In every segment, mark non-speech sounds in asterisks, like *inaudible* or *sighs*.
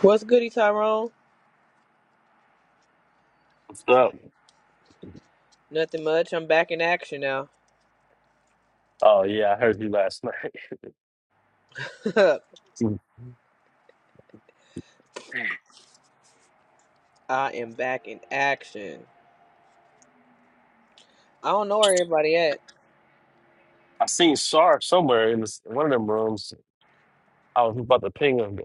What's goody, Tyrone? What's up? Nothing much. I'm back in action now. Oh yeah, I heard you last night. *laughs* I *laughs* am back in action. I don't know where everybody at. I seen Sar somewhere in this, one of them rooms. I was about to ping him.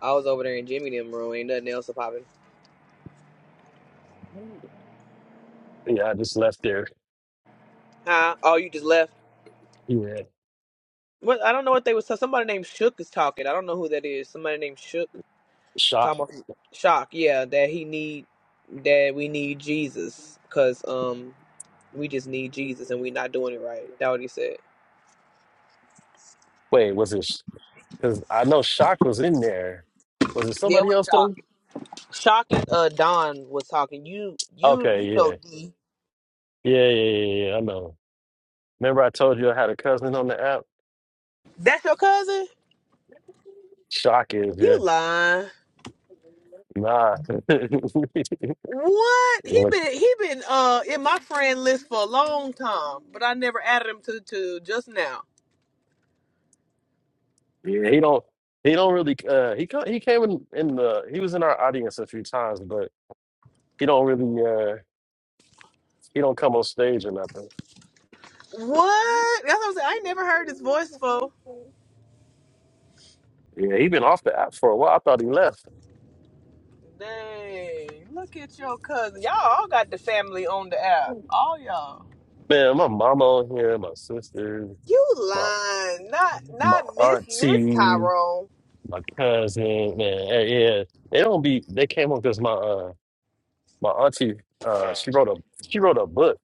I was over there in Jimmy them room. Ain't nothing else popping. Yeah, I just left there. Huh? Oh, you just left. Yeah, What? I don't know what they was. Somebody named Shook is talking. I don't know who that is. Somebody named Shook shock. talking about shock. Yeah, that he need that we need Jesus because um we just need Jesus and we not doing it right. That what he said. Wait, was it? Because I know shock was in there. Was it Yeah, it somebody was else shock. though? Shock and uh Don was talking. You you Okay, you yeah, know D. yeah, yeah, yeah. yeah yeah, I know. Remember I told you I had a cousin on the app? That's your cousin? Shock is You yeah. lying. Nah. *laughs* What? He Like, been he been uh in my friend list for a long time, but I never added him to to just now. Yeah, he don't he don't really uh he co- he came in, in the he was in our audience a few times, but he don't really uh he don't come on stage or nothing. What? That's what I'm saying. I ain't never heard his voice for. Yeah, he been off the app for a while. I thought he left. Dang, look at your cousin. Y'all all got the family on the app. All y'all. Man, my mama on here, my sister, You my lying. Not my not Miss Miss auntie, Tyrone. my cousin, man, eh, yeah. They don't be they came on because my uh my auntie uh she wrote a she wrote a book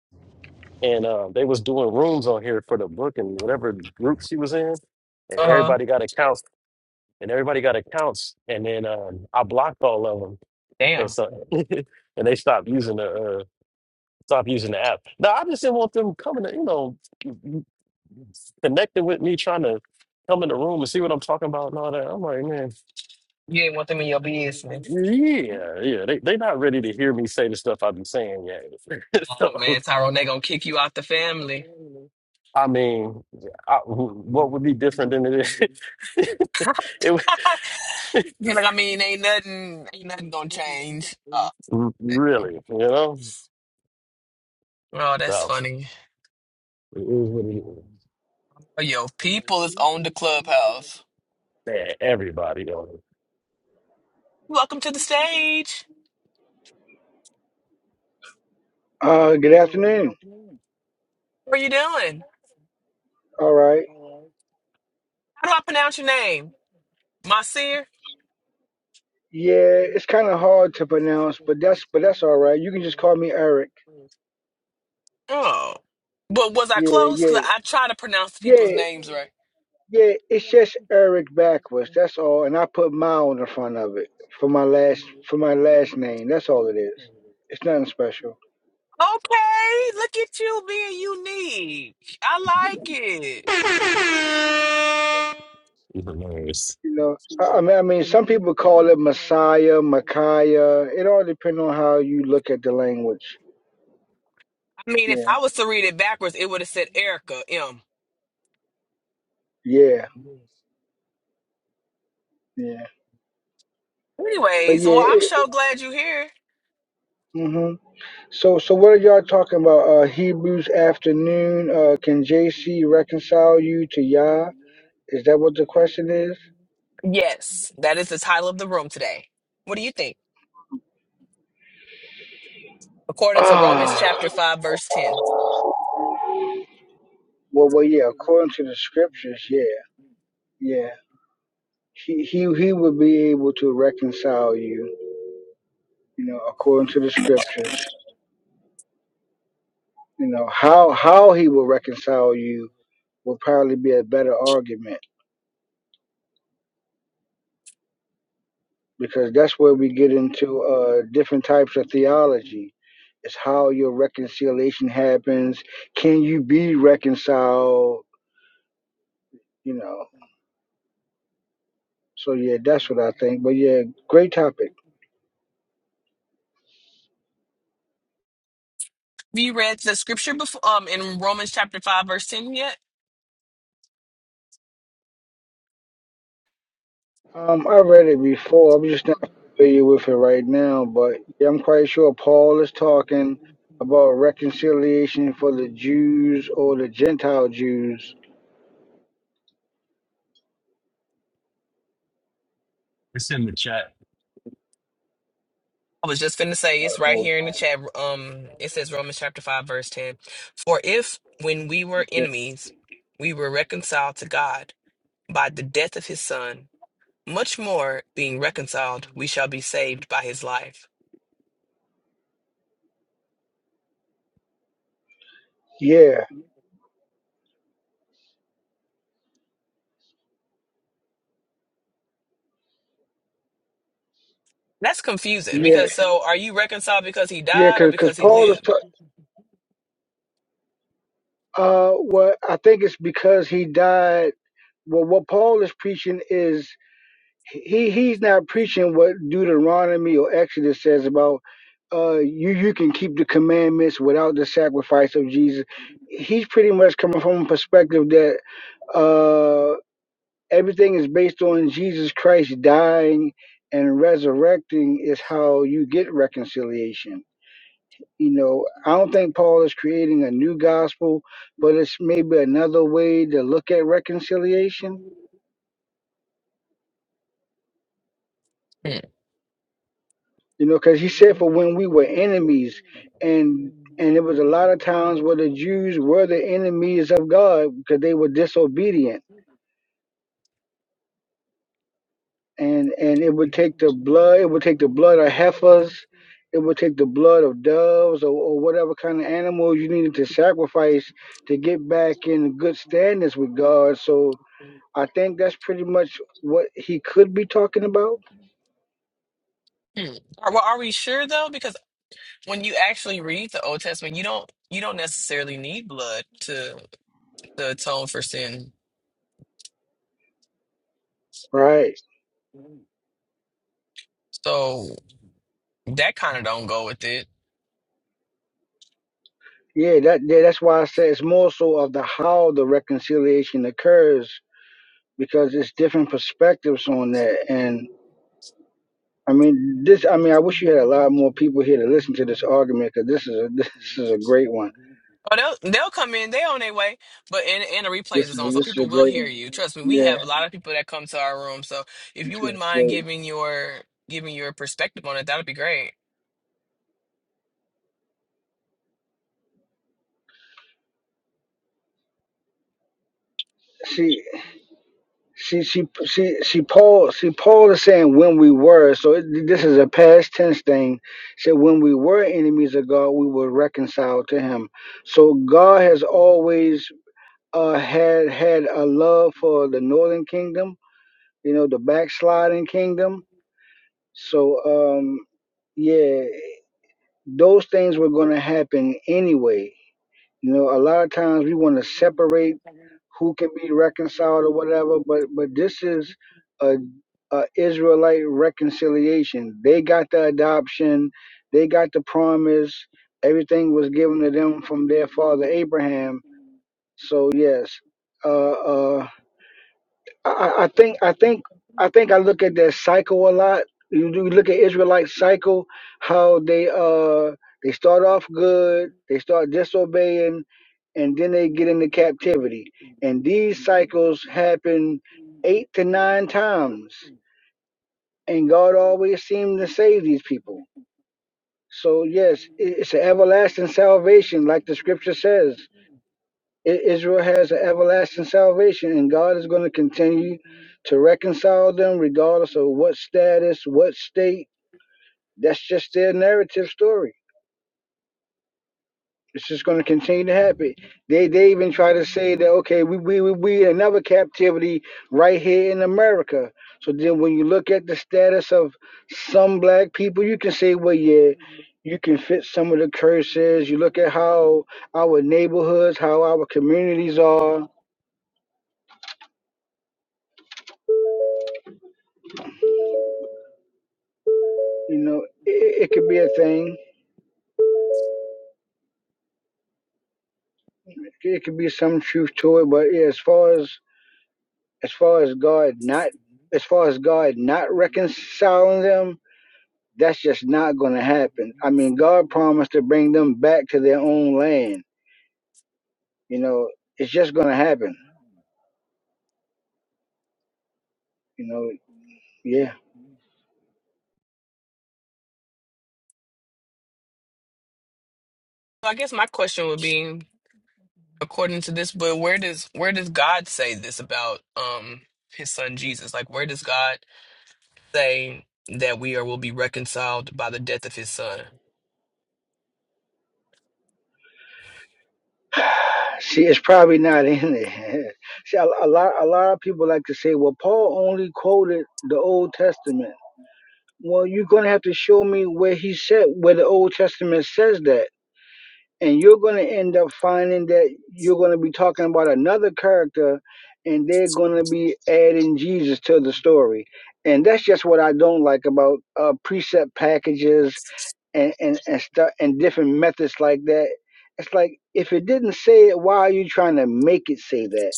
and uh, they was doing rooms on here for the book and whatever group she was in and Uh huh. everybody got accounts and everybody got accounts, and then um, I blocked all of them, and Damn. so *laughs* and they stopped using the uh, stopped using the app. No, I just didn't want them coming, to, you know, connecting with me, trying to come in the room and see what I'm talking about and all that. I'm like, man, You ain't want them in your business. yeah, yeah, they they not ready to hear me say the stuff I've been saying yet. *laughs* Oh so man, Tyrone, they gonna kick you out the family. I mean, I, what would be different than it is? *laughs* it would, *laughs* You know, I mean, ain't nothing, ain't nothing gonna change. Oh, *laughs* really, damn. you know. Oh, that's So funny. it is what it is. Oh, yo, people is on the clubhouse. Man, everybody on Welcome to the stage. Uh, good afternoon. What are you doing? All right. How do I pronounce your name? Masir? Yeah, it's kind of hard to pronounce, but that's but that's all right. You can just call me Eric. Oh. But was I Yeah, close? yeah, Because I try to pronounce people's yeah, names right. yeah. It's just Eric backwards. That's all. And I put mile in the front of it for my last for my last name. That's all it is. It's nothing special. Okay, look at you being unique. I like it. I the news. You know, I, I mean, I mean, some people call it Messiah, Micaiah. It all depends on how you look at the language. mean, if Yeah, I was to read it backwards, it would have said Erica M. yeah, yeah. But Anyways, yeah, well, I'm it, so glad you're here. mm-hmm. So, so what are y'all talking about? Uh, Hebrews afternoon. Uh, can JC reconcile you to Yah? Is that what the question is? Yes, that is the title of the room today. What do you think? According to Romans Ah, chapter 5, verse 10. Have Well, well, yeah. According to the scriptures, yeah, yeah. He, he, he would be able to reconcile you. You know, according to the scriptures. You know how how he will reconcile you will probably be a better argument. because that's where we get into uh, different types of theology. It's how your reconciliation happens. Can you be reconciled? You know. So yeah, that's what I think. But yeah, great topic. you read the scripture before um in Romans chapter 5, verse 10 yet? Um, I read it before. I'm just not familiar with it right now. But yeah, I'm quite sure Paul is talking about reconciliation for the Jews or the Gentile Jews. It's in the chat. I was just finna Uh, say it's right Hold here in the chat. Um it says Romans chapter 5, verse 10. For if when we were on. enemies, we were reconciled to God by the death of his son, much more being reconciled, we shall be saved by his life. Yeah, That's confusing yeah, because so are you reconciled because he yeah. died or Because because he Paul is lived? Uh, well, I think it's because he died. Well, what Paul is preaching is he he's not preaching what Deuteronomy or Exodus says about uh you you can keep the commandments without the sacrifice of Jesus. He's pretty much coming from a perspective that uh, everything is based on Jesus Christ dying and resurrecting is how you get reconciliation. You know, I don't think Paul is creating a new gospel, but it's maybe another way to look at reconciliation. Hmm. You know, because he said, "For when we were enemies," and and it was a lot of times where the Jews were the enemies of God because they were disobedient, and and it would take the blood, it would take the blood of heifers, it would take the blood of doves or, or whatever kind of animals you needed to sacrifice to get back in good standings with God. So I think that's pretty much what he could be talking about. Hmm. Are, well, are we sure though? Because when you actually read the Old Testament, you don't you don't necessarily need blood to to atone for sin. Right. So that kind of don't go with it. Yeah, that yeah, that's why I say it's more so of the how the reconciliation occurs because it's different perspectives on that. And I mean this I mean I wish you had a lot more people here to listen to this argument because this is a *laughs* this is a great one. Oh, they'll they'll come in. They on their way, but and and the replays This is on, is so this is a people will great hear one. you. Trust me, we Yeah, have a lot of people that come to our room. So if this you wouldn't mind is giving your giving your perspective on it, that'd be great. great. She she she she Paul she Paul is saying when we were so it, this is a past tense thing. Said when we were enemies of God, we were reconciled to Him. So God has always uh, had had a love for the Northern Kingdom, you know, the backsliding kingdom. So um, yeah, those things were going to happen anyway. You know, a lot of times we want to separate who can be reconciled or whatever, but but this is. a uh, Israelite reconciliation. They got the adoption, they got the promise. Everything was given to them from their father Abraham. So yes, uh, uh, I, I think I think I think I look at their cycle a lot. You, do look at Israelite cycle, how they uh they start off good, they start disobeying, and then they get into captivity. And these cycles happen eight to nine times and God always seemed to save these people. So yes, it's an everlasting salvation, like the scripture says. I- Israel has an everlasting salvation, and God is going to continue to reconcile them, regardless of what status, what state. That's just their narrative story. It's just going to continue to happen. They they even try to say that okay, we we we we in another captivity right here in America. So then when you look at the status of some black people, you can say, well, yeah, you can fit some of the curses. You look at how our neighborhoods, how our communities are. You know, it, it could be a thing. It could be some truth to it. But yeah, as far as as far as God not as far as God not reconciling them That's just not going to happen. I mean, God promised to bring them back to their own land. You know, it's just going to happen. You know, yeah. So I guess my question would be, according to this, but where does where does God say this about um His Son Jesus? Like, where does God say that we are will be reconciled by the death of His Son? *sighs* See, it's probably not in there. *laughs* See, a, a lot, a lot of people like to say, "Well, Paul only quoted the Old Testament." Well, you're gonna have to show me where he said where the Old Testament says that. and you're going to end up finding that you're going to be talking about another character and they're going to be adding jesus to the story and that's just what i don't like about uh, precept packages and and and, stuff and different methods like that it's like if it didn't say it why are you trying to make it say that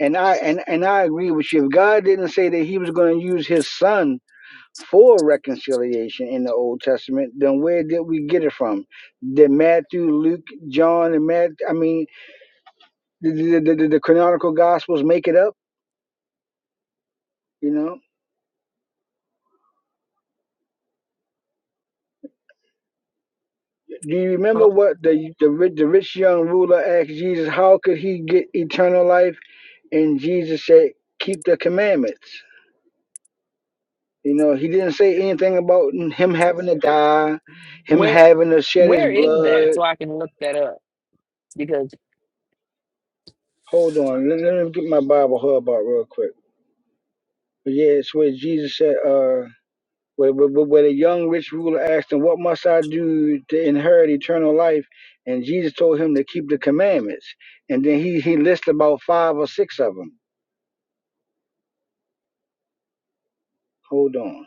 and i and, and i agree with you if god didn't say that he was going to use his son for reconciliation in the Old Testament, then where did we get it from? Did Matthew, Luke, John, and Matt? I mean, the the, the, the canonical Gospels make it up? You know? Do you remember Well, what the the rich, the rich young ruler asked Jesus? How could he get eternal life? And Jesus said, "Keep the commandments." You know, he didn't say anything about him having to die, him Where having to shed his where is that? blood. So I can look that up Hold on, let, let me get my Bible hub out real quick. But yeah, it's where Jesus said, uh. When, when, when a young rich ruler asked him, What must I do to inherit eternal life? And Jesus told him to keep the commandments. And then he, he lists about five or six of them. Hold on.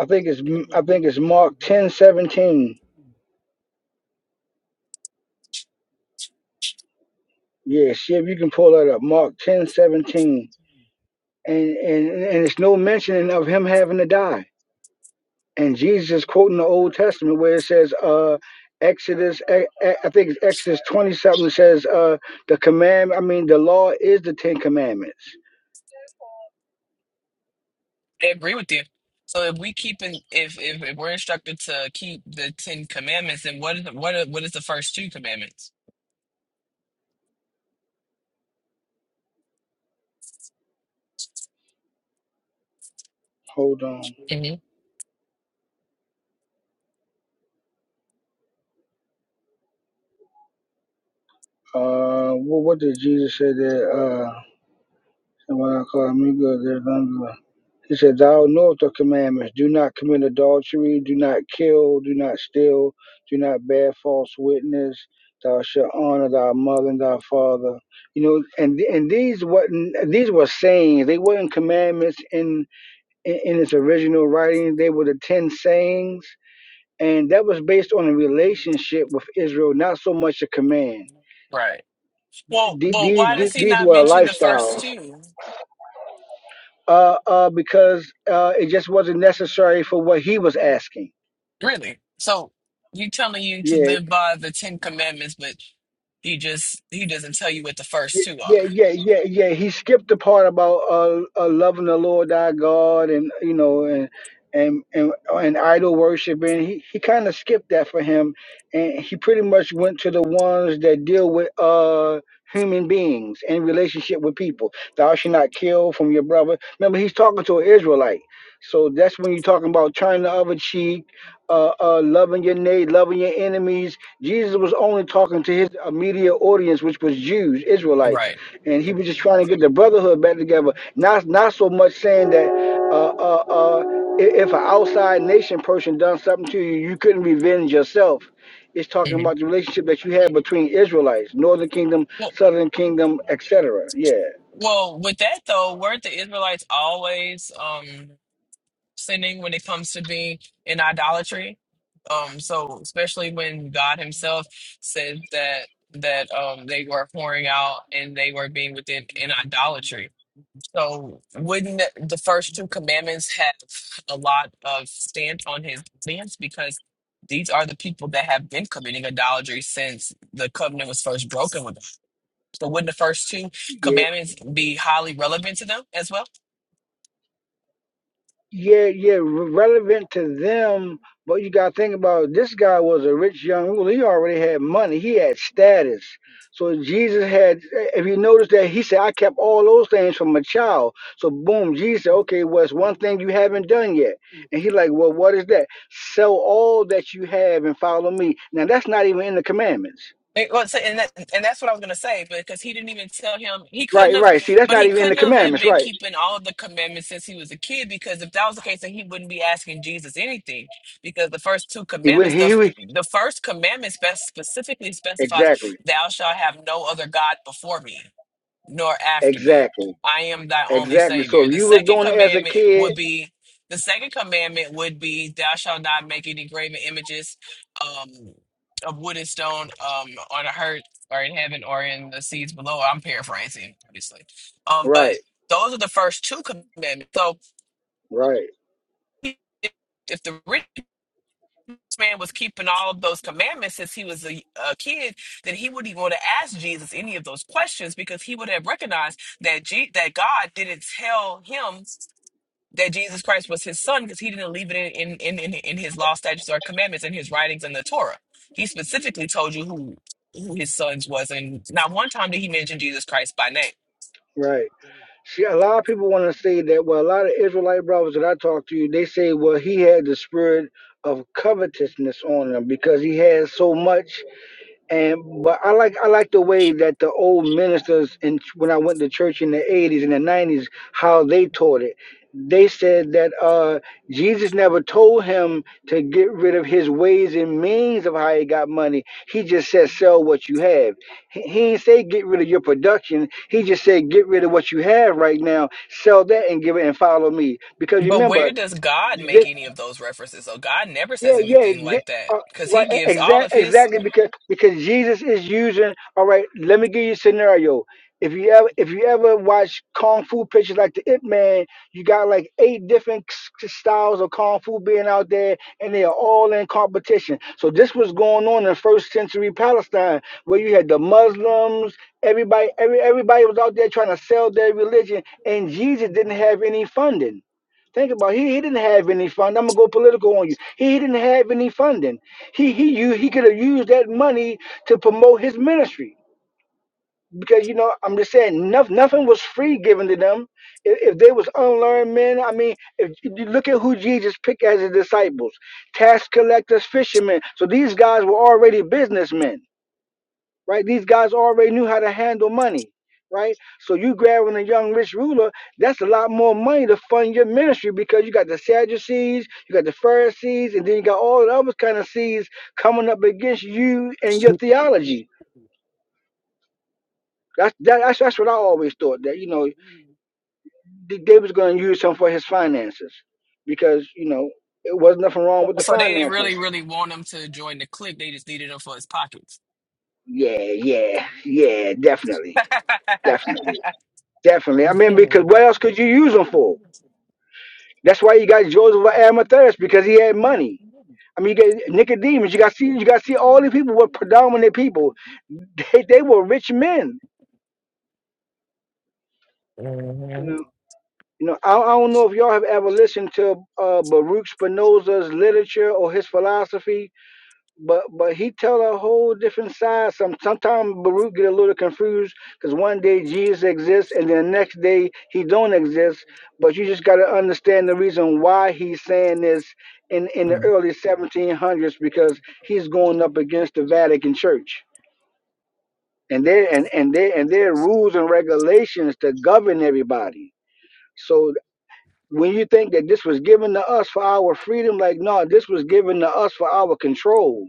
I think it's I think it's Mark ten seventeen. Yeah, see if you can pull that up. Mark ten seventeen, And, and and it's no mentioning of him having to die. and Jesus is quoting the Old Testament where it says, uh, Exodus, I I think it's Exodus 20 something says, uh, the command, I mean, the law is the Ten Commandments. I agree with you. So if we keep in, if, if if we're instructed to keep the Ten Commandments, then what is the, what are, what is the first two commandments? Hold on. hmm Uh, what, what did Jesus say there? Uh, and what I call me good, there's none good. He said, Thou knowest the commandments. Do not commit adultery. Do not kill. Do not steal. Do not bear false witness. Thou shalt honor thy mother and thy father. You know, and and these what these were sayings. They weren't commandments in, in in its original writing. They were the ten sayings, and that was based on a relationship with Israel, not so much a command. Right. Well, well, These why these, does he these not were mention the first lifestyles, two? uh, uh, because uh, it just wasn't necessary for what he was asking Really? So you telling you to Yeah, live by the Ten Commandments, but he just he doesn't tell you what the yeah, first two are. yeah, yeah, yeah. yeah. He skipped the part about uh, uh loving the Lord thy God and you know and and and, and idol worship, and He he kind of skipped that for him, and he pretty much went to the ones that deal with uh human beings and relationship with people. Thou shalt not kill from your brother. Remember, he's talking to an Israelite, so that's when you're talking about turning the other cheek, uh, uh, loving your neighbor, loving your enemies Jesus was only talking to his immediate audience, which was Jews, Israelites, Right. and he was just trying to get the brotherhood back together. Not not so much saying that uh, uh, uh, i- if an outside nation person done something to you, you couldn't revenge yourself. It's talking hmm about the relationship that you had between Israelites, Northern Kingdom, Well, Southern Kingdom, etc. Yeah, well, with that though, weren't the Israelites always um sinning when it comes to being in idolatry. Um, so especially when God Himself said that that um they were pouring out and they were being within in idolatry. So wouldn't the first two commandments have a lot of stand on His audience because these are the people that have been committing idolatry since the covenant was first broken with so wouldn't the first two yeah. commandments be highly relevant to them as well? yeah, yeah, re- relevant to them. But you got to think about this guy was a rich young ruler. He already had money. He had status. So Jesus had. If you notice that he said, "I kept all those things from a child." So boom, Jesus said, "Okay, what's one thing you haven't done yet?" And he like, "Well, what is that? Sell all that you have and follow me." Now that's not even in the commandments. It- well, so- and that, and that's what I was gonna say, because he didn't even tell him he couldn't Right, have, right. See, that's but not he even in the couldn't have uh, commandments. been Right. keeping all the commandments since he was a kid. Because if that was the case, then he wouldn't be asking Jesus anything. Because the first two He would. commandments, the He, f- would the first commandment spec- specifically specifies, exactly, "Thou shalt have no other god before me." nor after me. exactly, I am thy only exactly. savior. So if The you was second doing it as a commandment would kid, be the second commandment would be thou shalt not make any graven images um, of wood and stone um, on a earth or in heaven or in the seas below. I'm paraphrasing, obviously. Um, right. but those are the first two commandments. So Right, if the man was keeping all of those commandments since he was a, a kid, then he wouldn't even want to ask Jesus any of those questions because he would have recognized that G- that God didn't tell him that Jesus Christ was his son because he didn't leave it in in, in in his law, statutes, or commandments in his writings in the Torah. He specifically told you who who his sons was, and not one time did he mention Jesus Christ by name. right. See, a lot of people want to say that. Well, a lot of Israelite brothers that I talk to, they say, well, he had the spirit of covetousness on him because he had so much And but I like I like the way that the old ministers and when I went to church in the 80s and the 90s how they taught it. They said that uh, Jesus never told him to get rid of his ways and means of how he got money. He just said sell what you have. He, he didn't say get rid of your production. He just said get rid of what you have right now, sell that and give it and follow me. Because But remember, where does God make this. any of those references? So God never Yeah, says yeah, anything th- like that uh, because He right. gives all of Exactly, His exactly. Because because Jesus is using. All right, let me give you a scenario. If you ever if you ever watch kung fu pictures like the Ip Man, you got like eight different s- s- styles of kung fu being out there, and they are all in competition. So this was going on in first century Palestine, where you had the Muslims. Everybody, every everybody was out there trying to sell their religion, and Jesus didn't have any funding. Think about it. he he didn't have any fund. I'm gonna go political on you. He he didn't have any funding. He he you he could have used that money to promote his ministry because you know I'm just saying nothing nothing was free given to them. If, if they was unlearned men, I mean, if you look at who Jesus picked as his disciples, tax collectors, fishermen. So these guys were already businessmen right? These guys already knew how to handle money, right? So you grabbing a young rich ruler, that's a lot more money to fund your ministry because you got the Sadducees, you got the Pharisees, and then you got all the other kind of seeds coming up against you and your theology. That's that, that's that's what I always thought that you know D- David's going to use him for his finances because you know it wasn't nothing wrong with the So they didn't finances. really, really want him to join the clique. They just needed him for his pockets. Yeah, yeah, yeah, definitely, *laughs* definitely, definitely. I mean, because what else could you use them for? That's why you got Joseph of Arimathea because he had money. I mean, you got Nicodemus. You got see, you got see, all these people were predominant people. They, they were rich men. You Mhm. know, you know. I, I don't know if y'all have ever listened to uh, Baruch Spinoza's literature or his philosophy but but he tell a whole different side. Some sometimes Baruch get a little confused because one day Jesus exists and then the next day he don't exist. But you just got to understand the reason why he's saying this in in the early 1700s because he's going up against the Vatican Church and their and and their and their rules and regulations to govern everybody. So when you think that this was given to us for our freedom, like no, this was given to us for our control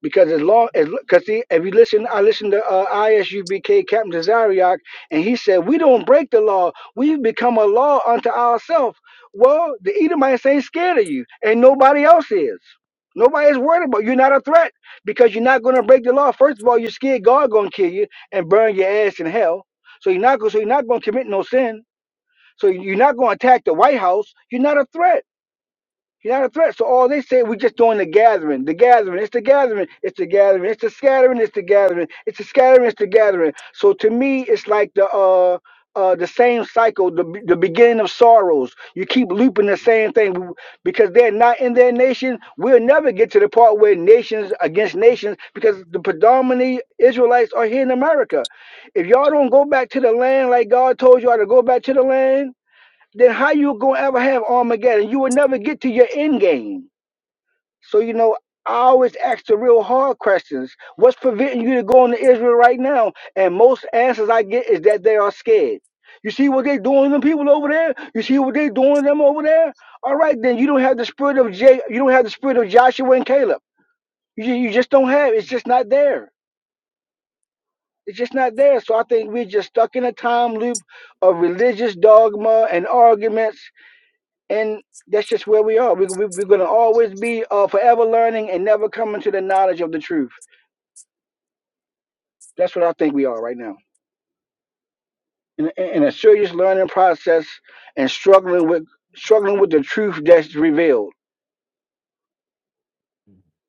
Because as long as, because see, if you listen, I listened to uh, ISUBK Captain Zariak, and he said, "We don't break the law; we have become a law unto ourselves." Well, the Edomites ain't scared of you, and nobody else is. Nobody's worried about you. you're not a threat because you're not going to break the law. First of all, you're scared God going to kill you and burn your ass in hell, so you're not going. So you're not going to commit no sin. So you're not going to attack the White House. You're not a threat. He's not a threat. So all they say, we're just doing the gathering, the gathering, it's the gathering, it's the gathering, it's the scattering, it's the gathering, it's the scattering, it's the gathering. So to me, it's like the uh uh the same cycle, the be- the beginning of sorrows. You keep looping the same thing because they're not in their nation. We'll never get to the part where nations against nations because the predominant Israelites are here in America. If y'all don't go back to the land like God told y'all to go back to the land then how you gonna ever have Armageddon? You will never get to your end game. So you know, I always ask the real hard questions. What's preventing you to going to Israel right now? And most answers I get is that they are scared. You see what they doing to them people over there? You see what they doing to them over there? All right, then you don't have the spirit of J. You don't have the spirit of Joshua and Caleb. You ju- you just don't have. it. It's just not there. It's just not there. So I think we're just stuck in a time loop of religious dogma and arguments and that's just where we are. We, we, we're going to always be uh, forever learning and never coming to the knowledge of the truth. That's what I think we are right now in, in a serious learning process and struggling with struggling with the truth that's revealed.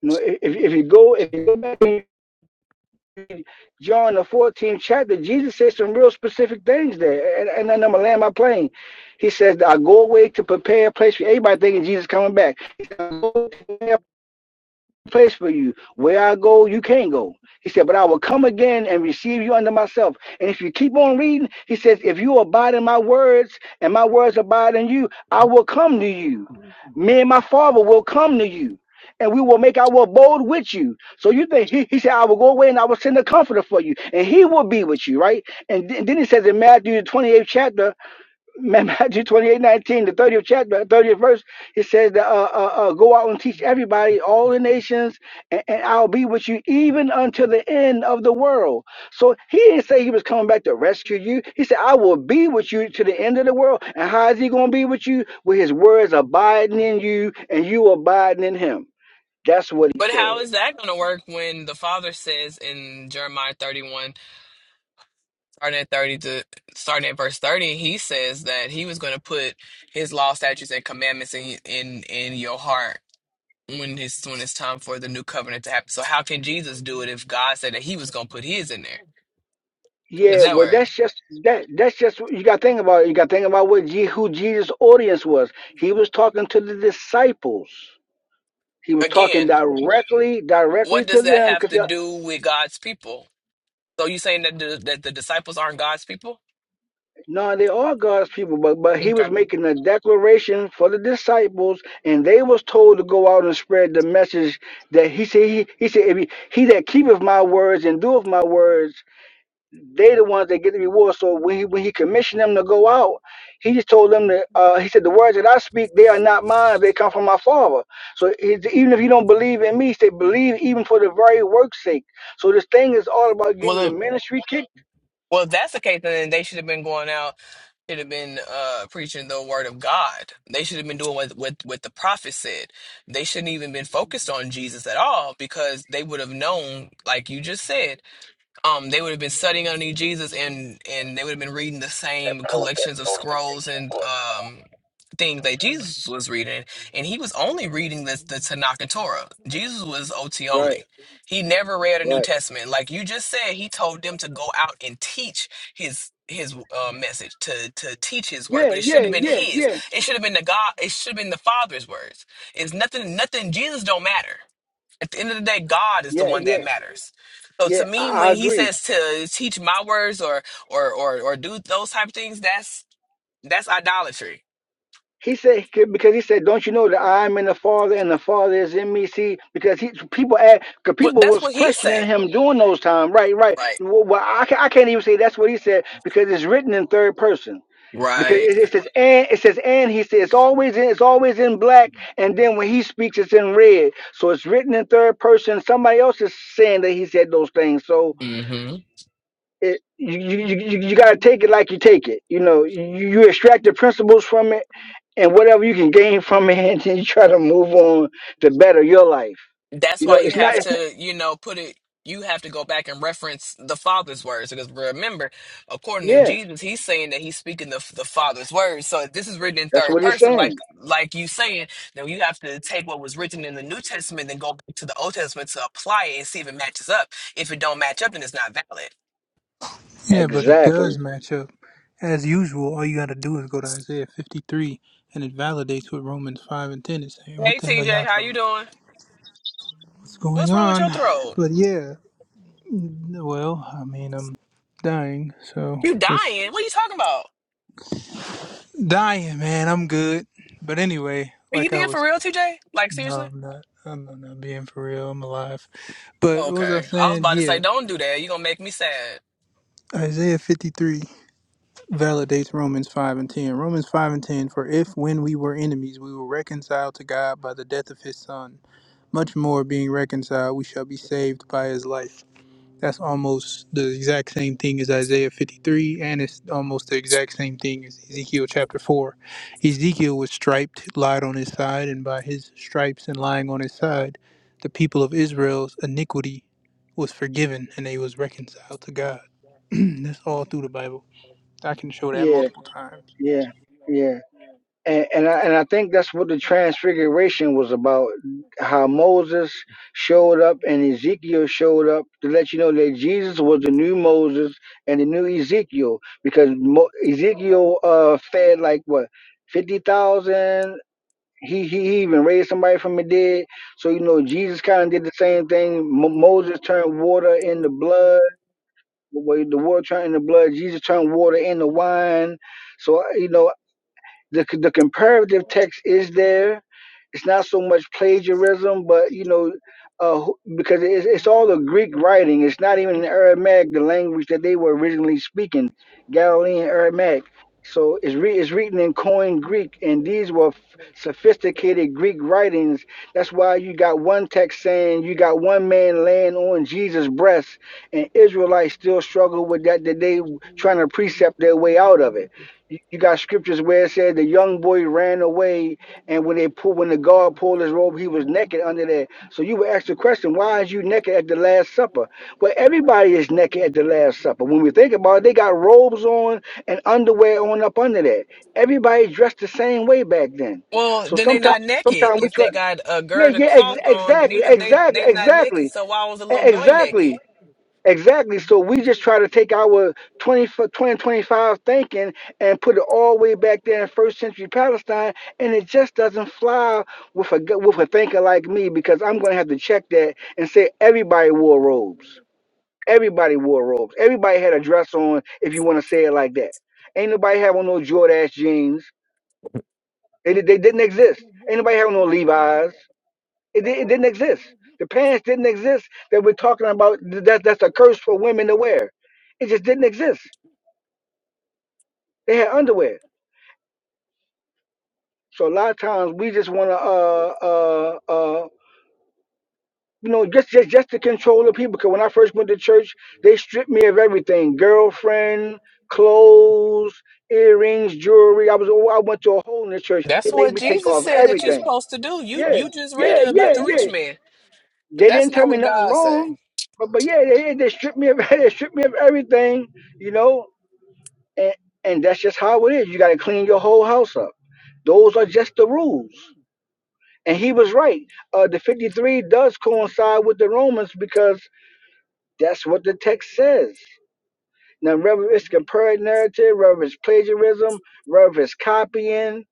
You know, if, if you go if you go back to John the 14th chapter, Jesus said some real specific things there, and, and then I'm gonna land my plane. He says, "I go away to prepare a place for everybody thinking Jesus coming back." He said, I go to place for you. Where I go, you can't go. He said, But I will come again and receive you unto myself. And if you keep on reading, he says, If you abide in my words and my words abide in you, I will come to you. Me and my father will come to you. And we will make our abode with you. So you think he, he said, I will go away and I will send a comforter for you, and he will be with you, right? And th- then he says in Matthew the 28th chapter, *laughs* Matthew 28 19 the 30th chapter, 30th verse, it says that uh, uh, uh, go out and teach everybody, all the nations, and, and I'll be with you even until the end of the world. So he didn't say he was coming back to rescue you. He said, I will be with you to the end of the world. And how is he going to be with you? With his words abiding in you and you abiding in him. That's what he But how said. is that going to work when the father says in Jeremiah 31, starting at 30 to starting at verse 30, he says that he was going to put his law, statutes, and commandments in in in your heart when it's when it's time for the new covenant to happen. So how can Jesus do it if God said that he was going to put his in there? Does Yeah, that well, work? that's just that. That's just what you got to think about. It. You got to think about what Je- who Jesus' audience was. He was talking to the disciples. He was talking Again, directly, directly what to does that them. have Cause to they- do with God's people? So you saying that the, that the disciples aren't God's people? no, they are God's people, but but he was making a declaration for the disciples, and they was told to go out and spread the message that he said. He, he said, if he, "He that keepeth my words and doeth my words." they the ones that get the reward. So when he, when he commissioned them to go out, he just told them that uh, he said the words that I speak they are not mine; they come from my Father. So he, even if you don't believe in me, say believe even for the very work's sake. So this thing is all about Well, getting the if, ministry kicked. well, if that's the case, then they should have been going out, should have been uh, preaching the word of God. They should have been doing what, what what the prophet said. They shouldn't even been focused on Jesus at all because they would have known, like you just said. um they would have been studying underneath Jesus and and they would have been reading the same collections of scrolls and um things that Jesus was reading and he was only reading this the Tanakh and Torah. Jesus was OT Right, only. He never read a New right. Testament. Like you just said, he told them to go out and teach his his uh, message to to teach his word, Yeah, but it yeah, shouldn't have been yeah, his. yeah, It should have been the God. It should have been the Father's words. It's nothing. Nothing. Jesus don't matter. At the end of the day, God is the yeah, one that yeah, matters. So to yeah. me, I, I when he agree. says to teach my words or or or, or do those type of things, that's that's idolatry. He said because he said, "Don't you know that I'm in the Father and the Father is in me?" See, because he people ask, because But people that's was what he questioning say, him during those times. Right, right. Well, well, I ca- I can't even say that's what he said because it's written in third person. Because right? it, it says and it says and he says it's always in it's always in black and then when he speaks it's in red so it's written in third person somebody else is saying that he said those things So Right. it you you, you, you gotta take it like you take it. You know, you, you extract the principles from it and whatever you can gain from it, *laughs* and then you try to move on to better your life. that's You why know, you it's not. have It's not to you know put it you have to go back and reference the father's words because remember according to yeah, jesus he's saying that he's speaking the, the father's words so if this is written in that's third what he's person like saying. like you saying then you have to take what was written in the new testament and go back to the old testament to apply it and see if it matches up if it don't match up then it's not valid Yeah, but it Exactly. does match up. As usual, all you got to do is go to Isaiah 53, and it validates what Romans 5 and 10 is saying. What hey the hell y'all tj how talking you about? doing What's going what's wrong with on? your throat But yeah, mm, well, I mean, I'm dying, so you just dying what are you talking about dying, man. I'm good. But anyway, are you like I being for was, real tj like seriously no, I'm not. I'm I'm not being for real. I'm alive. But what was I okay i was saying? about to say Yeah, don't do that you're gonna make me sad Isaiah 53. validates Romans 5 and 10. Romans 5 and 10 For if when we were enemies, we were reconciled to God by the death of his Son, much more being reconciled, we shall be saved by his life. That's almost the exact same thing as Isaiah 53, and it's almost the exact same thing as Ezekiel chapter 4. Ezekiel was striped, lied on his side, and by his stripes and lying on his side, the people of Israel's iniquity was forgiven and they was reconciled to God. *clears throat* That's all through the Bible. I can show that Yeah, multiple times. yeah, yeah. and and I, and I think that's what the transfiguration was about how moses showed up and ezekiel showed up to let you know that jesus was the new moses and the new ezekiel because Mo- ezekiel uh fed like what 50000 he, he he even raised somebody from the dead so you know jesus kind of did the same thing Mo- moses turned water into blood well, the water turned into blood jesus turned water into wine so you know the the comparative text is there. It's not so much plagiarism, but you know, uh, who- because it's, it's all the Greek writing. It's not even in Aramaic, the language that they were originally speaking, Galilean Aramaic. So it's re- it's written in Koine Greek, and these were f- sophisticated Greek writings. That's why you got one text saying you got one man laying on Jesus' breast, and Israelites still struggle with that today, trying to precept their way out of it you you got scriptures where it said the young boy ran away, and when they pulled, when the guard pulled his robe, he was naked under there. So you were asked the question, why is you naked at the Last Supper? Well, everybody is naked at the Last Supper. When we think about it, they got robes on and underwear on up under that. Everybody dressed the same way back then. Well, So then they sometimes, not naked. sometimes we If try, they got a yeah, gird yeah, of ex- cloth on exactly, underneath them, they exactly, they not exactly, naked. e- So why was the little boy exactly. naked? Exactly. So we just try to take our 20, 20 twenty twenty-five thinking and put it all the way back there in first century Palestine, and it just doesn't fly with a gu- with a thinker like me because I'm going to have to check that and say everybody wore robes. Everybody wore robes. Everybody had a dress on. If you want to say it like that, ain't nobody having no Jordache jeans. They, di- they didn't exist. Ain't nobody having no Levi's. It, di- it didn't exist. The pants didn't exist that we're talking about. th- That's that's a curse for women to wear. It just didn't exist. They had underwear. So a lot of times we just want to, uh, uh, uh, you know, just just just to control the people. Because when I first went to church, they stripped me of everything: girlfriend, clothes, earrings, jewelry. I was I went to a hole in the church. They That's made what me take Jesus off said that you're everything. supposed to do. You Yeah, you just read yeah, it about yeah, the yeah. rich man, but They that's didn't tell not me what nothing God wrong, say. but but yeah, they they stripped me of *laughs* they stripped me of everything, you know, and and that's just how it is. You got to clean your whole house up. Those are just the rules. And he was right. Uh, the 53 does coincide with the Romans because that's what the text says. Now, whether it's compared narrative, whether it's plagiarism, whether it's copying,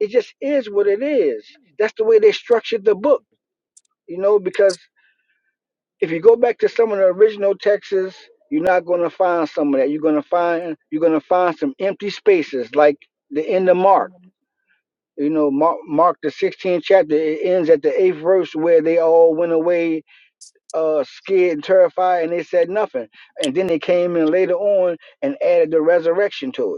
it just is what it is. That's the way they structured the book, you know, because if you go back to some of the original texts, you're not going to find some of that. You're going to find you're going to find some empty spaces, like the end of Mark. You know, Mark, Mark the 16th chapter it ends at the eighth verse where they all went away uh, scared and terrified, and they said nothing. And then they came in later on and added the resurrection to it.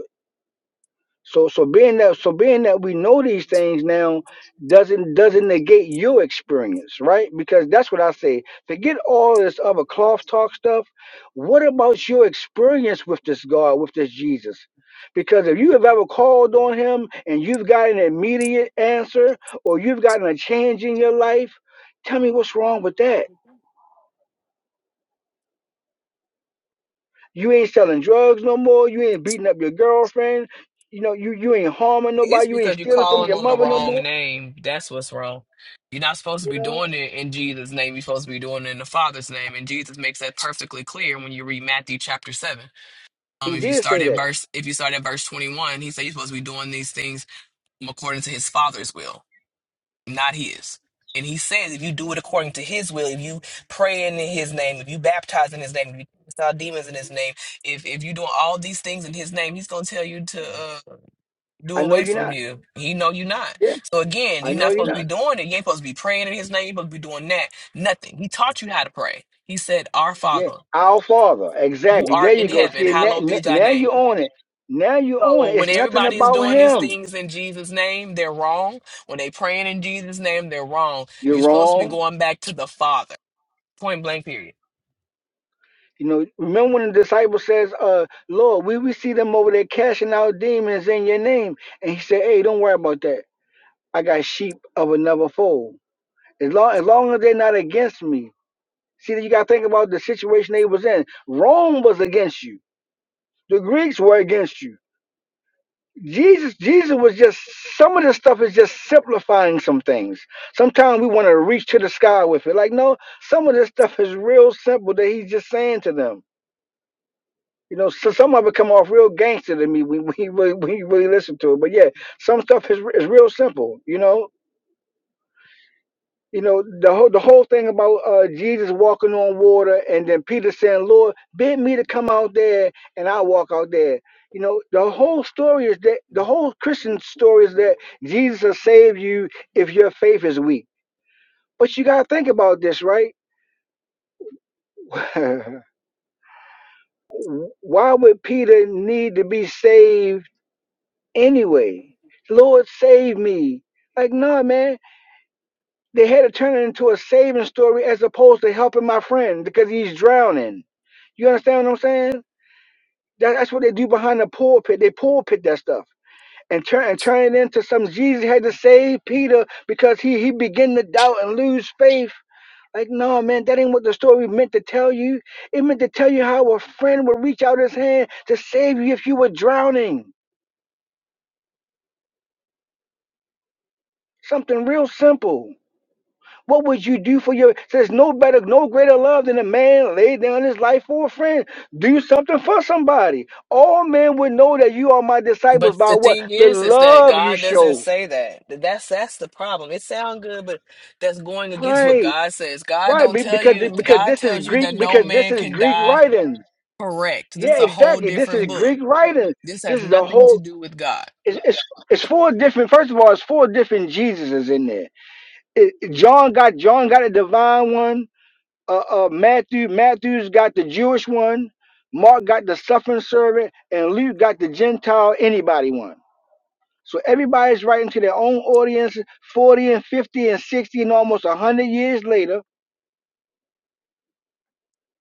So so being that so being that we know these things now doesn't doesn't negate your experience, right? Because that's what I say. Forget all this other cloth talk stuff. What about your experience with this God, with this Jesus? Because if you have ever called on him and you've got an immediate answer or you've gotten a change in your life, tell me what's wrong with that. You ain't selling drugs no more, you ain't beating up your girlfriend, you know, you, you ain't harming It's nobody, you ain't because you're stealing from calling your on the mother no wrong more. name. That's what's wrong. You're not supposed to You be know? doing it in Jesus' name. You're supposed to be doing it in the Father's name, and Jesus makes that perfectly clear when you read Matthew chapter seven. Um, He if you did start say at that. verse if you start at verse 21, he said you're supposed to be doing these things according to his Father's will. not his. And he says, if you do it according to his will, if you praying in his name, if you baptize in his name, if you cast out demons in his name, if if you doing all these things in his name, he's gonna tell you to uh, do I know away you're from not. you. He know you not. Yeah, So again, I you're know not you're supposed to be not. doing it. You ain't supposed to be praying in his name. You're supposed to be doing that. Nothing. He taught you how to pray. He said, "Our Yeah, Father, our Father. who Exactly. There art in you go. heaven, See, now, hallowed be thy now name." you own it. Now you own So it. when It's nothing everybody is about doing these him. things in Jesus' name, they're wrong. When they praying in Jesus' name, they're wrong. You're You're supposed to be wrong. going back to the Father. Point blank period. You know, remember when the disciple says, uh, Lord, we, we see them over there casting out demons in your name. And he said, Hey, don't worry about that. I got sheep of another fold. As long as long as they're not against me. See you gotta think about the situation they was in. Rome was against you. The Greeks were against you. Jesus, Jesus was just some of this stuff is just simplifying some things. Sometimes we want to reach to the sky with it. Like, no, some of this stuff is real simple that he's just saying to them. You know, so some of it come off real gangster to me when *laughs* when you really, when you really listen to it. But yeah, some stuff is is real simple. You know, You know, the whole, the whole thing about uh, Jesus walking on water and then Peter saying, Lord, bid me to come out there and I will walk out there. You know, the whole story is that the whole Christian story is that Jesus will save you if your faith is weak. But you got to think about this, right? *laughs* Why would Peter need to be saved anyway? Lord, save me. Like, nah, man. They had to turn it into a saving story as opposed to helping my friend because he's drowning. You understand what I'm saying? That, that's what they do behind the pulpit. They pulpit that stuff and turn and turn it into some Jesus had to save Peter because he he began to doubt and lose faith. Like, no, man, that ain't what the story meant to tell you. It meant to tell you how a friend would reach out his hand to save you if you were drowning. Something real simple. What would you do for your? There's no better, no greater love than a man lay down his life for a friend. Do something for somebody. All men would know that you are my disciples But by the what thing the is, is that love you God doesn't show. say that. That's that's the problem. It sounds good, but that's going against what Right, God says. God right. don't be- tell Because you. because God this is tells you Greek. that no Because this man is can Greek die. writing. Correct. This is Yeah, a whole exactly. This is different book. Greek writing. This has This is a nothing to whole. do with God, It's, it's it's four different. First of all, it's four different Jesuses in there. It, John got John got a divine one. uh, uh, Matthew. Matthew's got the Jewish one. Mark got the suffering servant, and Luke got the Gentile anybody one. So everybody's writing to their own audience, 40 and 50 and 60 and almost 100 years later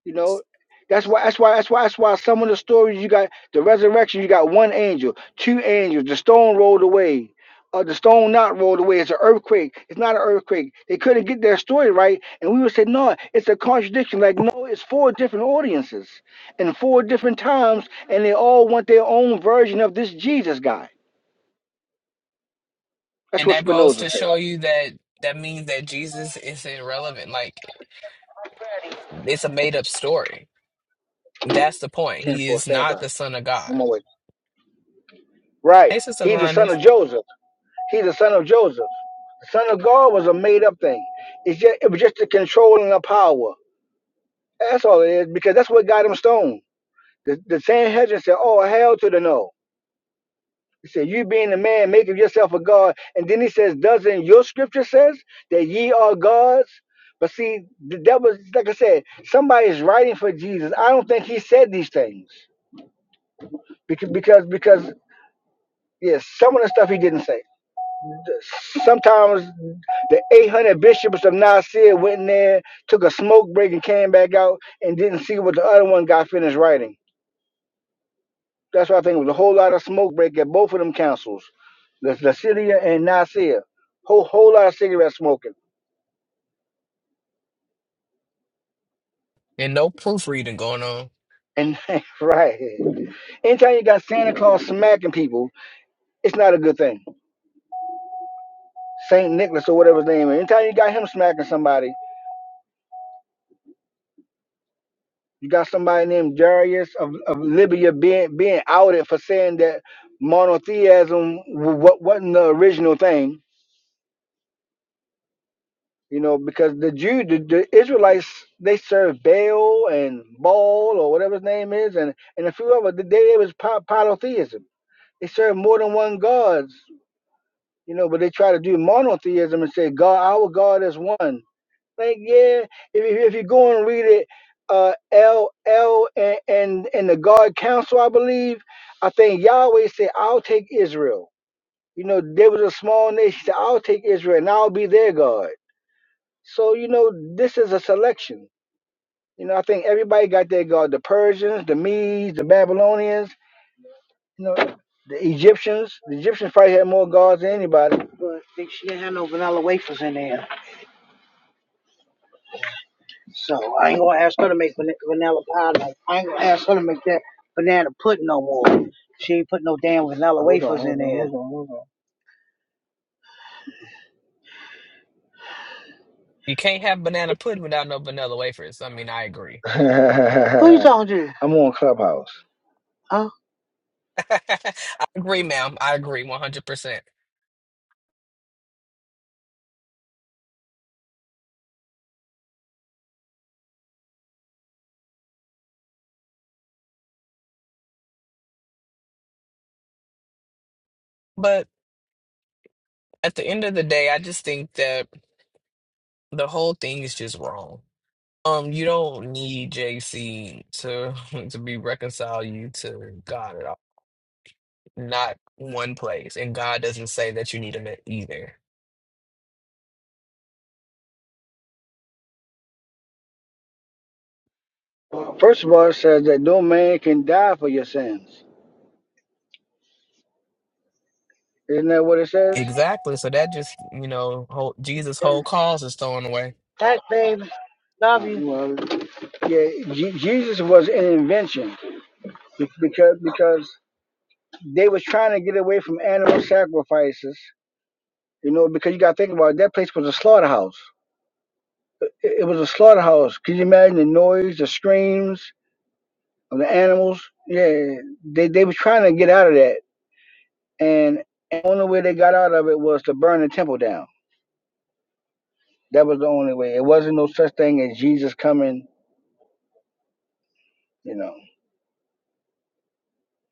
You know, that's why that's why that's why that's why some of the stories you got the resurrection, you got one angel, two angels, the stone rolled away. Uh, the stone not rolled away. It's an earthquake. It's not an earthquake. They couldn't get their story right, and we would say, "No, it's a contradiction." Like, no, it's four different audiences, and four different times, and they all want their own version of this Jesus guy. That's and what that goes Spinoza to says. show you that that means that Jesus is irrelevant. Like It's a made up story. That's the point. Ten He four, is stand by. not the I'm son of God. on my way. Right. Hey, Sister He's the son Linus. of Joseph. He's the son of Joseph. Son of God was a made up thing. It's just, it was just the controlling of power. That's all it is, because that's what got him stoned. The, the Sanhedrin said, Oh, hell to the no. He said, You being a man, making yourself a God. And then he says, Doesn't your scripture says that ye are gods? But see, th- that was, like I said, somebody's writing for Jesus. I don't think he said these things because, because, because, yes, some of the stuff he didn't say. Sometimes the 800 bishops of Nicaea went in there, took a smoke break, and came back out and didn't see what the other one got finished writing. That's why I think it was a whole lot of smoke break at both of them councils, the Lucidia and Nicaea. Whole whole lot of cigarette smoking. And no proofreading going on. And *laughs* right, anytime you got Santa Claus smacking people, it's not a good thing. Saint Nicholas or whatever his name is. Anytime you got him smacking somebody. You got somebody named Darius of, of Libya being being outed for saying that monotheism what wasn't the original thing, you know, because the Jew the, the Israelites they served Baal and Baal or whatever his name is, and and a few other they, they was po- polytheism. They served more than one gods, you know, but they try to do monotheism and say God our God is one. Like yeah, if you, if you go and read it, uh, L L and, and and the God Council, I believe, I think Yahweh said, "I'll take Israel." You know, there was a small nation. He said, "I'll take Israel, and I'll be their God." So you know, this is a selection. You know, I think everybody got their God: the Persians, the Medes, the Babylonians. You know, the Egyptians. The Egyptians probably had more gods than anybody. But they- she didn't have no vanilla wafers in there. So I ain't gonna ask her to make van- vanilla pie. No. I ain't gonna ask her to make that banana pudding no more. She ain't put no damn vanilla Hold on, wafers hold in hold on, there. hold on, hold on. You can't have banana pudding without no vanilla wafers. I mean, I agree. *laughs* Who you talking to? I'm on Clubhouse. Huh? *laughs* I agree, ma'am. I agree 100%. But at the end of the day, I just think that the whole thing is just wrong. Um, you don't need JC to *laughs* to be reconcile you to God at all. not one place. And God doesn't say that you need them either. First of all, it says that no man can die for your sins. Isn't that what it says? Exactly. So that just, you know, whole, Jesus' Yeah. whole cause is thrown away. Thanks, baby. Love Uh, you. Well, yeah, Je- Jesus was an invention be- because because they was trying to get away from animal sacrifices. You know, because you got to think about it, that place was a slaughterhouse. It, it was a slaughterhouse. Can you imagine the noise, the screams of the animals? Yeah, they they were trying to get out of that, and the only way they got out of it was to burn the temple down. That was the only way. It wasn't no such thing as Jesus coming. You know,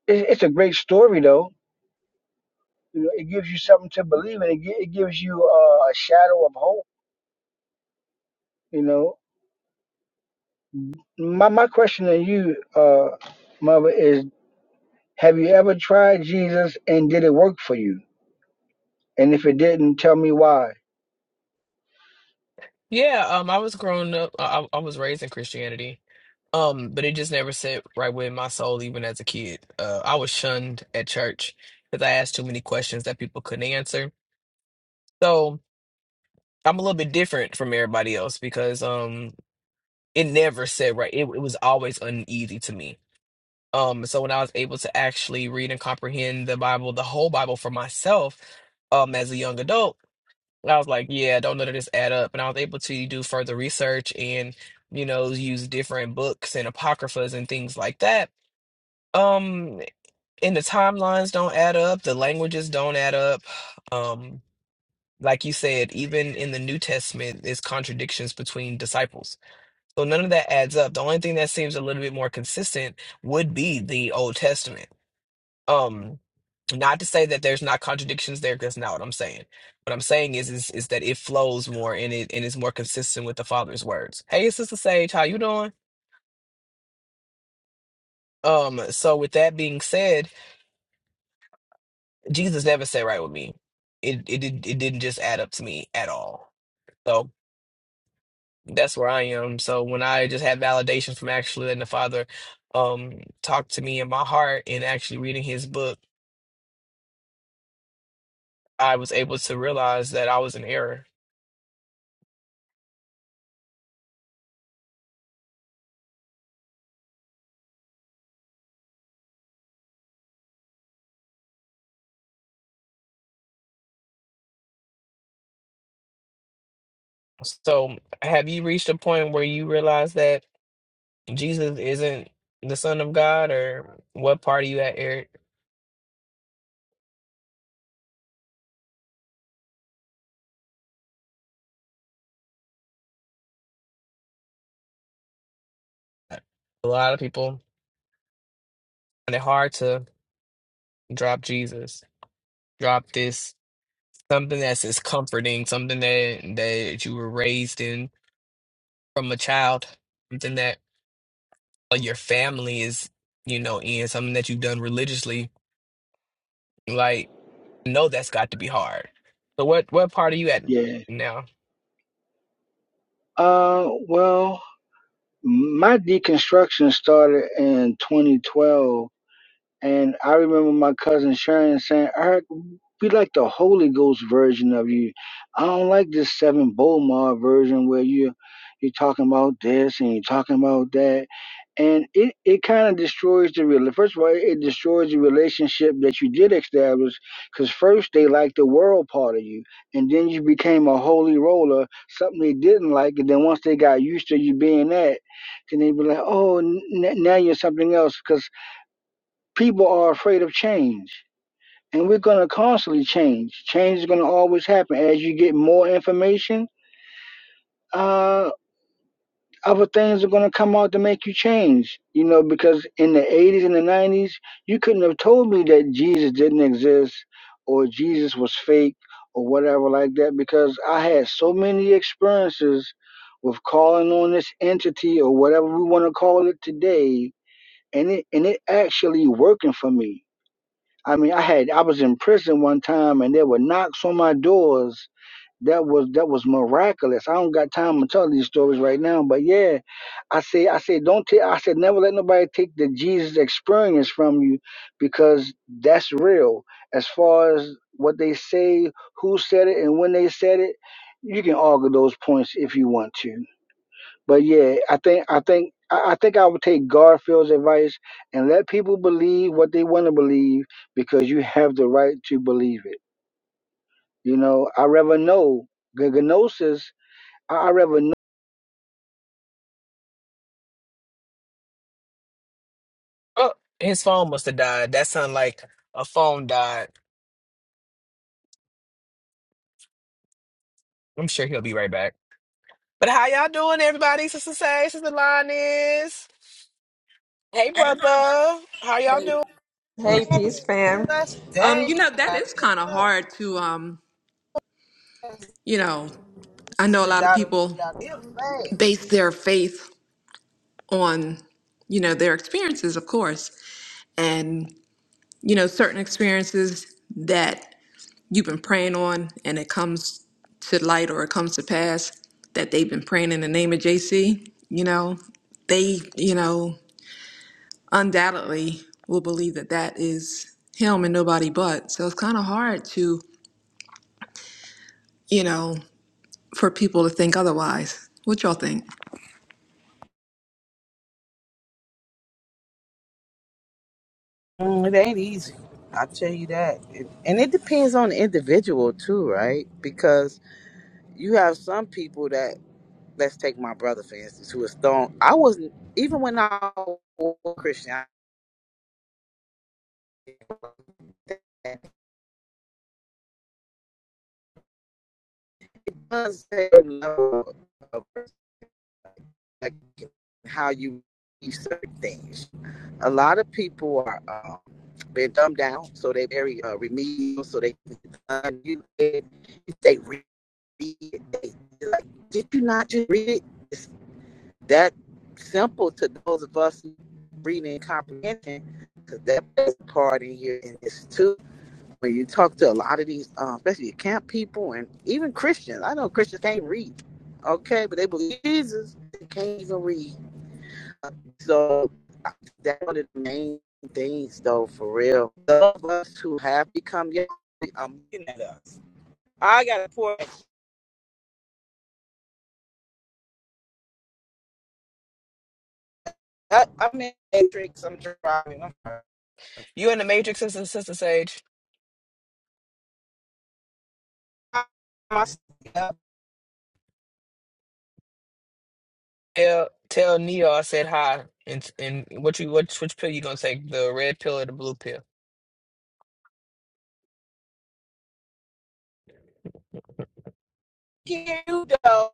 it, it's a great story though. You know, it gives you something to believe in. It, gi- it gives you uh, a shadow of hope. You know, my my question to you, uh, mother, is: Have you ever tried Jesus and did it work for you? And if it didn't, tell me why. Yeah, um, I was growing up, I, I was raised in Christianity, um, but it just never sat right with my soul, even as a kid. Uh, I was shunned at church because I asked too many questions that people couldn't answer. So I'm a little bit different from everybody else because, um. it never said right. It, it was always uneasy to me. Um, so when I was able to actually read and comprehend the Bible, the whole Bible for myself, um, as a young adult, I was like, yeah, don't none of this add up. And I was able to do further research and, you know, use different books and apocryphas and things like that. Um, and the timelines don't add up, the languages don't add up. Um, like you said, even in the New Testament, there's contradictions between disciples so none of that adds up. The only thing that seems a little bit more consistent would be the Old Testament. Um, not to say that there's not contradictions there, 'cause that's not what I'm saying. What I'm saying is is is that it flows more and it and is more consistent with the Father's words. Hey, Sister Sage, how you doing? Um, so with that being said, Jesus never said right with me. It it did it didn't just add up to me at all. So that's where I am. So when I just had validation from actually letting the Father um talk to me in my heart and actually reading his book I was able to realize that I was in error. So, have you reached a point where you realize that Jesus isn't the Son of God, or what part are you at, Eric? A lot of people find it hard to drop Jesus, drop this something that's as comforting, something that that you were raised in from a child, something that uh, your family is, you know, in, something that you've done religiously. Like, no, that's got to be hard. So, what what part are you at Yeah. now? Uh, well, my deconstruction started in 2012 And I remember my cousin Sharon saying, Eric, we like the Holy Ghost version of you. I don't like this Seven Bomar version where you you're talking about this and you're talking about that. And it, it kind of destroys the real. First of all, it destroys the relationship that you did establish because first they liked the world part of you, and then you became a holy roller, something they didn't like. And then once they got used to you being that, then they be like, oh, n- now you're something else. 'Cause people are afraid of change and we're going to constantly change change is going to always happen as you get more information uh, other things are going to come out to make you change you know because in the 80s and the 90s you couldn't have told me that jesus didn't exist or jesus was fake or whatever like that because i had so many experiences with calling on this entity or whatever we want to call it today and it and it actually working for me I mean, I had I was in prison one time, and there were knocks on my doors. That was that was miraculous. I don't got time to tell these stories right now, but yeah, I say I say don't take. I said never let nobody take the Jesus experience from you, because that's real. As far as what they say, who said it, and when they said it, you can argue those points if you want to. But yeah, I think I think I I think I would take Garfield's advice and let people believe what they want to believe because you have the right to believe it. You know, I rather know the gnosis. I I rather know. Oh, his phone must have died. That sounded like a phone died. I'm sure he'll be right back. But how y'all doing, everybody? Sister Say, Sister Linus. Hey, brother. How y'all doing? Hey, peace fam. That's Um, dang, you he know that got is here kind of hard to um, fast. you know. I This know a good lot of daughter people got here fast. base their faith on you know their experiences, of course, and you know certain experiences that you've been praying on, and it comes to light or it comes to pass that they've been praying in the name of JC. You know, they you know undoubtedly will believe that that is him and nobody but. So it's kind of hard to you know for people to think otherwise. What y'all think? Mm, it ain't easy. I tell you that. It- and it depends on the individual too, right? Because you have some people that let's take my brother for instance, who was thrown I wasn't even when I was a Christian, I was at a certain level like how you see certain things. A lot of people are um, been dumbed down, so they're very uh, remedial. So they uh, you they read it. They, like, did you not just read it? It's that simple to those of us reading and comprehension, because that plays a part in here in this too when you talk to a lot of these, uh, especially camp people and even Christians, I know Christians can't read, okay, but they believe Jesus. They can't even read. So that's one of the main things, though, for real. Those of us who have become young, I'm looking at us. I got a poor. I, I'm in the matrix. I'm driving. I'm You in the Matrix, Sister, Sister Sage. I, I, I Tell, tell Neo I said hi. And, and what you what which pill you gonna take? The red pill or the blue pill? can hear you, though.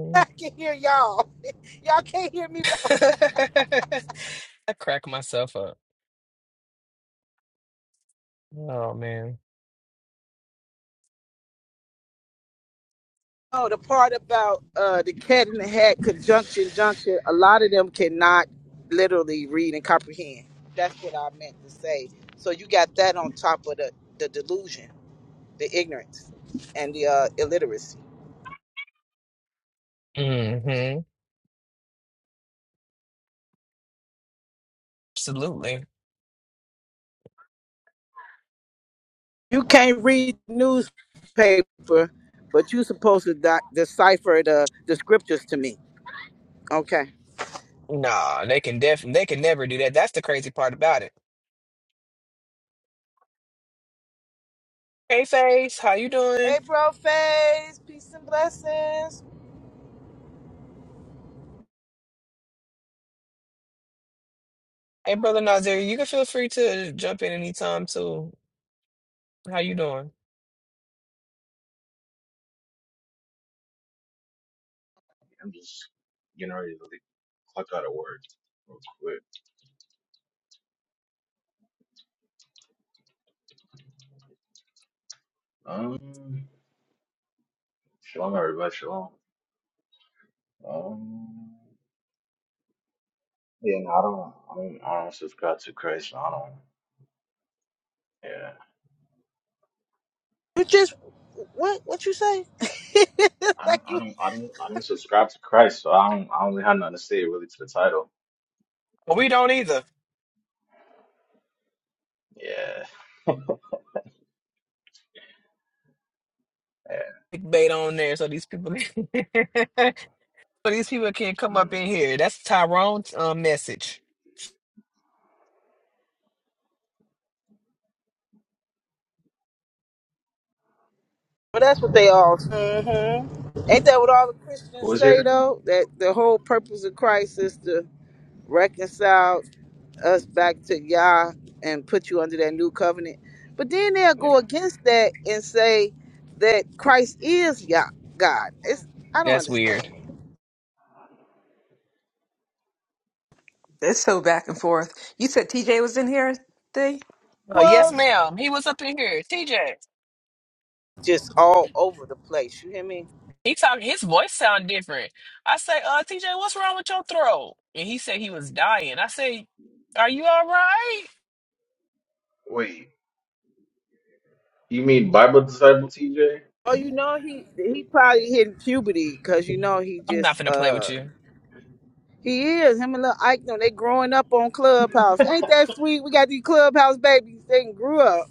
*laughs* I can hear y'all. Y'all can't hear me, but *laughs* I crack myself up. Oh man. Oh, the part about uh, the cat in the hat, conjunction, junction, a lot of them cannot literally read and comprehend. That's what I meant to say. So you got that on top of the, the delusion, the ignorance, and the uh, illiteracy. Mm-hmm. Absolutely. You can't read newspaper, but you supposed to di- decipher the, the scriptures to me. Okay. Nah, they can def they can never do that. That's the crazy part about it Hey Face, how you doing? Hey, bro, face, peace and blessings. Hey brother Nazir, you can feel free to jump in anytime too. How you doing? I'm just getting ready to leave. clock out of work real quick. Um, shalom, everybody. Shalom. Um, yeah, no, I don't, I don't, I don't subscribe to Christ. so I don't. Yeah, You just, what, what you say? *laughs* I like don't, I you don't, I don't, I don't subscribe to Christ. So I don't, I don't really have nothing to say really to the title. Well, we don't either. Yeah. Yeah. Big bait on there, so these people, *laughs* so these people can't come Mm. up in here. That's Tyrone's um message. Well, that's what they all. hmm Ain't that what all the Who Christians is say here? though? That the whole purpose of Christ is to reconcile us back to Yah and put you under that new covenant. But then they'll Yeah. go against that and say that Christ is Yah God. It's I don't That's weird. understand. It's so back and forth. You said TJ was in here today? Uh, yes, Well, ma'am. He was up in here. TJ, just all over the place. You hear me? he talk. His voice sound different. I say, uh, TJ, what's wrong with your throat? And he said he was dying. I say, Are you all right? Wait, you mean Bible disciple TJ? Oh, you know he he probably hit puberty because you know he I'm not just finna play with uh you. He is. Him and little Ike, them, they growing up on Clubhouse. Ain't that sweet? We got these Clubhouse babies. They done grew up.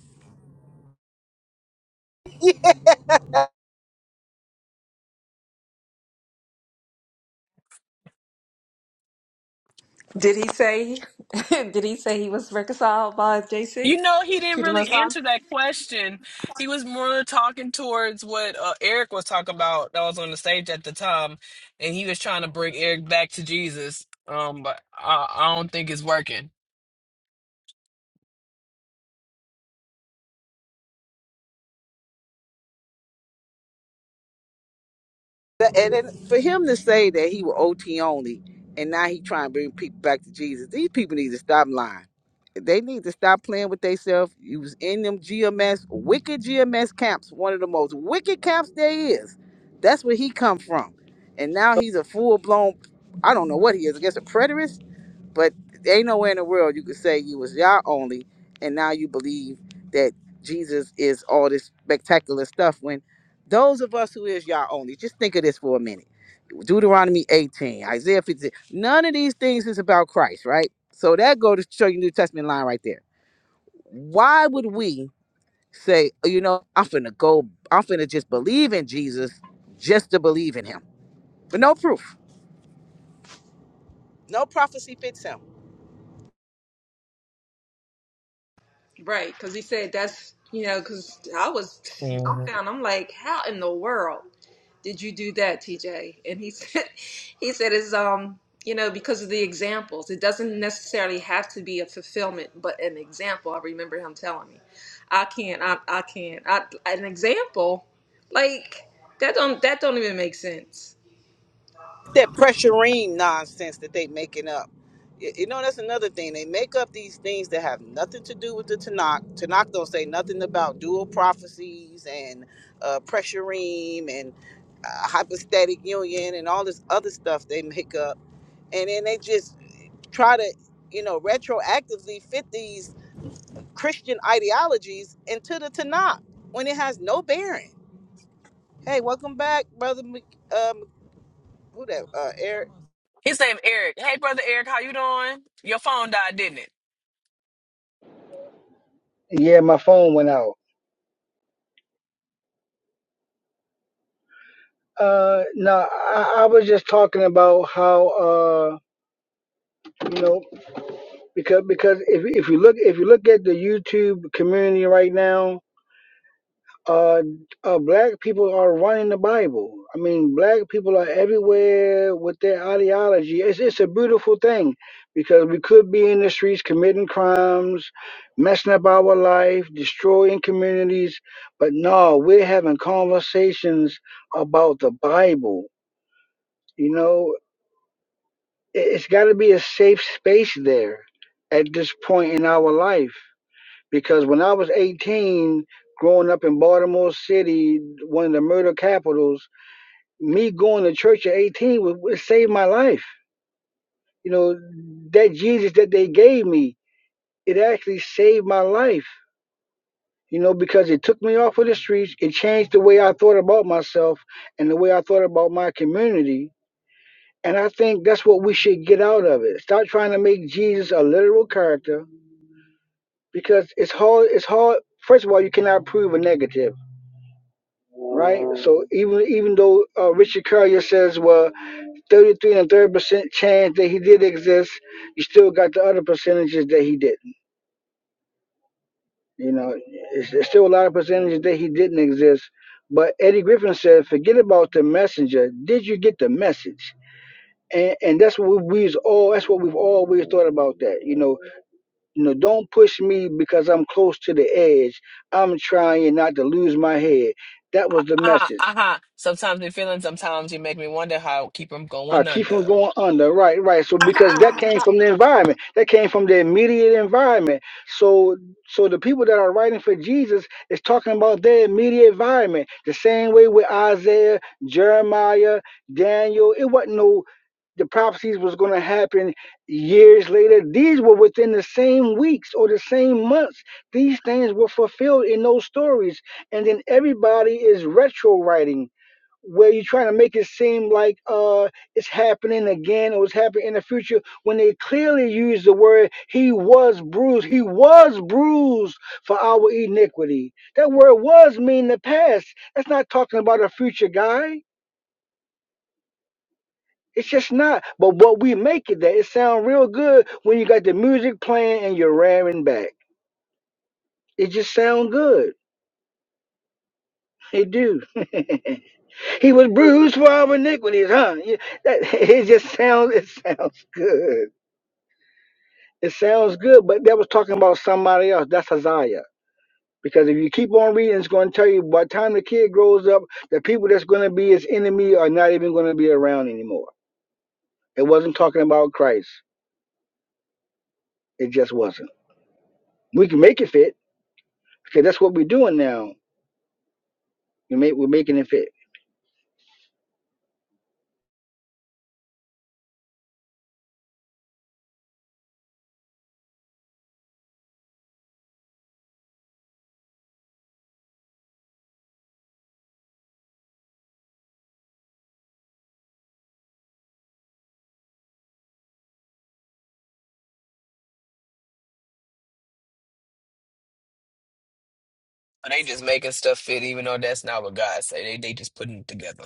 Did he say *laughs* did he say he was reconciled by JC You know, he didn't to the really most high? answer that question. He was more talking towards what uh, Eric was talking about that was on the stage at the time, and he was trying to bring Eric back to Jesus. Um, but I, I don't think it's working. But- And then for him to say that he was OT only and now he trying to bring people back to Jesus, these people need to stop lying. They need to stop playing with themselves. You was in them GMS, wicked GMS camps, one of the most wicked camps there is. That's where he come from. And now he's a full-blown, I don't know what he is, I guess a preterist But there ain't nowhere in the world you could say you was Yah only, and now you believe that Jesus is all this spectacular stuff. When those of us who is Yah only, just think of this for a minute. Deuteronomy 18, Isaiah 50. None of these things is about Christ, right? So that go to show you New Testament line right there. Why would we say, "Oh, you know, I'm finna go, I'm finna just believe in Jesus just to believe in him? But no proof. No prophecy fits him. Right, because he said that's you know, because I was dumbfounded. Mhm. I'm like, how in the world? did you do that, TJ? And he *laughs* said, he said, is um, you know, because of the examples, it doesn't necessarily have to be a fulfillment, but an example. I remember him telling me, I can't, I, I can't, I, an example, like that don't that don't even make sense. that pressuring nonsense that they making up. Y- You know, that's another thing. They make up these things that have nothing to do with the Tanakh. Tanakh don't say nothing about dual prophecies and uh, pressuring and uh, hypostatic union and all this other stuff they make up. And then they just try to, you know, retroactively fit these Christian ideologies into the Tanakh when it has no bearing. Hey, welcome back, brother. Mc- Um, who that? Uh, Eric. His name Eric. Hey, brother Eric, how you doing? Your phone died, didn't it? Yeah, my phone went out. Uh, no, I, I was just talking about how uh, you know, because because if if you look if you look at the YouTube community right now, uh, uh, black people are running the Bible. I mean, black people are everywhere with their ideology. It's, it's a beautiful thing because we could be in the streets committing crimes, messing up our life, destroying communities. But no, we're having conversations about the Bible. You know, It- it's got to be a safe space there at this point in our life because when I was 18, growing up in Baltimore City, one of the murder capitals, me going to church at 18 was, it saved my life. You know, that Jesus that they gave me, it actually saved my life. You know, because it took me off of the streets, it changed the way I thought about myself and the way I thought about my community. And I think that's what we should get out of it. Stop trying to make Jesus a literal character because it's hard. It's hard. First of all, you cannot prove a negative right? So even even though uh, Richard Currier says, well, 33 and a third percent chance that he did exist, you still got the other percentages that he didn't. You know, it's, it's still a lot of percentages that he didn't exist. But Eddie Griffin said, forget about the messenger. Did you get the message? And, and that's what we- we all that's what we've always thought about that you know you know don't push me because I'm close to the edge I'm trying not to lose my head that was the Uh-huh, message uh-huh. Sometimes they feeling, sometimes you make me wonder how keep them Uh, going keep under. from going under. Right, right. So because that came from the environment, that came from the immediate environment. So, so the people that are writing for Jesus is talking about their immediate environment. The same way with Isaiah, Jeremiah, Daniel. It wasn't no the prophecies was going to happen years later. These were within the same weeks or the same months. These things were fulfilled in those stories, and then everybody is retro writing where you're trying to make it seem like uh it's happening again or it's happening in the future when they clearly use the word he was bruised he was bruised for our iniquity that word was mean the past that's not talking about a future guy it's just not but what we make it that it sounds real good when you got the music playing and you're ramming back it just sound good it do *laughs* he was bruised for our iniquities huh Yeah, that, *laughs* it just sounds it sounds good It sounds good, but that was talking about somebody else. That's Isaiah. Because if you keep on reading, it's going to tell you by the time the kid grows up, the people that's going to be his enemy are not even going to be around anymore. It wasn't talking about Christ. It just wasn't. We can make it fit because that's what we're doing now. We make, we're making it fit. Or they just making stuff fit, even though that's not what God say. They they just putting it together.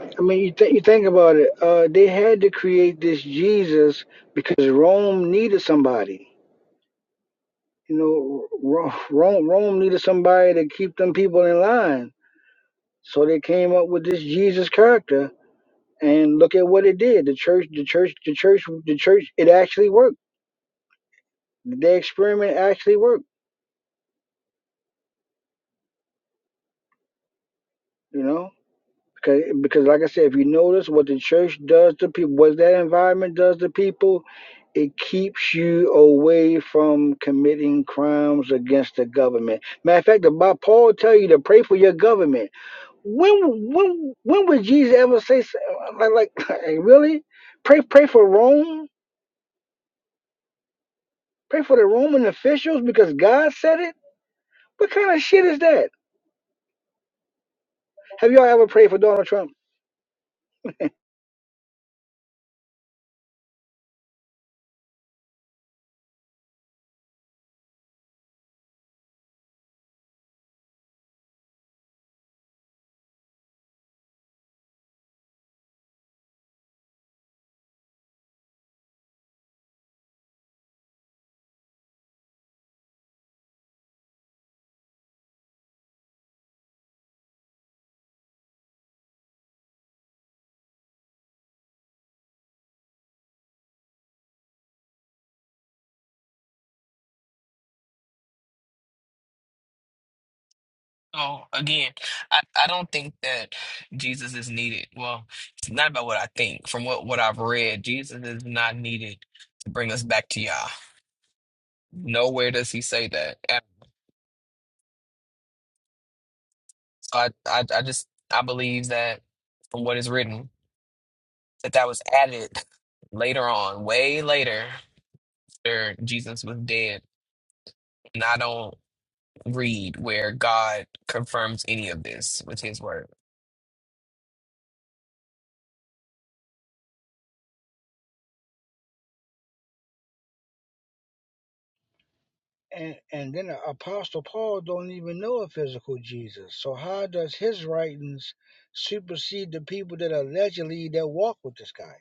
I mean, you, think you think about it. Uh, they had to create this Jesus because Rome needed somebody. You know, Ro- Rome, Rome needed somebody to keep them people in line So they came up with this Jesus character, and look at what it did. The church, the church, the church, the church. It actually worked. The experiment actually worked. You know, because because like I said, if you notice what the church does to people, what that environment does to people, it keeps you away from committing crimes against the government. Matter of fact, the Bi- Paul tell you to pray for your government. When when when would Jesus ever say so- like like *laughs* really? Pray pray for Rome Pray for the Roman officials because God said it? What kind of shit is that? Have y'all ever prayed for Donald Trump? So again, I, I don't think that Jesus is needed. Well, it's not about what I think. From what, what I've read, Jesus is not needed to bring us back to Yah. Nowhere does he say that. And so I, I I just I believe that from what is written, that that was added later on, way later after Jesus was dead and I don't read where God confirms any of this with His word. And, and then the Apostle Paul don't even know a physical Jesus. So how does his writings supersede the people that allegedly that walk with this guy?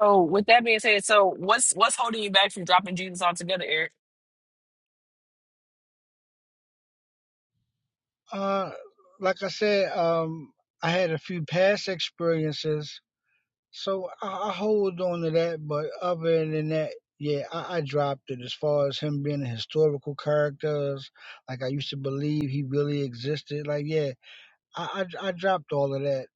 So with that being said, so what's what's holding you back from dropping Jesus altogether, Eric? Uh, like I said, um, I had a few past experiences So I, I hold on to that, but other than that, yeah, I, I dropped it as far as him being a historical character. Like I used to believe he really existed. Like yeah, I I, I dropped all of that.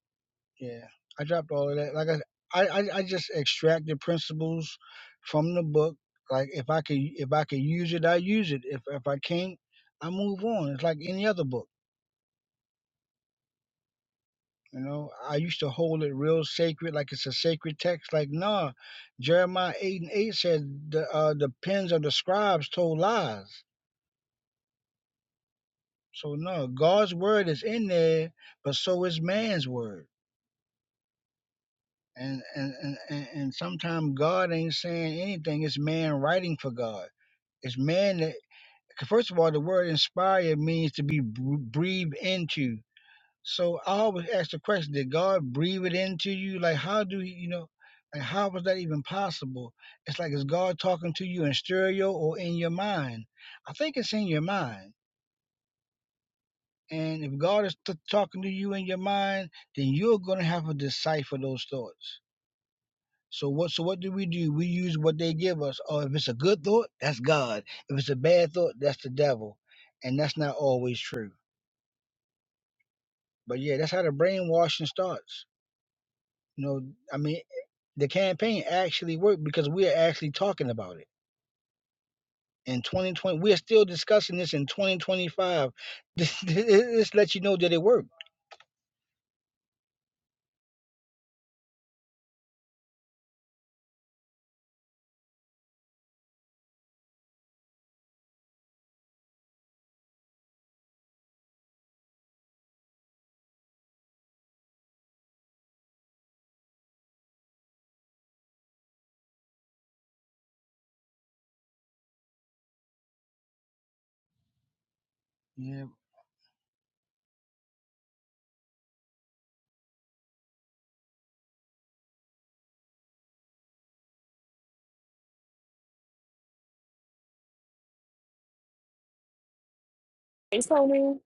Yeah, I dropped all of that. Like I I I I just extracted principles from the book. Like if I could if I could use it, I use it. If if I can't, I move on. It's like any other book. You know, I used to hold it real sacred, like it's a sacred text. Like, nah, Jeremiah 8 and 8 said the, uh, the pens of the scribes told lies. So, no, God's word is in there, but so is man's word. And, and, and, and, and sometimes God ain't saying anything, it's man writing for God. It's man that, first of all, the word inspired means to be br- breathed into So I always ask the question: Did God breathe it into you? Like, how do he, you know? Like, how was that even possible? It's like is God talking to you in stereo or in your mind? I think it's in your mind. And if God is t- talking to you in your mind, then you're going to have to decipher those thoughts. So what? So what do we do? We use what they give us. Or if it's a good thought, that's God. If it's a bad thought, that's the devil. And that's not always true. But yeah, that's how the brainwashing starts. You know, I mean, the campaign actually worked because we are actually talking about it in 2020 we are still discussing this in 2025 this, *laughs* this lets you know that it worked yeah Hey, Tony.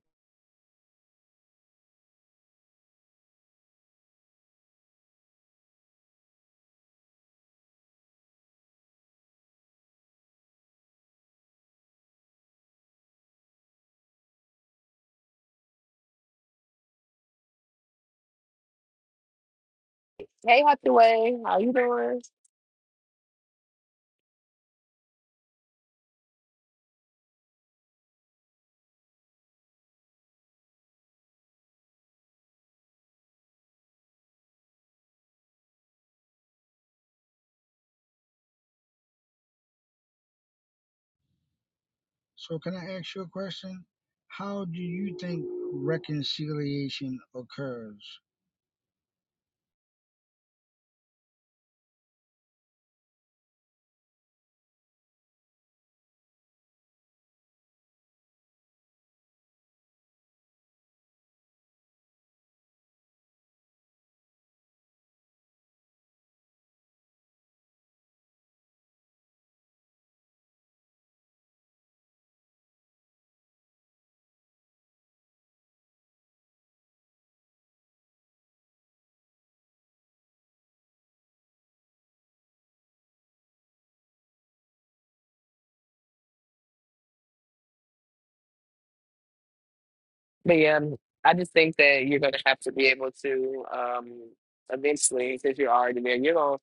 Hey, Hathaway. How you doing? so can i ask you a question how do you think reconciliation occurs But yeah, um, I just think that you're gonna have to be able to um eventually, since you're already there, you're gonna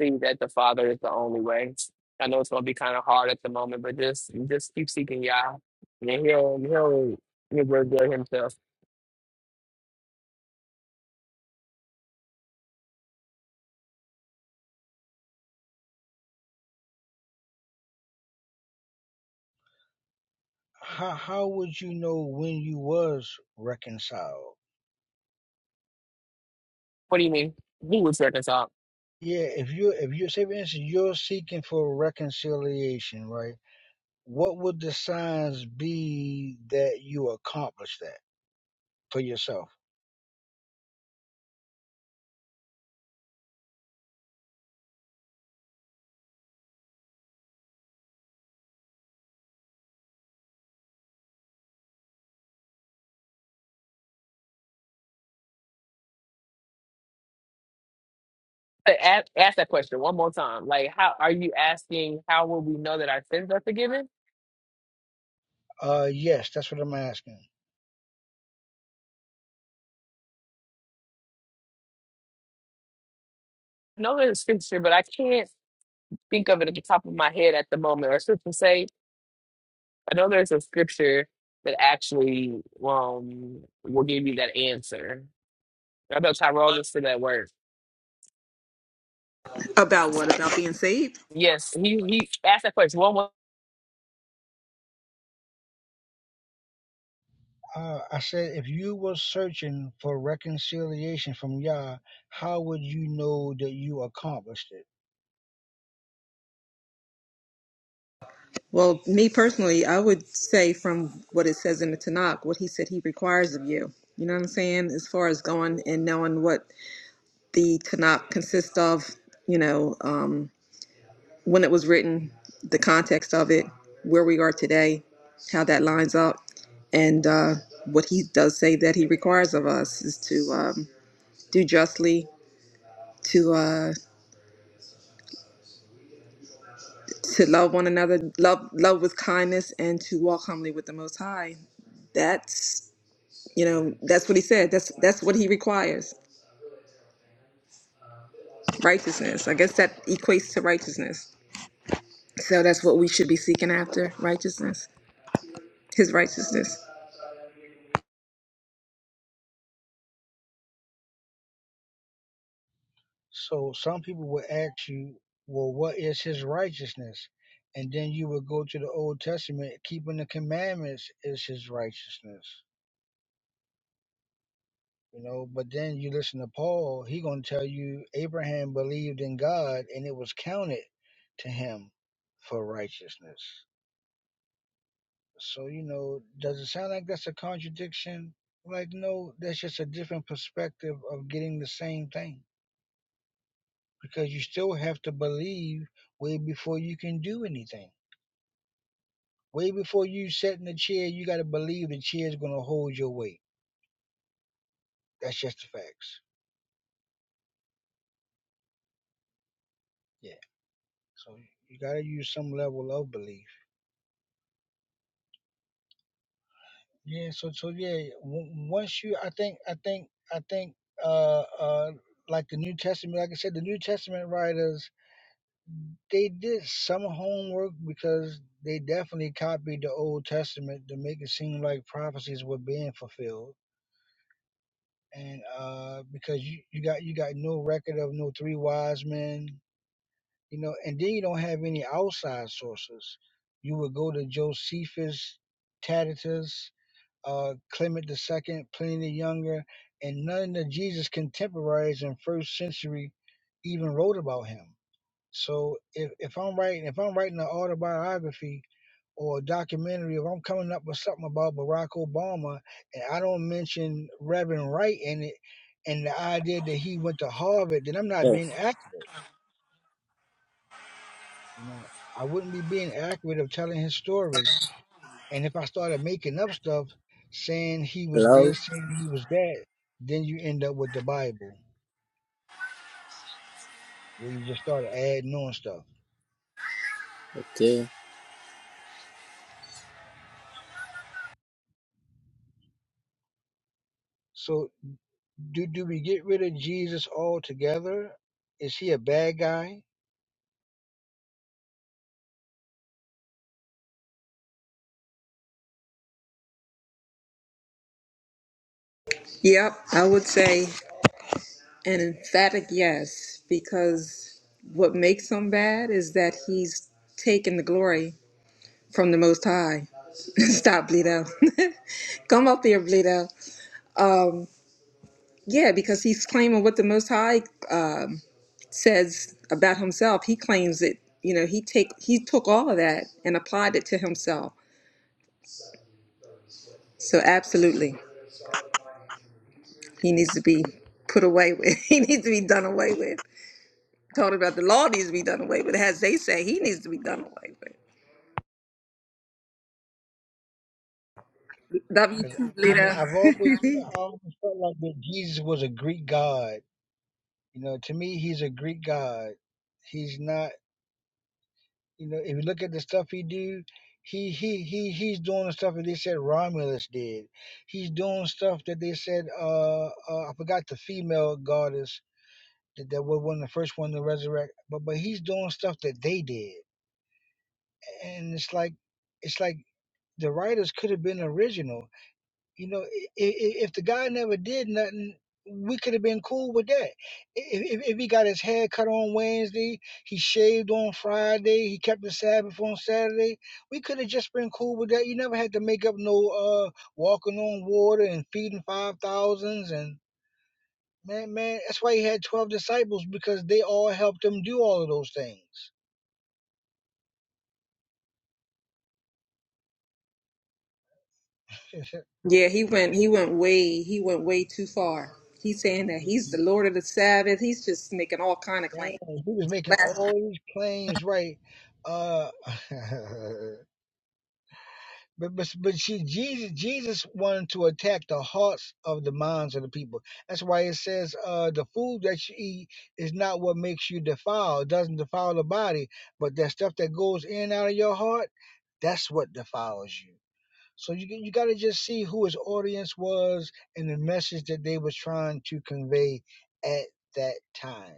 see that the Father is the only way. I know it's gonna be kind of hard at the moment, but just just keep seeking Yah, and he'll he'll he'll reveal himself. how how would you know when you was reconciled? What do you mean? He was reconciled. Yeah, if you if you say for instance you're seeking for reconciliation, right? What would the signs be that you accomplished that for yourself? ask, ask that question one more time. Like, how are you asking? How will we know that our sins are forgiven? Uh yes, that's what I'm asking. I know there's a scripture, but I can't think of it at the top of my head at the moment. Or scripture say, I know there's a scripture that actually um will give you that answer. I know Tyrone is to that word. About what? About being saved? Yes, he he asked that question one more. Uh, I said if you were searching for reconciliation from Yah, how would you know that you accomplished it? Well, me personally, I would say from what it says in the Tanakh, what he said he requires of you. You know what I'm saying? As far as going and knowing what the Tanakh consists of, you know, um, when it was written, the context of it, where we are today, how that lines up, and uh, what he does say that he requires of us is to um, do justly, to uh, to love one another, love love with kindness, and to walk humbly with the Most High. That's you know that's what he said. That's that's what he requires. Righteousness. I guess that equates to righteousness. So that's what we should be seeking after. Righteousness. His righteousness. So some people would ask you, well, what is his righteousness? And then you would go to the Old Testament, keeping the commandments is his righteousness. You know, but then you listen to Paul, he gonna tell you Abraham believed in God and it was counted to him for righteousness. So, you know, does it sound like that's a contradiction? Like, no, that's just a different perspective of getting the same thing. Because you still have to believe way before you can do anything. Way before you set in the chair, you got to believe the chair is going to hold your weight. That's just the facts. Yeah. So you got to use some level of belief. Yeah. So so yeah. w- Once you, I think, I think, I think, uh, uh, like the New Testament, like I said, the New Testament writers, they did some homework because they definitely copied the Old Testament to make it seem like prophecies were being fulfilled. And uh, because you, you got you got no record of no three wise men, you know, and then you don't have any outside sources. You would go to Josephus, Tacitus, uh, Clement the Second, Pliny the Younger, and none of Jesus' contemporaries in first century even wrote about him. So if, if I'm writing if I'm writing an autobiography or a documentary, if I'm coming up with something about Barack Obama and I don't mention Reverend Wright in it and the idea that he went to Harvard, then I'm not being Yes. accurate. You know, I wouldn't be being accurate of telling his story. And if I started making up stuff, saying he was Hello. this, saying he was that, then you end up with the Bible, where you just start adding on stuff. Okay. So, do do we get rid of Jesus altogether? Is he a bad guy? Yep, I would say. An emphatic yes, because what makes him bad is that he's taken the glory from the Most High. *laughs* Stop, Bleedo. *laughs* Come up here, Bleedo. Yeah, because he's claiming what the Most High uh, says about himself. He claims it. You know, he take he took all of that and applied it to himself. So absolutely, he needs to be put away with. *laughs* He needs to be done away with. Talking about the law needs to be done away with. As they say, he needs to be done away with. W Because two, I mean, Bleedo. I've *laughs* always I always felt like that Jesus was a Greek god. You know, to me, he's a Greek god. He's not. You know, if you look at the stuff he do, he he he he's doing the stuff that they said Romulus did. He's doing stuff that they said uh, uh I forgot the female goddess that, that was one of the first one to resurrect. But but he's doing stuff that they did, and it's like it's like the writers could have been original. You know, if, if the guy never did nothing, we could have been cool with that. If, if, if he got his hair cut on Wednesday, he shaved on Friday, he kept the Sabbath on Saturday, we could have just been cool with that. You never had to make up no uh walking on water and feeding five thousands and man, man. That's why he had twelve disciples because they all helped him do all of those things. *laughs* Yeah, he went he went way he went way too far. He's saying that he's the Lord of the Sabbath. He's just making all kind of Yeah, claims. he was making Last time. all these claims right. Uh, *laughs* But, but but see, Jesus Jesus wanted to attack the hearts of the minds of the people. That's why it says, uh, "The food that you eat is not what makes you defiled. It doesn't defile the body, but that stuff that goes in and out of your heart, that's what defiles you." So you you got to just see who his audience was and the message that they was trying to convey at that time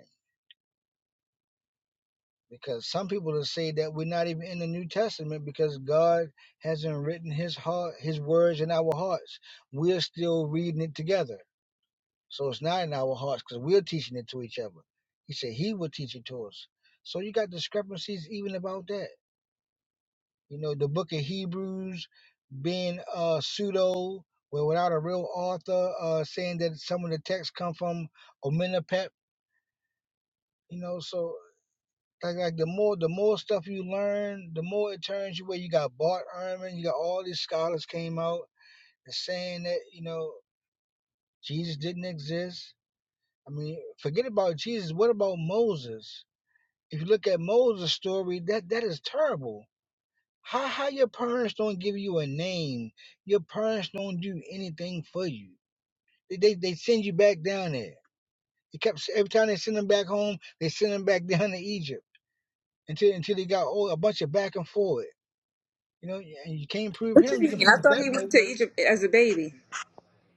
because some people will say that we're not even in the New Testament because God hasn't written His heart, His words in our hearts. We're still reading it together, so it's not in our hearts because we're teaching it to each other. He said He will teach it to us. So you got discrepancies even about that. You know, the book of Hebrews being uh, pseudo, well, without a real author, uh, saying that some of the texts come from Omenapep. You know, so Like like the more the more stuff you learn, the more it turns you where you got Bart Ehrman, you got all these scholars came out and saying that, you know, Jesus didn't exist. I mean, forget about Jesus. What about Moses? If you look at Moses' story, that that is terrible. How how your parents don't give you a name? Your parents don't do anything for you. They they, they send you back down there. They kept every time they send them back home, they send them back *laughs* down to Egypt until until they got oh, a bunch of back and forth. You know, and you can't prove What you him. You can mean? prove I thought that he went most. to Egypt as a baby.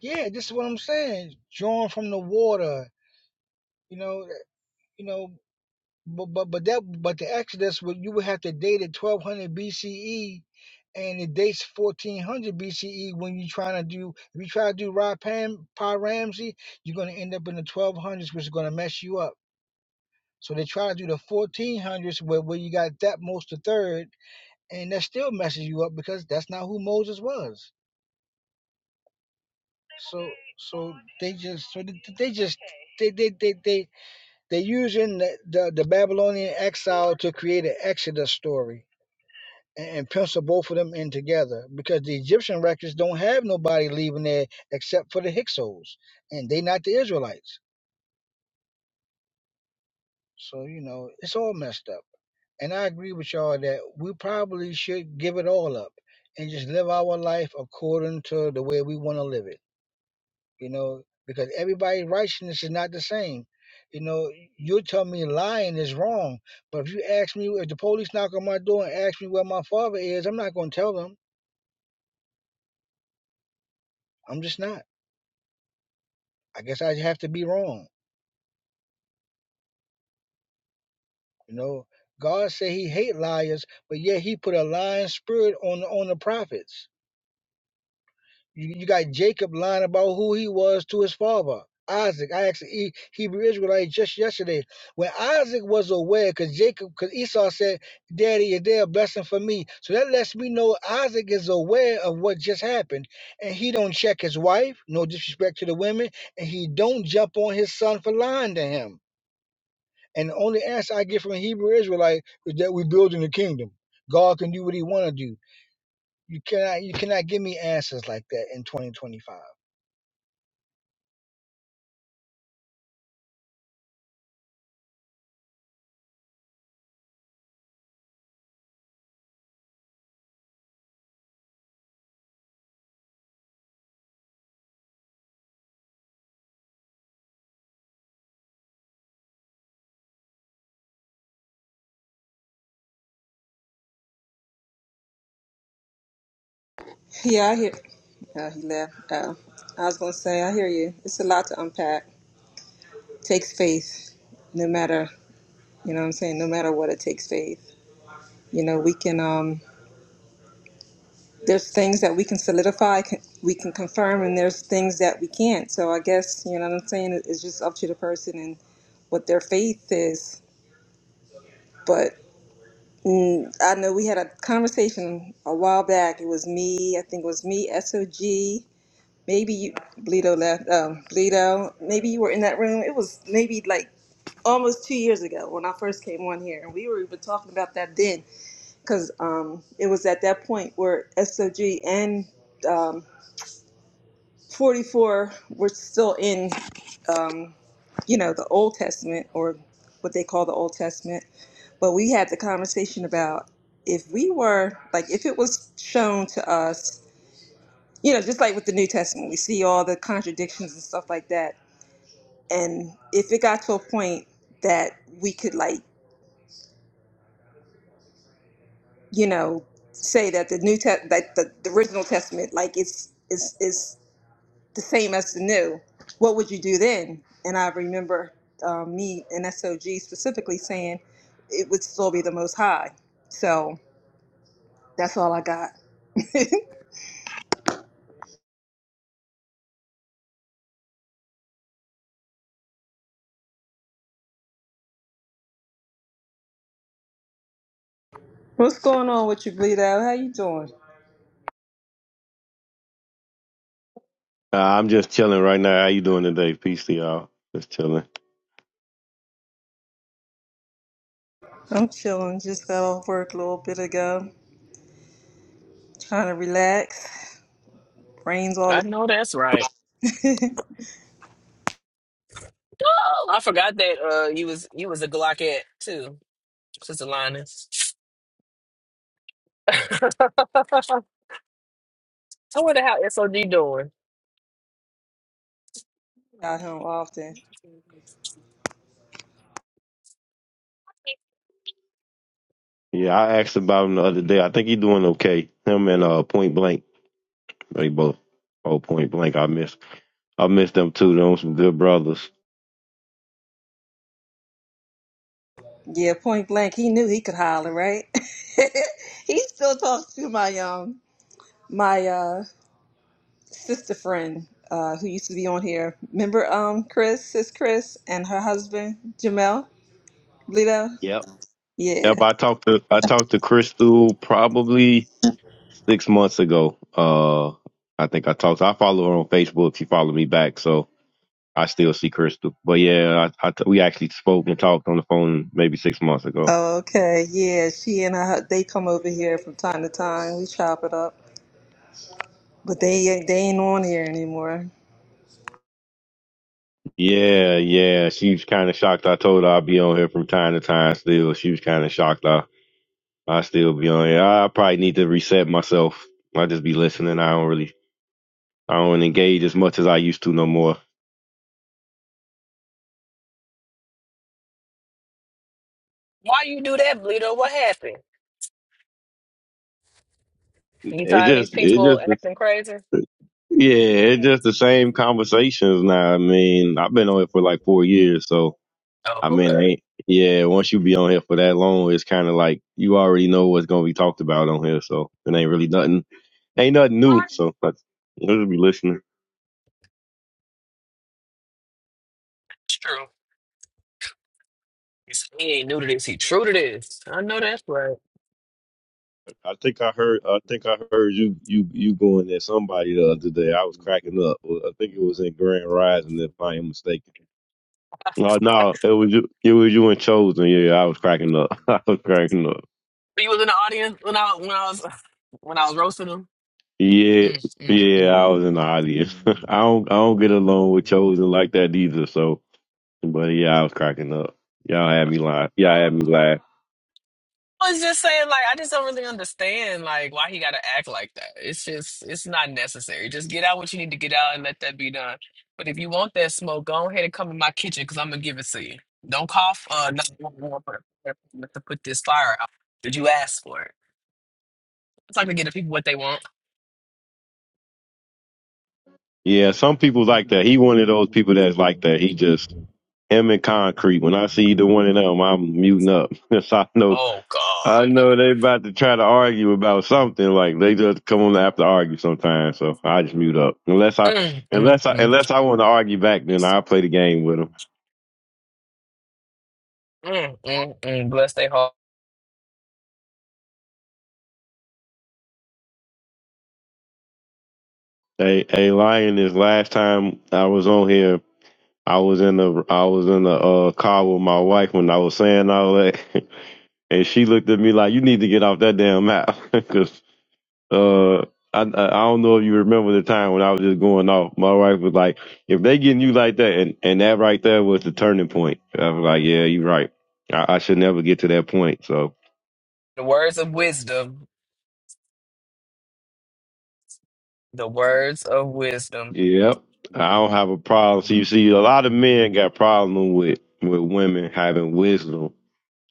Yeah, this is what I'm saying. Drawn from the water. You know, eh, you know, but but but that but the Exodus would you would have to date it 1200 BCE, and it dates 1400 BCE when you trying to do if you try to do Ra Pam Pa Ramsey, you're gonna end up in the 1200s, which is gonna mess you up. So they try to do the 1400s where where you got that most the third, and that still messes you up because that's not who Moses was. So so they just so they they just they they they they they using the, the, the Babylonian exile to create an Exodus story and, and pencil both of them in together because the Egyptian records don't have nobody leaving there except for the Hyksos and they not the Israelites. So you know it's all messed up. And I agree with y'all that we probably should give it all up and just live our life according to the way we want to live it. you know, because everybody's righteousness is not the same. You know, you'll tell me lying is wrong, but if you ask me, if the police knock on my door and ask me where my father is, I'm not going to tell them. I'm just not. I guess I have to be wrong. You know, God said He hate liars, but yet He put a lying spirit on on the prophets. You, you got Jacob lying about who he was to his father, Isaac. I asked the E- Hebrew Israelite just yesterday when Isaac was aware, because Jacob, because Esau said, "Daddy, is there a blessing for me?" So that lets me know Isaac is aware of what just happened, and he don't check his wife. No disrespect to the women, and he don't jump on his son for lying to him. And the only answer I get from a Hebrew Israelite is that we're building the kingdom. God can do what He want to do. You cannot, you cannot give me answers like that in 2025. Yeah, I hear uh, he left. Uh, I was gonna say, I hear you. It's a lot to unpack. Takes faith, no matter you know what I'm saying, no matter what it takes faith. You know, we can um there's things that we can solidify, can, we can confirm, and there's things that we can't. So I guess you know what I'm saying. It- It's just up to the person and what their faith is. But mm, I know we had a conversation a while back. It was me, I think it was me, SOG. Maybe you, Bleedo left. Um, Bleedo, maybe you were in that room. It was maybe like almost two years ago when I first came on here, and we were even talking about that then, because um, it was at that point where SOG and um, 44, we're still in, you know, the Old Testament or what they call the Old Testament. But we had the conversation about if we were, like, if it was shown to us, you know, just like with the New Testament, we see all the contradictions and stuff like that. And if it got to a point that we could, like, you know, say that the New Test, that the, the original Testament, like, it's, is is the same as the new. What would you do then? And I remember um, me and SOG specifically saying it would still be the most high. So that's all I got. *laughs* What's going on with you, Bleed Out? How you doing? Uh, I'm just chilling right now. How you doing today? Peace to y'all. Just chilling. I'm chilling. Just got off work a little bit ago. Trying to relax. Rains all the I know that's right. Oh, I forgot that uh you was you was a Glockette too, Sister Linus. *laughs* I wonder how SOD doing. out here often. Yeah, I asked about him the other day. I think he doing okay. Him and uh Point Blank, they both. Oh, Point Blank, I miss. I miss them too. Them some good brothers. Yeah, point blank, he knew he could holler, right? *laughs* he still talks to my um my uh sister friend uh, who used to be on here. Remember um Chris, sis Chris, and her husband Jamel Lito. Yep. Yeah. Yep. I talked to I talked to Crystal probably six months ago. Uh, I think I talked. I follow her on Facebook. She followed me back, so I still see Crystal. But yeah, I, I t- we actually spoke and talked on the phone maybe six months ago. Okay. Yeah. She and I. they come over here from time to time. We chop it up, but they they ain't on here anymore. Yeah, yeah. She was kind of shocked. I told her I'd be on here from time to time still. She was kind of shocked. I, I still be on here. I probably need to reset myself. I just be listening. I don't really, I don't engage as much as I used to no more. Why you do that, Bleedo? What happened? You It tired of these just, it people just, acting crazy? yeah, it's just the same conversations now. I mean, I've been on here for like four years. So, Oh, I mean, I okay. ain't, yeah, once you be on here for that long, it's kind of like you already know what's going to be talked about on here. So it ain't really nothing, ain't nothing new. So I I just be listening. It's true. He's- He ain't new to this. He true to this. I know that's right. I think I heard. I think I heard you. You. You going at somebody the other day. I was cracking up. I think it was in Grand Rising, if I am mistaken. No, no, it was you. It was you and Chosen. Yeah, I was cracking up. *laughs* I was cracking up. You was in the audience when I when I was when I was roasting him. Yeah, Mm, yeah, mm, I was in the audience. *laughs* I don't. I don't get along with Chosen mm. like that either. So, but yeah, I was cracking up. Y'all had me live. Y'all had me glad. I was just saying, like, I just don't really understand, like, why he got to act like that. It's just, it's not necessary. Just get out what you need to get out and let that be done. But if you want that smoke, go ahead and come in my kitchen because I'm gonna give it to you. Don't cough. Uh, no, not *laughs* to to put this fire out. Did you ask for it? It's like to get the people what they want. Yeah, some people like that. He one of those people that's like that. He just him and concrete. When I see the one of them, I'm muting up. *laughs* so I know Oh I God. know they about to try to argue about something. Like they just come on after argue sometimes. So I just mute up. Unless I, Mm, mm, unless I, mm, unless I want to argue back, then I'll play the game with them. mm, mm, mm. Bless their heart. Hey, hey, lion. This last time I was on here, I was in the, I was in the uh, car with my wife when I was saying all that, *laughs* and she looked at me like, "You need to get off that damn app," *laughs* 'cause uh I I don't know if you remember the time when I was just going off. My wife was like, "If they getting you like that," and and that right there was the turning point. I was like, "Yeah, you're right. I, I should never get to that point." So, The words of wisdom. the words of wisdom. yep, I don't have a problem. So you see, a lot of men got problem with with women having wisdom.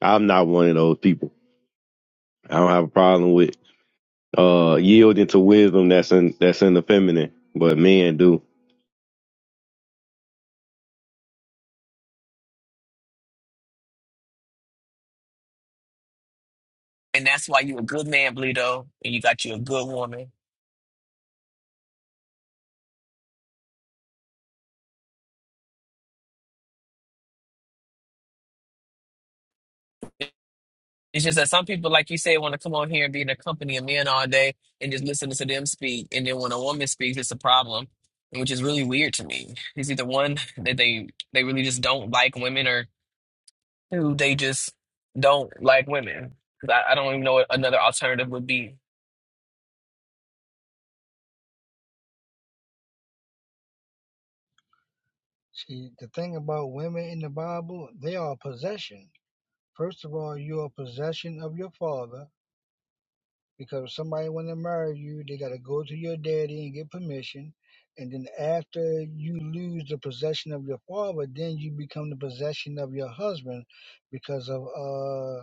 I'm not one of those people. I don't have a problem with uh yielding to wisdom that's in that's in the feminine, but men do. And that's why you a good man, Bleedo, and you got you a good woman. It's just that some people, like you said, want to come on here and be in the company of men all day and just listen to them speak. And then when a woman speaks, it's a problem, which is really weird to me. It's either one that they they really just don't like women, or two they just don't like women. 'Cause I, I don't even know what another alternative would be. See, the thing about women in the Bible, they are a possession. First of all, you are a possession of your father because if somebody want to marry you, they got to go to your daddy and get permission. And then after you lose the possession of your father, then you become the possession of your husband because of uh,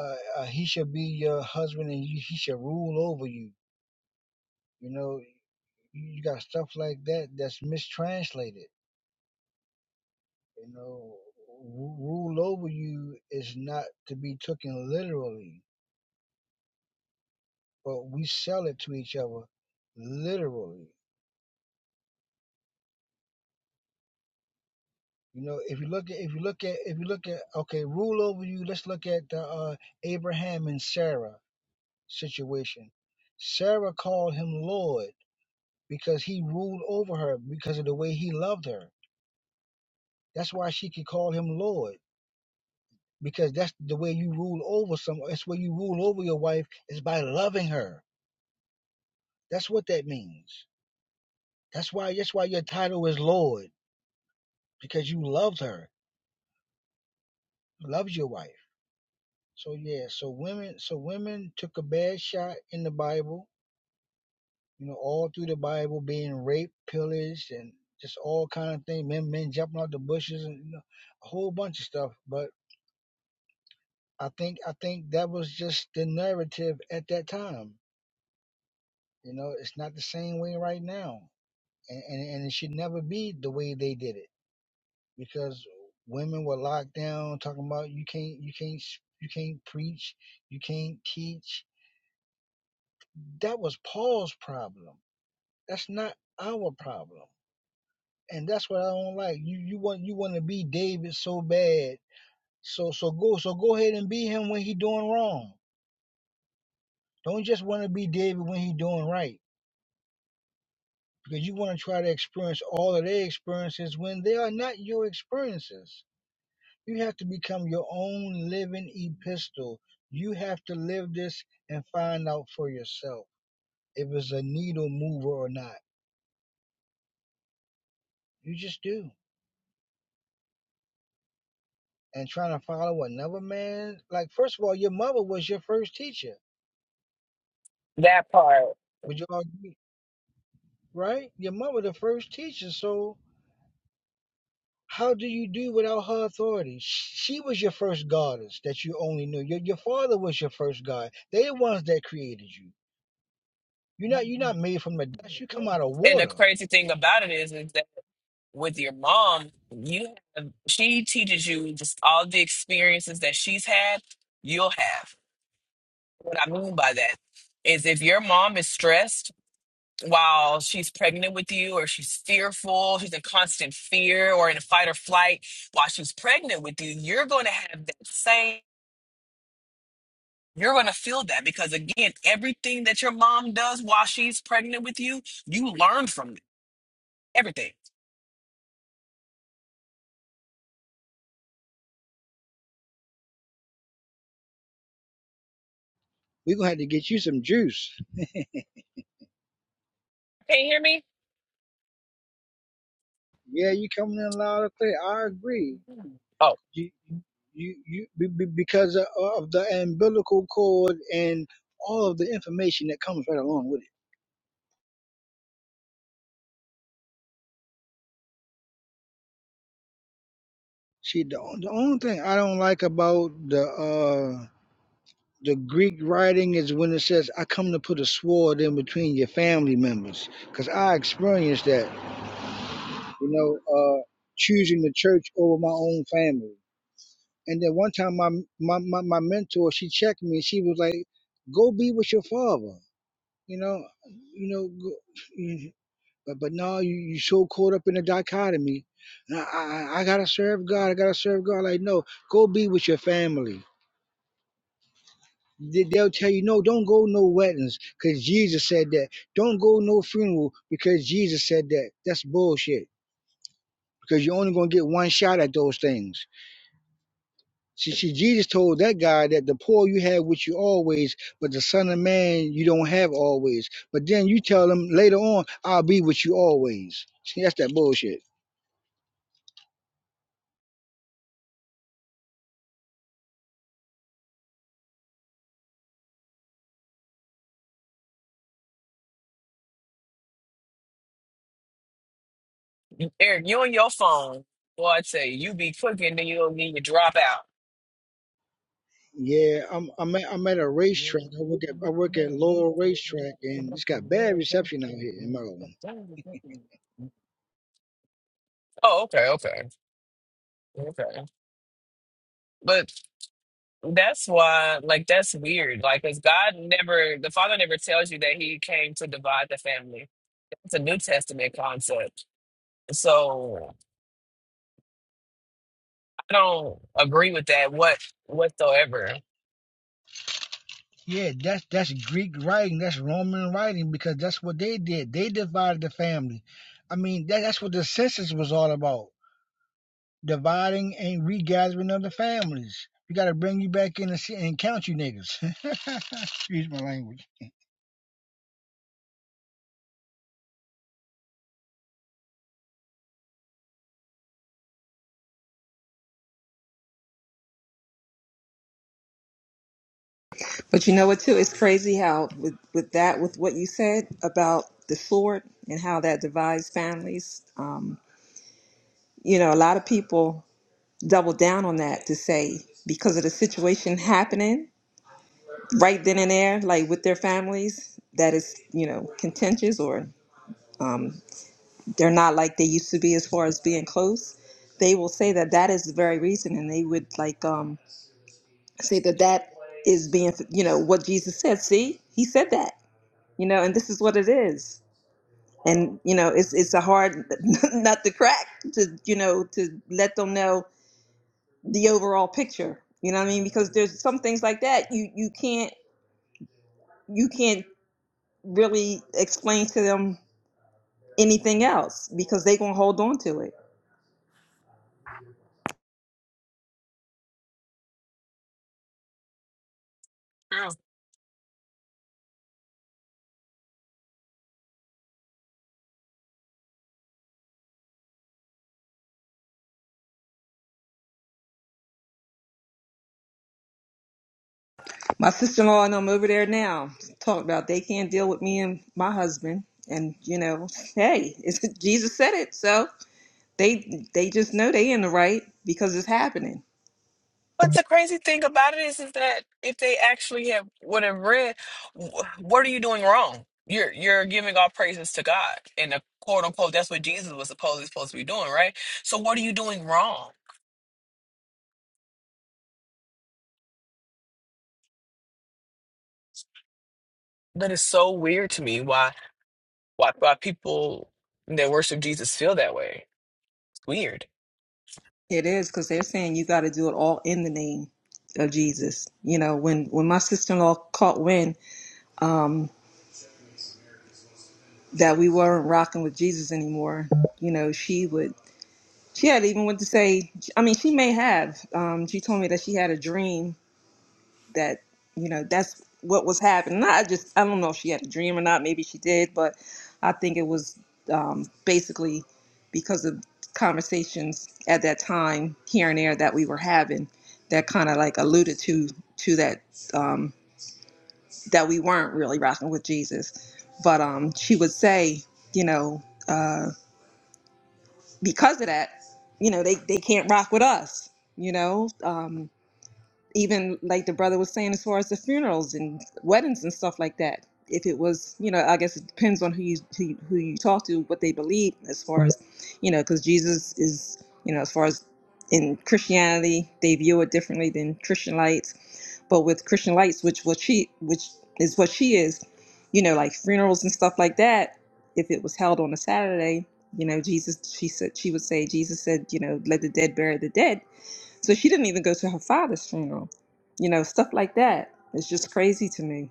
uh, uh he should be your husband and you, he should rule over you. You know, you you got stuff like that that's mistranslated You know, ru- rule over you is not to be taken literally, but we sell it to each other literally. You know, if you look at, if you look at, if you look at, okay, rule over you. Let's look at the uh, Abraham and Sarah situation. Sarah called him Lord because he ruled over her because of the way he loved her. That's why she could call him Lord because that's the way you rule over someone. That's where you rule over your wife is by loving her. That's what that means. That's why that's why your title is Lord, because you loved her. You loved your wife. So yeah, so women so women took a bad shot in the Bible, you know, all through the Bible being raped, pillaged and just all kind of things, men men jumping out the bushes and you know, a whole bunch of stuff. But I think I think that was just the narrative at that time. You know, it's not the same way right now. And and, and it should never be the way they did it. because women were locked down talking about you can't you can't you can't preach you can't teach that was paul's problem that's not our problem and that's what i don't like you you want you want to be david so bad so so go so go ahead and be him when he doing wrong don't just want to be david when he doing right because you want to try to experience all of their experiences when they are not your experiences You have to become your own living epistle. You have to live this and find out for yourself if it's a needle mover or not. You just do. And trying to follow another man, like first of all, your mother was your first teacher. That part. Would you argue, right? Your mother the first teacher. So how do you do without her authority? She was your first goddess that you only knew. Your your father was your first god. They're the ones that created you. You're not you're not made from the dust. You come out of And the water. crazy thing about it is, is that. with your mom, you have, she teaches you just all the experiences that she's had, you'll have. What I mean by that is if your mom is stressed while she's pregnant with you or she's fearful, she's in constant fear or in a fight or flight while she's pregnant with you, you're going to have that same you're going to feel that because again, everything that your mom does while she's pregnant with you, you learn from it. everything. We're gonna have to get you some juice. Yeah, you coming in loud and clear. I agree. Oh. You, you, you, be- be- because of of the umbilical cord and all of the information that comes right along with it. See, the, on- the only thing I don't like about the uh the Greek writing is when it says, "I come to put a sword in between your family members," because I experienced that. You know, uh, choosing the church over my own family. And then one time, my, my my my mentor, she checked me. She was like, "Go be with your father." You know, you know, go, *sniffs* you- but but no, you you so caught up in the dichotomy. And I, I I gotta serve God. I gotta serve God. Like no, go be with your family. They- They'll tell you no, don't go no weddings because Jesus said that. Don't go no funeral because Jesus said that. That's bullshit because you're only gonna get one shot at those things See, see, Jesus told that guy that the poor you have with you always, but the Son of Man you don't have always. But then you tell him later on, I'll be with you always. See, that's that bullshit. You- Eric, you and your phone. Boy, I tell you, you be cooking, then you don't need your drop out. Yeah, I'm I'm at, I'm at a racetrack. I work at I work at Lowell Racetrack, and it's got bad reception out here in Maryland. Oh, okay, okay, okay. But that's why, like, that's weird. Like, because God never, the Father never tells you that He came to divide the family. It's a New Testament concept. So I don't agree with that what whatsoever. Yeah, that's that's Greek writing, that's Roman writing, because that's what they did. They divided the family. I mean, that, that's what the census was all about. dividing and regathering of the families. We got to bring you back in and, see, and count you niggas. *laughs* Excuse my language. But you know what? Too, it's crazy how with with that with what you said about the sword and how that divides families. Um, you know, a lot of people double down on that to say because of the situation happening right then and there, like with their families, that is, you know, contentious or they're not like they used to be as far as being close, they will say that that is the very reason, and they would like um say that that is being, you know, what Jesus said. See, he said that, you know, and this is what it is. And you know, it's it's a hard *laughs* nut to crack to you know to let them know the overall picture. You know what I mean? Because there's some things like that you you can't you can't really explain to them anything else because they gonna hold on to it. My sister in law and I'm over there now talking about they can't deal with me and my husband. And you know, hey, it's, *laughs* Jesus said it, so they they just know they in the right because it's happening. But the crazy thing about it is, is that if they actually have would have read, wh- what are you doing wrong? You're you're giving all praises to God, and a quote unquote that's what Jesus was supposedly supposed to be doing, right? So what are you doing wrong? That is so weird to me. Why why why people that worship Jesus feel that way? It's weird. It is because they're saying you got to do it all in the name of Jesus. You know, when when my sister in law caught wind um, that we weren't rocking with Jesus anymore, you know, she would she had even went to say. I mean, she may have. Um, she told me that she had a dream that you know that's what was happening. *laughs* I just I don't know if she had a dream or not. Maybe she did, but I think it was um, basically because of conversations at that time here and there that we were having that kind of like alluded to to that um, that we weren't really rocking with Jesus. But um, she would say, you know, uh, because of that, you know, they they can't rock with us. You know, Um, even like the brother was saying, as far as the funerals and weddings and stuff like that. If it was, you know, I guess it depends on who you who you, who you talk to, what they believe, as far as, you know, because Jesus is, you know, as far as in Christianity, they view it differently than Christian lights. But with Christian lights, which what she, which is what she is, you know, like funerals and stuff like that. If it was held on a Saturday, you know, Jesus, she said, she would say, Jesus said, you know, let the dead bury the dead so she didn't even go to her father's funeral. You know, stuff like that. It's just crazy to me.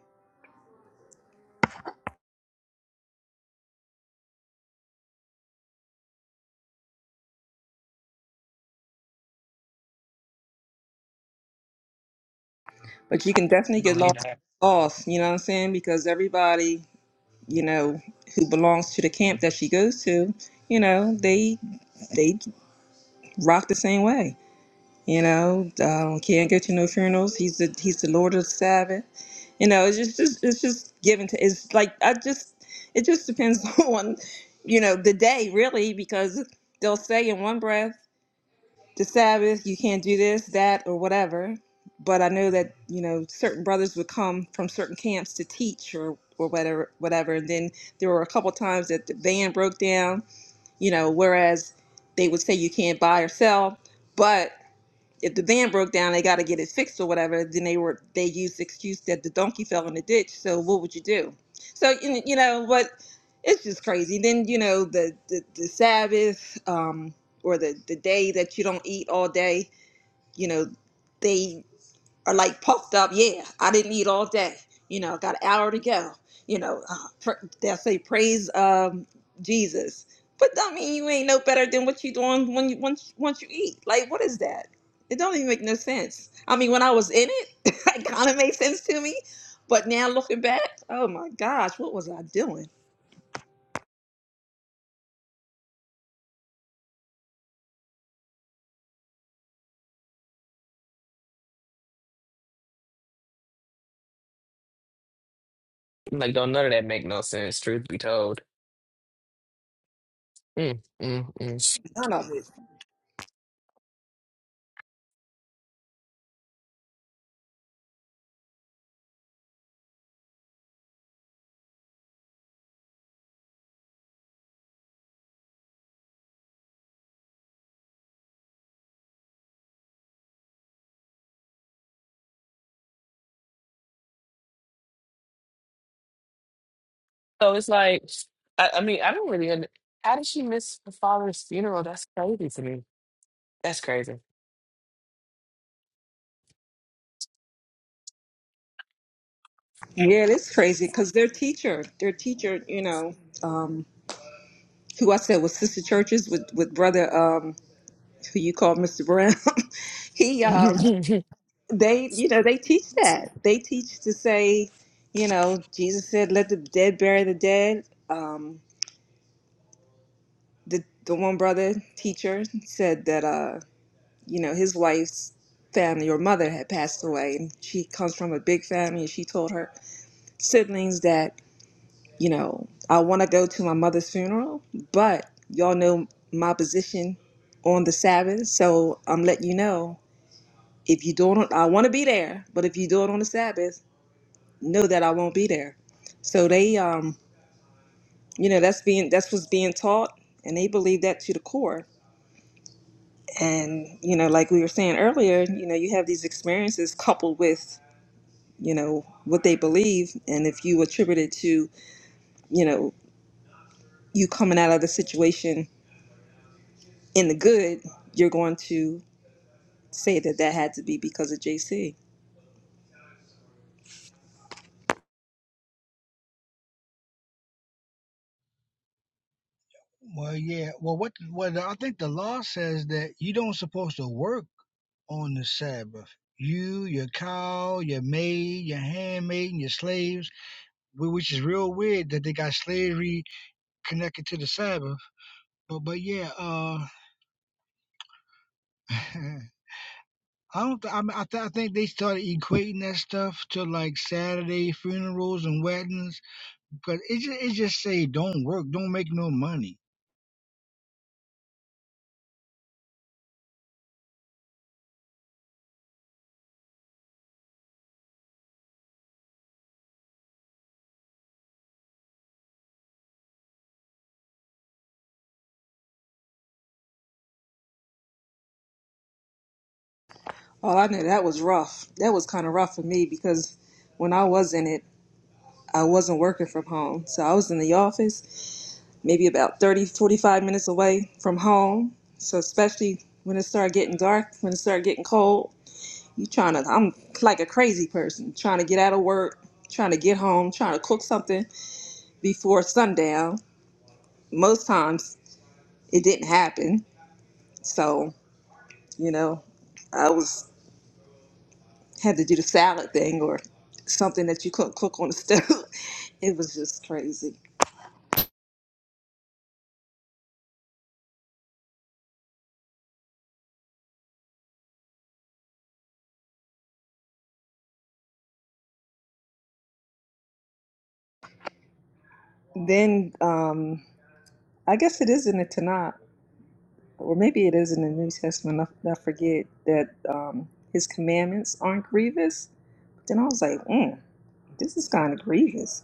But you can definitely get Like, lost, lost, you know what I'm saying? Because everybody, you know, who belongs to the camp that she goes to, you know, they they rock the same way. You know, um, can't go to no funerals. He's the he's the Lord of the Sabbath. You know, it's just, just it's just given to. It's like I just it just depends *laughs* on, you know, the day really because they'll say in one breath the Sabbath, you can't do this, that, or whatever. But I know that you know certain brothers would come from certain camps to teach or or whatever, whatever. And then there were a couple times that the van broke down. You know, whereas they would say you can't buy or sell, but if the van broke down, they got to get it fixed or whatever. Then they were they used the excuse that the donkey fell in the ditch. So what would you do? So you you know, but it's just crazy. Then you know the the, the Sabbath um, or the the day that you don't eat all day. You know, they are like puffed up. Yeah, I didn't eat all day. You know, got an hour to go. You know, uh, pr- they'll say praise um, Jesus, but don't mean you ain't no better than what you doing when you once once you eat. Like, what is that? It don't even make no sense. I mean, when I was in it, *laughs* it kind of made sense to me, but now looking back, oh my gosh, what was I doing? like, don't none of that make no sense. Truth be told, mm, mm, mm. None of it. so it's like, I, I mean, I don't really. under- How did she miss her father's funeral? That's crazy to me. That's crazy. Yeah, it's crazy *laughs* because their teacher, their teacher, you know, um, who I said was sister churches with with brother. Um, *laughs* who you call Mr. Brown, *laughs* he uh they you know they teach that. They teach to say, you know, Jesus said, "Let the dead bury the dead." Um, the the one brother teacher said that uh you know his wife's family or mother had passed away, and she comes from a big family, and she told her siblings that you know I want to go to my mother's funeral, but y'all know my position on the Sabbath, so I'm letting you know if you do it on, I want to be there, but if you do it on the Sabbath, know that I won't be there. So they, um, you know, that's being that's what's being taught, and they believe that to the core. And you know, like we were saying earlier, you know, you have these experiences coupled with you know what they believe, and if you attribute it to you know you coming out of the situation in the good, you're going to say that that had to be because of JC. Well, yeah. Well, what? Well, I think the law says that you don't supposed to work on the Sabbath. You, your cow, your maid, your handmaid, and your slaves, which is real weird that they got slavery connected to the Sabbath. But, but yeah, uh, *laughs* I don't. Th- I, mean, I, th- I think they started equating that stuff to like Saturday funerals and weddings Cause it just it just say don't work, don't make no money. Oh, I know that was rough. That was kind of rough for me because when I was in it. I wasn't working from home. So I was in the office, maybe about 30, 45 minutes away from home. So especially when it started getting dark, when it started getting cold, you trying to, I'm like a crazy person, trying to get out of work, trying to get home, trying to cook something before sundown. Most times it didn't happen. So, you know, I was, had to do the salad thing or something that you couldn't cook on the *laughs* stove. it was just crazy. Then, um, I guess it is in the Tanakh or maybe it is in the New Testament. I, I forget that um, his commandments aren't grievous. Then I was like, mm, this is kind of grievous.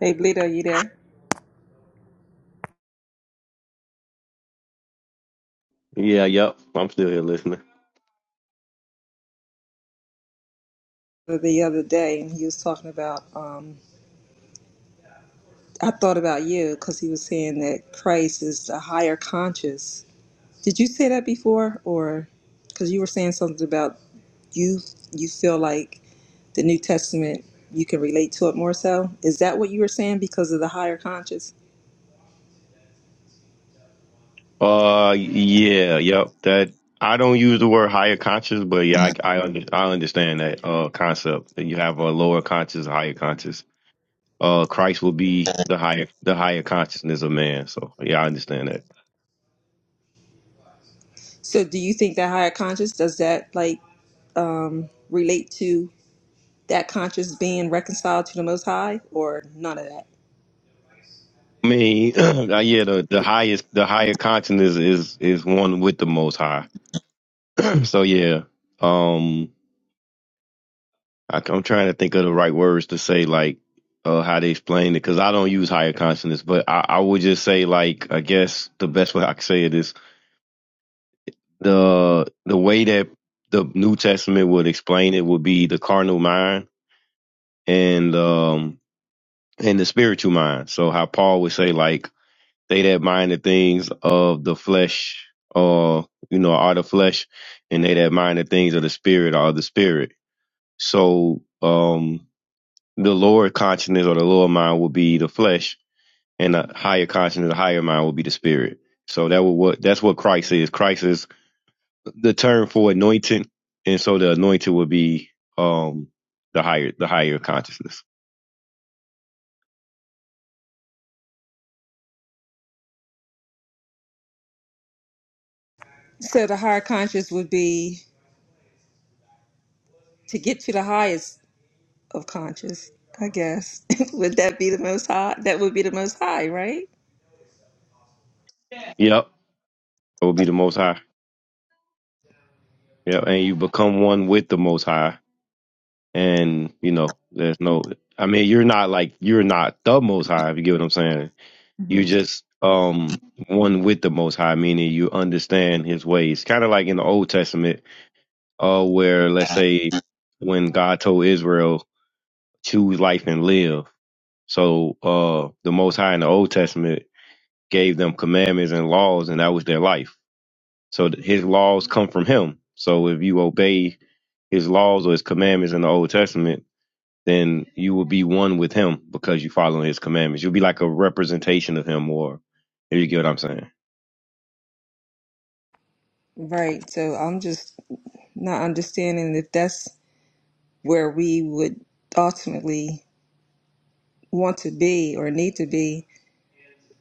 Hey, Bleed, are you there? Yeah, yep. I'm still here listening. The other day, and he was talking about. Um, I thought about you because he was saying that Christ is a higher conscious. Did you say that before, or because you were saying something about you? You feel like the New Testament, you can relate to it more so. Is that what you were saying because of the higher conscious? Uh, yeah, yep. That I don't use the word higher conscious, but yeah, I I, under, I understand that uh concept that you have a lower conscious, a higher conscious. Uh, Christ will be the higher the higher consciousness of man. So yeah, I understand that. So do you think that higher conscious does that like um relate to that conscious being reconciled to the most high or none of that? I mean, *clears throat* uh, yeah, the, the highest the higher consciousness is is one with the most high. *clears throat* so yeah, um. I, I'm trying to think of the right words to say, like uh, how they explain it, because I don't use higher consonants, but I, I would just say, like, I guess the best way I could say it is the the way that the New Testament would explain it would be the carnal mind and um and the spiritual mind. So how Paul would say, like, they that mind the things of the flesh, or you know, are the flesh, and they that mind the things of the spirit are the spirit. So, um, the lower consciousness or the lower mind will be the flesh, and the higher consciousness, the higher mind will be the spirit. So that will what that's what Christ is. Christ is the term for anointing, and so the anointing will be um the higher the higher consciousness. So the higher conscious would be to get to the highest of conscious, I guess. *laughs* would that be the most high? That would be the most high, right? Yep, it will be the Most High. Yep, and you become one with the Most High, and you know there's no. I mean, you're not like you're not the Most High. If you get what I'm saying, you hmm just um one with the most high meaning you understand his ways kind of like in the old testament uh where let's say when god told israel choose life and live so uh the most high in the old testament gave them commandments and laws and that was their life so th- his laws come from him so if you obey his laws or his commandments in the old testament then you will be one with him because you follow his commandments you'll be like a representation of him or if you get what i'm saying Right. So I'm just not understanding if that's where we would ultimately want to be or need to be.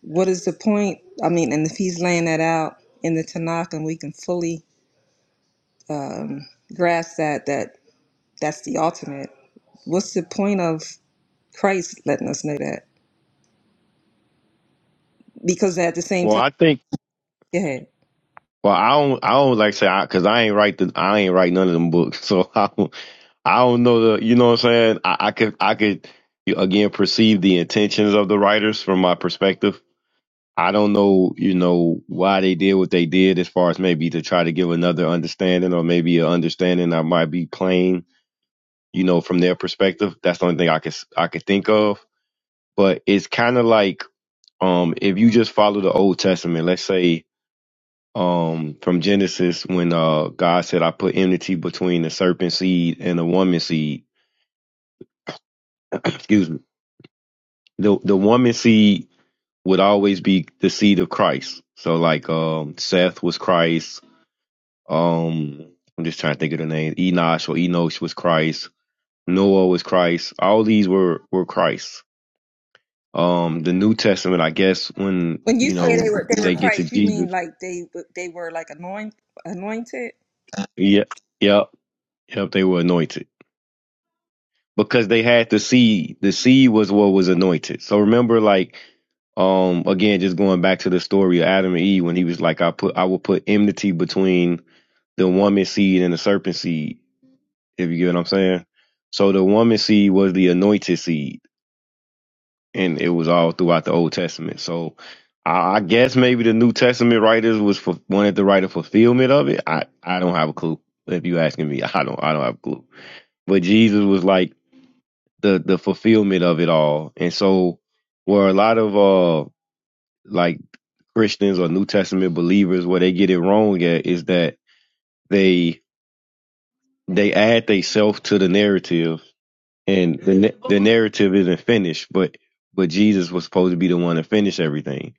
What is the point? I mean, and if he's laying that out in the Tanakh and we can fully grasp that that that's the ultimate. What's the point of Christ letting us know that? Because at the same Well, time, I think. go ahead. Well, I don't. I don't like say because I because I ain't write the. I ain't write none of them books, *laughs* so I don't. I don't know the. You know what I'm saying? I, I could. I could you- again perceive the intentions of the writers from my perspective. I don't know. You know why they did what they did, as far as maybe to try to give another understanding, or maybe an understanding that might be plain. You know, from their perspective, that's the only thing I could. s- I could think of. But it's kind of like um if you just follow the Old Testament. Let's say um from Genesis when uh God said I put enmity between the serpent seed and the woman seed. *clears throat* Excuse me. The the woman seed would always be the seed of Christ. So like um Seth was Christ, um I'm just trying to think of the name. Enosh or Enosh was Christ, Noah was Christ. All these were were Christ. Um the New Testament, I guess when, When you you say know, they were they were they get to Christ, you mean Jesus. like they w- they were like anoint, anointed, Yeah, yep, yep, they were anointed. because they had the seed. The seed was what was anointed. So remember, like, um, again, just going back to the story of Adam and Eve when he was like, I put, I will put enmity between the woman seed and the serpent seed. If you get what I'm saying. So the woman seed was the anointed seed, and it was all throughout the Old Testament. So I, I guess maybe the New Testament writers was for, wanted to write a fulfillment of it. I, I don't have a clue. If you asking me, *laughs* I don't, I don't have a clue. But Jesus was like the the fulfillment of it all. And so where a lot of uh like Christians or New Testament believers where they get it wrong at is that they they add themselves to the narrative and the na- the narrative isn't finished, but but Jesus was supposed to be the one to finish everything.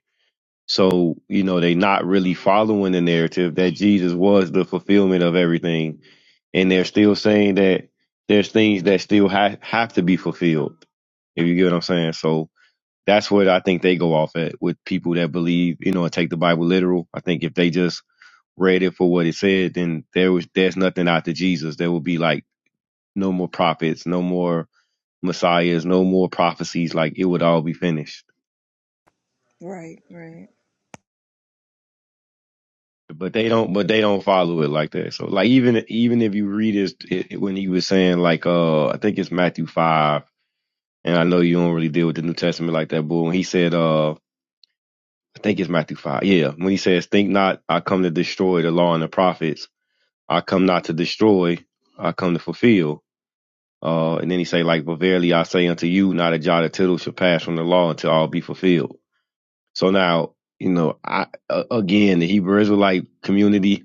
So, you know, they not really following the narrative that Jesus was the fulfillment of everything and they're still saying that there's things that still ha- have to be fulfilled. If you get what I'm saying. So, That's what I think they go off at with people that believe, you know, and take the Bible literal. I think if they just read it for what it said, then there was there's nothing after Jesus. There will be like no more prophets, no more messiahs, no more prophecies. Like it would all be finished. right? Right? But they don't. But they don't follow it like that. So like even even if you read it, it when he was saying like uh I think it's Matthew five, and I know you don't really deal with the New Testament like that, but when he said uh I think it's Matthew five, yeah, when he says think not I come to destroy the law and the prophets I come not to destroy, I come to fulfill. Uh, and then he say, like, but verily I say unto you, not a jot or tittle shall pass from the law until all be fulfilled. So now, you know, I uh, again, the Hebrew Israelite community,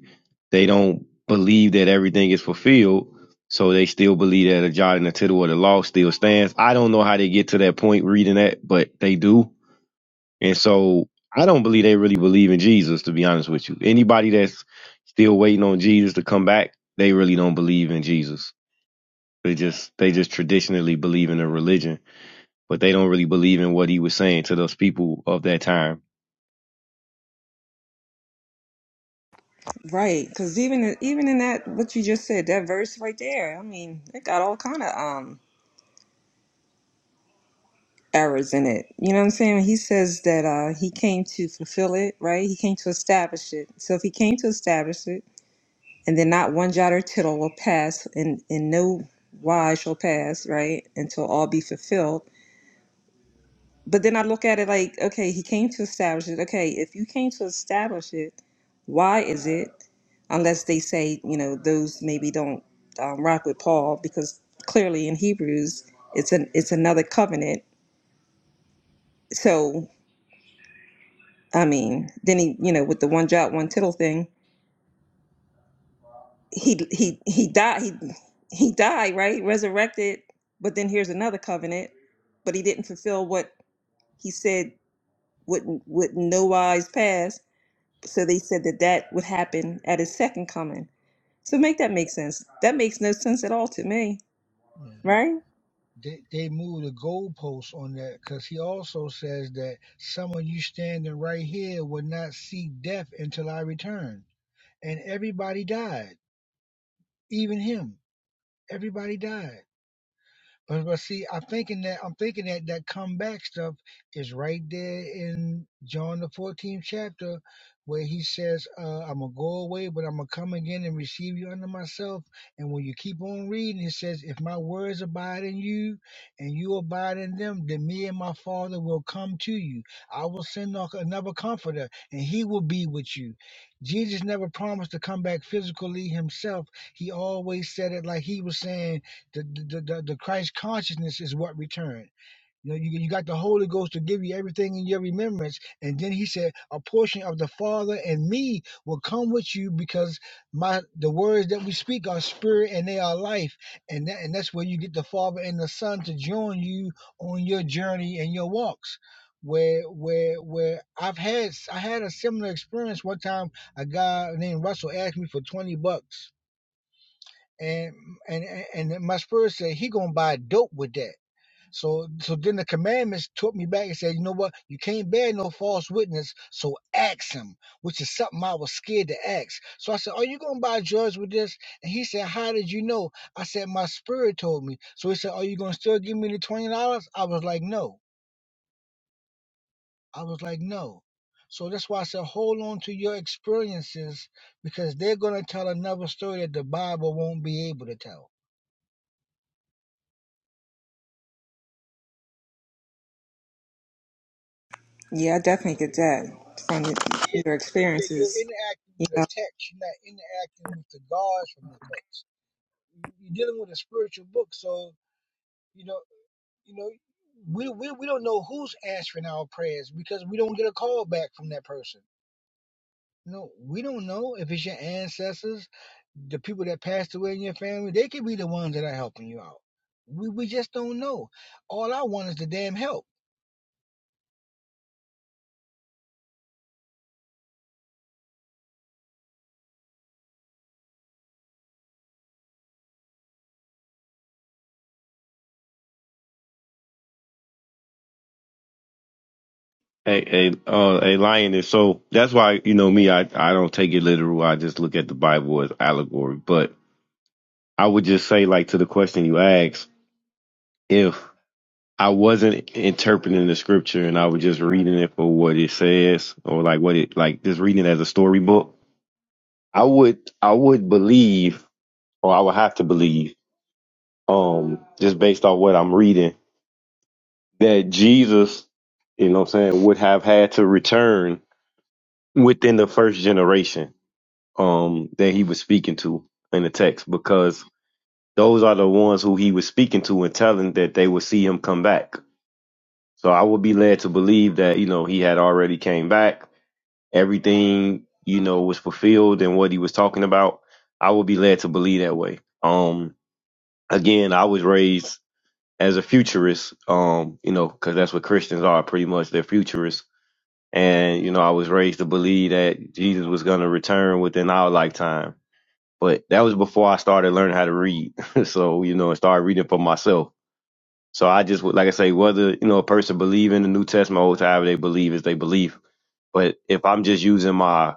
they don't believe that everything is fulfilled. So they still believe that a jot and a tittle of the law still stands. I don't know how they get to that point reading that, but they do. And so I don't believe they really believe in Jesus, to be honest with you. Anybody that's still waiting on Jesus to come back, they really don't believe in Jesus. They just they just traditionally believe in a religion, but they don't really believe in what he was saying to those people of that time. Right? Because even even in that what you just said, that verse right there, I mean, it got all kind of um errors in it. You know what I'm saying? He says that uh he came to fulfill it, right? He came to establish it. So if he came to establish it, and then not one jot or tittle will pass and and no wise shall pass right until all be fulfilled but then i look at it like okay he came to establish it okay if you came to establish it why is it unless they say you know those maybe don't um, rock with paul because clearly in hebrews it's an it's another covenant so i mean then he you know with the one jot one tittle thing he he he died he he died right resurrected but then here's another covenant but he didn't fulfill what he said would not would no wise pass so they said that that would happen at his second coming so make that make sense that makes no sense at all to me Yeah. right They they moved the goalposts on that because he also says that someone you standing right here will not see death until I return. And everybody died, even him. Everybody died. But, but see, I'm thinking that I'm thinking that that comeback stuff is right there in John the 14th chapter, where he says, uh, "I'm gonna go away, but I'm gonna come again and receive you unto myself." And when you keep on reading, it says, "If my words abide in you, and you abide in them, then me and my Father will come to you. I will send a- another Comforter, and He will be with you." Jesus never promised to come back physically himself. He always said it like he was saying. The, the, the, the Christ consciousness is what returned. You know, you, you got the Holy Ghost to give you everything in your remembrance. And then he said, a portion of the Father and me will come with you because my the words that we speak are spirit and they are life. And that, and that's where you get the Father and the Son to join you on your journey and your walks. Where where where I've had I had a similar experience one time. A guy named Russell asked me for twenty bucks and and and my spirit said he gonna buy dope with that. So so then the commandments took me back and said, you know what? You can't bear no false witness. So ask him, which is something I was scared to ask. So I said, are you gonna buy drugs with this? And he said, how did you know? I said, my spirit told me. So he said, are you gonna still give me the twenty dollars? I was like, no. I was like, no. So that's why I said, hold on to your experiences because they're gonna tell another story that the Bible won't be able to tell. yeah i definitely get that from your Yeah, You're experiences interacting with a text. You're not interacting with the gods from the text. You're dealing with a spiritual book, so you know, you know, we we, we don't know who's answering our prayers because we don't get a call back from that person. No, we don't know if it's your ancestors, the people that passed away in your family. They could be the ones that are helping you out. We we just don't know. All I want is the damn help. A a uh, a lion is so that's why you know me I I don't take it literal. I just look at the Bible as allegory. But I would just say like to the question you asked, if I wasn't interpreting the scripture and I was just reading it for what it says or like what it like just reading it as a storybook. I would I would believe or I would have to believe um just based on what I'm reading that Jesus, you know what I'm saying, would have had to return within the first generation um that he was speaking to in the text because those are the ones who he was speaking to and telling that they would see him come back. So I would be led to believe that, you know, he had already came back everything you know was fulfilled and what he was talking about i would be led to believe that way um again i was raised as a futurist um you know because that's what christians are pretty much they're futurists and you know i was raised to believe that jesus was going to return within our lifetime but that was before i started learning how to read *laughs* so you know and started reading for myself so i just would like i say whether you know a person believe in the new testament or however they believe is they believe but if i'm just using my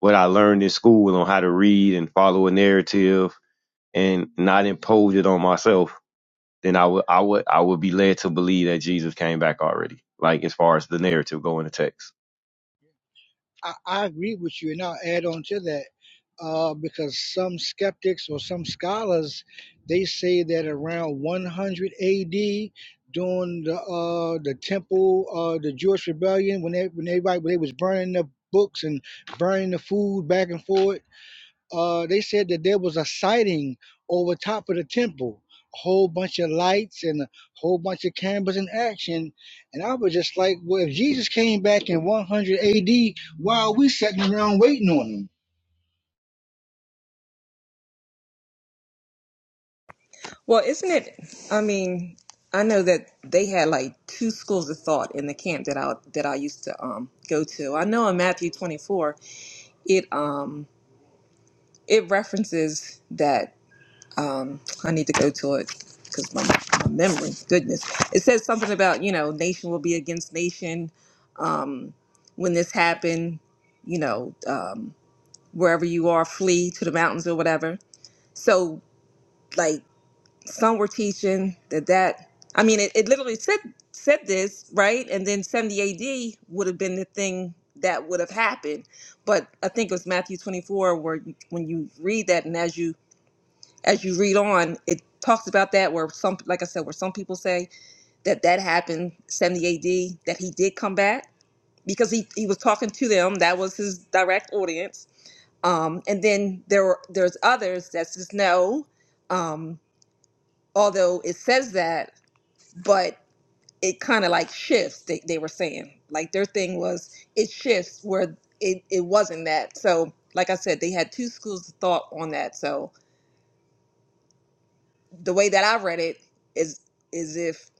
what I learned in school on how to read and follow a narrative and not impose it on myself, then I would I would I would be led to believe that Jesus came back already. Like as far as the narrative going to text. I, I agree with you, and I'll add on to that uh, because some skeptics or some scholars they say that around 100 A.D. during the uh, the temple, uh, the Jewish rebellion, when they when everybody when they was burning the books and burning the food back and forth, uh, they said that there was a sighting over top of the temple, a whole bunch of lights and a whole bunch of cameras in action. And I was just like, well, if Jesus came back in 100 AD, why are we sitting around waiting on him? Well, isn't it? I mean, I know that they had like two schools of thought in the camp that I that I used to um go to. I know in Matthew 24, it um it references that um I need to go to it because my, my memory, goodness, it says something about you know nation will be against nation. Um, when this happened, you know, um, wherever you are, flee to the mountains or whatever. So like some were teaching that that i mean it, it literally said said this right and then 70 ad would have been the thing that would have happened but i think it was matthew 24 where you, when you read that and as you as you read on it talks about that where some like i said where some people say that that happened 70 ad that he did come back because he, he was talking to them that was his direct audience um, and then there were there's others that says no um, although it says that but it kind of like shifts they, they were saying like their thing was it shifts where it, it wasn't that so like i said they had two schools of thought on that so the way that i read it is is if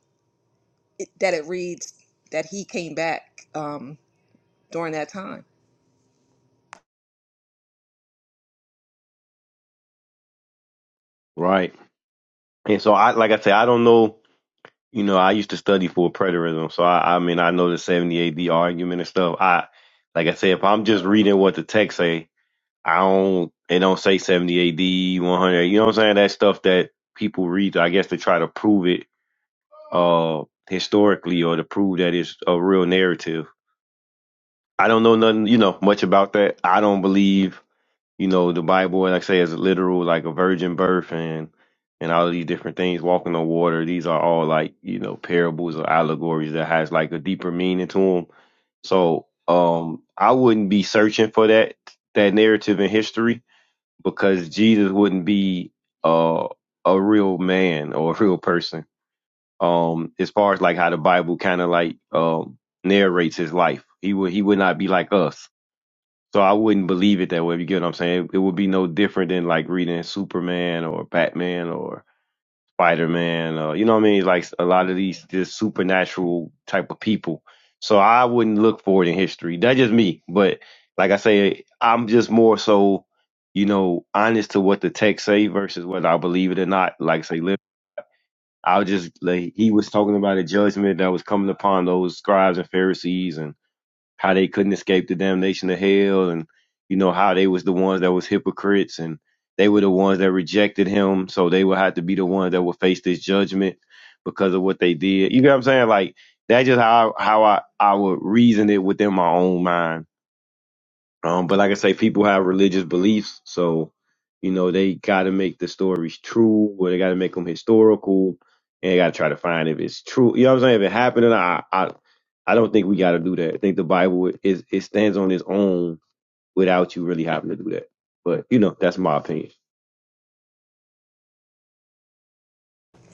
it, that it reads that he came back um during that time Right. And so I like I said, I don't know, you know, I used to study for preterism. So I, I mean I know the seventy AD argument and stuff. I like I said, if I'm just reading what the text say, I don't it don't say seventy AD, one hundred, you know what I'm saying? That stuff that people read, I guess to try to prove it uh, historically or to prove that it's a real narrative. I don't know nothing, you know, much about that. I don't believe, you know, the Bible, like I say, is literal, like a virgin birth and and all these different things, walking on water. These are all like, you know, parables or allegories that has like a deeper meaning to them. So um, I wouldn't be searching for that that narrative in history because Jesus wouldn't be uh, a real man or a real person um as far as like how the Bible kind of like um narrates his life. He would he would not be like us. So I wouldn't believe it that way. If you get what I'm saying, it, it would be no different than like reading Superman or Batman or Spider Man. Or, you know what I mean? Like a lot of these this supernatural type of people. So I wouldn't look for it in history. That's just me. But like I say, I'm just more so, you know, honest to what the text say versus whether I believe it or not. Like I say, I was just like he was talking about a judgment that was coming upon those scribes and Pharisees and how they couldn't escape the damnation of hell and you know how they was the ones that was hypocrites and they were the ones that rejected him so they would have to be the ones that would face this judgment because of what they did. You get what I'm saying? Like that's just how how I, I would reason it within my own mind um, but like I say, people have religious beliefs, so you know they got to make the stories true, or they got to make them historical, and they got to try to find if it's true. You know what I'm saying? If it happened, or not, I I I don't think we got to do that. I think the Bible is it stands on its own without you really having to do that. But you know, that's my opinion.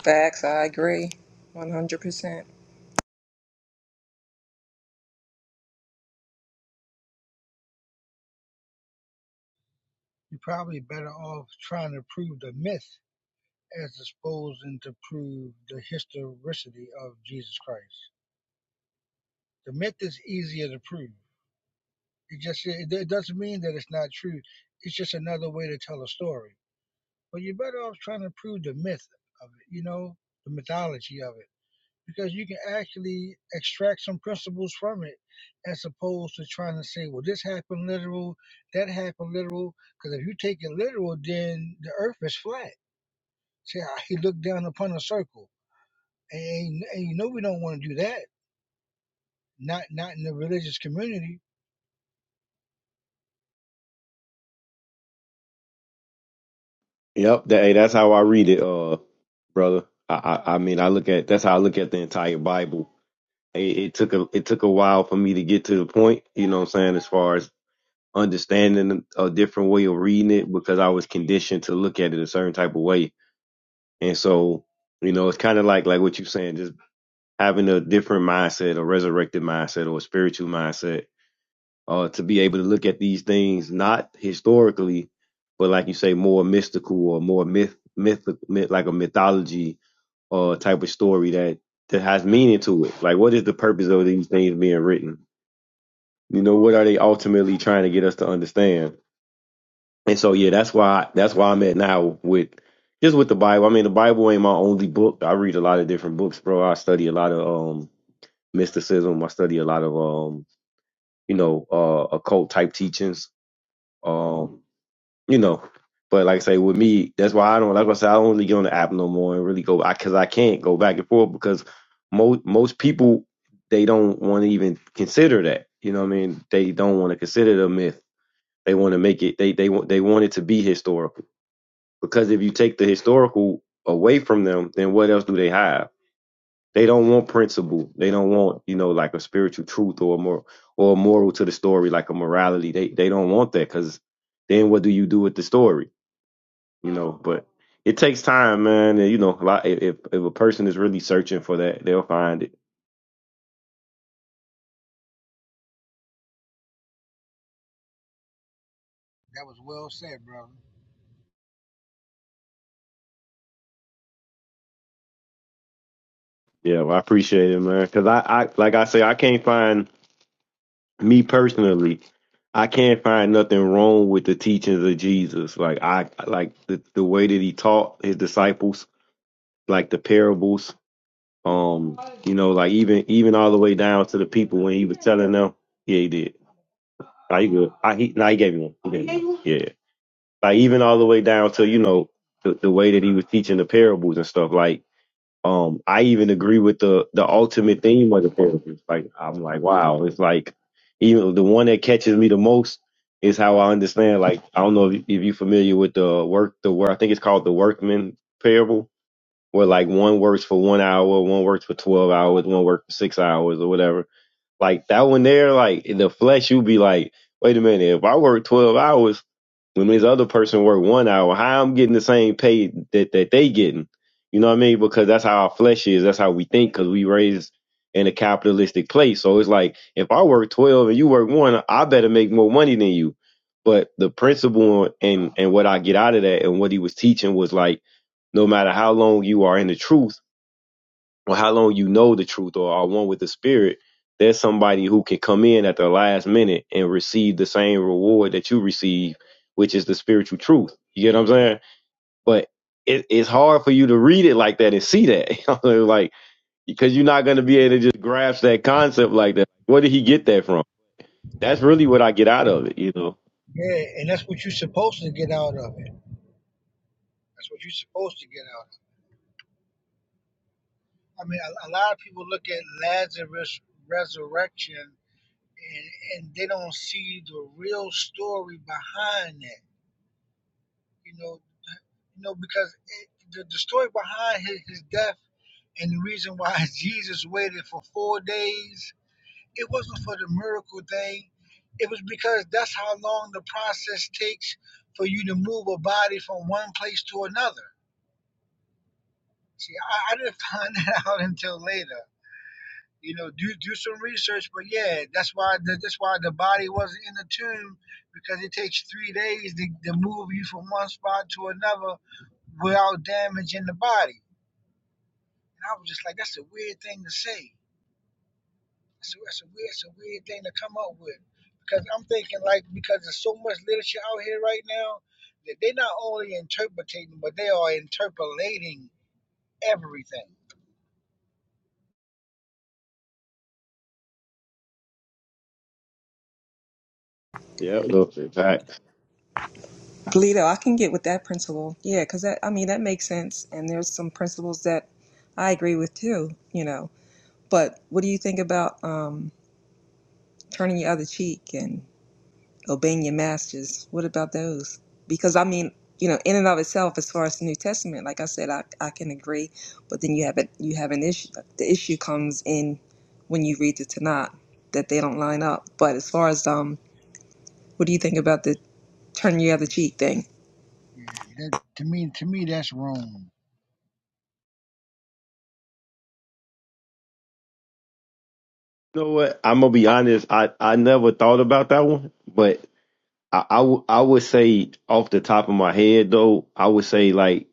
facts i agree 100% You're probably better off trying to prove the myth as opposed to prove the historicity of Jesus Christ. The myth is easier to prove. It just it, it doesn't mean that it's not true. It's just another way to tell a story. Well, you're better off trying to prove the myth of it, you know, the mythology of it, because you can actually extract some principles from it as opposed to trying to say, well, this happened literal, that happened literal. Because if you take it literal, then the earth is flat. See how he looked down upon a circle. And, and you know, we don't want to do that. Not, not in the religious community. Yep, that, hey, that's how I read it, uh, brother. I, I I mean, I look at that's how I look at the entire Bible. It, it took a it took a while for me to get to the point. You know what I'm saying? As far as understanding a different way of reading it because I was conditioned to look at it a certain type of way. And so, you know, it's kind of like like what you're saying, just having a different mindset, a resurrected mindset, or a spiritual mindset, uh, to be able to look at these things not historically, but like you say, more mystical or more myth, myth, myth like a mythology uh, type of story that that has meaning to it. Like, what is the purpose of these things being written? You know, what are they ultimately trying to get us to understand? And so yeah, that's why that's why I'm at now with just with the Bible. I mean, the Bible ain't my only book. I read a lot of different books, bro. I study a lot of um mysticism. I study a lot of um you know uh occult type teachings. Um you know, but like I say with me, that's why I don't like I said I don't really get on the app no more and really go because I, 'cause I can't go back and forth because most most people they don't want to even consider that. You know what I mean? They don't want to consider the myth. They want to make it. They they want they want it to be historical because if you take the historical away from them, then what else do they have? They don't want principle. They don't want, you know, like a spiritual truth or a moral or a moral to the story, like a morality. They they don't want that because then what do you do with the story? You know, but it takes time, man. And, you know, a lot- if if a person is really searching for that, they'll find it. That was well said, brother. Yeah, well, I appreciate it, man. Because I, I like I say, I can't find me personally, I can't find nothing wrong with the teachings of Jesus. Like I like the, the way that he taught his disciples, like the parables. Um, you know, like even even all the way down to the people when he was telling them. Yeah, he did. Are you good? I he no, he gave me one. He gave me one. Yeah. Like even all the way down to, you know, the, the way that he was teaching the parables and stuff. Like um, I even agree with the the ultimate theme of the Panthers. Like I'm like, wow, it's like even the one that catches me the most is how I understand. Like I don't know if, if you're familiar with the work the work I think it's called the workman parable, where like one works for one hour, one works for twelve hours, one works for six hours or whatever. Like that one there, like in the flesh, you'd be like, wait a minute, if I work twelve hours when this other person work one hour, how I'm getting the same pay that, that they getting. You know what I mean? Because that's how our flesh is. That's how we think because we raised in a capitalistic place. So it's like if I work 12 and you work one, I better make more money than you. But the principle and, and what I get out of that and what he was teaching was like, no matter how long you are in the truth, or how long you know the truth or are one with the spirit, there's somebody who can come in at the last minute and receive the same reward that you receive, which is the spiritual truth. You get what I'm saying? But it, it's hard for you to read it like that and see that, *laughs* like because you're not going to be able to just grasp that concept like that. Where did he get that from? That's really what I get out of it, you know. Yeah, and that's what you're supposed to get out of it. That's what you're supposed to get out of it. I mean, a, a lot of people look at Lazarus' resurrection and, and they don't see the real story behind that. You know, you know because it, the, the story behind his, his death and the reason why *laughs* Jesus waited for four days, it wasn't for the miracle thing. It was because that's how long the process takes for you to move a body from one place to another. See, I, I didn't find *laughs* that out until later. you know, do do some research. But yeah, that's why the, that's why the body wasn't in the tomb because it takes three days to, to move you from one spot to another without damaging the body. And I was just like, that's a weird thing to say. That's a, that's a weird, it's a weird thing to come up with because I'm thinking like because there's so much literature out here right now that they're not only interpreting but they are interpolating everything. Yeah, no, in fact, Lito, i can get with that principle yeah because that i mean that makes sense and there's some principles that i agree with too you know but what do you think about um turning your other cheek and obeying your masters. What about those? Because I mean, you know, in and of itself, as far as the New Testament, like I said, I, I can agree, but then you have it, you have an issue. The issue comes in when you read the Tanakh that they don't line up. But as far as um, what do you think about the turn your other cheek thing? Yeah, that to me to me that's wrong. you know what? I'm gonna be honest. I I never thought about that one, but I, I, w- I would say off the top of my head though, I would say like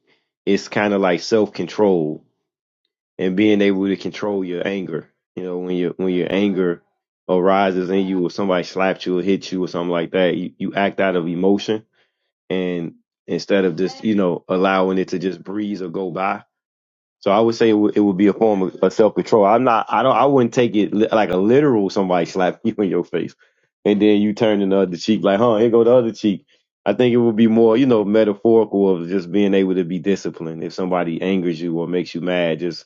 it's kind of like self control and being able to control your anger. You know, when your when your anger arises in you, or somebody slapped you or hit you or something like that, you, you act out of emotion and instead of just you know allowing it to just breeze or go by. So I would say it would, it would be a form of, of self control. I'm not. I don't. I wouldn't take it li- like a literal somebody *laughs* slap you in your face, and then you turn in the other cheek like, huh? Here go the other cheek. I think it would be more, you know, metaphorical of just being able to be disciplined. If somebody angers you or makes you mad, just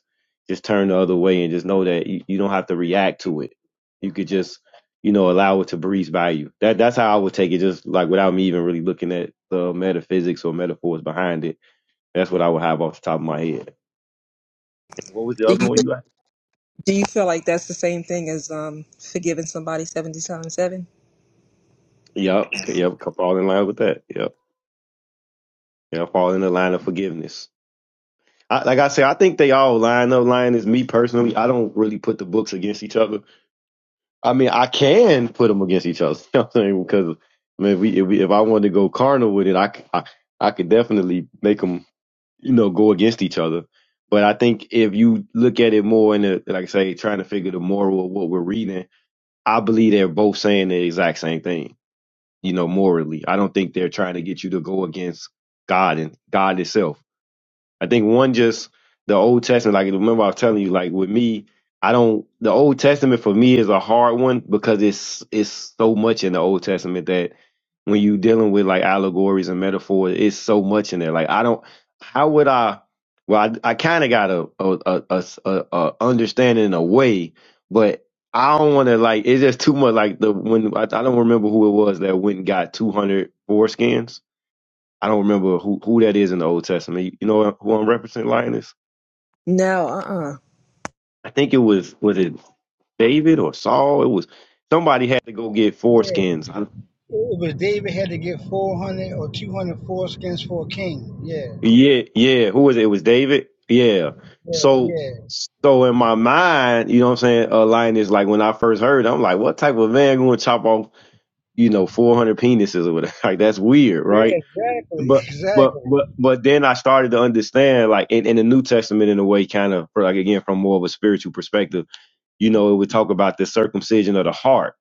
just turn the other way and just know that you, you don't have to react to it. You could just, you know, allow it to breeze by you. That that's how I would take it, just like without me even really looking at the metaphysics or metaphors behind it. That's what I would have off the top of my head. What was the Do other you one you had? do you feel like that's the same thing as um forgiving somebody seventy times seven? Yep, yep. fall in line with that. Yep, yeah. Fall in the line of forgiveness. I, like I said, I think they all line up. Line is me personally. I don't really put the books against each other. I mean, I can put them against each other. *laughs* You know what I'm saying? Because I mean, if, we, if, we, if I wanted to go carnal with it, I, c- I I could definitely make them, you know, go against each other. But I think if you look at it more in the, like I say, trying to figure the moral of what we're reading, I believe they're both saying the exact same thing you know, morally. I don't think they're trying to get you to go against God and God itself. I think one just the Old Testament. Like remember, I was telling you, like with me, I don't. The Old Testament for me is a hard one because it's it's so much in the Old Testament that when you dealing with like allegories and metaphors, it's so much in there. Like I don't. How would I? Well, I, I kind of got a a a a a a understanding in a way, but I don't want to like. It's just too much. Like the when I, I don't remember who it was that went and got two hundred foreskins I don't remember who, who that is in the Old Testament. You, know who I'm referencing, Linus? No, uh, uh I think it was was it David or Saul? It was somebody had to go get Yeah. foreskins. I- It was David had to get 400 or 200 foreskins for a king. Yeah, Yeah, yeah. Who was it? It was David. Yeah. yeah, So yeah, so in my mind, you know what I'm saying, uh, Linus, like when I first heard, it, I'm like, what type of man going to chop off, you know, 400 penises or whatever? *laughs* Like that's weird, yeah. right? Exactly, *laughs* But but exactly. but but then I started to understand, like in, in the New Testament, in a way, kind of like again from more of a spiritual perspective you know, it would talk about the circumcision of the heart.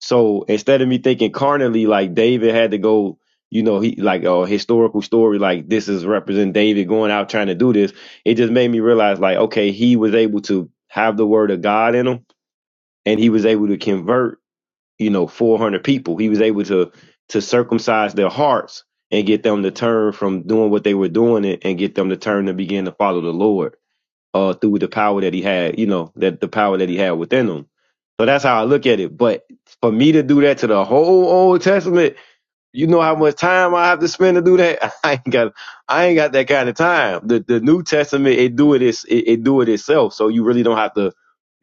So instead of me thinking carnally, like David had to go, you know, he like a historical story, like this is represent David going out trying to do this. It just made me realize, like, okay, he was able to have the word of God in him, and he was able to convert, you know, 400 people. He was able to to circumcise their hearts and get them to turn from doing what they were doing and and get them to turn to begin to follow the Lord uh, through the power that he had, you know, that the power that he had within him. So that's how I look at it. But for me to do that to the whole Old Testament, you know how much time I have to spend to do that? *laughs* I ain't got I ain't got that kind of time. The the New Testament it do it is it, it do it itself. So you really don't have to,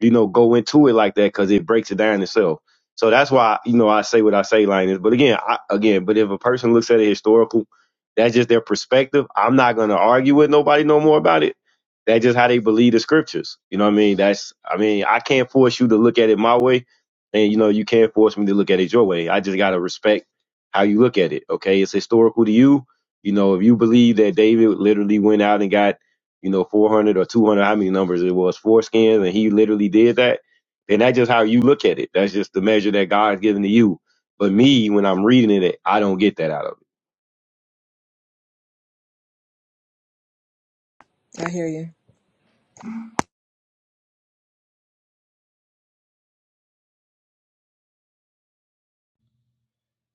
you know, go into it like that because it breaks it down itself. So that's why you know I say what I say, Linus. But again, I, again, but if a person looks at it historical, that's just their perspective. I'm not gonna argue with nobody no more about it. That's just how they believe the scriptures. You know what I mean? That's I mean I can't force you to look at it my way, and you know you can't force me to look at it your way. I just gotta respect how you look at it. Okay, it's historical to you. You know, if you believe that David literally went out and got, you know, 400 or 200, how many numbers it was, four skins, and he literally did that, then that's just how you look at it. That's just the measure that God's given to you. But me, when I'm reading it, I don't get that out of it. I hear you.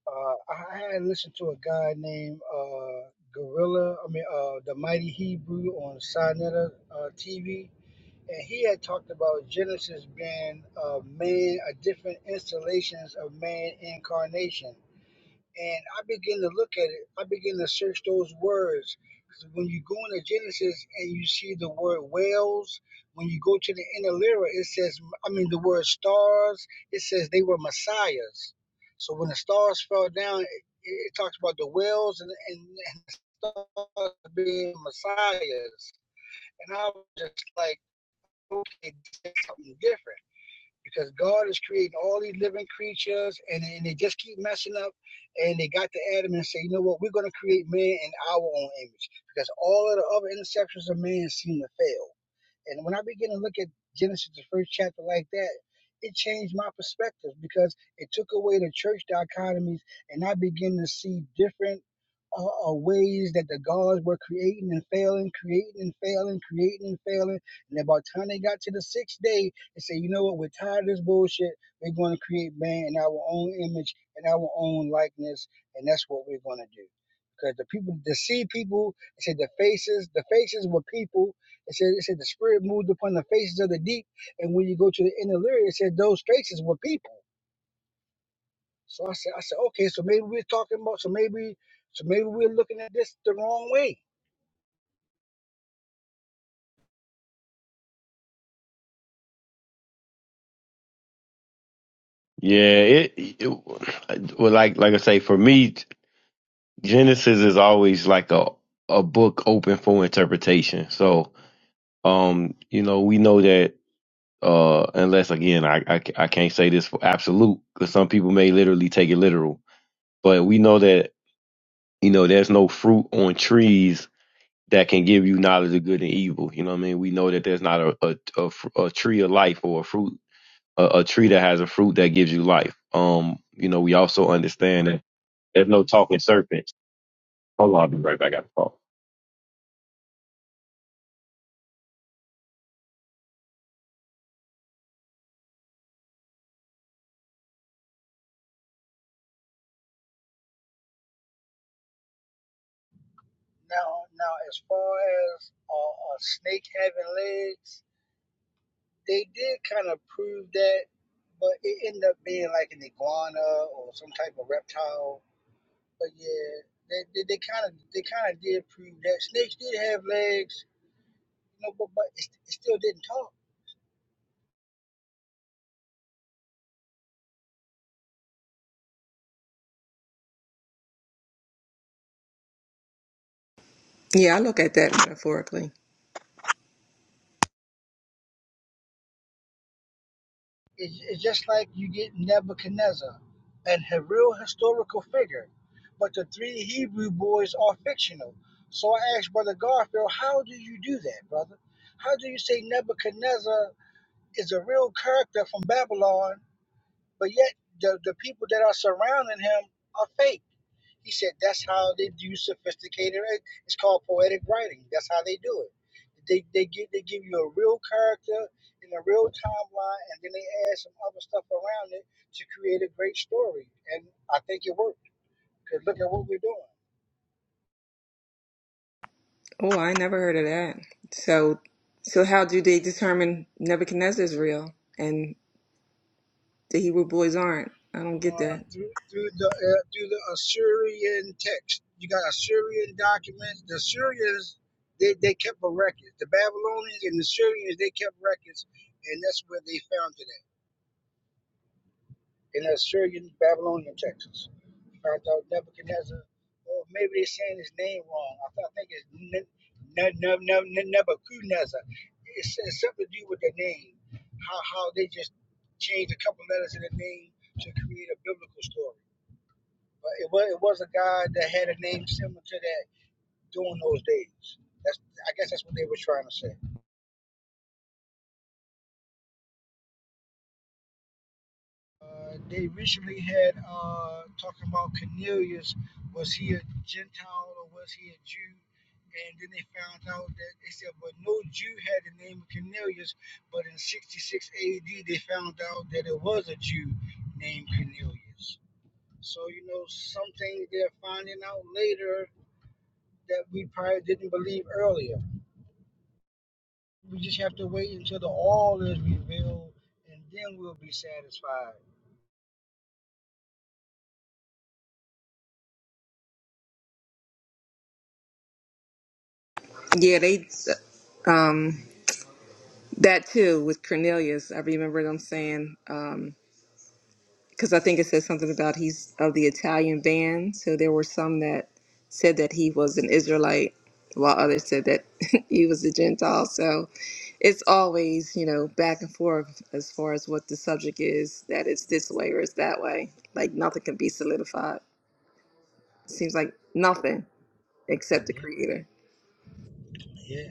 Uh, I had listened to a guy named uh, Gorilla. I mean, uh, the Mighty Hebrew on Sinetta uh, TV, and he had talked about Genesis being uh, man, a different installations of man incarnation. And I begin to look at it. I begin to search those words. 'Cause When you go into Genesis and you see the word whales, when you go to the inner lyra, it says, I mean, the word stars, it says they were messiahs. So when the stars fell down, it, it talks about the whales and, and, and the stars being messiahs. And I was just like, okay, this is something different because God is creating all these living creatures and, and they just keep messing up and they got to Adam and say, you know what, we're going to create man in our own image because all of the other interceptions of man seem to fail. And when I began to look at Genesis, the first chapter, like that, it changed my perspective because it took away the church dichotomies, and I began to see different uh, uh, ways that the gods were creating and failing, creating and failing, creating and failing. And about the time they got to the sixth day, they said, "You know what? We're tired of this bullshit. We're going to create man in our own image and our own likeness, and that's what we're going to do." Because the people, the sea people, they said the faces, the faces were people, it said, it said the spirit moved upon the faces of the deep, and when you go to the inner Lyria, it said those faces were people. So I said, I said, okay, so maybe we're talking about, so maybe, so maybe we're looking at this the wrong way. Yeah, it, it well, like like I say, for me, Genesis is always like a a book open for interpretation. So, um, you know, we know that. Uh, unless again, I, I I can't say this for absolute because some people may literally take it literal. But we know that you know there's no fruit on trees that can give you knowledge of good and evil. You know what I mean? We know that there's not a a, a, fr- a tree of life or a fruit a, a tree that has a fruit that gives you life. Um, you know, we also understand that there's no talking serpents. Hold on, I'll be right back. I got to talk. Now, now, as far as uh, a snake having legs, they did kind of prove that, but it ended up being like an iguana or some type of reptile. But yeah, they they, they kind of they kind of did prove that snakes did have legs, you know, but but it, it still didn't talk Yeah, I look at that metaphorically. It's, it's just like you get Nebuchadnezzar, a h- real historical figure, but the three Hebrew boys are fictional. So I asked Brother Garfield, how do you do that, brother? How do you say Nebuchadnezzar is a real character from Babylon, but yet the, the people that are surrounding him are fake? He said that's how they do sophisticated It's called poetic writing. That's how they do it. They they give they give you a real character and a real timeline, and then they add some other stuff around it to create a great story. And I think it worked. Cause look at what we're doing Oh, I never heard of that. So, so how do they determine Nebuchadnezzar's real and the Hebrew boys aren't? I don't get uh, that. through through the uh, through the Assyrian text. You got Assyrian documents. The Assyrians they, they kept a record. The Babylonians and the Assyrians they kept records, and that's where they found it at in the Assyrian Babylonian texts. I thought Nebuchadnezzar, or maybe they're saying his name wrong. I, thought, I think it's Ne- Ne- Ne- Ne- Ne- Nebuchadnezzar. It's, it's something to do with the name, how how they just changed a couple letters in the name to create a biblical story. But it was it was a guy that had a name similar to that during those days. That's I guess that's what they were trying to say. Uh, they recently had uh, talking about Cornelius. Was he a Gentile or was he a Jew? And then they found out that they said, but no Jew had the name of Cornelius. But in 66 AD, they found out that it was a Jew named Cornelius. So, you know, some things they're finding out later that we probably didn't believe earlier. We just have to wait until the all is revealed and then we'll be satisfied. Yeah, they, um, that too with Cornelius. I remember them saying. um, because I think it says something about he's of the Italian band. So there were some that said that he was an Israelite, while others said that *laughs* he was a Gentile. So it's always, you know, back and forth as far as what the subject is, that it's this way or it's that way. Like nothing can be solidified. Seems like nothing except the Yeah, creator. yeah,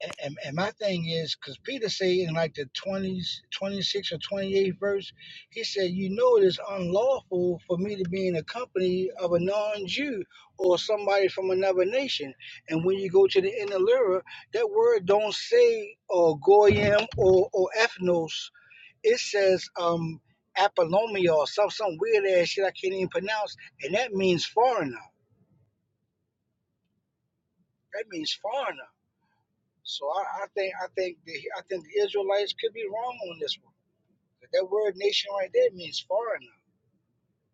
And, and, my thing is, because Peter said in like the 20s, 26 or 28th verse, he said, You know, it is unlawful for me to be in the company of a non Jew or somebody from another nation. And when you go to the inner lyra, that word don't say or goyim or, or ethnos, it says um, Apolomia or some, some weird ass shit I can't even pronounce. And that means foreigner. That means foreigner. So I, I think I think the, I think the Israelites could be wrong on this one. That word nation right there means foreigner.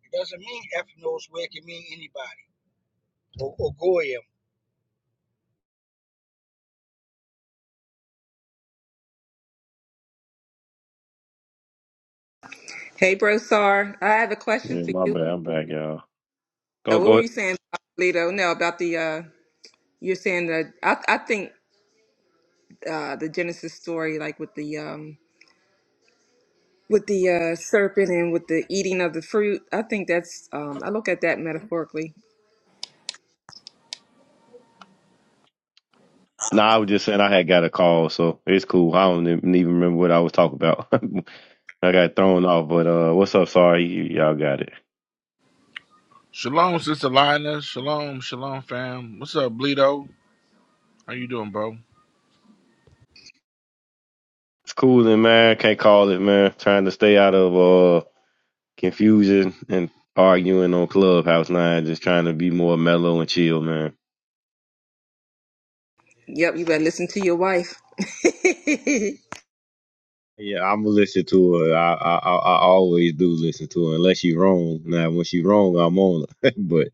It doesn't mean ethnos where it can mean anybody or, or goyim. Hey, bro, Sar, I have a question Yeah, for my you. bad. I'm back, y'all. Uh, Go, what were go. you saying, Lito? No, about the, uh, you're saying that I, I think uh, the Genesis story, like with the um, with the uh, serpent and with the eating of the fruit. I think that's, um, I look at that metaphorically. No, I was just saying I had got a call, so it's cool. I don't even even remember what I was talking about. *laughs* I got thrown off, but uh, what's up? Sorry, y- y'all got it. Shalom, Sister Lina. Shalom, shalom, fam. What's up, Bleedo? How you doing, bro? It's cooling, man. Can't call it, man. Trying to stay out of uh confusion and arguing on Clubhouse nine. Just trying to be more mellow and chill, man. Yep, you better listen to your wife. *laughs* Yeah, I'm gonna listen to her. I I I I always do listen to her, unless she wrong. Now, when she wrong, I'm on her. *laughs* but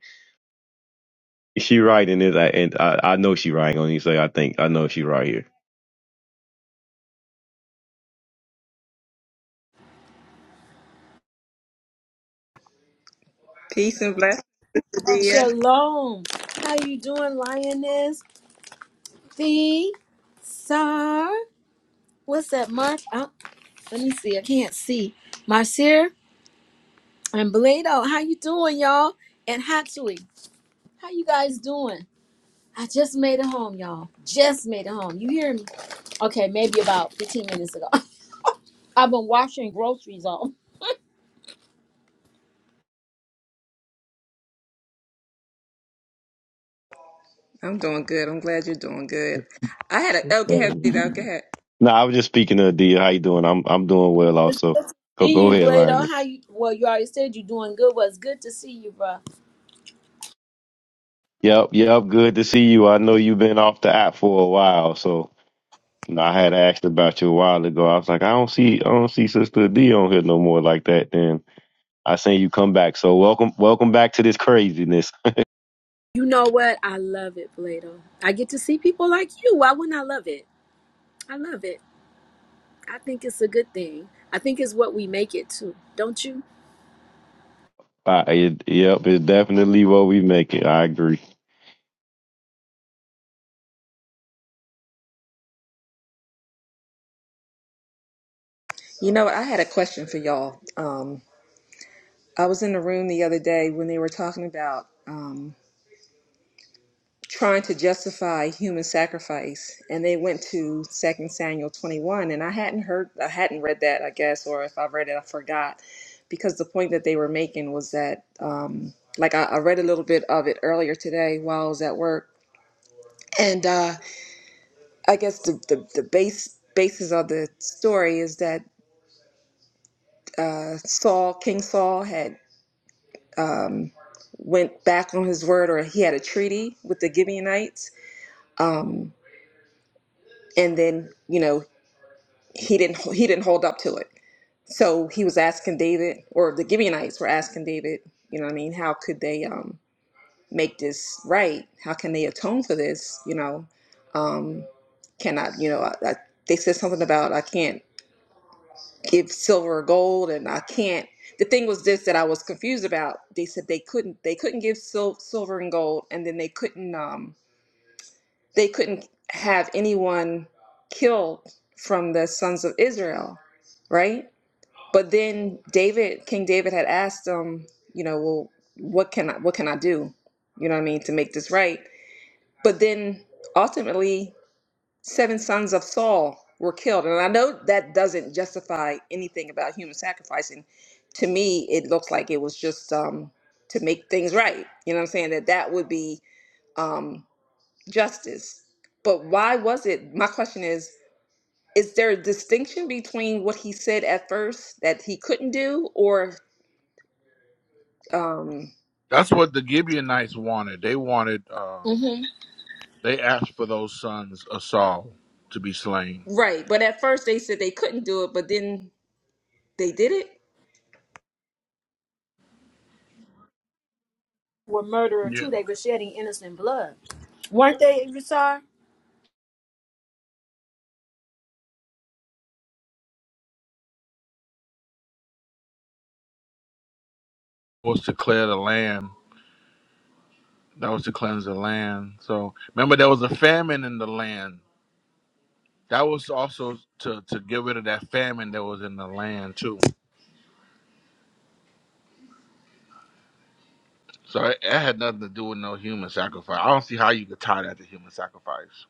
she right in this, I, and I I know she right. I'm Gonna say I think I know she right here. Peace and blessings, dear. Shalom. How you doing, Lioness? The Sar. What's that, Mark? Oh, let me see. I can't see. Marcir and Blado. How you doing, y'all? And Hatsui. How you guys doing? I just made it home, y'all. Just made it home. You hear me? Okay, maybe about 15 minutes ago. *laughs* I've been washing groceries all. I'm doing good. I'm glad you're doing good. I had a, oh, go ahead, Peter, go ahead. No, I was just speaking to Adia. How you doing? I'm I'm doing well *laughs* Good also. to Go See go you, ahead, Blado. Lion. How you? Well, you already said you're doing good. Was good to see you, bro. Yep, yep, good to see you. I know you've been off the app for a while, so you know, I had asked about you a while ago. I was like, I don't see I don't see Sister D on here no more like that. Then I seen you come back. So welcome welcome back to this craziness. You know what? I love it, Blado. I get to see people like you. Why wouldn't I love it? I love it. I think it's a good thing. I think it's what we make it to, don't you? Uh, it, yep, it's definitely what we make it. I agree. You know, I had a question for y'all. Um, I was in the room the other day when they were talking about trying to justify human sacrifice and they went to second samuel 21 and i hadn't heard i hadn't read that i guess or if i read it i forgot because the point that they were making was that um like i, I read a little bit of it earlier today while i was at work and uh i guess the the, the base basis of the story is that uh saul king saul had um went back on his word or he had a treaty with the gibeonites um and then you know he didn't he didn't hold up to it. So he was asking David, or the Gibeonites were asking David, you know what I mean, how could they um, make this right? How can they atone for this? You know, um, can I, you know, I, I, they said something about I can't give silver or gold and I can't. The thing was this that I was confused about. They said they couldn't they couldn't give sil- silver and gold and then they couldn't um, they couldn't have anyone killed from the sons of Israel, right? But then David, King David had asked him, you know, well, what can I what can I do? You know what I mean, to make this right. But then ultimately seven sons of Saul were killed. And I know that doesn't justify anything about human sacrificing. To me, it looks like it was just um to make things right. You know what I'm saying? That that would be um justice. But why was it? My question is, is there a distinction between what he said at first that he couldn't do or Um, That's what the Gibeonites wanted. They wanted, um, Mm-hmm. they asked for those sons of Saul to be slain. right. But at first they said they couldn't do it, but then they did it. Were murderer Yeah. too. They were shedding innocent blood, weren't they, Rasar? Was to clear the land. That was to cleanse the land. So remember, there was a famine in the land. That was also to, to get rid of that famine that was in the land, too. So it, it had nothing to do with no human sacrifice. I don't see how you could tie that to human sacrifice.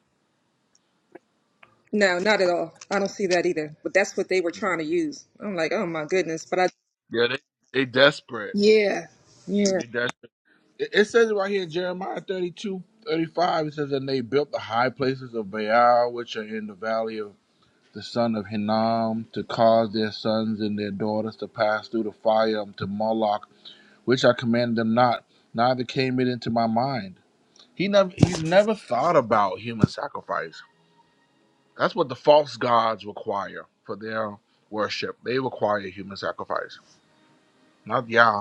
No, not at all. I don't see that either. But that's what they were Mhm. trying to use. I'm like, oh my goodness. But I, Yeah, they, they desperate. yeah, yeah. It does. It it says it right here in Jeremiah 32, 35. it says, And they built the high places of Baal, which are in the valley of the son of Hinnom, to cause their sons and their daughters to pass through the fire unto Moloch, which I commanded them not, neither came it into my mind. He never he's never thought about human sacrifice. That's what the false gods require for their worship. They require human sacrifice. Not Yah.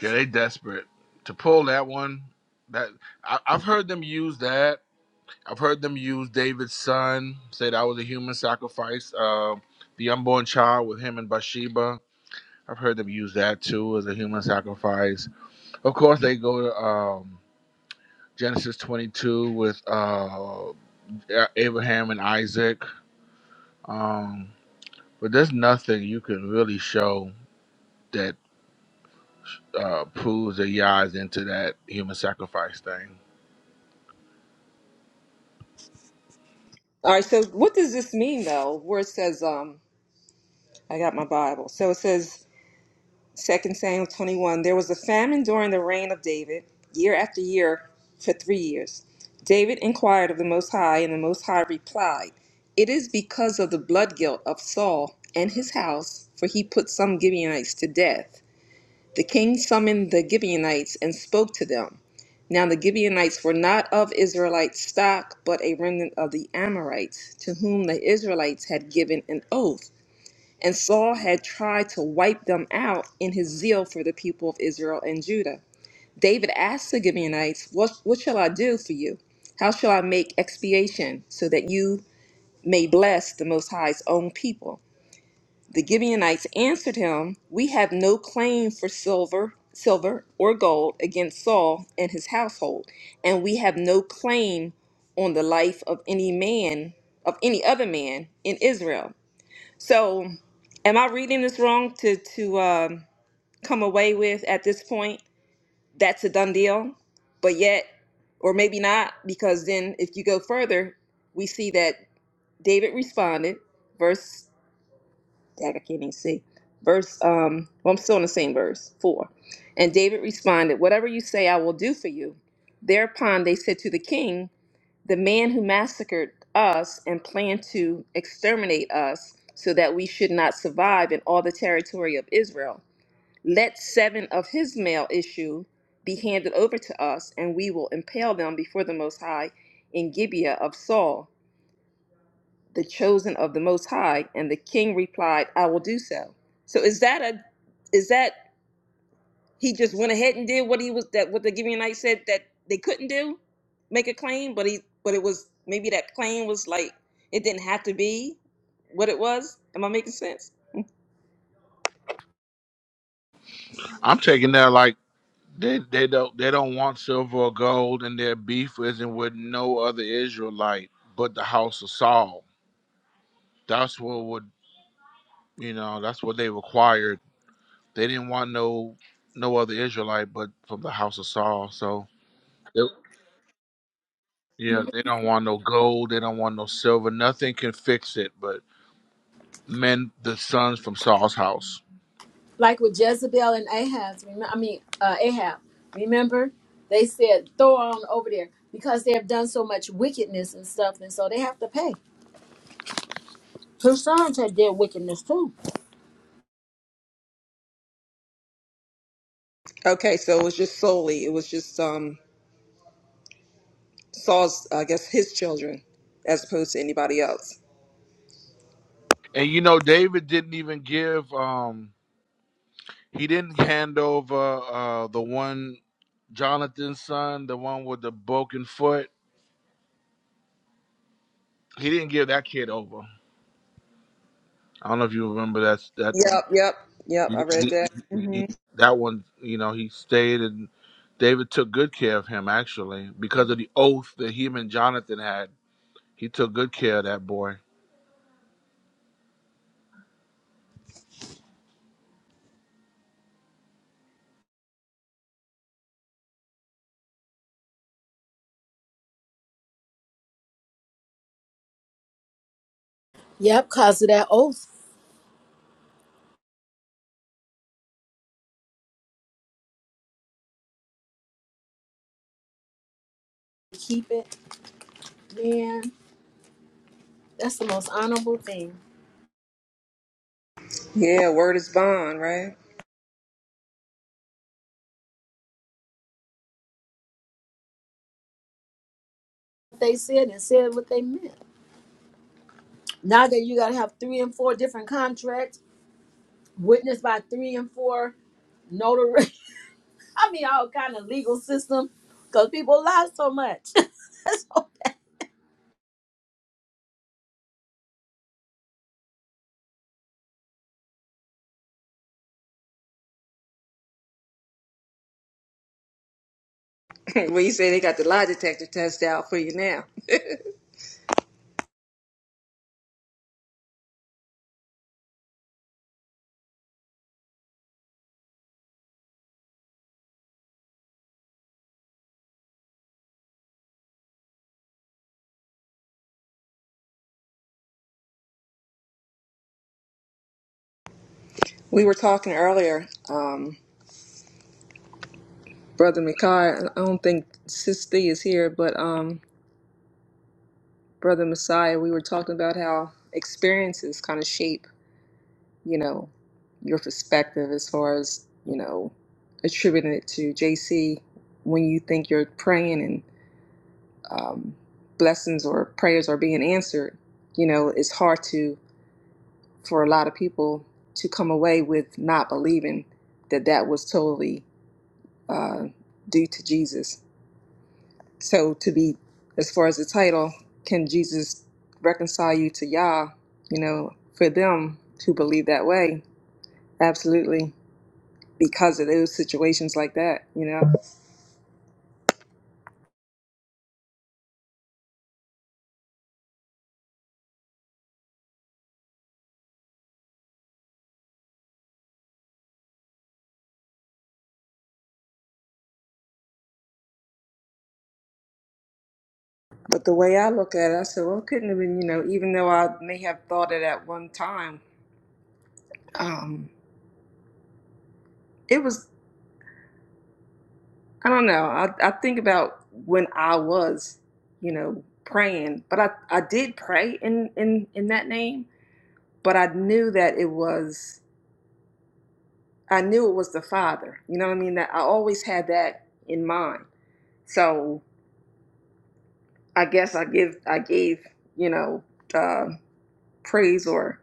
Yeah, they desperate to pull that one. That I, I've heard them use that. I've heard them use David's son. Say that was a human sacrifice. Uh, the unborn child with him and Bathsheba. I've heard them use that too as a human sacrifice. Of course, they go to um, Genesis 22 with uh, Abraham and Isaac. Um, but there's nothing you can really show that uh, proves that Yah is into that human sacrifice thing. All right. So what does this mean though? Where it says, um, I got my Bible. So it says. Second Samuel 21, there was a famine during the reign of David, year after year, for three years. David inquired of the Most High, and the Most High replied, It is because of the blood guilt of Saul and his house, for he put some Gibeonites to death. The king summoned the Gibeonites and spoke to them. Now the Gibeonites were not of Israelite stock, but a remnant of the Amorites, to whom the Israelites had given an oath. And Saul had tried to wipe them out in his zeal for the people of Israel and Judah. David asked the Gibeonites, What, what shall I do for you? How shall I make expiation so that you may bless the Most High's own people? The Gibeonites answered him, We have no claim for silver, silver or gold against Saul and his household, and we have no claim on the life of any man, of any other man in Israel so, am I reading this wrong to to um, come away with at this point that's a done deal, but yet, or maybe not, because then if you go further, we see that David responded, verse dang, I can't even see, verse um, well I'm still in the same verse four, and David responded, "Whatever you say, I will do for you." Thereupon they said to the king the man who massacred us and planned to exterminate us so that we should not survive in all the territory of Israel. Let seven of his male issue be handed over to us, and we will impale them before the Most High in Gibeah of Saul, the chosen of the Most High. And the king replied, I will do so. So is that a is that he just went ahead and did what he was that what the Gibeonite said that they couldn't do, make a claim, but he but it was maybe that claim was like it didn't have to be what it was. Am I making sense? I'm taking that like. They they don't they don't want silver or gold, and their beef isn't with no other Israelite but the house of Saul. That's what would you know. That's what they required. They didn't want no no other Israelite but from the house of Saul. So Yep. yeah, they don't want no gold. They don't want no silver. Nothing can fix it. But men, the sons from Saul's house. Like with Jezebel and Ahab. Remember, I mean, uh, Ahab. Remember, they said throw on over there because they have done so much wickedness and stuff, and so they have to pay. Her sons had did wickedness too. Okay, so it was just solely, it was just um Saul's, I guess, his children, as opposed to anybody else. And you know, David didn't even give. um He didn't hand over uh, the one Jonathan's son, the one with the broken foot. He didn't give that kid over. I don't know if you remember that. That Yep, yep, yep. he, I read he, that. he- hmm that one, you know, he stayed and David took good care of him actually because of the oath that him and Jonathan had. He took good care of that boy. Yep, cause of that oath. Keep it, man. That's the most honorable thing. Yeah, word is bond, right? They said and said what they meant. Now that you gotta have three and four different contracts, witnessed by three and four notary. *laughs* I mean, all kind of legal system, because people lie so much. *laughs* *laughs* *clears throat* well, you say they got the lie detector test out for you now. We were talking earlier. Um, Brother Mikai, I don't think Sister is here, but um, Brother Messiah, we were talking about how experiences kind of shape, you know, your perspective as far as, you know, attributing it to JC when you think you're praying and um, blessings or prayers are being answered, you know, it's hard to, for a lot of people to come away with not believing that that was totally uh, due to Jesus So to be as far as the title, can Jesus reconcile you to Yah? You know, for them who believe that way, absolutely. Because of those situations like that, you know. But the way I look at it, I said, well, it couldn't have been, you know, even though I may have thought it at one time, um, it was, I don't know. I, I think about when I was, you know, praying, but I, I did pray in, in, in that name, but I knew that it was. I knew it was the Father. You know what I mean? That I always had that in mind. So I guess I give I gave you know uh, praise or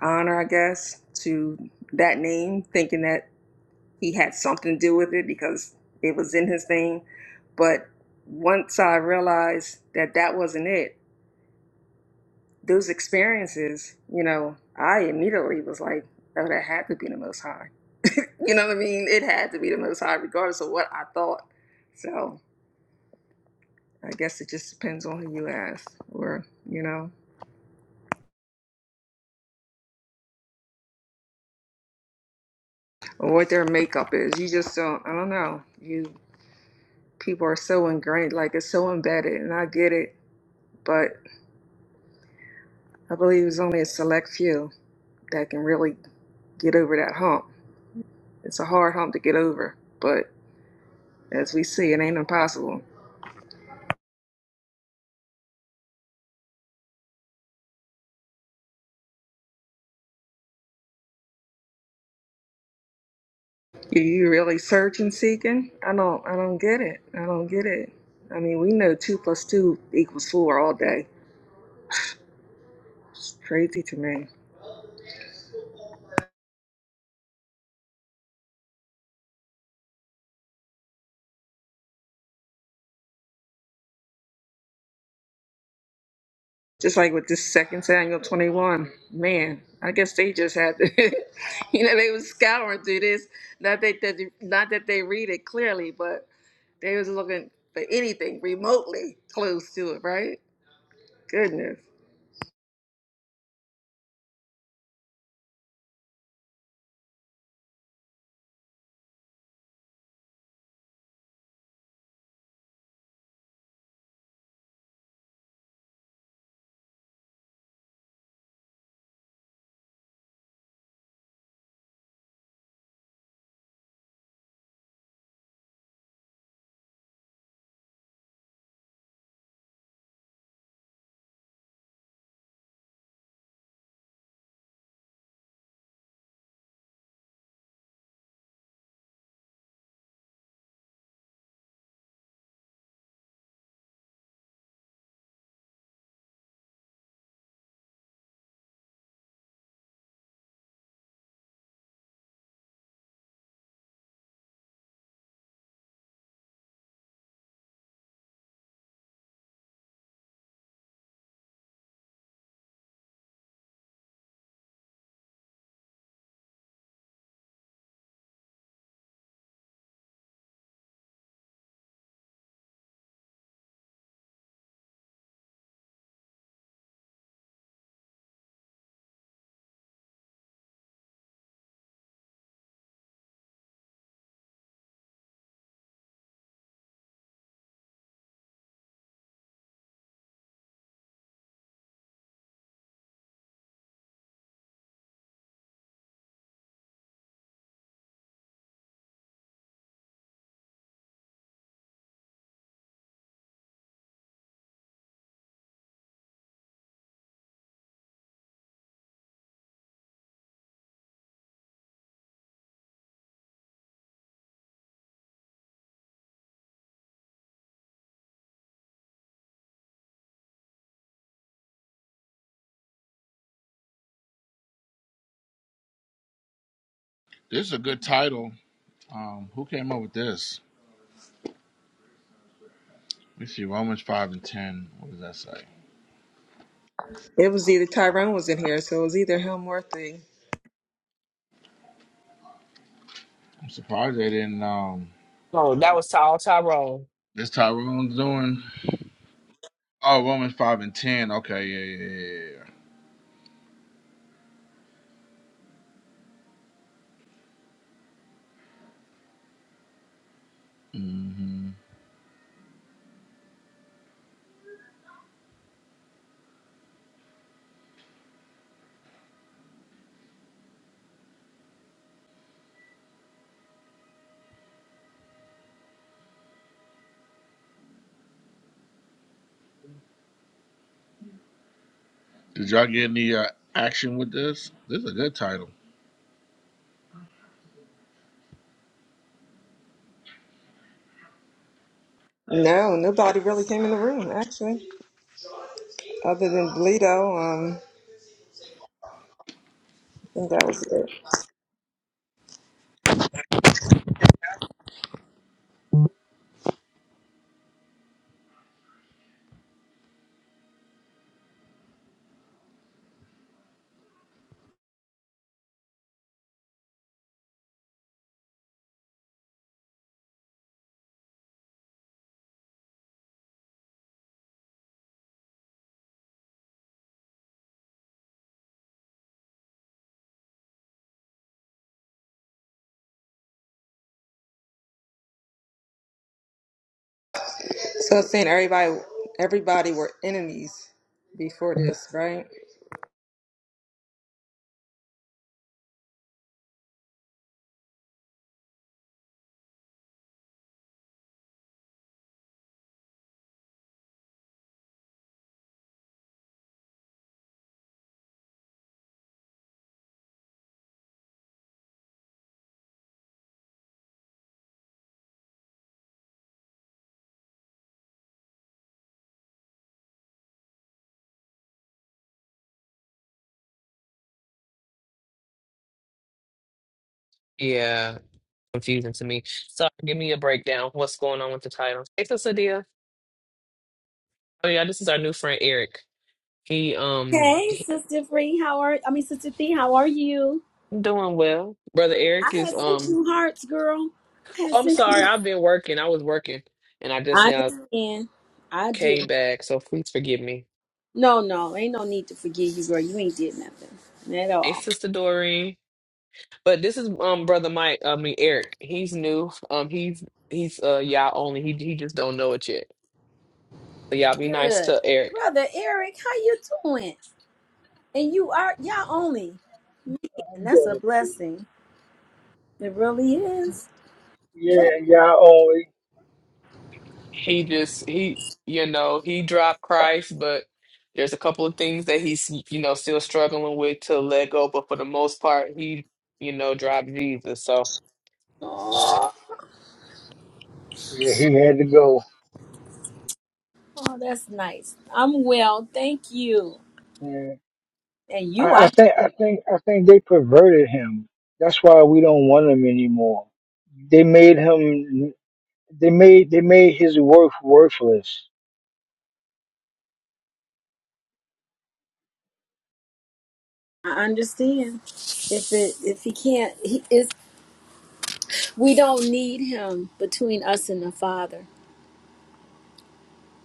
honor, I guess, to that name, thinking that he had something to do with it because it was in his name. But once I realized that that wasn't it, those experiences, you know, I immediately was like, oh, that had to be the Most High. You know what I mean? It had to be the Most High, regardless of what I thought. So. I guess it just depends on who you ask, or you know, or what their makeup is. You just don't. I don't know. You people are so ingrained, like it's so embedded, and I get it. But I believe it's only a select few that can really get over that hump. It's a hard hump to get over, but as we see, it ain't impossible. You, you really search and seeking? I don't. I don't get it. I don't get it. I mean, we know two plus two equals four all day. It's crazy to me. Just like with this second Samuel 21, man, I guess they just had to, *laughs* you know, they was scouring through this. Not that, that not that they read it clearly, but they was looking for anything remotely close to it, right? Goodness. This is a good title. Um, who came up with this? Let me see. Romans five and ten. What does that say? It was either Tyrone was in here, so it was either him or thing. I'm surprised they didn't. Um, oh, that was Tall Tyrone. this Tyrone's doing. Oh, Romans five and ten. Okay, yeah, yeah, yeah. yeah. hmm Did y'all get any uh, action with this? This is a good title, No, nobody really came in the room, actually, other than Bleedo. Um, I think that was it. So it's saying everybody, everybody were enemies before this, right? Yeah, confusing to me. So give me a breakdown. What's going on with the title? Hey, Sister Dia. Oh yeah, this is our new friend Eric. He um hey, he Sister Free, how are? I mean, Sister Thee, how are you? doing well. Brother Eric I is had sent um. you hearts, girl. I had I'm sent sorry, you. I've been working. I was working, and I just I now understand. I do. came back. So please forgive me. No, no, ain't no need to forgive you, girl. You ain't did nothing at Hey, all. Sister Doreen. But this is um brother Mike. I mean Eric. He's new. Um he's he's uh y'all only. He he just don't know it yet. Y'all be nice Good, to Eric. brother Eric. How you doing? And you are y'all only. I'm And that's doing a it. too. blessing. It really is. Yeah, yeah, oh, He just he, you know, he dropped Christ, but there's a couple of things that he's, you know, still struggling with to let go. But for the most part, he, you know, dropped Jesus. So Oh, Yeah, he had to go. oh, that's nice. I'm well, thank you. Yeah, And you I, I I think, I think, I think they perverted him. That's why we don't want him anymore. They made him. They made they made his worth worthless. I understand. If it if he can't he is we don't need him between us and the Father.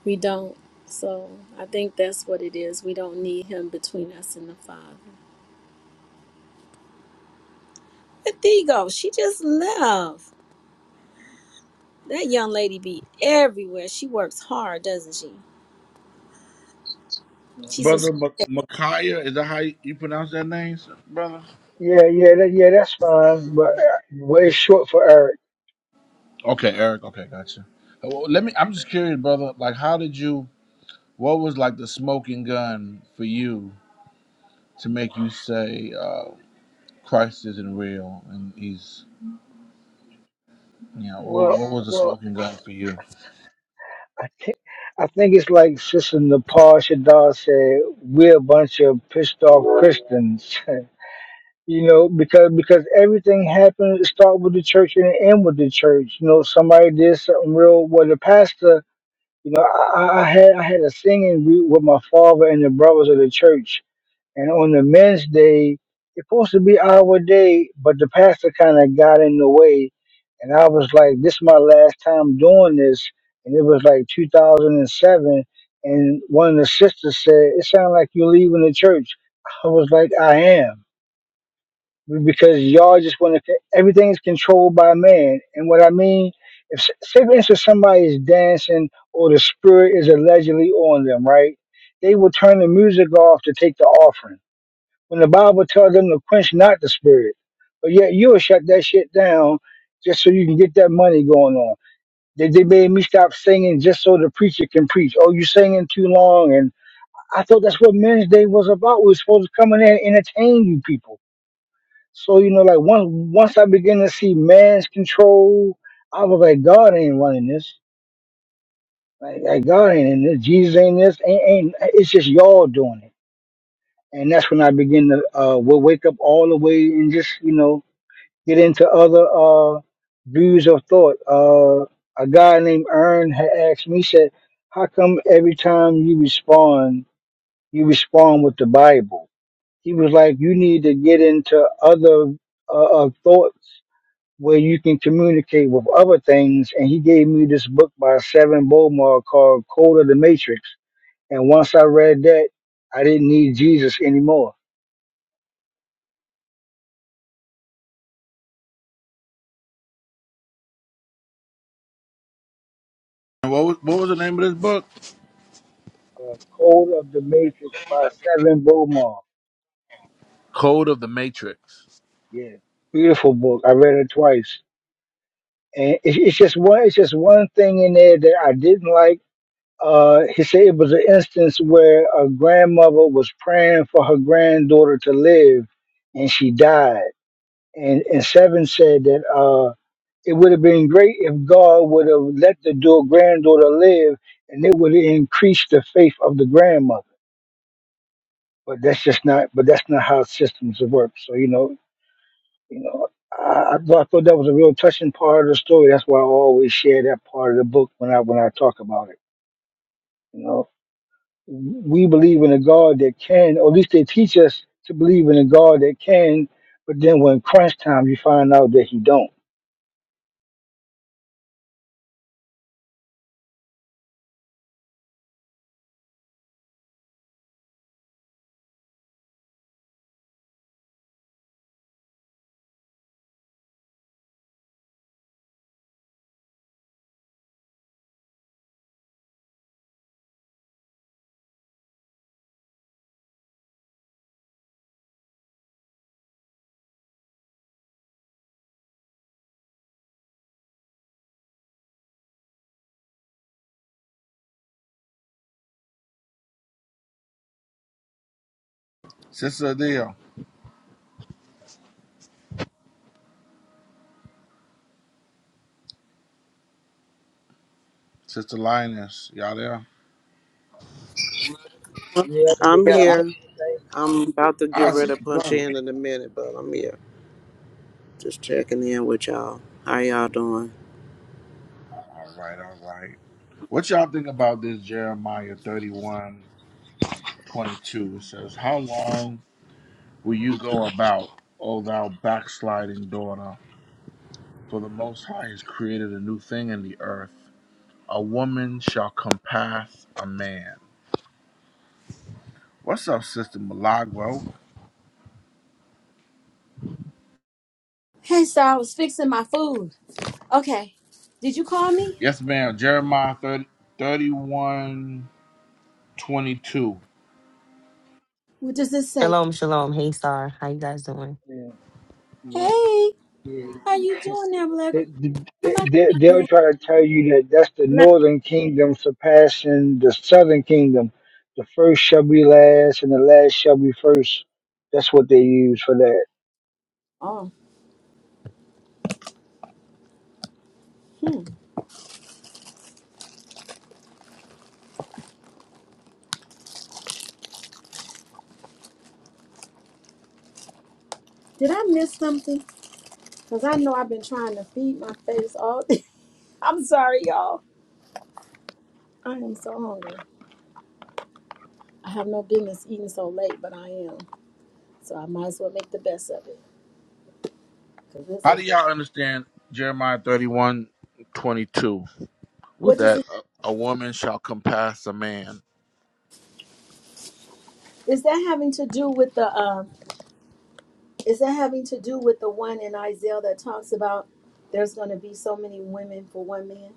We don't. So I think that's what it is. We don't need him between us and the Father. But there go. She just left. That young lady be everywhere. She works hard, doesn't she? She's brother. a M- Micaiah, is that how you you pronounce that name, s- brother? Yeah, yeah, that, yeah. That's fine, but uh, way short for Eric. Okay, Eric. Okay, gotcha. Uh, well, Yeah, Let me. I'm yeah. just curious, brother. Like, how did you? What was like the smoking gun for you to make you say uh, Christ isn't real and he's, you know, what, Well, what was the well, smoking gun for you? I I think it's like Sister Nepal Shadar said, we're a bunch of pissed off Christians. *laughs* you know, because because everything happened start with the church and end with the church. You know, somebody did something real. Well, the pastor, you know, I, I I had I had a singing group with my father and the brothers of the church, And on the men's day, it's supposed to be our day, but the pastor kind of got in the way. And I was like, this is my last time doing this. And it was like 2007. And seven. And one of the sisters said, it sounds like you're leaving the church. I was like, I am. Because y'all just want to, everything is controlled by man. And what I mean, if, say for instance, somebody is dancing or the spirit is allegedly on them, right? They will turn the music off to take the offering when the Bible tells them to quench not the spirit. But yet you'll shut that shit down just so you can get that money going on. They, they made me stop singing just so the preacher can preach. Oh, you singing too long. And I thought that's what Men's Day was about. We were supposed to come in there and entertain you people. So, you know, like once, once I begin to see man's control, I was like, God ain't running this. Like, like God ain't in this. Jesus ain't this. Ain't, ain't, it's just y'all doing it. And that's when I begin to uh, wa- wake up all the way and just, you know, get into other uh, views of thought. Uh, a guy named Ern had asked me, he said, "How come every time you respond, you respond with the Bible?" He was like, "You need to get into other uh, uh, thoughts where you can communicate with other things." And he gave me this book by Seven Bowmar called "Code of the Matrix." And once I read that, I didn't need Jesus anymore. And What was, what was the name of this book? Uh, Code of the Matrix by Seven Bowmar. Code of the Matrix. Yeah, beautiful book. I read it twice, and it's, it's just one. It's just one thing in there that I didn't like. Uh, he said it was an instance where a grandmother was praying for her granddaughter to live, and she died. And and seven said that uh, it would have been great if God would have let the daughter, granddaughter live, and it would have increased the faith of the grandmother. But that's just not. But that's not how systems work. So you know, You know, I, I thought thought that was a real touching part of the story. That's why I always share that part of the book when I when I talk about it. You know, we believe in a God that can, or at least they teach us to believe in a God that can. But then when crunch time, you find out that He don't. Sister Adele. Sister Linus, y'all there? Yeah, did I'm I Yep. here. miss I'm about to get Ah, ready Sister to punch Doreen. in in a minute, but I'm here. Just checking in with y'all. How y'all doing? All right, all right. What y'all think about this Jeremiah 31 22. It says, How long will you go about, O thou backsliding daughter? For the Most High has created a new thing in the earth. A woman shall compass a man. What's up, Sister Milagro? Hey, sir, I was fixing my food. Okay. Did you call me? Yes, ma'am. Jeremiah thirty thirty one twenty two. What does this say? Shalom, shalom. Hey, Star. How you guys doing? Or anything? Yeah, yeah, Hey, yeah. how you doing there, Black? They, they, Am they- they'll I try to tell you that that's the Black? northern kingdom surpassing the southern kingdom. The first shall be last, and the last shall be first. That's what they use for that. Oh, hmm. Did I miss something? Because I know I've been trying to feed my face all day. *laughs* I'm sorry, y'all. I am so hungry. I have no business eating so late, but I am. So I might as well make the best of it. Cause it's How a, do y'all understand Jeremiah 31 22? with what does that it, a a woman shall compass a man. is that having to do with the, um, Is that having to do with the one in Isaiah that talks about there's going to be so many women for one man,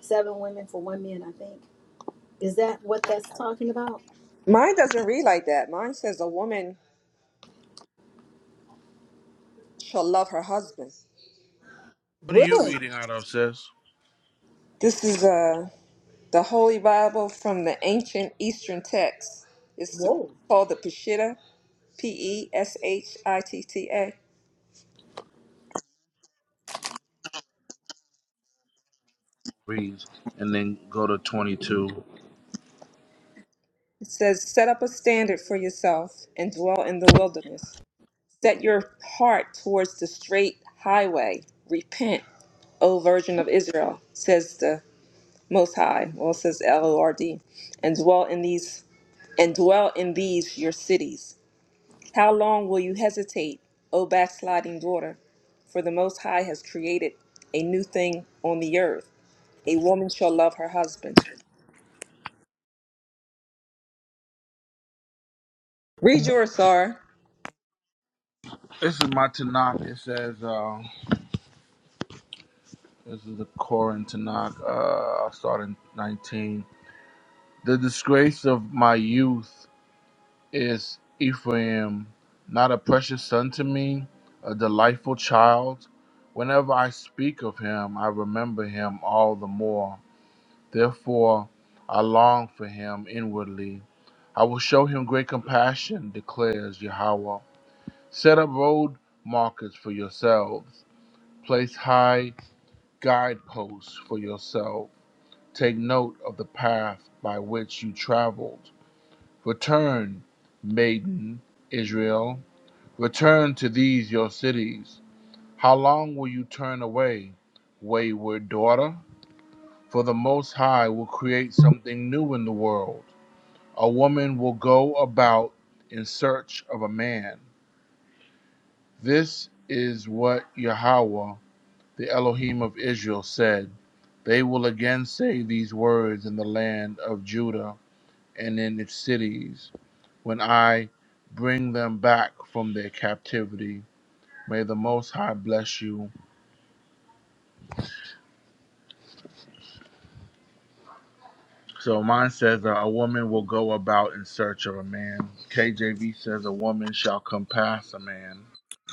seven women for one man? I think is that what that's talking about? Mine doesn't read like that. Mine says a woman shall love her husband. What are you Really? reading out of, sis? This is uh, the Holy Bible from the ancient Eastern text. It's Whoa! called the Peshitta, P E S H I T T A. Reads and then go to twenty two. It says, Set up a standard for yourself and dwell in the wilderness. Set your heart towards the straight highway. Repent, O Virgin of Israel, says the Most High. Well, it says L O R D, and dwell in these and dwell in these your cities. How long will you hesitate, O backsliding daughter? For the Most High has created a new thing on the earth. A woman shall love her husband. Read yours, Sarah. This is my Tanakh. It says uh, this is the Koran Tanakh. Uh, I'll start in nineteen. The disgrace of my youth is Ephraim, not a precious son to me, a delightful child. Whenever I speak of him, I remember him all the more. Therefore, I long for him inwardly. I will show him great compassion, declares Yahweh. Set up road markers for yourselves, place high guideposts for yourself. Take note of the path by which you traveled. Return, maiden Israel, return to these your cities. How long will you turn away, wayward daughter? For the Most High will create something new in the world. A woman will go about in search of a man. This is what Yahweh, the Elohim of Israel, said They will again say these words in the land of Judah and in its cities, when I bring them back from their captivity. May the Most High bless you. So mine says uh, a woman will go about in search of a man. KJV says a woman shall compass a man.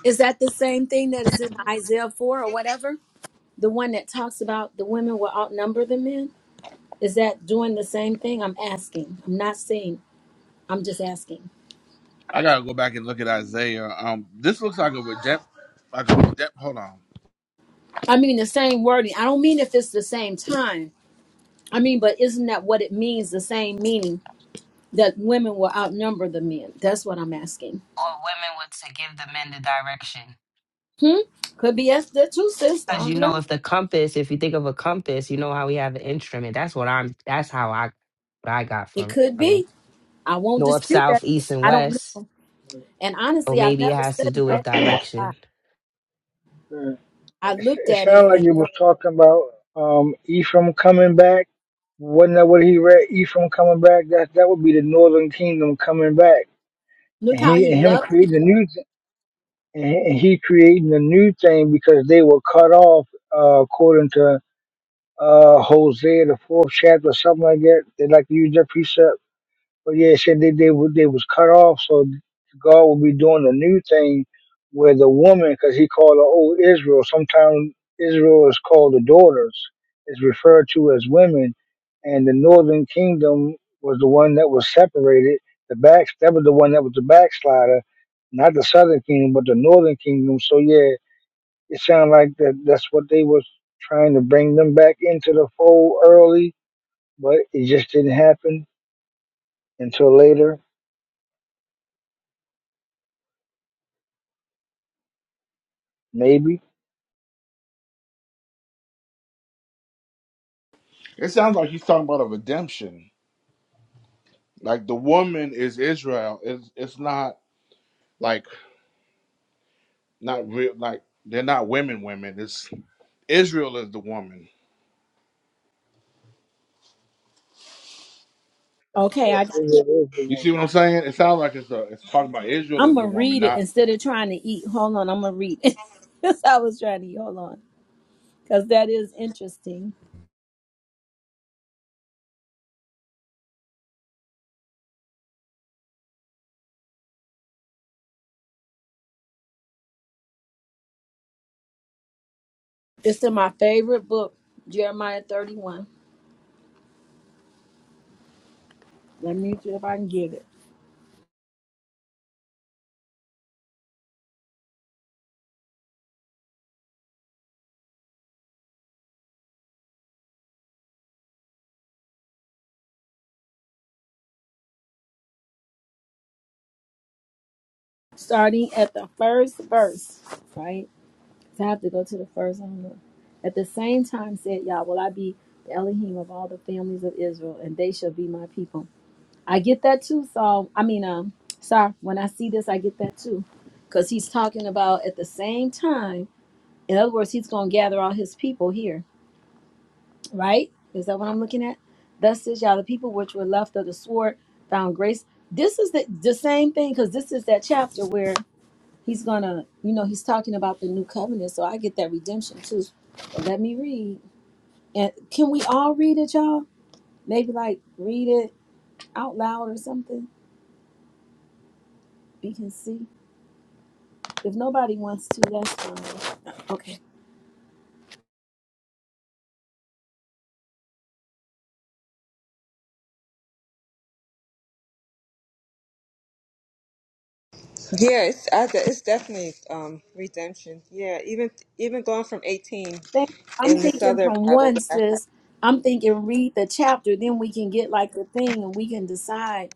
Is that the same thing that is in Isaiah four or whatever? The one that talks about the women will outnumber the men. Is that doing the same thing? I'm asking. I'm not saying. I'm just asking. I gotta go back and look at Isaiah. Um, this looks like a redemp, like a redemp. Hold on. I mean the same wording. I don't mean if it's the same time. I mean, but isn't that what it means? The same meaning that women will outnumber the men. That's what I'm asking. women were to give the men the direction. Hmm? Could be as the two sis. I As you don't know. know, if the compass, if you think of a compass, you know how we have an instrument. That's what I'm. That's how I, what I got It from it. could From it, be. I won't north, dispute that. south, east, and I don't west. know. And So honestly, I've maybe it never has to do studied with that text a direction. lot. Mm. I It, looked it at sounded it like and it no- was talking about um, Ephraim coming back. Wasn't that what he read? Ephraim coming back. That that would be the northern kingdom coming back, look and how he he and him loved me. creating a new th- and he and he creating a new thing because they were cut off uh, according to uh, Hosea the fourth chapter, something like that. They like to use that precept, but yeah, it said they they, wa- they was cut off, so God will be doing a new thing with the woman, because He called her old Israel. Sometimes Israel is called the daughters, is referred to as women, and the northern kingdom was the one that was separated. The back that was the one that was the backslider, not the southern kingdom, but the northern kingdom. So yeah it sounded like that that's what they was trying to bring them back into the fold early, but it just didn't happen until later, maybe. It sounds like he's talking about a redemption. Like the woman is Israel. It's it's not like not real like they're not women women. It's Israel is the woman. That's Okay, correct. I Israel is the You see woman. what I'm saying? It sounds like it's a, it's talking about Israel I'm is the gonna woman, read it not instead of trying to eat. Hold on, I'm gonna read it. *laughs* That's how I was trying to eat. Hold on. Because that is interesting. It's in my favorite book, Jeremiah 31. Let me see if I can get it. Starting at the first verse, right? to have to go to the first Omer. At the same time said Yah, will I be the Elohim of all the families of Israel, and they shall be my people. I get that too, Saul. I mean, um, sorry, when I see this, I get that too. Because he's talking about at the same time, in other words, he's going to gather all his people here, right? Is that what I'm looking at? Thus says Yah, the people which were left of the sword found grace. This is the, the same thing, because this is that chapter where He's gonna, you know, he's talking about the new covenant, so I get that redemption too. But let me read. And can we all read it, y'all? Maybe like read it out loud or something. We can see. If nobody wants to, that's fine. Okay. Yeah, it's I, it's definitely um redemption. Yeah, even even going from eighteen Thank- I'm in this thinking other from Bible one, that I have. sis. I'm thinking read the chapter, then we can get like the thing and we can decide.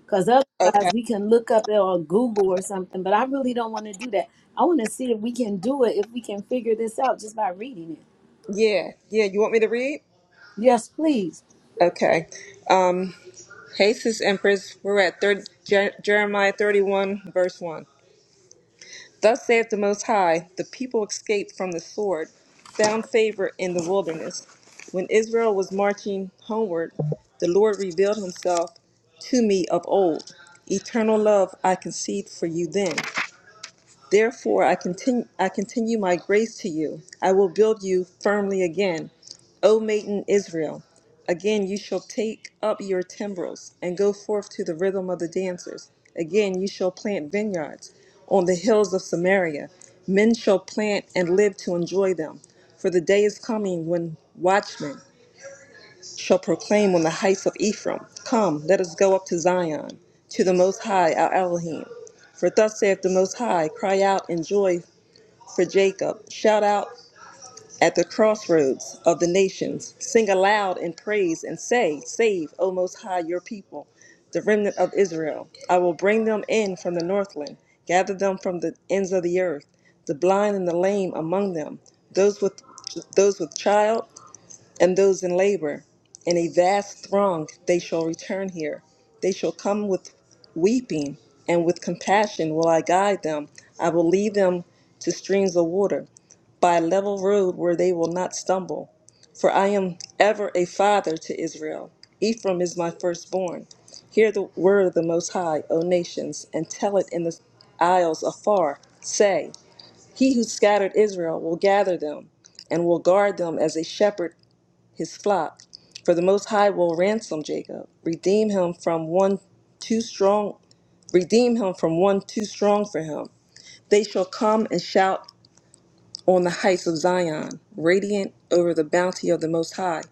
Because Okay. otherwise, we can look up it or Google or something. But I really don't want to do that. I want to see if we can do it, if we can figure this out just by reading it. Yeah, yeah. You want me to read? Yes, please. Okay. Um, hey, sis Empress, we're at 30, Jer- Jeremiah thirty-one, verse one. Thus saith the Most High, the people escaped from the sword, found favor in the wilderness. When Israel was marching homeward, the Lord revealed himself to me of old. Eternal love I conceived for you then, Therefore, I continue, I continue my grace to you. I will build you firmly again, O maiden Israel. Again, you shall take up your timbrels and go forth to the rhythm of the dancers. Again, you shall plant vineyards on the hills of Samaria. Men shall plant and live to enjoy them. For the day is coming when watchmen shall proclaim on the heights of Ephraim, Come, let us go up to Zion, to the Most High, our Elohim. For thus saith the Most High, Cry out in joy for Jacob, shout out at the crossroads of the nations, sing aloud in praise, and say, Save, O Most High, your people, the remnant of Israel. I will bring them in from the northland, gather them from the ends of the earth, the blind and the lame among them, those with those with child and those in labor. In a vast throng they shall return here. They shall come with weeping, and with compassion will I guide them. I will lead them to streams of water, by a level road where they will not stumble. For I am ever a father to Israel. Ephraim is my firstborn. Hear the word of the Most High, O nations, and tell it in the isles afar. Say, He who scattered Israel will gather them, and will guard them as a shepherd his flock. For the Most High will ransom Jacob, redeem him from one too strong, redeem him from one too strong for him. They shall come and shout on the heights of Zion, radiant over the bounty of the Most High,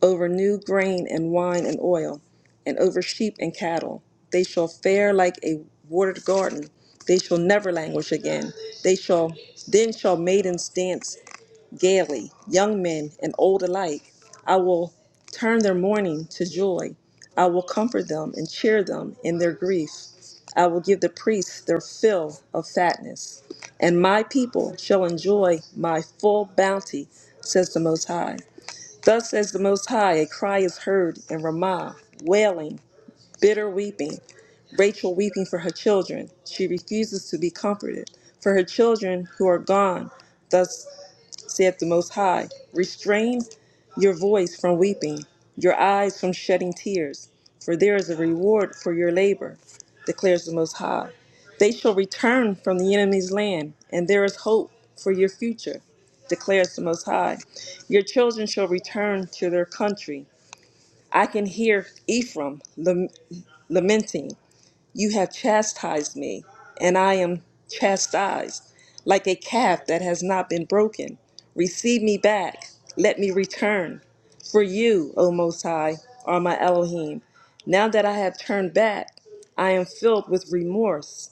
over new grain and wine and oil, and over sheep and cattle. They shall fare like a watered garden. They shall never languish again. They shall then shall maidens dance gaily, young men and old alike. I will turn their mourning to joy. I will comfort them and cheer them in their grief. I will give the priests their fill of fatness, and my people shall enjoy my full bounty, says the Most High. Thus says the Most High, a cry is heard in Ramah, wailing, bitter weeping, Rachel weeping for her children. She refuses to be comforted. For her children who are gone, Thus saith the Most High, restrain your voice from weeping, your eyes from shedding tears, for there is a reward for your labor, declares the Most High. They shall return from the enemy's land, and there is hope for your future, declares the Most High. Your children shall return to their country. I can hear Ephraim lamenting. You have chastised me, and I am chastised, like a calf that has not been broken. Receive me back, let me return. For you, O Most High, are my Elohim. Now that I have turned back, I am filled with remorse.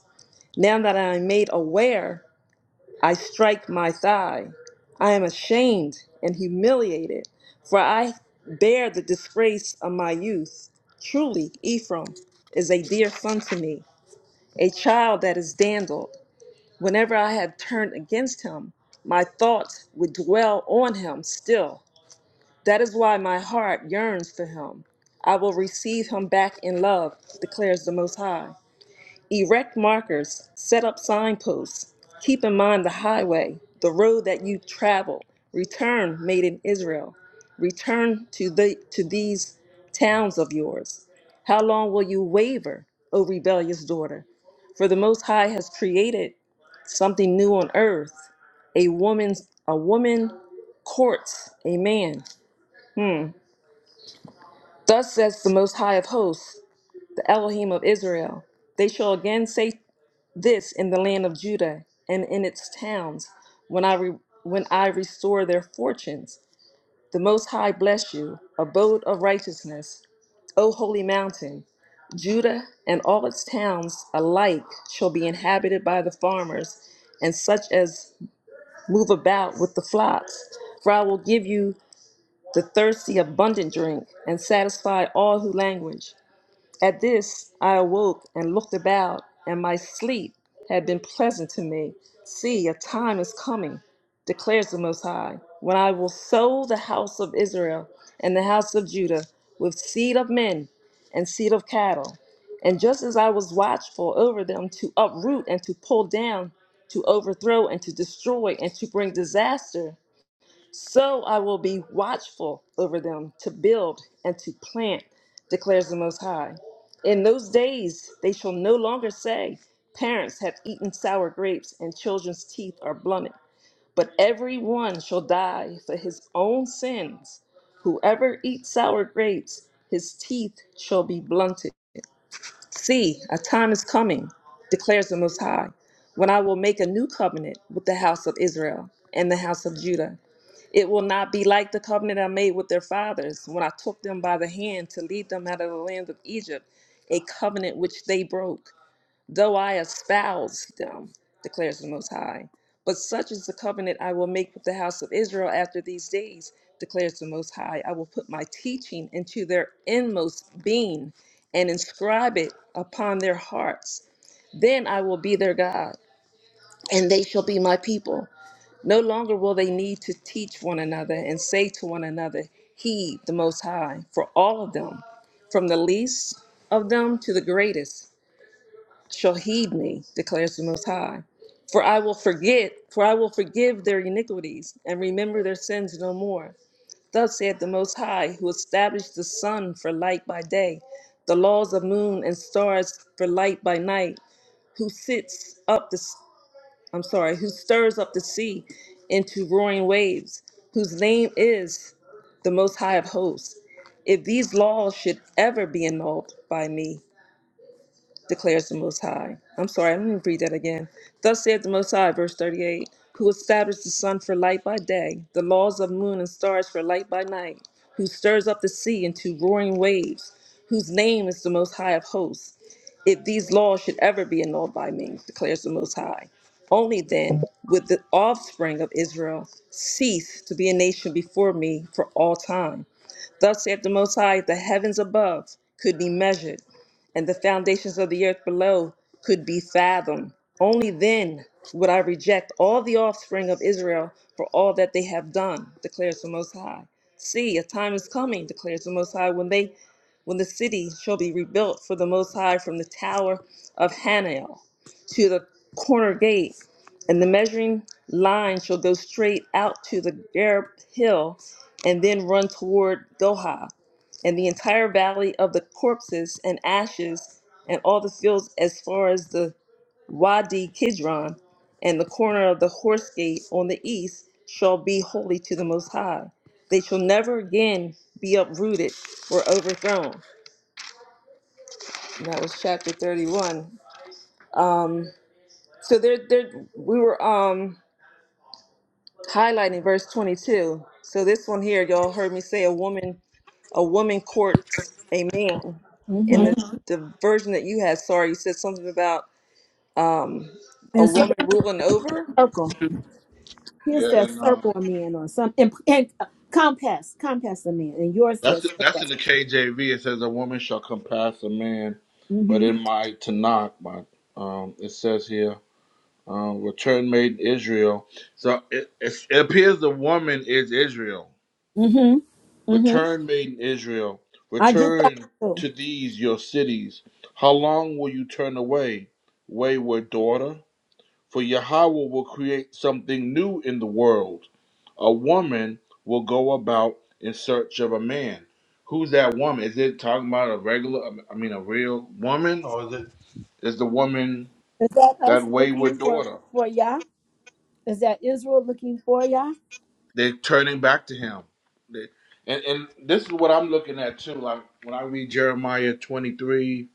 Now that I am made aware, I strike my thigh. I am ashamed and humiliated, for I bear the disgrace of my youth. Truly, Ephraim is a dear son to me a child that is dandled. Whenever I have turned against him, my thoughts would dwell on him still. That is why my heart yearns for him. I will receive him back in love, declares the Most High. Erect markers, set up signposts. Keep in mind the highway, the road that you travel. Return made in Israel. Return to the to these towns of yours. How long will you waver, O rebellious daughter? For the most high has created something new on earth. A woman's a woman courts a man. Hmm. Thus says the most high of hosts, the Elohim of Israel. They shall again say this in the land of Judah and in its towns, when I re- when I restore their fortunes. The Most High bless you, abode of righteousness, O holy mountain. Judah and all its towns alike shall be inhabited by the farmers and such as move about with the flocks. For I will give you the thirsty abundant drink and satisfy all who languish. At this I awoke and looked about, and my sleep had been pleasant to me. See, a time is coming, declares the Most High, when I will sow the house of Israel and the house of Judah with seed of men and seed of cattle. And just as I was watchful over them to uproot and to pull down, to overthrow and to destroy and to bring disaster so I will be watchful over them to build and to plant, declares the Most High. In those days they shall no longer say, Parents have eaten sour grapes and children's teeth are blunted. But every one shall die for his own sins. Whoever eats sour grapes, his teeth shall be blunted. See, a time is coming, declares the Most High, when I will make a new covenant with the house of Israel and the house of Judah. It will not be like the covenant I made with their fathers when I took them by the hand to lead them out of the land of Egypt, a covenant which they broke, though I espoused them, declares the Most High. But such is the covenant I will make with the house of Israel after these days, declares the Most High. I will put my teaching into their inmost being and inscribe it upon their hearts. Then I will be their God, and they shall be my people. No longer will they need to teach one another and say to one another, He, the Most High, for all of them, from the least of them to the greatest, shall heed me, declares the Most High. For I will forget, for I will forgive their iniquities and remember their sins no more. Thus saith the Most High, who established the sun for light by day, the laws of moon and stars for light by night, who sits up the I'm sorry, who stirs up the sea into roaring waves, whose name is the Most High of Hosts. If these laws should ever be annulled by me, declares the Most High. I'm sorry, I'm going to read that again. Thus saith the Most High, verse 38, who established the sun for light by day, the laws of moon and stars for light by night, who stirs up the sea into roaring waves, whose name is the Most High of Hosts. If these laws should ever be annulled by me, declares the Most High, only then would the offspring of Israel cease to be a nation before me for all time. Thus saith the Most High, the heavens above could be measured, and the foundations of the earth below could be fathomed. Only then would I reject all the offspring of Israel for all that they have done, declares the Most High. See, a time is coming, declares the Most High, when they when the city shall be rebuilt for the Most High from the tower of Hananel to the corner gate, and the measuring line shall go straight out to the Gareb hill and then run toward Goha, and the entire valley of the corpses and ashes, and all the fields as far as the Wadi Kidron, and the corner of the horse gate on the east shall be holy to the Most High. They shall never again be uprooted or overthrown. And that was chapter 31. Um, so there, there, we were um, highlighting verse 22. So this one here, y'all heard me say, a woman, a woman courts a man. In the, Mm-hmm. Mhm. the version that you had, sorry, you said something about um, a And cir- woman ruling over. circle. His yeah. says And circle um, a man or some and, and uh, compass, compass a man, and yours that's says that's circle. in the KJV. It says a woman shall compass a man, but Mm-hmm. in my Tanakh, my um, it says here. Um, return made in Israel, so it, it's, it appears the woman is Israel. Mm-hmm. Mm-hmm. Return, maiden Israel, I get that return too. to these your cities. How long will you turn away, wayward daughter? For Yahweh will create something new in the world. A woman will go about in search of a man. Who's that woman? Is it talking about a regular, I mean, a real woman? Or is it- is the woman Is that that us looking wayward for daughter? for Yah? Is that Israel looking for Yah? They're turning back to him. They- And, and this is what I'm looking at too. Like when I read Jeremiah 23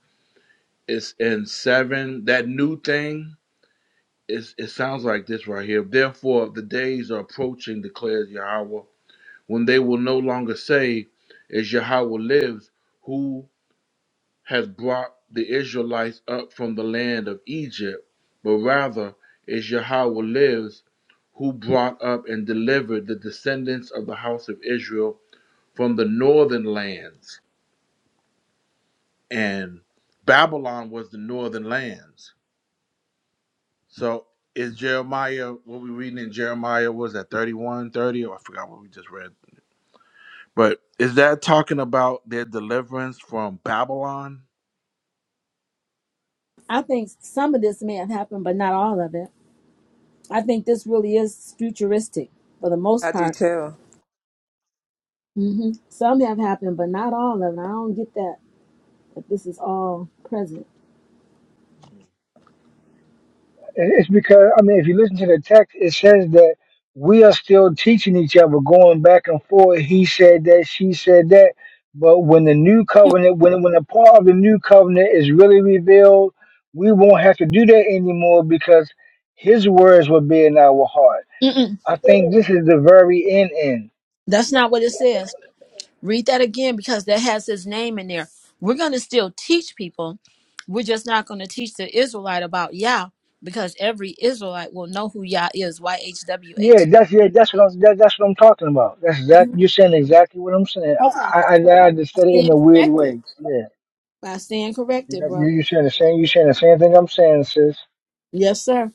It's in seven. That new thing. It's, it sounds like this right here. Therefore, the days are approaching, declares Yahweh, when they will no longer say, "As Yahweh lives, who has brought the Israelites up from the land of Egypt," but rather, "As Yahweh lives, who brought up and delivered the descendants of the house of Israel from the northern lands." And Babylon was the northern lands So is Jeremiah what we reading in Jeremiah what was that thirty-one, thirty. 30, I forgot what we just read. But is that talking about their deliverance from Babylon? I think some of this may have happened, but not all of it. I think this really is futuristic for the most I do part. too, hmm Some have happened, but not all of it. I don't get that. But this is all present. And It's because I mean, if you listen to the text, it says that we are still teaching each other, going back and forth. He said that, she said that. But when the new covenant, when when a part of the new covenant is really revealed, we won't have to do that anymore because His words will be in our heart. Mm-mm. I think this is the very end end. That's not what it says. Read that again because that has his name in there. We're going to still teach people. We're just not going to teach the Israelite about Yah because every Israelite will know who Yah is. Y H W Yeah, H. that's yeah, that's what I'm that, that's what I'm talking about. That's exactly you're saying exactly what I'm saying. Okay. I I, I I just I said it in stand a weird corrected. way. Yeah, I stand you corrected, bro. you you saying the same you saying the same thing I'm saying, sis. Yes, sir.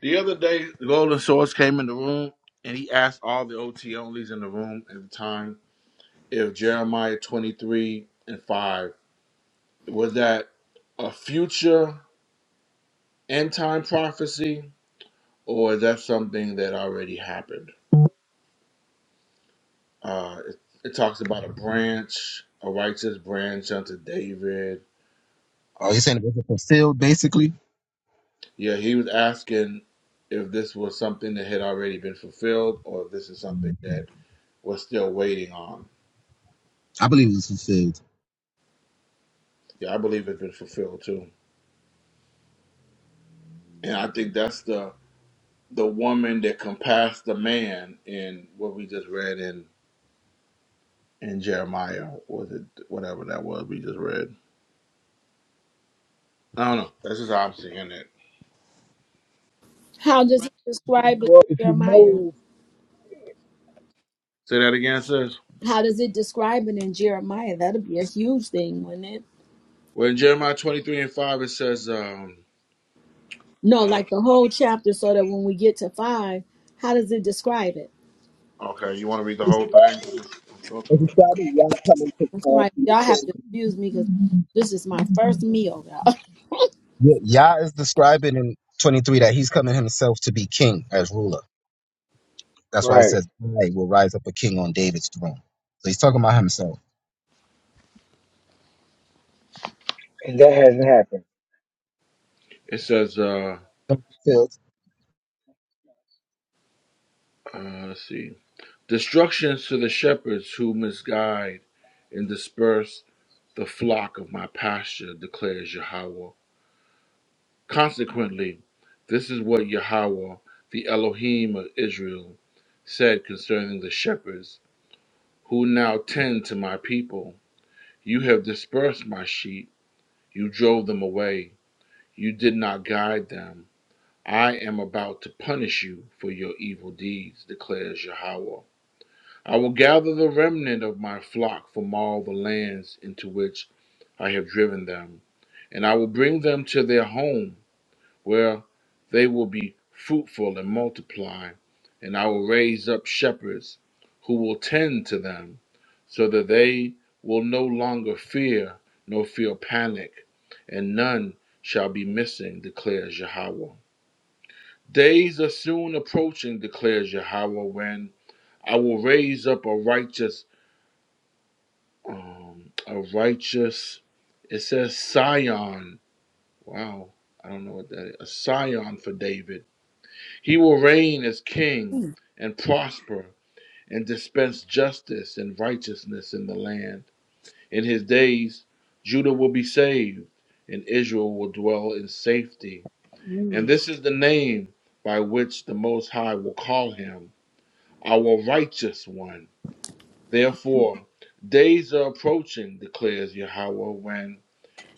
The other day, the Golden Source came in the room and he asked all the OT onlys in the room at the time if Jeremiah 23 and 5 was that a future end time prophecy or is that something that already happened? Uh, it, it talks about a branch, a righteous branch unto David. Oh, Um, you're saying it wasn't fulfilled, basically? yeah, he was asking if this was something that had already been fulfilled or if this is something that Mhm. we're still waiting on. I believe it was fulfilled. Yeah, I believe it's been fulfilled too. And I think that's the the woman that compassed the man in what we just read in in Jeremiah, or was it whatever that was we just read. I don't know. That's just how I'm seeing it. How does it describe it Well, if in you Jeremiah? know Say that again, sis. How does it describe it in Jeremiah? That'll be a huge thing, wouldn't it? Well, in Jeremiah 23 and 5, it says, um, No, uh, like the whole chapter, so that when we get to five, how does it describe it? Okay, you want to read the It's whole thing? Let's, let's go through it. describing Yah coming to I'm uh, sorry, be the y'all have to king. excuse me because this is my first meal, y'all. *laughs* Yeah, Yah is describing in 23 that he's coming himself to be king as ruler. That's why he right, says, I will rise up a king on David's throne. So he's talking about himself. and that hasn't happened. It says, uh, Fulfilled. uh, let's see. Destructions to the shepherds who misguide and disperse the flock of my pasture, declares Yahweh. Consequently, this is what Yahweh, the Elohim of Israel, said concerning the shepherds who now tend to my people. You have dispersed my sheep, you drove them away, you did not guide them. I am about to punish you for your evil deeds, declares Yahweh. I will gather the remnant of my flock from all the lands into which I have driven them, and I will bring them to their home, where they will be fruitful and multiply, and I will raise up shepherds who will tend to them, so that they will no longer fear nor feel panic, and none shall be missing, declares Yahweh. Days are soon approaching, declares Yahweh, when I will raise up a righteous, um, a righteous. It says Sion. Wow, I don't know what that is. A Sion for David. He will reign as king Mm, and prosper and dispense justice and righteousness in the land. In his days, Judah will be saved and Israel will dwell in safety. And mm. this is the name by which the Most High will call him our righteous one. Therefore, days are approaching, declares Yahweh, when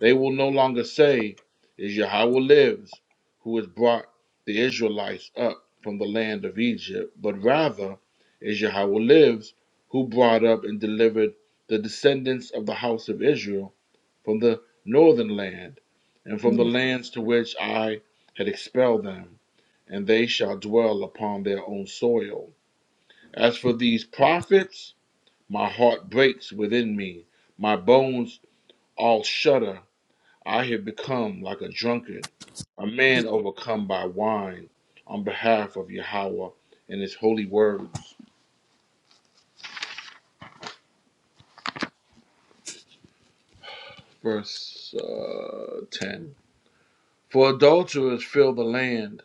they will no longer say, Is Yahweh lives, who has brought the Israelites up from the land of Egypt, but rather, Is Yahweh lives, who brought up and delivered the descendants of the house of Israel from the northern land and from the mm. lands to which I had expelled them, and they shall dwell upon their own soil. As for these prophets, my heart breaks within me. My bones all shudder. I have become like a drunkard, a man overcome by wine, on behalf of Yahweh and his holy words. Verse uh, 10 For adulterers fill the land.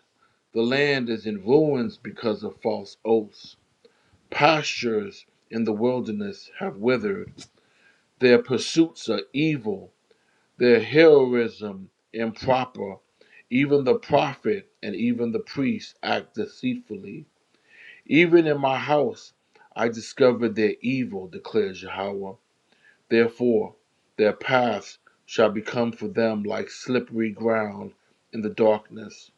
The land is in ruins because of false oaths. Pastures in the wilderness have withered. Their pursuits are evil. Their heroism improper. Even the prophet and even the priest act deceitfully. Even in my house I discovered their evil, declares Yahweh. Therefore, their paths shall become for them like slippery ground in the darkness.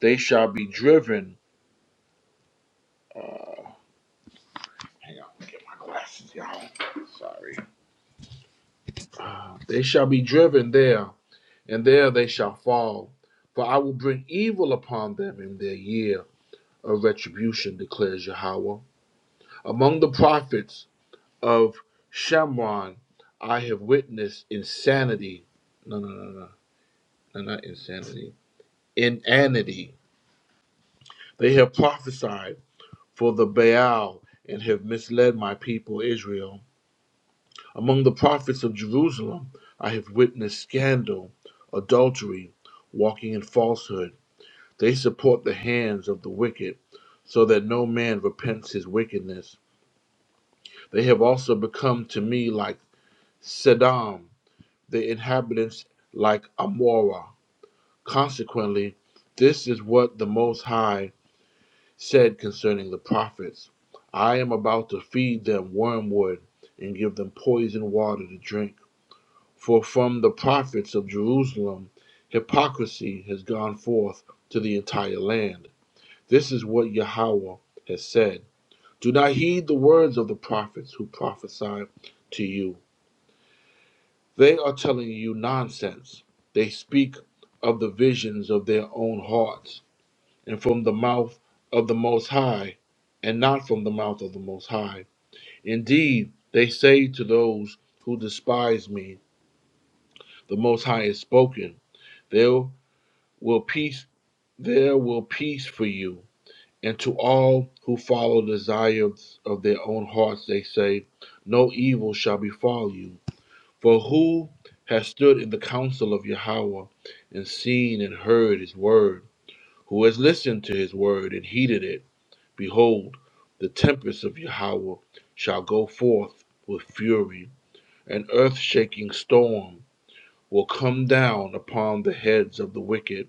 They shall be driven. Uh, hang on, let me get my glasses, y'all. Sorry. Uh, they shall be driven there and there they shall fall. For I will bring evil upon them in their year of retribution, declares Yahweh. Among the prophets of Shemron, I have witnessed insanity. No, no, no, no, no, not insanity. Inanity. They have prophesied for the Baal and have misled my people Israel. Among the prophets of Jerusalem, I have witnessed scandal, adultery, walking in falsehood They support the hands of the wicked, so that no man repents his wickedness. They have also become to me like Sedom, the inhabitants like Amorah. Consequently, this is what the Most High said concerning the prophets I am about to feed them wormwood and give them poison water to drink. For from the prophets of Jerusalem, hypocrisy has gone forth to the entire land. This is what Yahweh has said. Do not heed the words of the prophets who prophesy to you. They are telling you nonsense. They speak of the visions of their own hearts and from the mouth of the Most High and not from the mouth of the Most High. Indeed, they say to those who despise me, the Most High has spoken. There will peace, there will peace for you And to all who follow the desires of their own hearts, they say, No evil shall befall you. For who has stood in the counsel of Yahweh and seen and heard his word? Who has listened to his word and heeded it? Behold, the tempest of Yahweh shall go forth with fury. An earth shaking storm will come down upon the heads of the wicked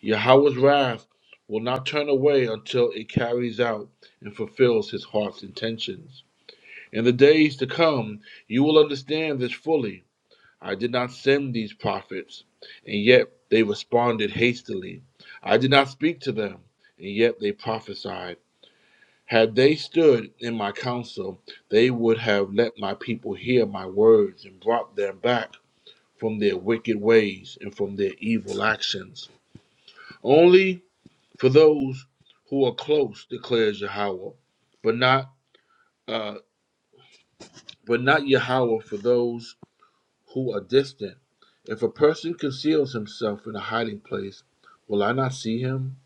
Yahweh's wrath will not turn away until it carries out and fulfills his heart's intentions. In the days to come, you will understand this fully. I did not send these prophets, and yet they responded hastily. I did not speak to them, and yet they prophesied. Had they stood in my counsel, they would have let my people hear my words and brought them back from their wicked ways and from their evil actions. Only for those who are close, declares Yahweh, but not uh, but not Yahweh for those who are distant. If a person conceals himself in a hiding place, will I not see him?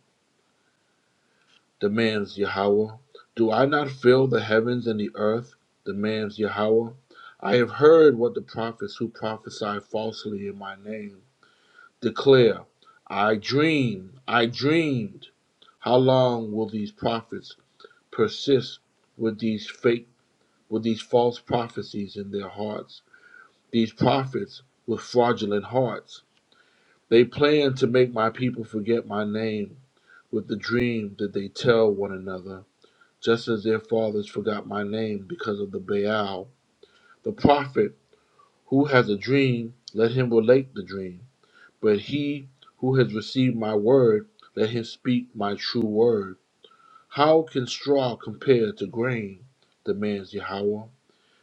demands Yahweh. Do I not fill the heavens and the earth? demands Yahweh. I have heard what the prophets who prophesy falsely in my name declare. I dream, I dreamed. How long will these prophets? persist with these fake, with these false prophecies in their hearts, these prophets with fraudulent hearts. They plan to make my people forget my name with the dream that they tell one another, just as their fathers forgot my name because of the Baal. The prophet who has a dream, let him relate the dream. But he who has received my word, let him speak my true word. How can straw compare to grain? demands Yahweh.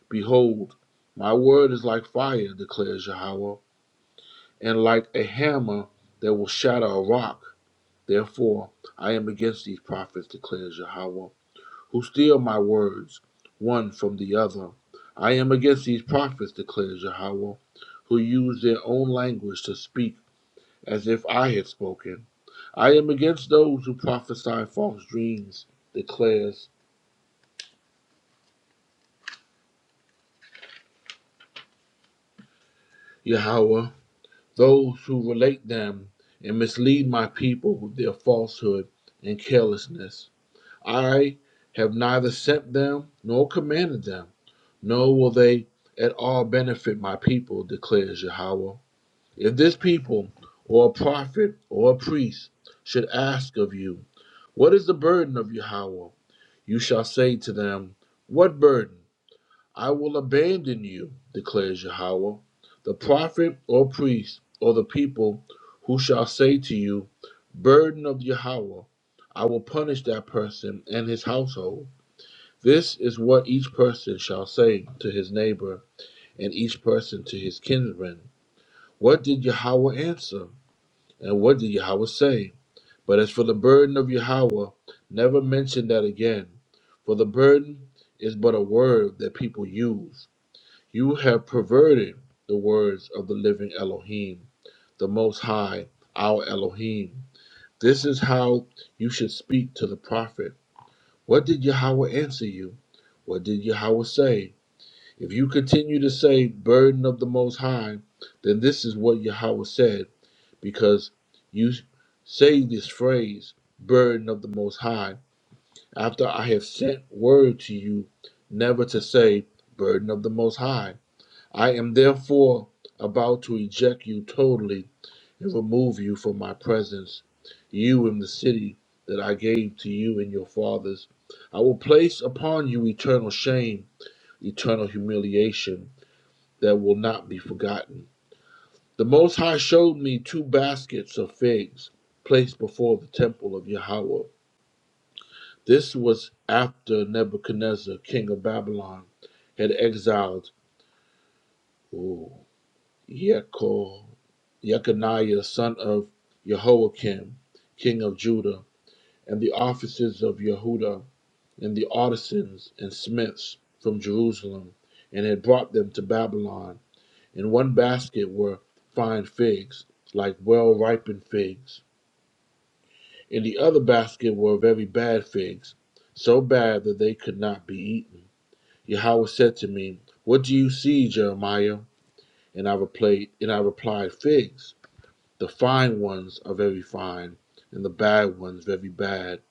Behold, my word is like fire, declares Yahweh, and like a hammer that will shatter a rock. Therefore, I am against these prophets, declares Yahweh, who steal my words one from the other. I am against these prophets, declares Yahweh, who use their own language to speak as if I had spoken. I am against those who prophesy false dreams, declares Yahweh, those who relate them and mislead my people with their falsehood and carelessness. I have neither sent them nor commanded them, nor will they at all benefit my people, declares Yahweh. If this people, or a prophet, or a priest, should ask of you, What is the burden of Yahweh? You shall say to them, What burden? I will abandon you, declares Yahweh, the prophet or priest or the people who shall say to you, Burden of Yahweh, I will punish that person and his household. This is what each person shall say to his neighbor and each person to his kinsman. What did Yahweh answer? And what did Yahweh say? But as for the burden of Yahweh, never mention that again, for the burden is but a word that people use you have perverted the words of the living Elohim, the Most High, our Elohim. This is how you should speak to the prophet. What did Yahweh answer you? What did Yahweh say? If you continue to say, burden of the Most High, then this is what Yahweh said, because you say this phrase, burden of the Most High, after I have sent word to you never to say, burden of the Most High. I am therefore about to eject you totally and remove you from my presence, you and the city that I gave to you and your fathers. I will place upon you eternal shame, eternal humiliation that will not be forgotten. The Most High showed me two baskets of figs placed before the temple of Yahweh. This was after Nebuchadnezzar, king of Babylon, had exiled. Yeko, Yekaniah, son of Jehoiakim, king of Judah, and the officers of Yehuda, and the artisans and smiths from Jerusalem, and had brought them to Babylon. In one basket were fine figs, like well ripened figs. In the other basket were very bad figs, so bad that they could not be eaten. Yahweh said to me, What do you see, Jeremiah? And I replied, and I replied, Figs. The fine ones are very fine, and the bad ones very bad,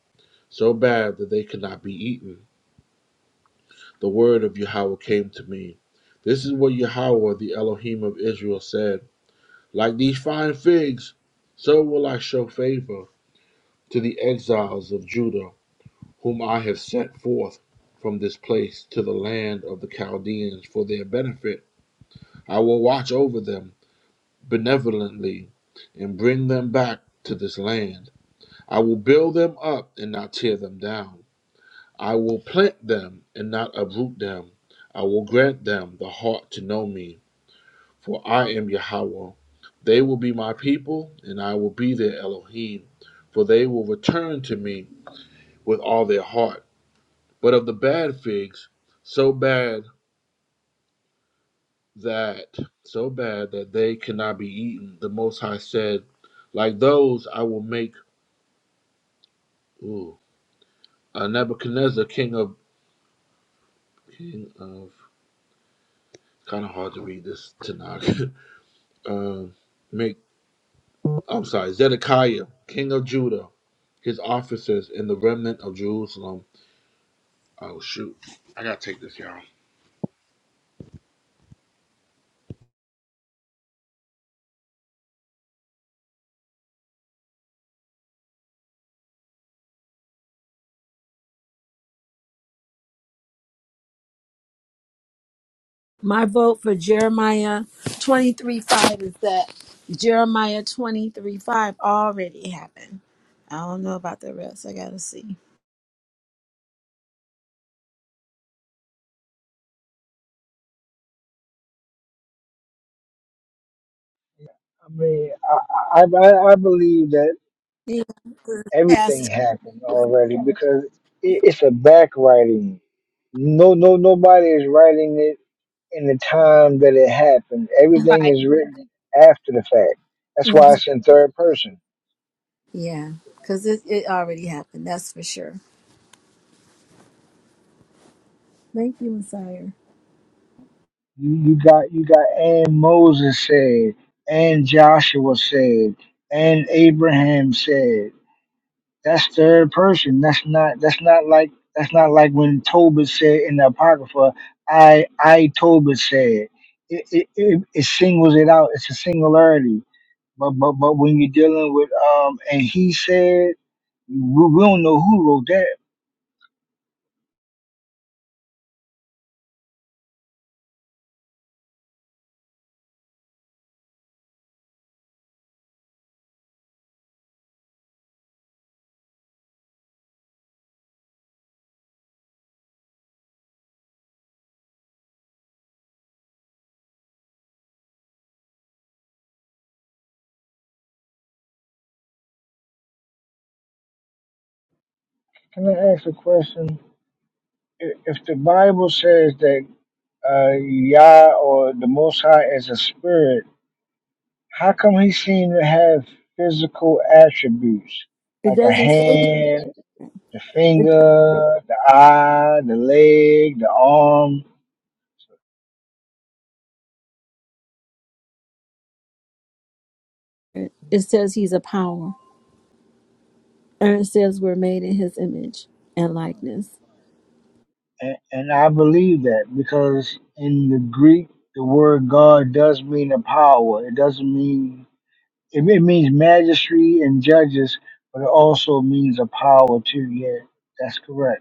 so bad that they could not be eaten. The word of Yahweh came to me. This is what Yahweh, the Elohim of Israel, said Like these fine figs, so will I show favor to the exiles of Judah, whom I have sent forth from this place to the land of the Chaldeans for their benefit. I will watch over them benevolently and bring them back to this land. I will build them up and not tear them down. I will plant them and not uproot them. I will grant them the heart to know me, for I am Yahweh. They will be my people, and I will be their Elohim, for they will return to me with all their heart. But of the bad figs, so bad that so bad that they cannot be eaten, the Most High said, like those I will make ooh, a Nebuchadnezzar king of king of Kind of hard to read this Tanakh. *laughs* um, make I'm sorry, Zedekiah, king of Judah, his officers, and the remnant of Jerusalem. Oh shoot, I gotta take this, y'all. My vote for Jeremiah twenty three five is that Jeremiah twenty three five already happened. I don't know about the rest. I gotta see. I mean, I I I I believe that Yeah, 'cause it's everything past happened already because it, it's a back writing. No, no, nobody is writing it in the time that it happened. Everything right. is written after the fact. That's why Mhm. it's in third person. Yeah, because it, it already happened. That's for sure. Thank you, Messiah. You, you got you got and Moses said, and Joshua said, and Abraham said. That's third person. That's not that's not like that's not like when Tobit said in the Apocrypha, I I Tobit said. It, it, it, it singles it out. It's a singularity. But but but when you're dealing with um and he said, we, we don't know who wrote that Can I ask a question? If if the Bible says that uh, Yah or the Most High is a spirit, how come he seemed to have physical attributes It like a doesn't say it, hand, the finger, the eye, the leg, the arm? doesn't- it says he's a power, and it says we're made in his image and likeness. And, and I believe that because in the Greek, the word God does mean a power. It doesn't mean it, it means majesty and judges, but it also means a power too. Yeah, that's correct.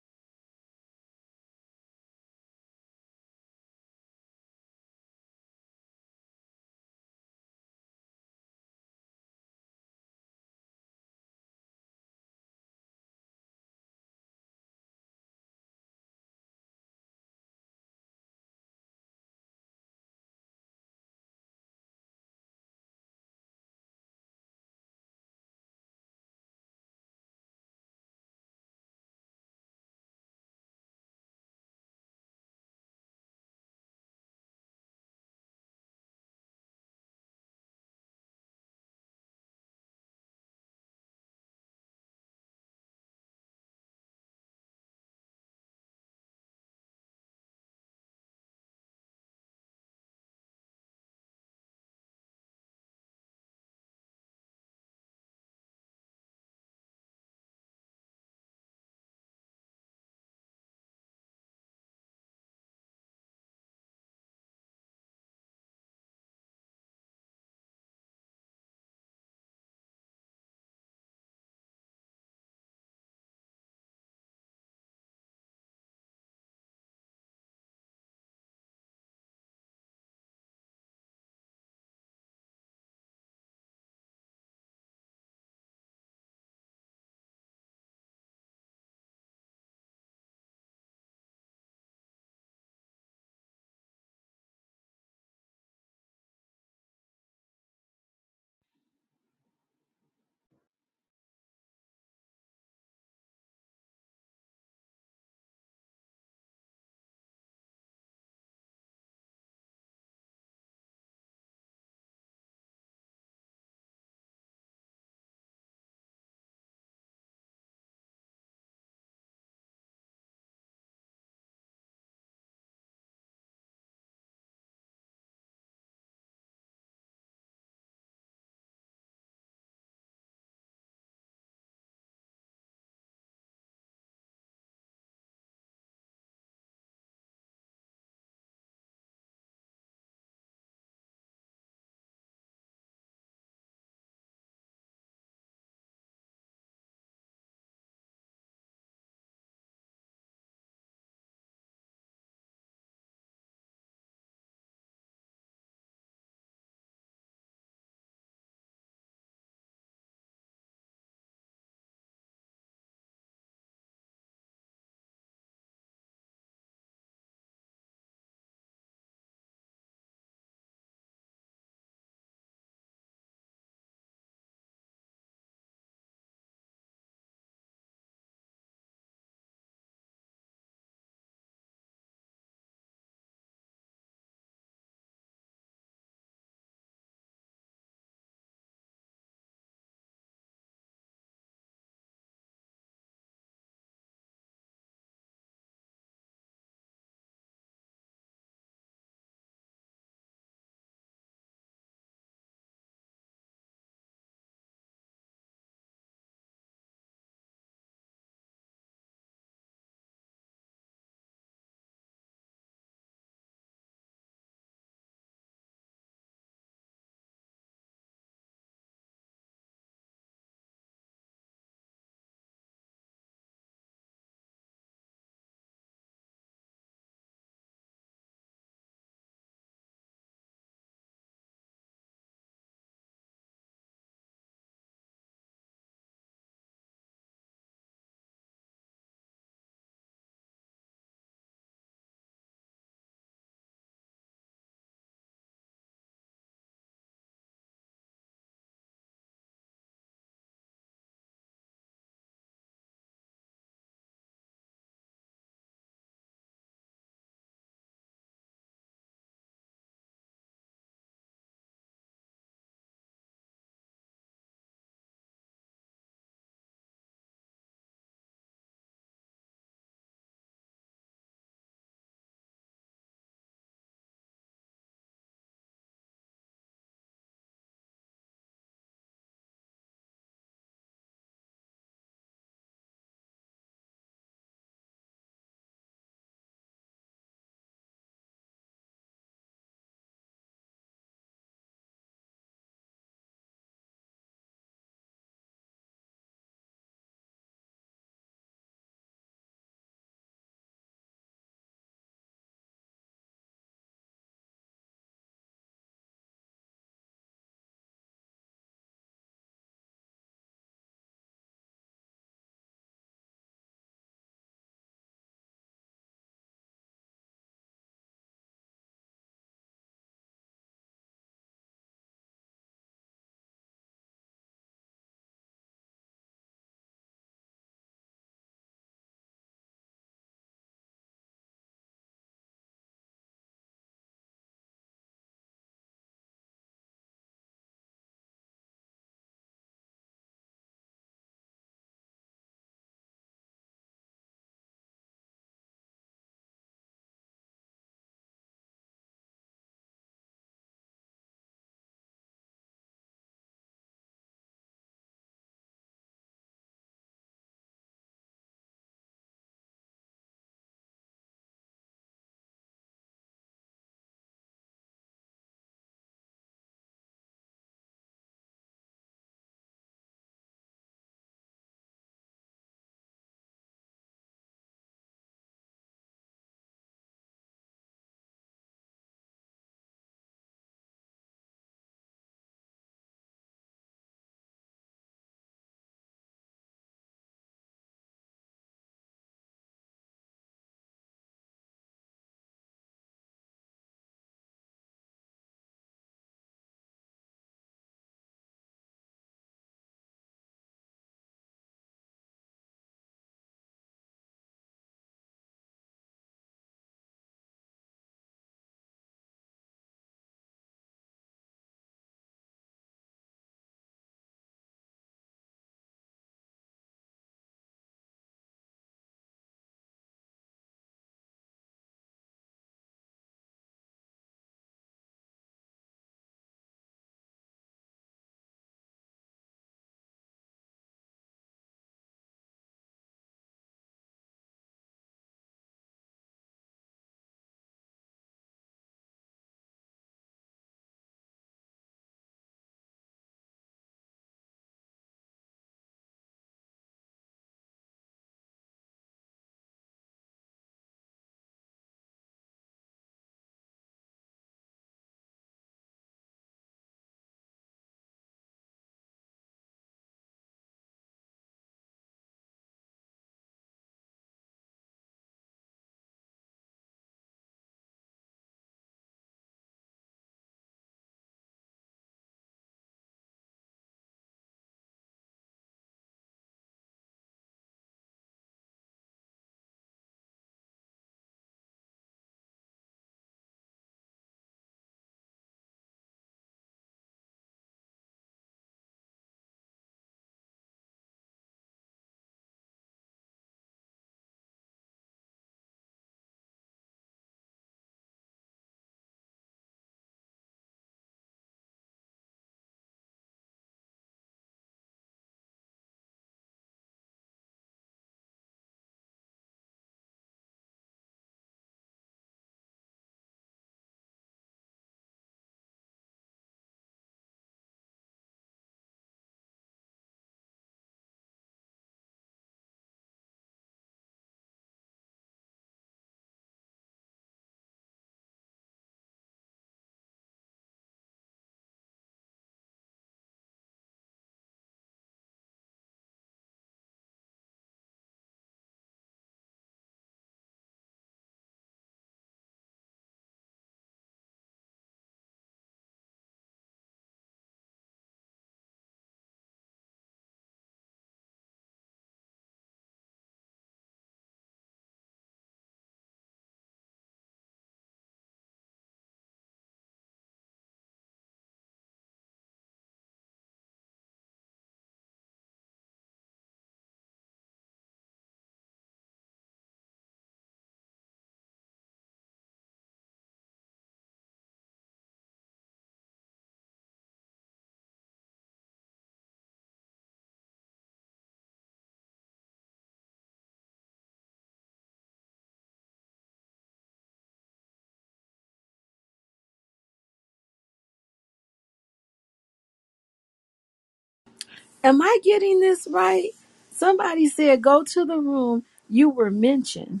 Am I getting this right? Somebody said, go to the room you were mentioned.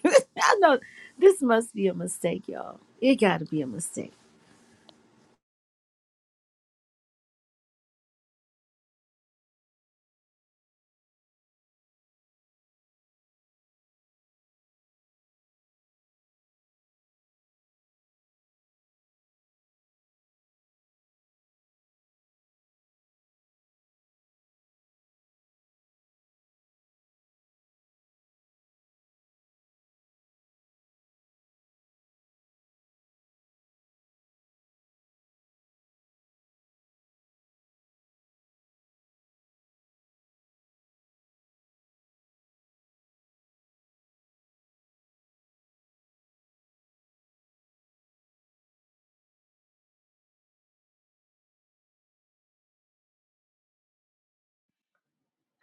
*laughs* I know this must be a mistake, y'all. It got to be a mistake.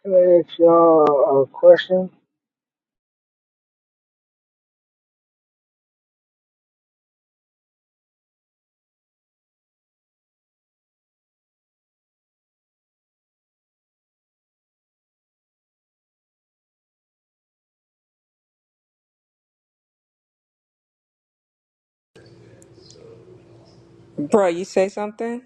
Can I ask y'all a question? bro. You say something?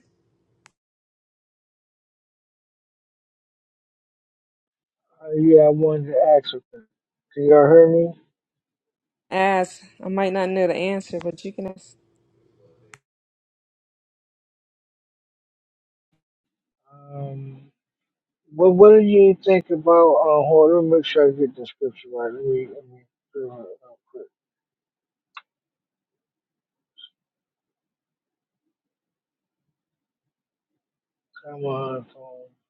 Uh, yeah, I wanted to ask a question. Can y'all hear me? Ask. I might not know the answer, but you can ask. Um, what what do you think about? Uh, hold on, let me make sure I get the scripture right. Let me let me figure it out real quick. Come on, phone.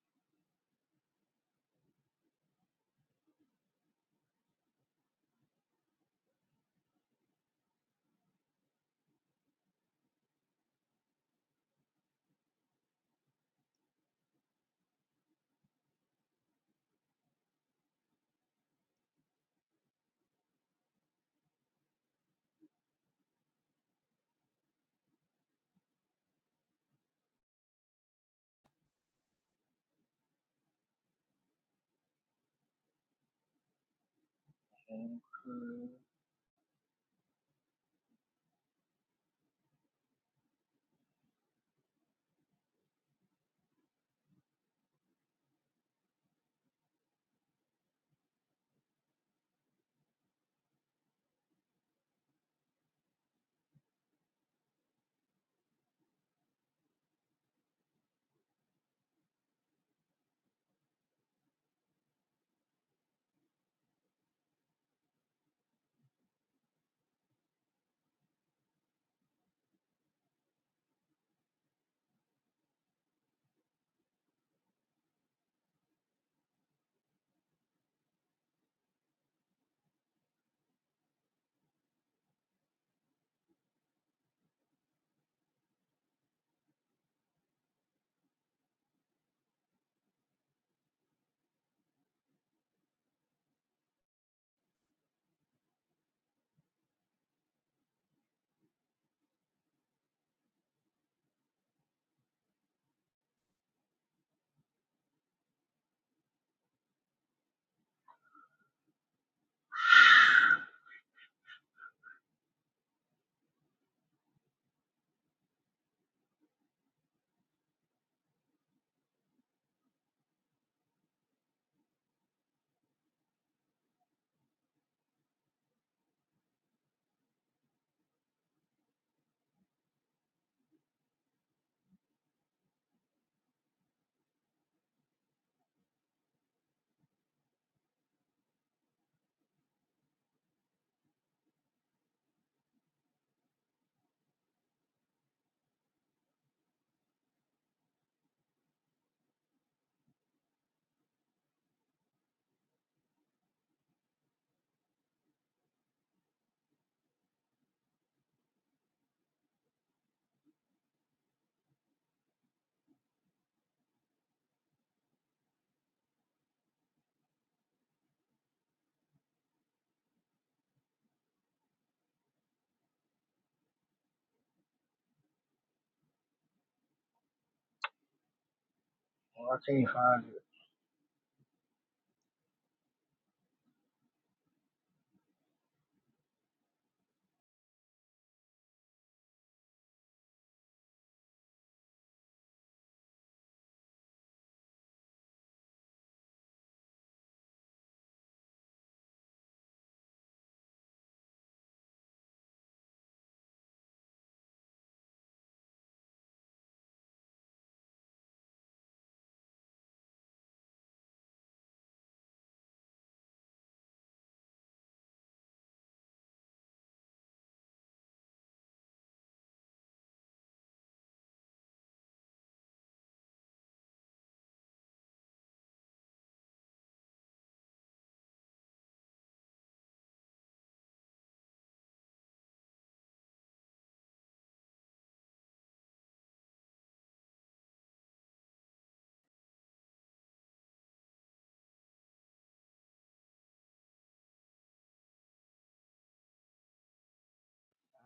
Oh, I can't find it.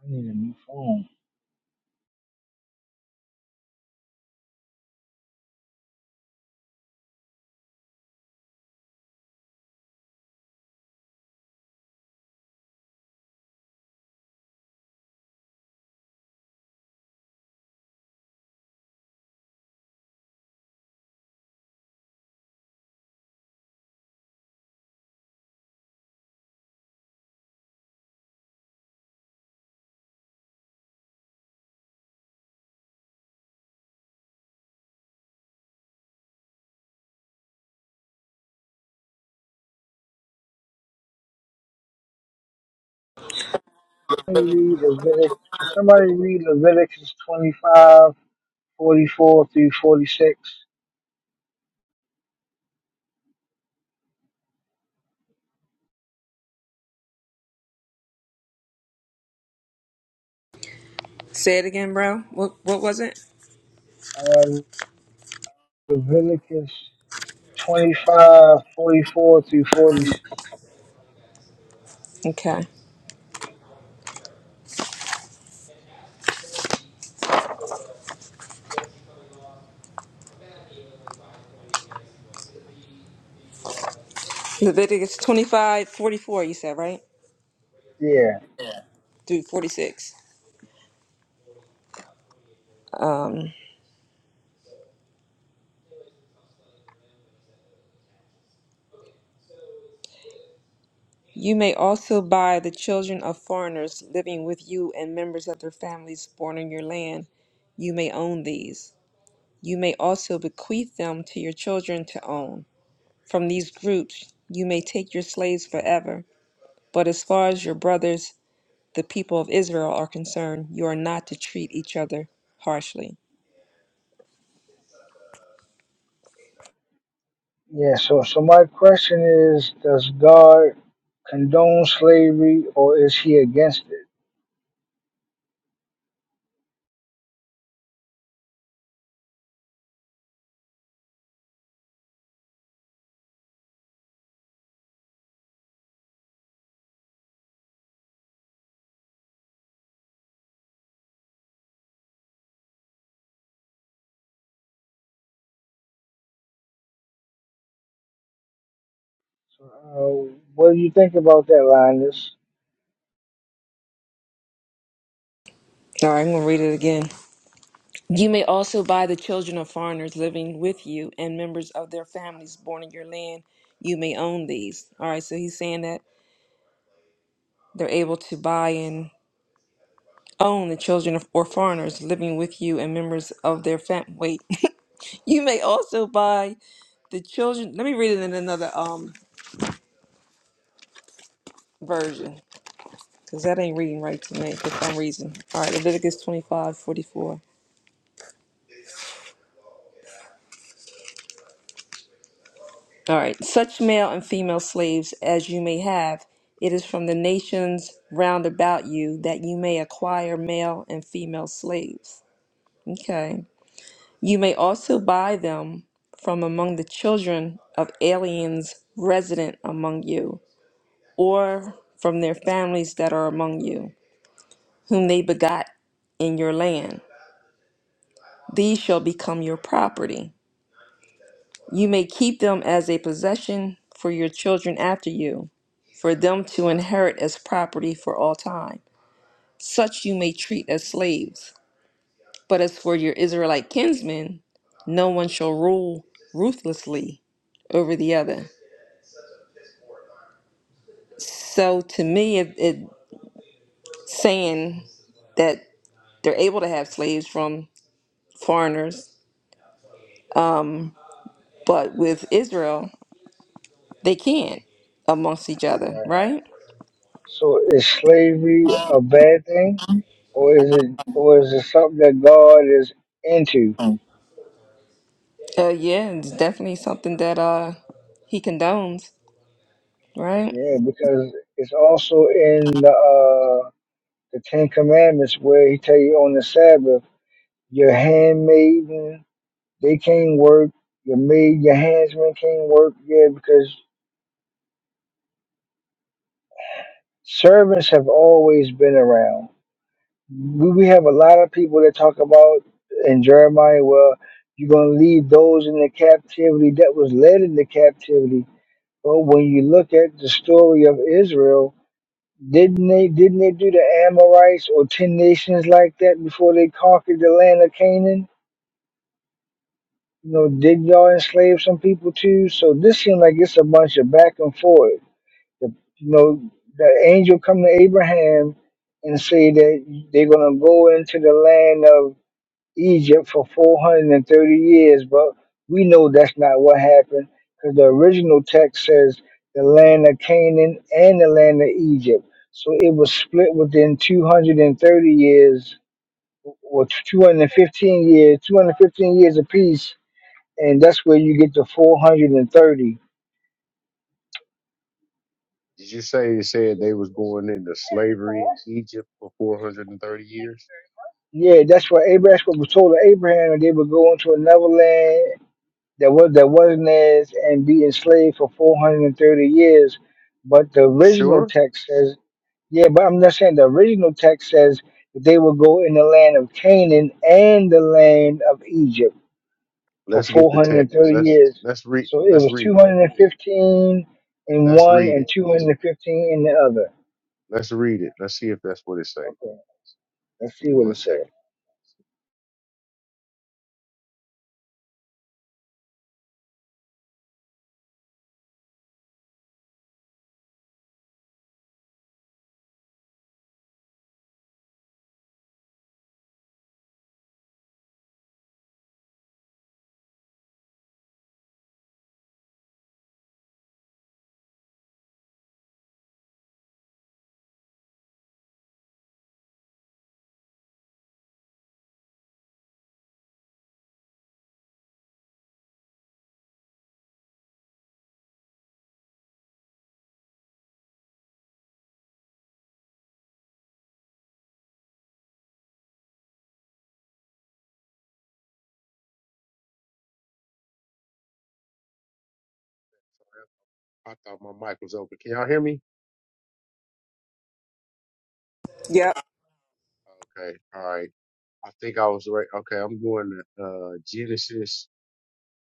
I need a new phone. Can you read Leviticus? Can somebody read Leviticus twenty-five forty-four through 46? Say it again, bro. What What was it? Uh, Leviticus 25 44 through 46. Okay. Leviticus 25 44. You said right? Yeah. Dude, 46. You may also buy the children of foreigners living with you and members of their families born in your land. You may own these. You may also bequeath them to your children to own. From these groups, you may take your slaves forever. But as far as your brothers, the people of Israel, are concerned, you are not to treat each other harshly. Yeah, so so my question is, does God condone slavery or is he against it? So, uh, what do you think about that, Linus? All right, I'm going to read it again. You may also buy the children of foreigners living with you and members of their families born in your land. You may own these. All right, so he's saying that they're able to buy and own the children of or foreigners living with you and members of their fam. Wait, *laughs* you may also buy the children. Let me read it in another um version because that ain't reading right to me for some reason. All right, Leviticus 25:44. All right. Such male and female slaves as you may have, it is from the nations round about you that you may acquire male and female slaves. Okay. You may also buy them from among the children of aliens resident among you, or from their families that are among you, whom they begot in your land. These shall become your property. You may keep them as a possession for your children after you, for them to inherit as property for all time. Such you may treat as slaves. But as for your Israelite kinsmen, no one shall rule ruthlessly over the other. So to me, it, it saying that they're able to have slaves from foreigners, but with Israel, they can't amongst each other, Right. right? So is slavery a bad thing, or is it or is it something that God is into? Uh, yeah, it's definitely something that uh he condones, right? Yeah, because it's also in the uh, the Ten Commandments where He tell you on the Sabbath, your handmaiden they can't work, your maid, your handsman can't work. Yeah, because servants have always been around. We, we have a lot of people that talk about in Jeremiah, well, you're going to lead those in the captivity that was led into captivity. But when you look at the story of Israel, didn't they didn't they do the Amorites or ten nations like that before they conquered the land of Canaan? You know, did y'all enslave some people too? So this seems like it's a bunch of back and forth The, you know, the angel come to Abraham and say that they're going to go into the land of Egypt for 430 years, but we know that's not what happened because the original text says the land of Canaan and the land of Egypt. So it was split within 230 years or 215 years, 215 years apiece, and that's where you get the 430. Did you say it said they was going into slavery in Egypt for 430 years? Yeah, that's what Abraham that's what was told to Abraham, and they would go into another land that was that wasn't theirs and be enslaved for four hundred and thirty years. But the You original sure? text says, yeah, but I'm not saying the original text says that they will go in the land of Canaan and the land of Egypt for Let's get four the hundred and text. thirty Let's years. let's read So it let's was two read it. hundred and fifteen in Let's one read and it. two hundred and fifteen in the other. Let's read it. Let's see if that's what it says. Okay, let's Give see me what one it says. second. I thought my mic was open. Can y'all hear me? Yep. Okay. All right. I think I was right. Okay, I'm going to uh Genesis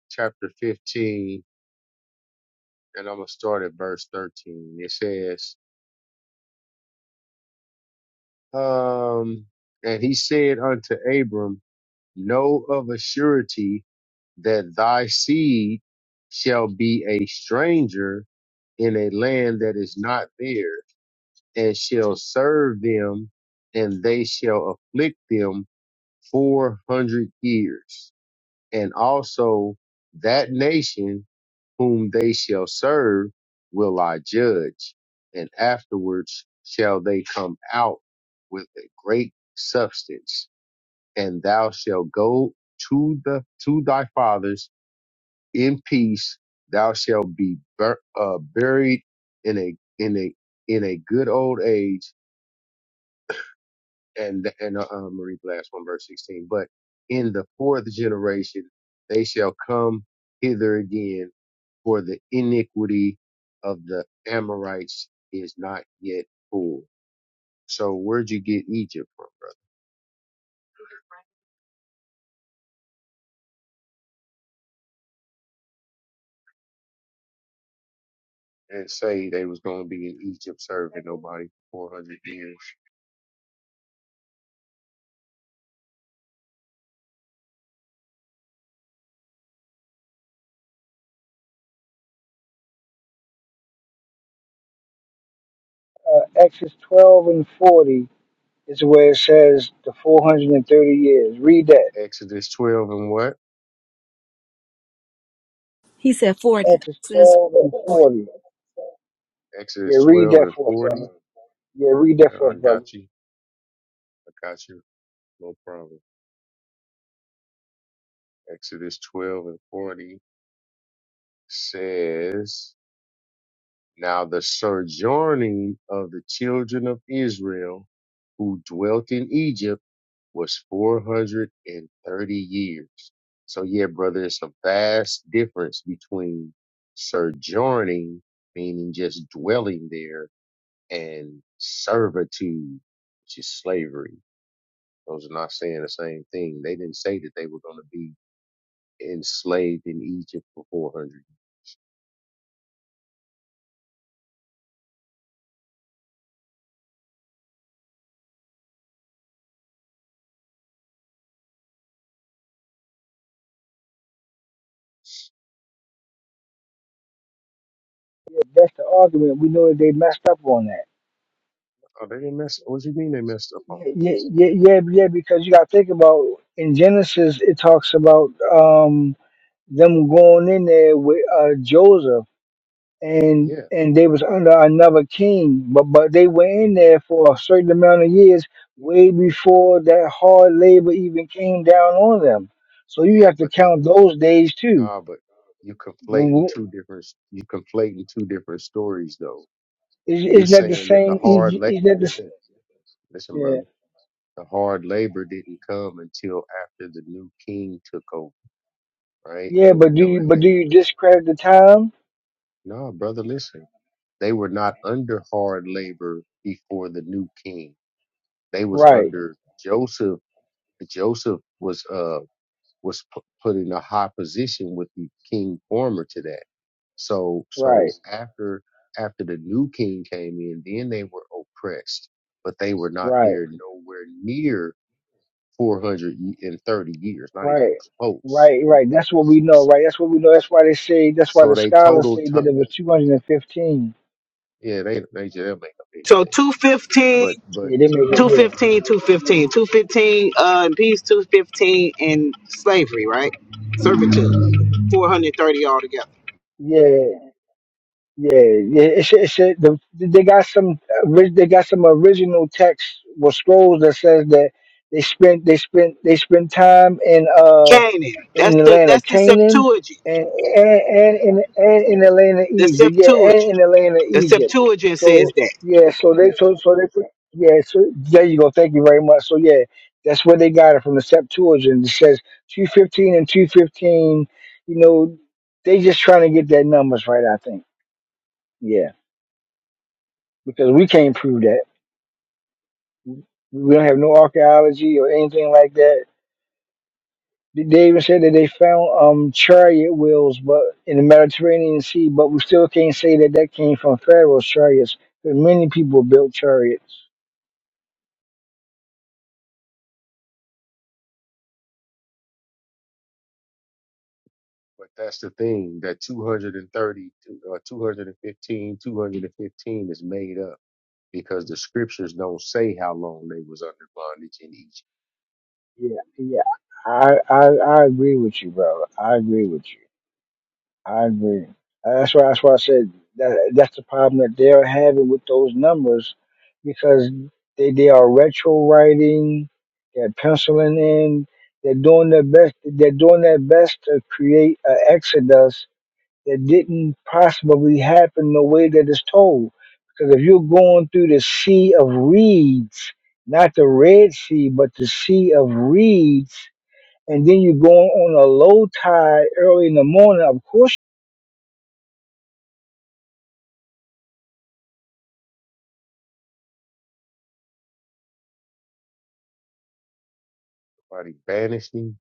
chapter 15 and I'm going to start at verse 13. It says, um and he said unto Abram, know of a surety that thy seed shall be a stranger in a land that is not theirs, and shall serve them, and they shall afflict them four hundred years. And also that nation whom they shall serve will I judge, and afterwards shall they come out with a great substance, and thou shalt go to the to thy fathers in peace thou shalt be bur- uh, buried in a in a in a good old age and and uh, uh, Marie last one verse sixteen. But in the fourth generation they shall come hither again, for the iniquity of the Amorites is not yet full. So where'd you get Egypt from? And say they was gonna be in Egypt serving nobody for four hundred years. Uh, Exodus twelve and forty It's where it says the 430 years. Read that. Exodus twelve and what? He said 40. Acts Sis, 12 and 40. Yeah, Exodus read twelve that and for us, forty. brother. Yeah, read that for I us, brother. got you. I got you. No problem. Exodus 12 and 40 says, Now the sojourning of the children of Israel who dwelt in Egypt was 430 years. So yeah, brother, it's a vast difference between sojourning, meaning just dwelling there, and servitude, which is slavery. Those are not saying the same thing. They didn't say that they were going to be enslaved in Egypt for 400 years. Yeah, that's the argument. We know that they messed up on that. Oh, they didn't mess. What do you mean they messed up on? Yeah, yeah, yeah, yeah, yeah, because you got to think about in Genesis, it talks about um, them going in there with uh, Joseph. and Yeah. and they was under another king, but but they were hmm in there for a certain amount of years, way before that hard labor even came down on them. So you Yeah, have to but they, count those days too. nah, but you conflating W- two different, you conflating two different stories though. Is You're is that the saying that the same? Is hard, la- is that the s- listen, listen, yeah brother, the hard labor didn't come until after the new king took over, right? yeah? And we But do know that you they, but do you discredit the time? no, brother, listen, they were not under hard labor before the new king. They was Right under Joseph. Joseph was uh was pu- put in a high position with the king former to that. So right so after after the new king came in, then they were oppressed, but they were not right there nowhere near 430 years, not even right. close. Right, right. That's what we know, S- right? That's what we know. That's why they say. That's why So the they scholars total say time, that it was two hundred and fifteen. yeah, they they just they'll make up So anything. two fifteen. But but Yeah, they make it. Yeah, 215, 215 uh, in peace, 215 in slavery, right? Servitude. 430 altogether. yeah, Yeah, yeah. It's it's it, the, they got some ori- they got some original text with scrolls that says that they spent they spent they spent time in uh Canaan. in That's the the land of that's the Canaan Septuagint. and and and in and in the land of The Egypt. Yeah, and in Septuagint. the land of The Egypt. Septuagint says So that. yeah, so they so so they put- yeah. So there you go. Thank you very much. So yeah, that's where they got it from the Septuagint. It says two fifteen and two fifteen. You know, they just trying to get their numbers right. I think. Yeah because we can't prove that. We don't have no archaeology or anything like that. They even said that they found um, chariot wheels, but in the Mediterranean Sea, but we still can't say that that came from Pharaoh's chariots. 'cause many people built chariots. but that's the thing that 230 uh, 215 215 is made up because the scriptures don't say how long they was under bondage in Egypt. Yeah, yeah, I, I, I agree with you, brother. I agree with you. I agree. Uh, That's why. That's why I said that. That's the problem that they're having with those numbers, because they they are retro writing, they're penciling in, they're doing their best. They're doing their best to create an exodus that didn't possibly happen the way that it's told. Because if you're going through the sea of reeds, not the Red Sea, but the sea of reeds, and then you're going on a low tide early in the morning, of course. Nobody banished them.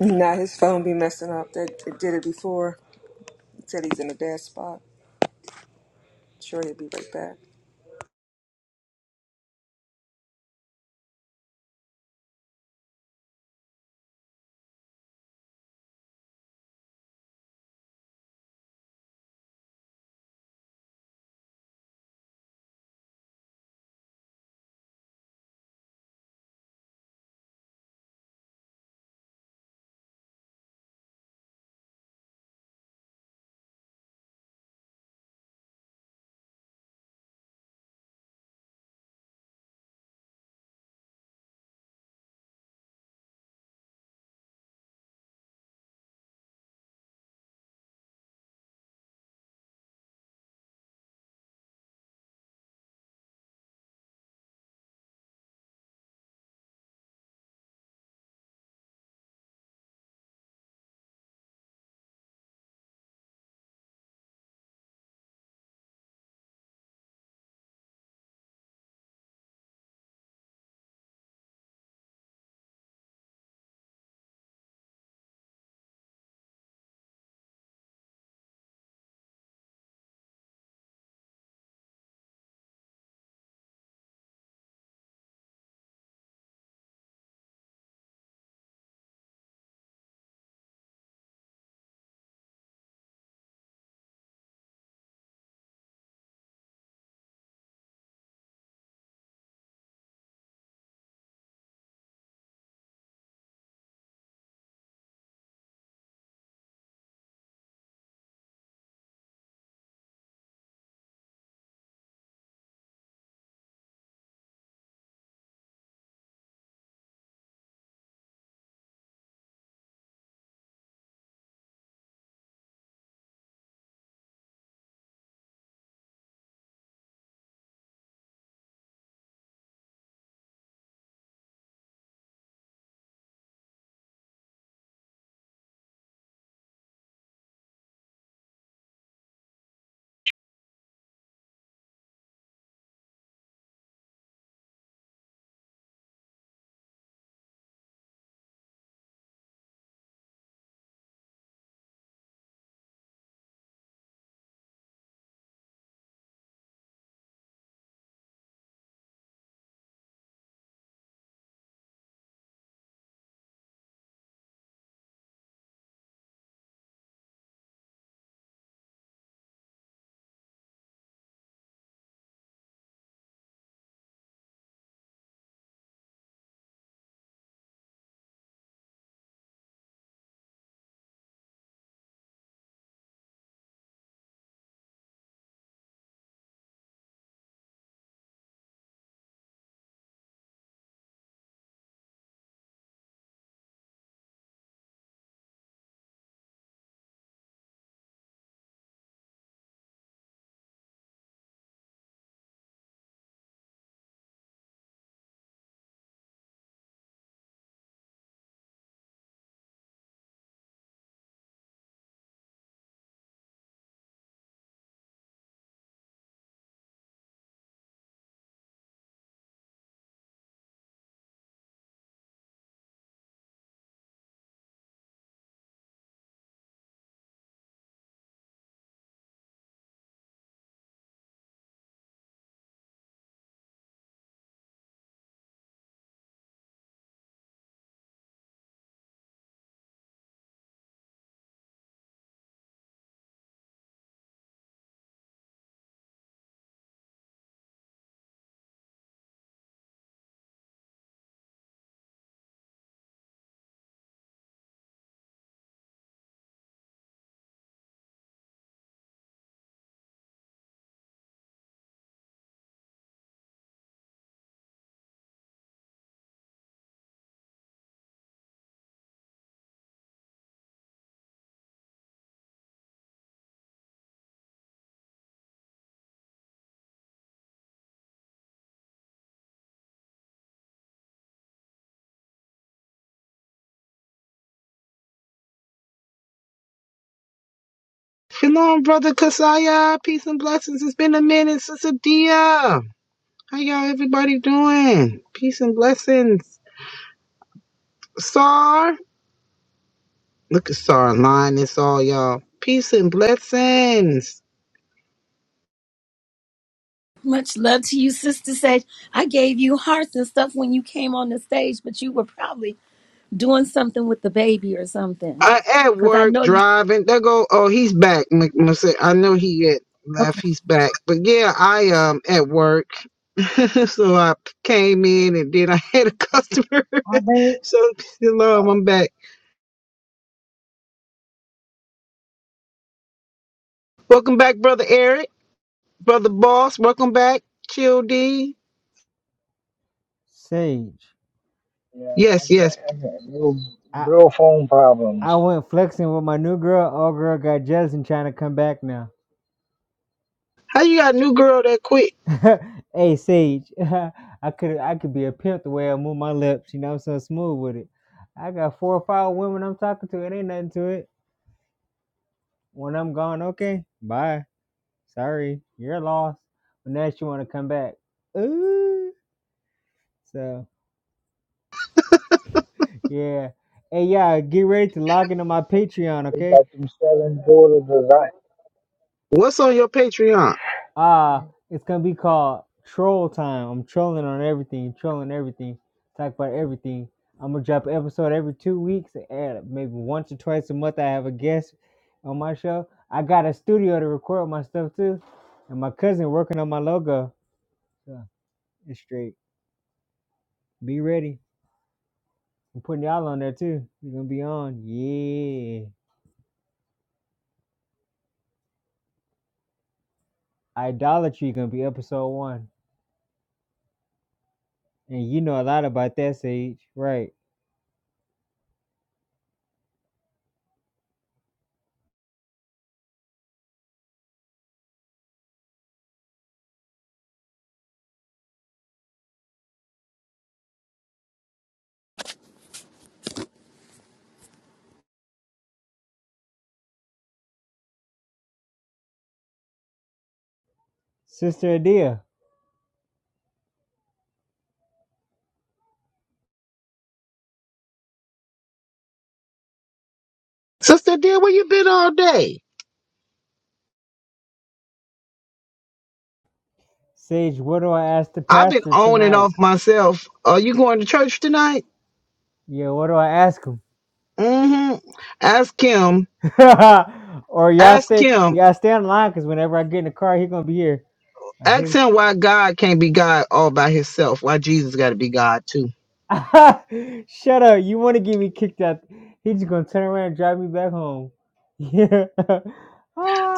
Now his phone be messing up. That it did it before. It said he's in a bad spot. Sure, he'll be right back. Shalom, brother Kasaya. Peace and blessings. It's been a minute, Sister Dia. How y'all everybody doing? Peace and blessings. Sar. Look at Sar lying. It's all y'all. Peace and blessings. much love to you, Sister Sage. I gave you hearts and stuff when you came on the stage, but you were probably doing something with the baby or something. I at Because I work know you. driving. They go, oh, he's back. Mc- Mc- I know he had Okay. left. He's back. But yeah, I um at work. *laughs* so I came in and then I *laughs* had a customer. *laughs* so hello, I'm back. Welcome back, brother Eric, brother Boss. Welcome back, Chill D. Sage, Yeah, I Yes, got, yes. I got real, I real phone I problems. went flexing with my new girl. Old girl got jealous and trying to come back now. How you got a new girl that quick? *laughs* hey Sage, *laughs* I could I could be a pimp the way I move my lips. You know I'm so smooth with it. I got four or five women I'm talking to. It ain't nothing to it. When I'm gone, okay, bye. Sorry, you're lost. But now you want to come back. Ooh, so yeah. Hey, yeah, get ready to log into my Patreon, They okay? got them selling daughters. design. What's on your Patreon, Ah, it's gonna be called Troll Time. I'm trolling on everything, trolling everything, talk about everything. I'm gonna drop an episode every two weeks, and maybe once or twice a month. I have a guest on my show. I got a studio to record my stuff too, and my cousin working on my logo. So it's straight. Be ready. I'm putting y'all on there too. We're gonna be on. Yeah, idolatry gonna be episode one, and you know a lot about that, Sage, right, Sister Adia? sister? Dear, where you been all day? Sage, what do I ask the I've been pastor on and tonight? off myself. Are you going to church tonight? Yeah, what do I ask him? hmm Ask him. *laughs* or y'all Ask stay, him. y'all stay on the line because whenever I get in the car, he gonna be here. I hear Ask him why God can't be God all by himself. Why Jesus got to be God too. him. *laughs* Shut up! You want to get me kicked out? He just gonna turn around and drive me back home. *laughs* Yeah.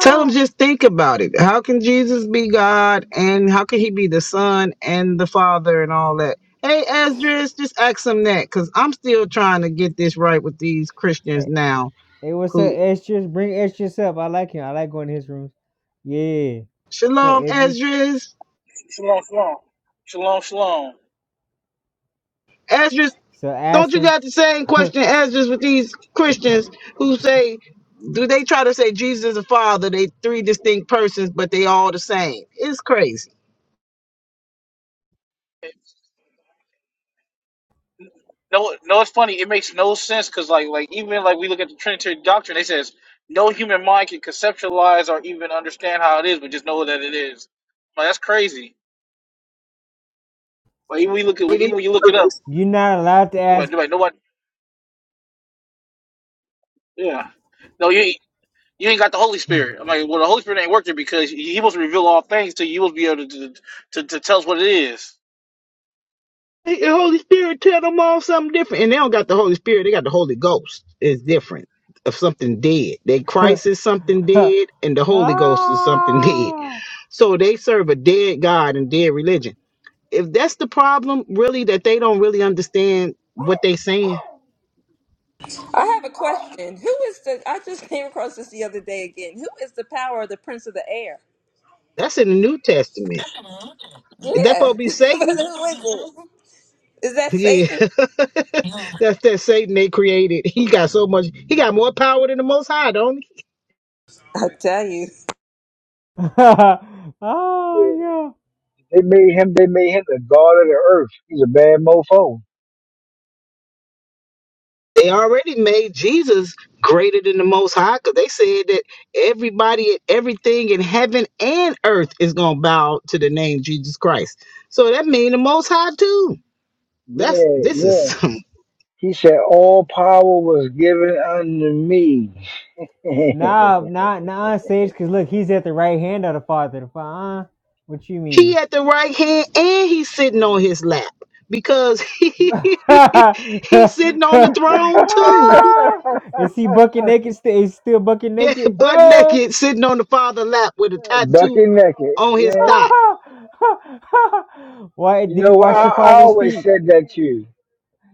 Tell him just think about it. How can Jesus be God and how can he be the Son and the Father and all that? Hey, Esdras, just ask him that because I'm still trying to get this right with these Christians Hey, now. hey, what's up, Who? Estrus? Bring Estrus up. I like him. I like going to his rooms. Yeah. So Shalom, Idris, Esdras. Shalom, shalom, shalom, shalom. Esdras so ask Don't you him. got the same *laughs* question answers with these Christians who say, do they try to say Jesus is the Father? They three distinct persons, but they all the same. It's crazy. No, no, it's funny. It makes no sense because, like, like even like we look at the Trinitarian doctrine, it says no human mind can conceptualize or even understand how it is, but just know that it is. Like that's crazy. Like even we look at It even when you look it up, is. You're not allowed to you're like, you're like nobody, yeah, no, you ain't- you ain't got the Holy Spirit. I'm like, well, the Holy Spirit ain't working because He must reveal all things to you. He must be able to to, to to tell us what it is. Hey, The Holy Spirit tell them all something different, and they don't got the Holy Spirit. They got the Holy Ghost. It's different of something dead. They ask. Christ is something *laughs* dead, and the Holy Ghost is something *laughs* dead. ah! So they serve a dead God and dead religion. If that's the problem, really, that they don't really understand what they saying. I have a question. Who is the? I just came across this the other day again. Who is the power of the prince of the air? That's in the New Testament. Is that supposed Yeah, to *laughs* be but Satan? who is it? Is that Yeah. *laughs* Satan? That's that Satan they created. He got so much he got more power than the most high, don't he? I tell you. *laughs* oh Yeah. yeah. They made him, they made him the god of the earth. He's a bad mofo. They already made Jesus greater than the most high because they said that everybody and everything in heaven and earth is gonna bow to the name Jesus Christ. So that means the most high too. That's Yeah, this is yeah. some He said, all power was given unto me. *laughs* Nah, nah, nah, Sage. Cause look, he's at the right hand of the Father. The Father. Uh, what you he mean? at the right hand and he's sitting on his lap because *laughs* he's sitting on the *laughs* throne too. Ah, is he bucket naked? Still, is he still bucket *laughs* Yeah, naked? butt naked, sitting on the father lap with a tattoo Bucking naked. on his Yeah. thigh. *laughs* Why You did he know, wash I, your I father's always feet? said that to you.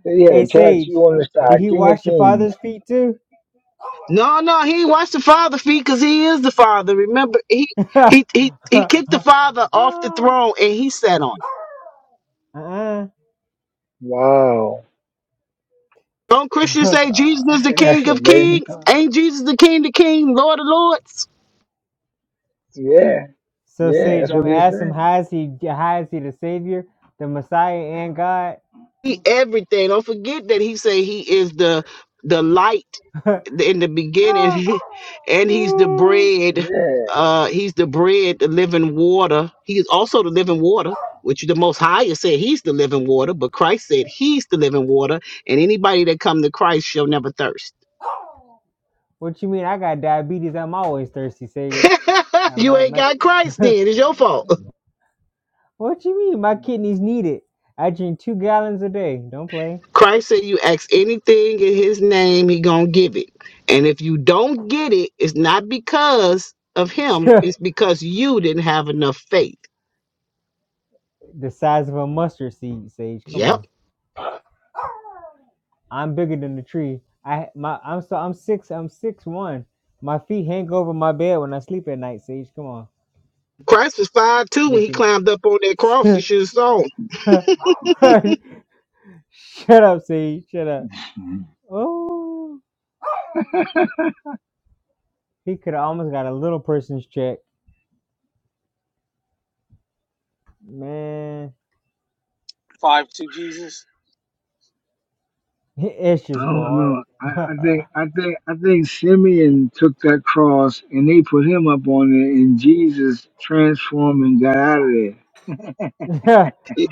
That He had Hey, a tattoo Sage. on the Did side, he King of wash your Kings. father's feet too? No, *laughs* no, he ain't washed the father feet because he is the father. Remember, he, he he he kicked the father off the throne and he sat on it. Wow. Don't Christians say Jesus uh-uh. *laughs* is *laughs* the That's King of amazing. Kings? Ain't Jesus the King of Kings, Lord of Lords? Yeah. So Yeah, Sage, that's I'm what they asking, him say. how is he how is he the savior, the Messiah, and God? He everything. Don't forget that he say he is the the light *laughs* in the beginning, *laughs* and he's the bread. Yeah. Uh, he's the bread, the living water. He is also the living water, which the Most Higher said he's the living water, but Christ said he's the living water, and anybody that come to Christ shall never thirst. what you mean? I got diabetes. I'm always thirsty, Sage. *laughs* Uh, you my ain't my. got Christ, *laughs* then it's your fault. what you mean? My kidneys need it. I drink two gallons a day. Don't play. Christ said you ask anything in his name, he gonna give it. And if you don't get it, it's not because of *laughs* him, the it's because you didn't have enough faith. size of a mustard seed, Sage. Come Yep. on. I'm bigger than the tree. I my I'm so I'm six I'm six one. My feet hang over my bed when I sleep at night, Sage. Come on, Christ was five two when make he climbed up on that cross. He it. should have sown. *laughs* Shut up, C. Shut up. Mhm. Oh, he could have almost got a little person's check. Man, Five to Jesus. *laughs* it's I just go don't hard. know. I, I *laughs* think I think I think Simeon took that cross and they put him up on it, and Jesus transformed and got out of there.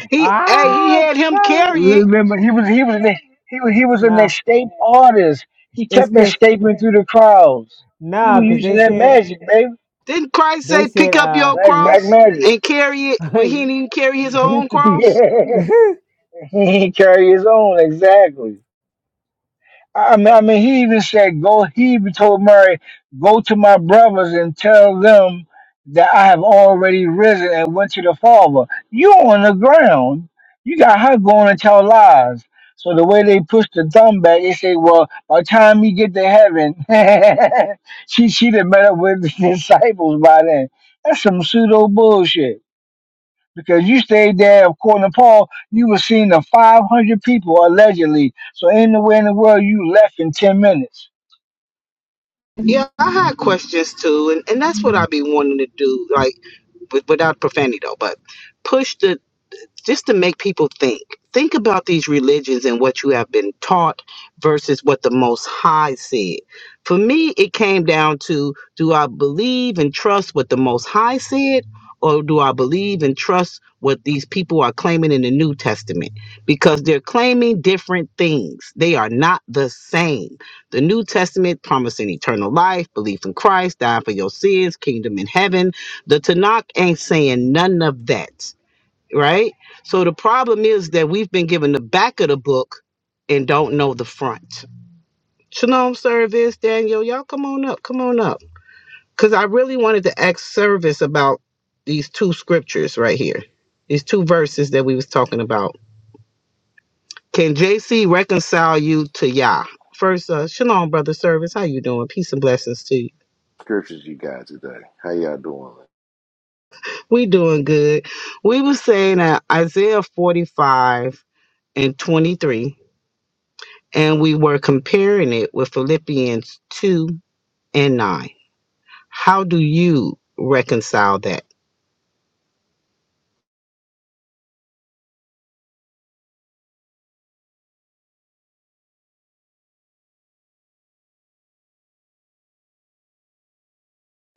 He hey, he ah, had him stop. it. carry it. Remember, he was he was an, he was, he was an Nah, escape artist. He it's kept cause escaping through the crowds. He nah, was cause using they that said magic, baby, Didn't Christ they say said pick up uh. your black black cross magic. and carry it *laughs* when he hey, didn't even carry his own *laughs* cross? yeah, *laughs* he carried his own exactly. I mean, I mean, he even said, "Go." He even told Mary, "Go to my brothers and tell them that I have already risen and went to the Father." You on the ground. You got her going and tell lies. So the way they push the thumb back, they say, "Well, by the time you get to heaven, *laughs* she she would have met up with the *laughs* disciples by then." That's some pseudo bullshit because you stayed there, according to Paul, you were seen to 500 people allegedly. So ain't no way in the world you left in 10 minutes. Yeah, I had questions too, and, and that's what I be wanting to do, like with, without profanity though, but push the just to make people think. Think about these religions and what you have been taught versus what the Most High said. For me, it came down to do I believe and trust what the Most High said, or do I believe and trust what these people are claiming in the New Testament? Because they're claiming different things, they are not the same. The New Testament promising eternal life, belief in Christ, dying for your sins, kingdom in heaven. The Tanakh ain't saying none of that right? So the problem is that we've been given the back of the book and don't know the front. Shalom service, Daniel, y'all come on up, come on up. Because I really wanted to ask service about these two scriptures right here, these two verses that we was talking about. Can JC reconcile you to Yah? First, uh, shalom, brother service. How you doing? Peace and blessings to you. scriptures you got today. How y'all doing? We doing good. We was saying that Isaiah 45 and 23 and we were comparing it with Philippians 2 and 9. How do you reconcile that?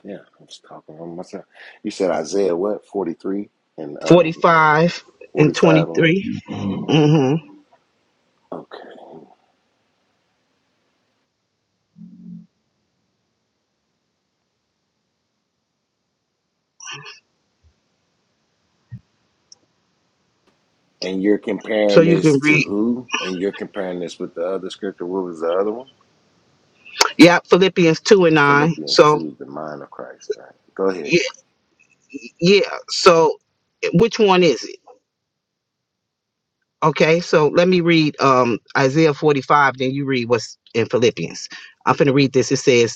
Yeah, I'm just talking on myself. You said Isaiah what? 43 and uh 45 and 45 on. 23. hmm Okay. And you're So comparing you this can to read, who? And you're comparing this with the other scripture. What was the other one? yeah, Philippians 2 and 9. Philippians So, 2, the mind of Christ, right? Go ahead. yeah, yeah. So, which one is it? Okay, so let me read um, Isaiah 45, then you read what's in Philippians. I'm going to read this. It says,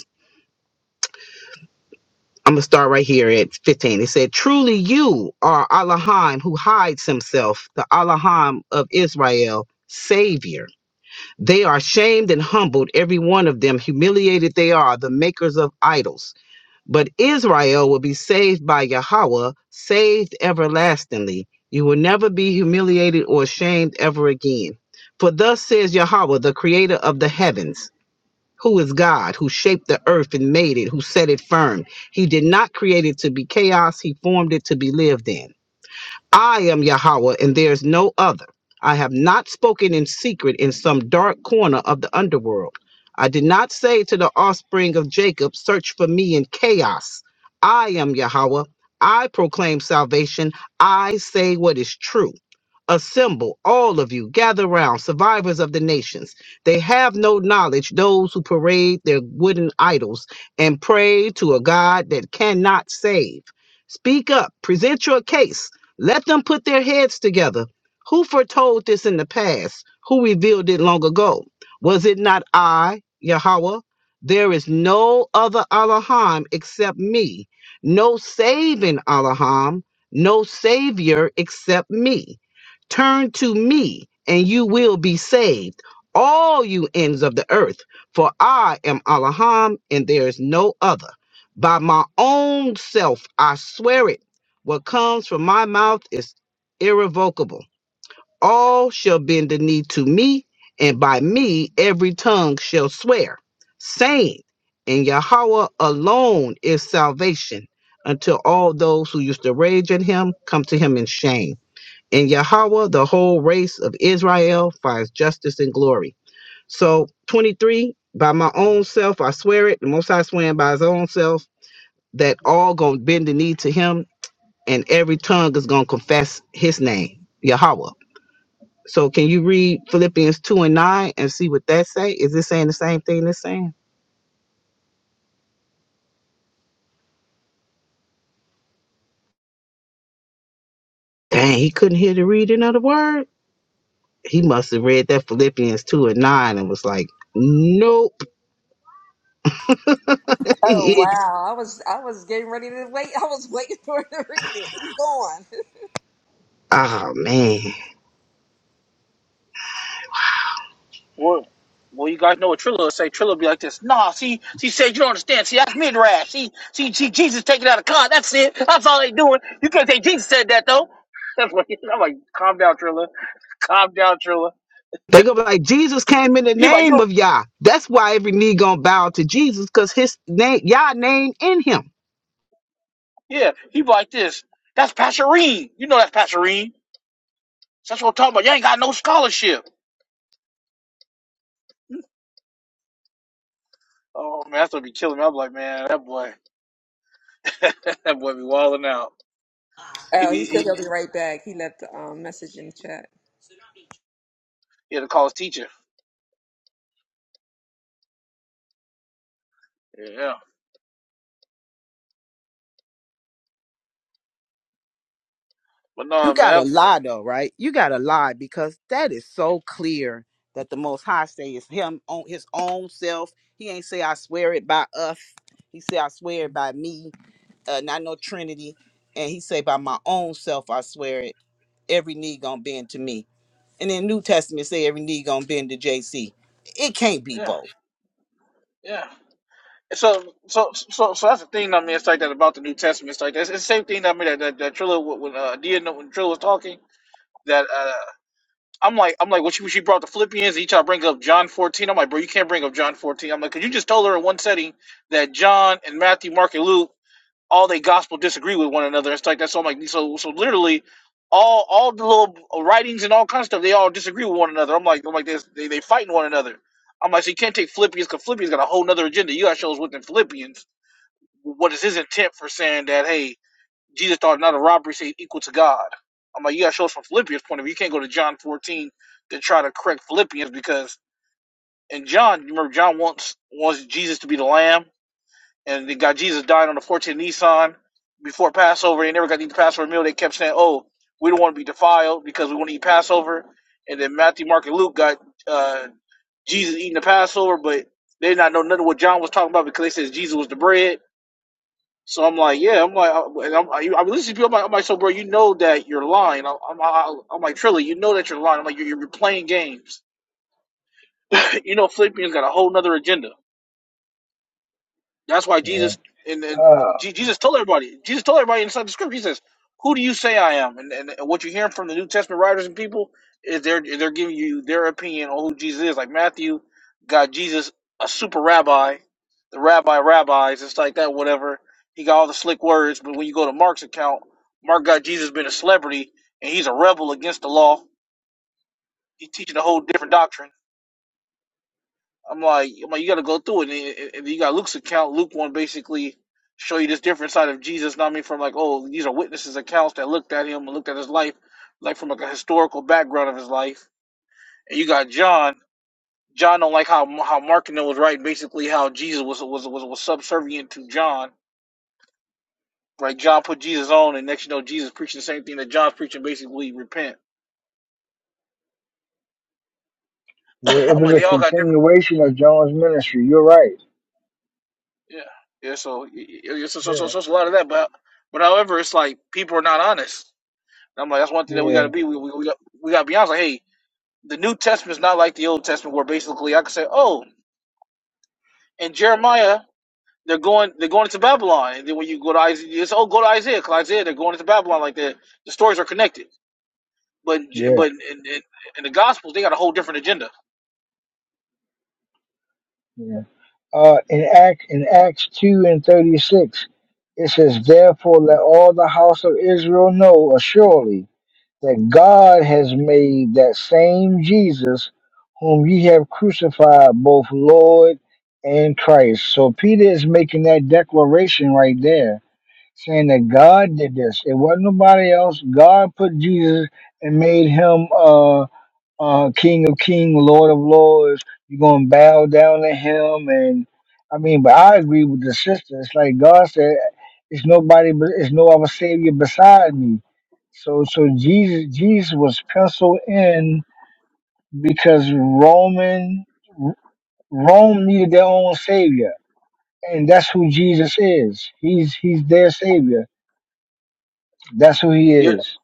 I'm gonna start right here at 15. It said, Truly you are Allahim who hides himself, the Allahim of Israel, Savior. They are shamed and humbled, every one of them. Humiliated they are, the makers of idols. But Israel will be saved by Yahweh, saved everlastingly. You will never be humiliated or shamed ever again. For thus says Yahweh, the creator of the heavens who is God, who shaped the earth and made it, who set it firm. He did not create it to be chaos, he formed it to be lived in. I am Yahweh, and there is no other. I have not spoken in secret in some dark corner of the underworld. I did not say to the offspring of Jacob, Search for me in chaos. I am Yahweh. I proclaim salvation. I say what is true. Assemble, all of you, gather round, survivors of the nations. They have no knowledge, those who parade their wooden idols and pray to a God that cannot save. Speak up, present your case let them put their heads together. Who foretold this in the past? Who revealed it long ago? Was it not I, Yahweh? There is no other Elohim except me, no saving Elohim, no Savior except me. Turn to me, and you will be saved, all you ends of the earth, for I am Elohim, and there is no other. By my own self, I swear it what comes from my mouth is irrevocable. All shall bend the knee to me, and by me every tongue shall swear, saying, In Yahweh alone is salvation, until all those who used to rage at him come to him in shame. In Yahweh, the whole race of Israel finds justice and glory. So, 23, by my own self, I swear it, the most High swear by his own self, that all gonna bend the knee to him and every tongue is going to confess his name, Yahweh. So can you read Philippians 2 and 9 and see what that say? Is it saying the same thing that's saying? Dang, he couldn't hear the reading of the word. He must have read that Philippians 2 and 9 and was like, nope. *laughs* Oh wow! I was I was getting ready to wait. I was *laughs* waiting for him to read it. He's gone. oh, man. Well, well, you guys know what Trilla will say. Trilla will be like this. Nah, see, she said you don't understand. See, that's midrash. See, see, see Jesus taking out a con. That's it. That's all they doing. You can't say Jesus said that though. *laughs* That's what he, I'm like. Calm down, Trilla. Calm down, Trilla. *laughs* They gonna be like, Jesus came in the he like you. name of Yah. That's why every knee gonna bow to Jesus because his name, Yah name in him. Yeah, he be like this. That's Passerine. You know that's Passerine. That's what I'm talking about. You ain't got no scholarship. Oh man, that's gonna be killing me. I'm like, man, that boy, *laughs* that boy be wilding out. He Oh, be he said he, he'll be right back. He left a um, message in the chat. he had to call his teacher. Yeah, yeah. but no, You man, gotta that- lie though, right? You gotta lie because that is so clear that the Most High say is him on his own self. He ain't say I swear it by us. He say I swear it by me, uh, not no Trinity. And he say by my own self I swear it. Every knee gonna bend to me. And then New Testament say every knee gonna bend to JC. It can't be yeah, both. yeah. So, so, so, so that's the thing. I mean, it's like that about the New Testament. It's like that. It's the same thing. I mean, that that, that Trilla when when, uh, Dia when Trilla was talking that uh, I'm like I'm like when she, when she brought the Philippians, each I bring up John 14. I'm like, bro, you can't bring up John 14. I'm like, like because you just told her in one setting that John and Matthew, Mark, and Luke, all they gospel disagree with one another. It's like that. So I'm like, so, so literally, all all the little writings and all kinds of stuff, they all disagree with one another. I'm like, I'm like, they they, they fighting one another. I'm like, so you can't take Philippians because Philippians got a whole nother agenda. You got shows within Philippians what is his intent for saying that, hey, Jesus thought not a robbery say equal to God? I'm like, you gotta show us from Philippians' point of view. You can't go to John 14 to try to correct Philippians because in John, you remember John wants wants Jesus to be the lamb, and they got Jesus died on the 14th Nissan before Passover. They never got to eat the Passover meal. They kept saying, oh, we don't want to be defiled because we want to eat Passover. And then Matthew, Mark, and Luke got uh, Jesus eating the Passover, but they did not know nothing what John was talking about because they said Jesus was the bread so I'm like, yeah, I'm like, I- I'm, I, I'm listening to people. I'm like, I'm like, so bro, you know that you're lying. I'm, I'm, I'm like, Trilly, you know that you're lying. I'm like, you're, you're playing games. *laughs* You know, Philippians got a whole nother agenda. That's why Yeah. Jesus and, and Uh, Je- Jesus told everybody. Jesus told everybody inside the scripture. He says, "Who do you say I am?" And, and, what you're hearing from the New Testament writers and people is they're they're giving you their opinion on who Jesus is. Like Matthew got Jesus a super rabbi, the rabbi of rabbis, it's like that, whatever. He got all the slick words, but when you go to Mark's account, Mark got Jesus being a celebrity and he's a rebel against the law. He's teaching a whole different doctrine. I'm like, I'm like, you got to go through it, and, and you got Luke's account. Luke one basically show you this different side of Jesus. Not I mean from like, oh, these are witnesses accounts that looked at him and looked at his life, like from like a historical background of his life. And you got John. John don't like how how Mark and them was writing basically how Jesus was was was was subservient to John. Right, John put Jesus on, and next you know Jesus preaching the same thing that John's preaching, basically repent. yeah, *laughs* it I'm was like, they a all got different. continuation of John's ministry. You're right. Yeah, yeah. So, y- y- so, so, so, Yeah, so so it's a lot of that, but but however, it's like people are not honest And I'm like, that's one thing that we got yeah, to be. We, we, we got we got to be honest. Like, hey, the New Testament's not like the Old Testament, where basically I could say, oh, in Jeremiah they're going they're going into Babylon, and then when you go to Isaiah, it's oh go to Isaiah because Isaiah, 'cause Isaiah they're going into Babylon. Like the the stories are connected, but yeah, but in, in, in the Gospels they got a whole different agenda. yeah. Uh, in Act in Acts two and thirty six, it says, "Therefore, let all the house of Israel know assuredly." that God has made that same Jesus whom ye have crucified both Lord and Christ. So Peter is making that declaration right there, saying that God did this. It wasn't nobody else. God put Jesus and made him uh uh, King of kings, Lord of Lords. You're gonna bow down to Him, and I mean, but I agree with the sister. It's like God said, "It's nobody, but it's no other Savior beside me." So, so Jesus, Jesus was penciled in because Roman Rome needed their own Savior, and that's who Jesus is. He's He's their Savior. That's who He You're, is.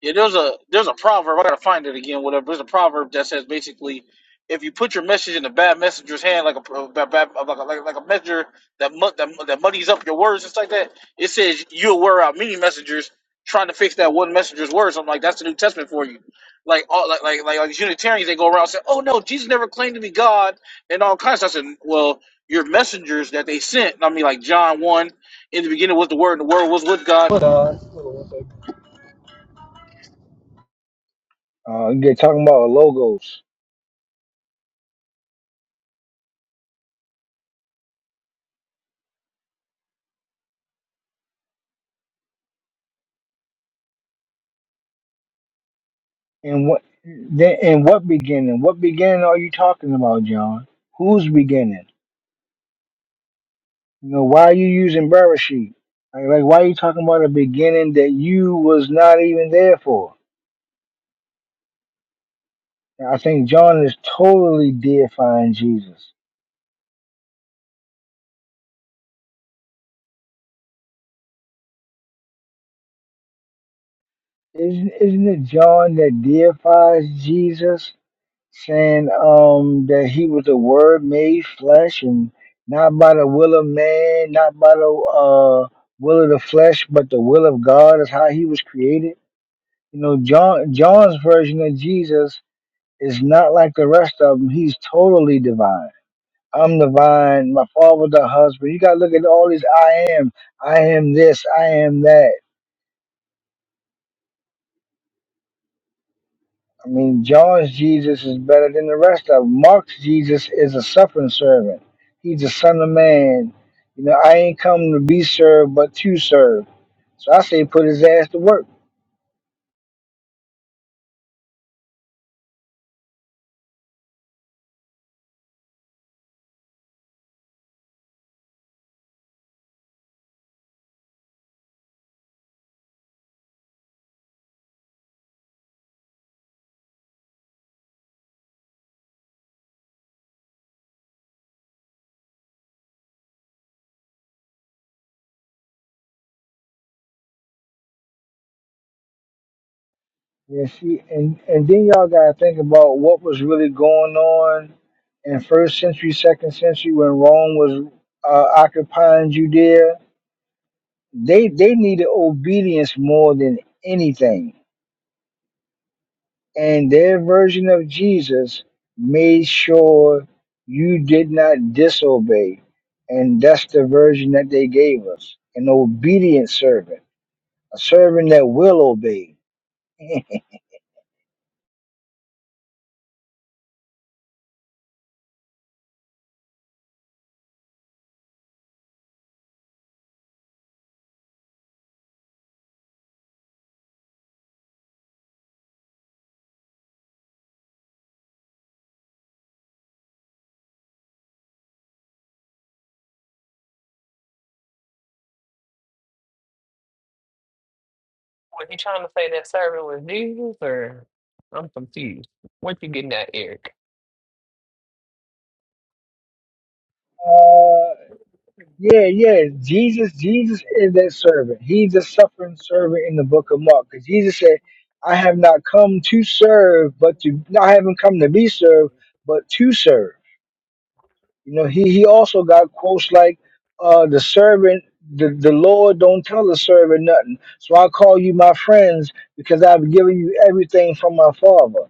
Yeah, there's a there's a proverb. I gotta find it again. Whatever. There's a proverb that says basically, if you put your message in a bad messenger's hand, like a a bad, bad- like a, like, like a messenger that, mu- that that muddies up your words and stuff like that, it says you'll wear out many messengers trying to fix that one messenger's words. I'm like, that's the New Testament for you. Like all like like like, like Unitarians, they go around saying, oh no, Jesus never claimed to be God and all kinds. of stuff. I said, well, your messengers that they sent. I mean, like John one in the beginning was the Word, and the Word was with God. Uh, you're talking about logos. And what then and what beginning? What beginning are you talking about, John? Who's beginning? You know, why are you using Bereshit? Like, like why are you talking about a beginning that you was not even there for? And I think John is totally deifying Jesus. Isn't isn't it John that deifies Jesus, saying um that he was the word made flesh and not by the will of man, not by the uh will of the flesh, but the will of God is how he was created? You know, John John's version of Jesus is not like the rest of them. He's totally divine. I'm the vine, my father the husband. You gotta look at all these I am, I am this, I am that. I mean, John's Jesus is better than the rest of them. Mark's Jesus is a suffering servant. He's the son of man. You know, I ain't come to be served, but to serve. So I say put his ass to work. Yeah, see, and and then y'all gotta think about what was really going on in first century, second century when Rome was uh, occupying Judea. They they needed obedience more than anything, and their version of Jesus made sure you did not disobey, and that's the version that they gave us: an obedient servant, a servant that will obey. *laughs* was he trying to say that servant was Jesus, or I'm confused. What you getting at, Eric? uh, Yeah, yeah. Jesus, Jesus is that servant. He's a suffering servant in the book of Mark. Because Jesus said, I have not come to serve, but to no, I haven't come to be served, but to serve. You know, he he also got quotes like uh the servant the, the Lord don't tell the servant nothing. So I call you my friends because I've given you everything from my father.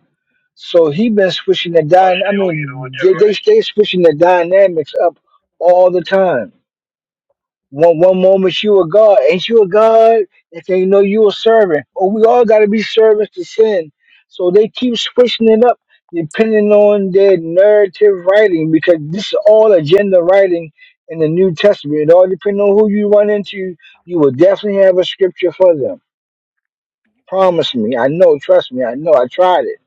So he been switching the dynamic. I mean, they, they stay switching the dynamics up all the time one one moment you a God, ain't you a God? If they know you a servant, Oh, we all got to be servants to sin. So they keep switching it up depending on their narrative writing because this is all agenda writing in the New Testament. It all depends on who you run into. You will definitely have a scripture for them. Promise me. I know. Trust me. I know. I tried it.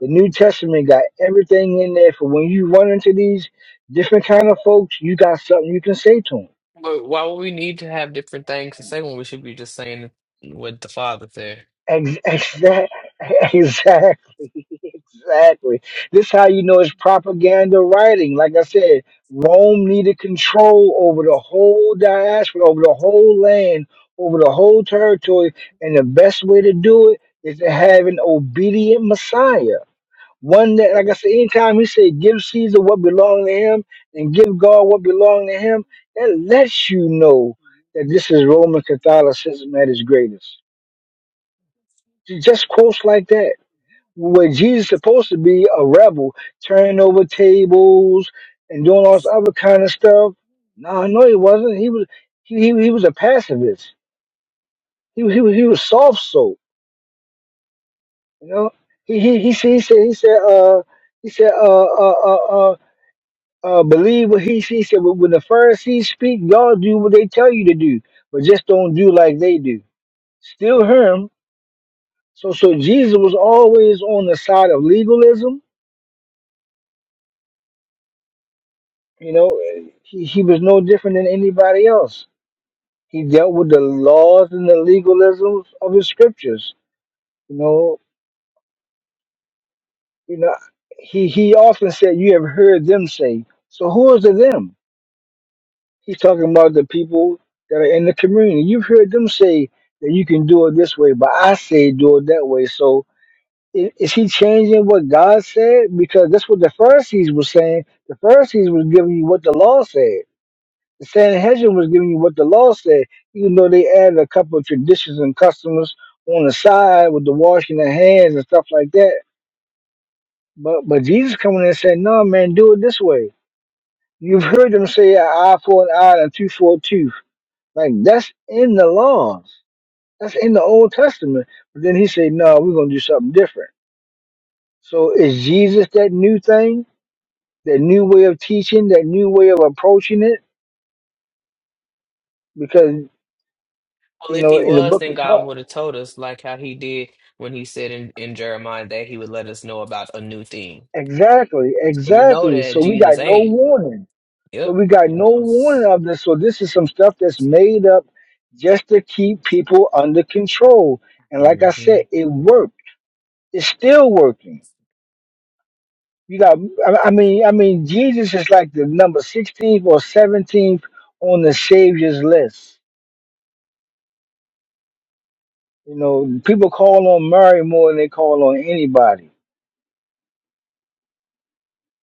The New Testament got everything in there for when you run into these different kind of folks. You got something you can say to them. But why would we need to have different things to say when we should be just saying what the Father said? Ex- exa- *laughs* Exactly, *laughs* exactly. This how you know it's propaganda writing. Like I said, Rome needed control over the whole diaspora, over the whole land, over the whole territory, and the best way to do it is to have an obedient Messiah. One that, like I said, anytime he said, "Give Caesar what belongs to him, and give God what belongs to him," that lets you know that this is Roman Catholicism at its greatest just quotes like that where Jesus supposed to be a rebel, turning over tables and doing all this other kind of stuff. No, no, he wasn't. He was he he, he was a pacifist. He was- he was he was soft soap. You know, he he he, said- he said he said uh he said uh uh uh. uh uh, believe what he, he said. When the Pharisees speak, y'all do what they tell you to do, but just don't do like they do. Still him. So, so Jesus was always on the side of legalism, You know, he, he was no different than anybody else. He dealt with the laws and the legalisms of his scriptures. You know, you know, he he often said, "You have heard them say." So who is the them? He's talking about the people that are in the community. You've heard them say that you can do it this way, but I say do it that way. So i- is he changing what God said? Because that's what the Pharisees were saying. The Pharisees was giving you what the law said. The Sanhedrin was giving you what the law said, even though they added a couple of traditions and customs on the side with the washing of hands and stuff like that. But but Jesus coming in and said, No man, do it this way. You've heard them say an eye for an eye and a tooth for a tooth. Like that's in the laws. That's in the Old Testament. But then he said, No, we're gonna do something different. So is Jesus that new thing, that new way of teaching, that new way of approaching it? Because you Well, if know, he in the was, book then of God Torah. would have told us, like how he did when he said in, in Jeremiah that he would let us know about a new thing. Exactly, So we know exactly. So that we got Jesus no ain't. warning. So Yep, we got we no know. warning of this. So this is some stuff that's made up just to keep people under control. And like hmm I said, it worked. It's still working. You got, I I mean, I mean, Jesus is like the number 16th or 17th on the Savior's list. You know, people call on Mary more than they call on anybody.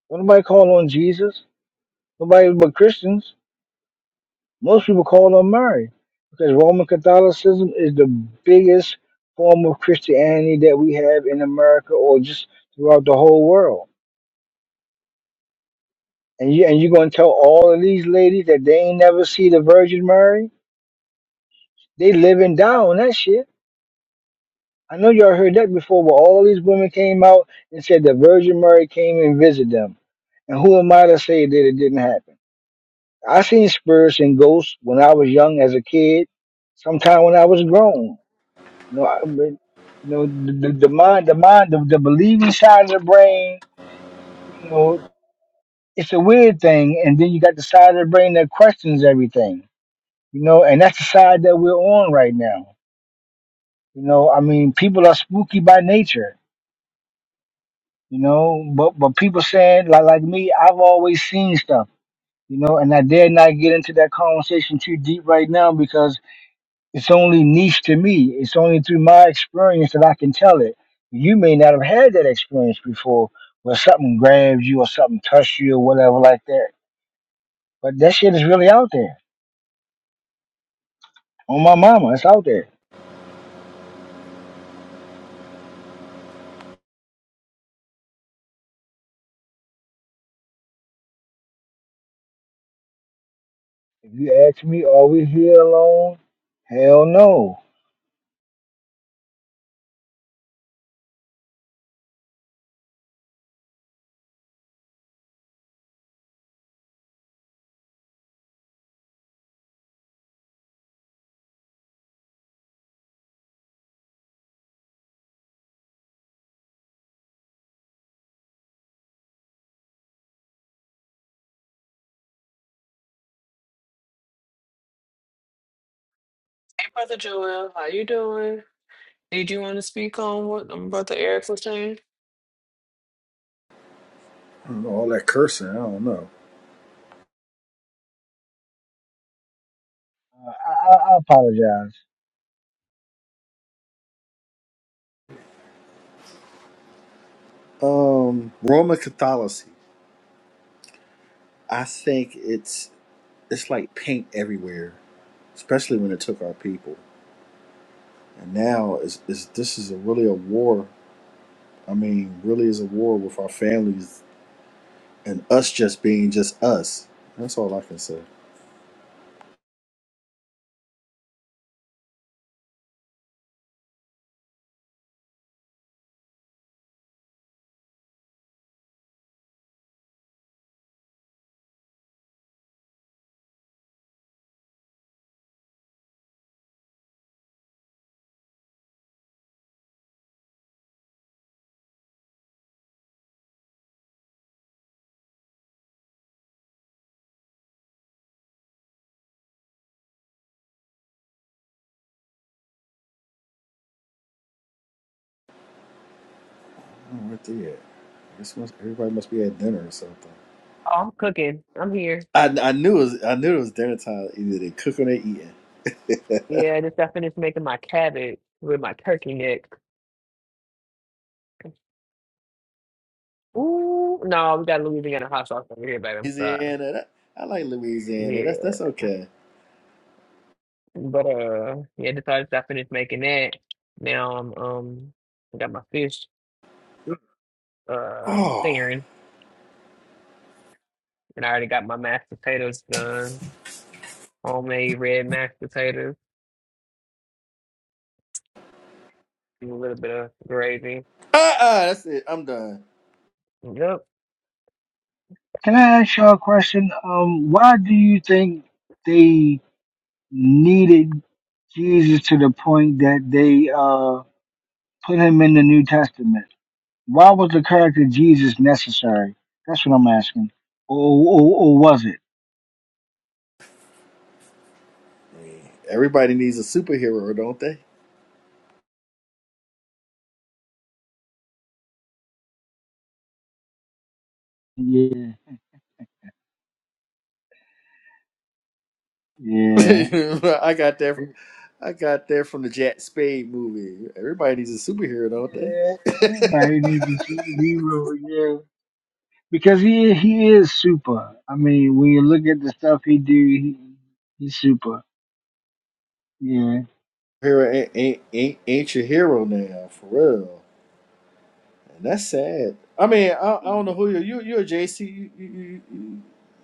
Don't nobody call on Jesus. Nobody but Christians. Most people call them Mary because Roman Catholicism is the biggest form of Christianity that we have in America or just throughout the whole world. And you and you're gonna tell all of these ladies that they ain't never see the Virgin Mary? They living down that shit. I know y'all heard that before, but all these women came out and said the Virgin Mary came and visited them. And who am I to say that it didn't happen? I seen spirits and ghosts when I was young as a kid, sometime when I was grown. You know, I, you know the, the, the mind, the mind, the, the believing side of the brain. You know, it's a weird thing, and then you got the side of the brain that questions everything. You know, and that's the side that we're on right now. You know, I mean, people are spooky by nature. You know, but but people saying like like me, I've always seen stuff. You know, and I dare not get into that conversation too deep right now because It's only niche to me. It's only through my experience that I can tell it. You may not have had that experience before where something grabs you or something touched you or whatever like that. But that shit is really out there. On my mama, it's out there. If you ask me, are we here alone? Hell no. Hey, Brother Joel, how you doing? Did you want to speak on what um, Brother Eric was saying? All that cursing, I don't know. Uh, I, I, I apologize. Um, Roman Catholicism. I think it's it's like paint everywhere, especially when it took our people. And now is is this is a really a war. I mean, really is a war with our families and us just being just us. That's all I can say. I don't know where they at. I guess must, everybody must be at dinner or something. Oh, I'm cooking. I'm here. I, I knew it was I knew it was dinner time. Either they cooking or eating. Yeah, I just got finished making my cabbage with my turkey neck. Ooh, no, we got Louisiana hot sauce over here, baby. I'm sorry. Louisiana, that, I like Louisiana. That's that's okay. But uh, yeah, just I just I finished making that. Now I'm um, I got my fish uh Oh. searing, and I already got my mashed potatoes done. Homemade red mashed potatoes, with a little bit of gravy. uh-uh, that's it. I'm done. Yep. Can I ask y'all a question? Um, why do you think they needed Jesus to the point that they uh, put him in the New Testament? Why was the character Jesus necessary? That's what I'm asking. Or, or, or was it? Everybody needs a superhero, don't they? Yeah, yeah. *laughs* I got that. I got that from the Jack Spade movie. Everybody needs a superhero, don't they? yeah. Everybody needs a superhero, yeah. Because he he is super. I mean, when you look at the stuff he do, he, he's super. Yeah. Hero ain't ain't, ain't, ain't your hero now, for real. And that's sad. I mean, I, I don't know who you're. You you're a JC. You, you, you, you-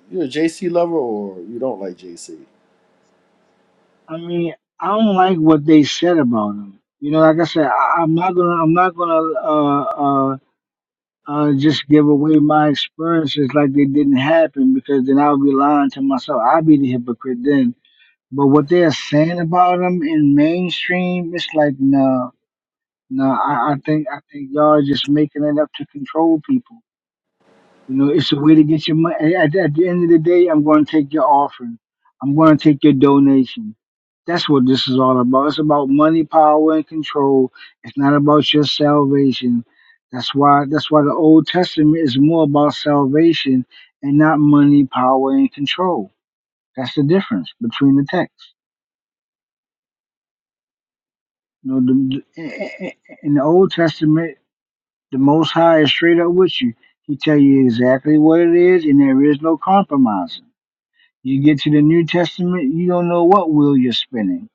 you're a JC lover, or you don't like JC. I mean, I don't like what they said about him. You know, like I said, I, I'm not gonna I'm not gonna uh uh, uh, just give away my experiences like they didn't happen because then I'll be lying to myself. I'll be the hypocrite then. But what they're saying about them in mainstream, it's like no, no. I, I think I think y'all just making it up to control people. You know, it's a way to get your money. At, at the end of the day, I'm going to take your offering. I'm going to take your donation. That's what this is all about. It's about money, power, and control. It's not about your salvation. That's why. That's why the Old Testament is more about salvation and not money, power, and control. That's the difference between the texts. You know, the, the, in the Old Testament, the Most High is straight up with you. He tell you exactly what it is, and there is no compromise You get to the New Testament, you don't know what wheel you're spinning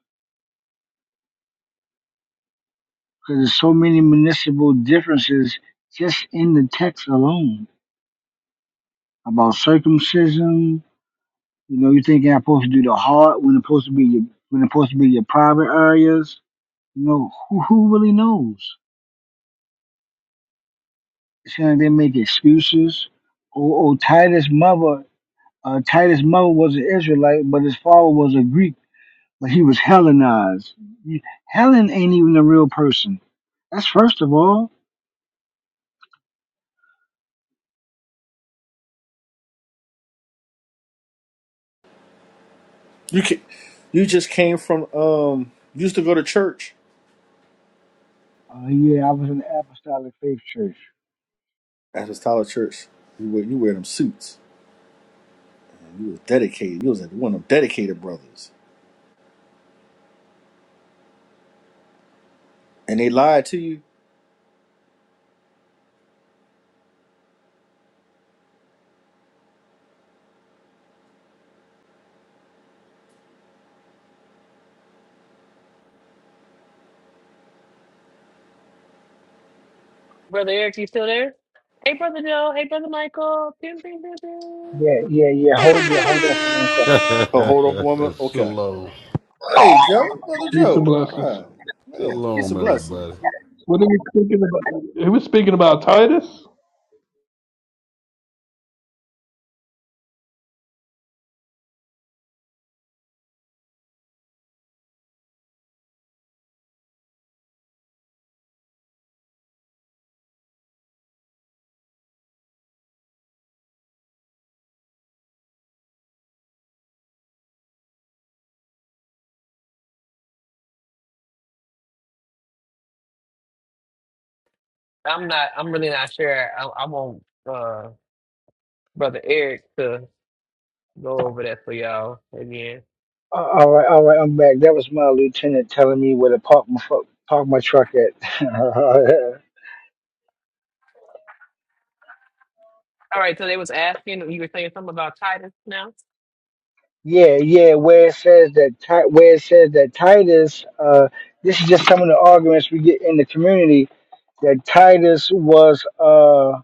because there's so many municipal differences just in the text alone about circumcision. You know, you thinking I'm supposed to do the heart when it's supposed to be your when it's supposed to be your private areas. You know, who who really knows? It's kind of they make excuses. Oh, oh Titus' mother, uh, Titus' mother was an Israelite, but his father was a Greek, but he was Hellenized. You- Helen ain't even a real person. That's first of all. You can, You just came from. Um, you used to go to church. Uh, yeah, I was in the Apostolic Faith Church. That was Tyler Church. You wear you wear them suits. You was dedicated. You was like one of them dedicated brothers. And they lied to you. Brother Eric, you still there? Hey, brother Joe. Hey, brother Michael. Pew, pew, pew, pew. Yeah, yeah, yeah. Hold yeah, hold on for one *laughs* second. Oh, hold on, woman. Okay. Shalom. Hey, Joe, brother Peace and Joe. All blessings. right. Yes, peace Shalom, and blessings. everybody. What are we speaking about? He was speaking about Titus. I'm not. I'm really not sure. I, I want uh brother Eric to go over that for y'all again. Uh, all right, all right, I'm back. That was my lieutenant telling me where to park my fu- park my truck at. All right, so they was asking, you were saying something about Titus now? *laughs* yeah, yeah. Where it says that Ti- where it says that Titus. Uh, this is just some of the arguments we get in the community that Titus was uh,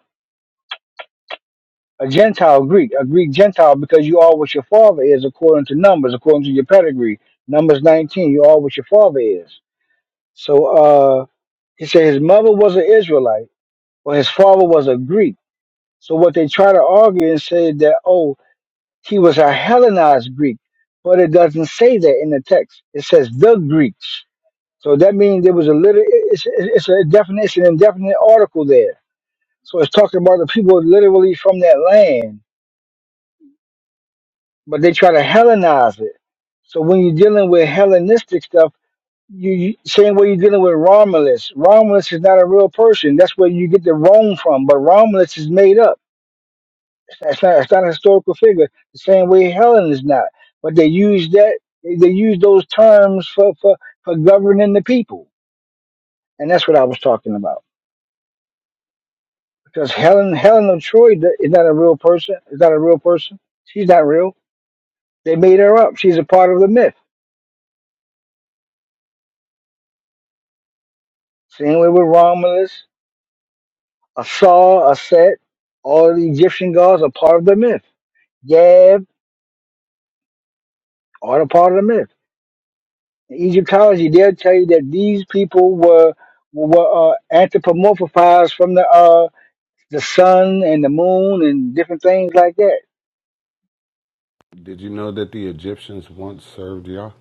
a Gentile Greek, a Greek Gentile, because you are what your father is according to Numbers, according to your pedigree. Numbers 19, you are what your father is. So. uh, He said his mother was an Israelite, or his father was a Greek. So what they try to argue and say that oh he was a Hellenized Greek, but it doesn't say that in the text. It says the Greeks. So that means there was a little. It's, it's a definition, indefinite article there. So it's talking about the people literally from that land, but they try to Hellenize it. So when you're dealing with Hellenistic stuff you, you saying what you're dealing with Romulus. Romulus is not a real person. That's where you get the Rome from. But Romulus is made up. It's not, it's not a historical figure. The same way Helen is not. But they use that. They, they use those terms for, for for governing the people, and that's what I was talking about. Because Helen Helen of Troy d- is not a real person. Is not a real person. She's not real. They made her up. She's a part of the myth. Same way with Romulus, Asar, Aset, all the Egyptian gods are part of the myth. Yah, All a part of the myth. Egyptology, they'll tell you that these people were were uh, anthropomorphized from the uh, the sun and the moon and different things like that. Did you know that the Egyptians once served Yah?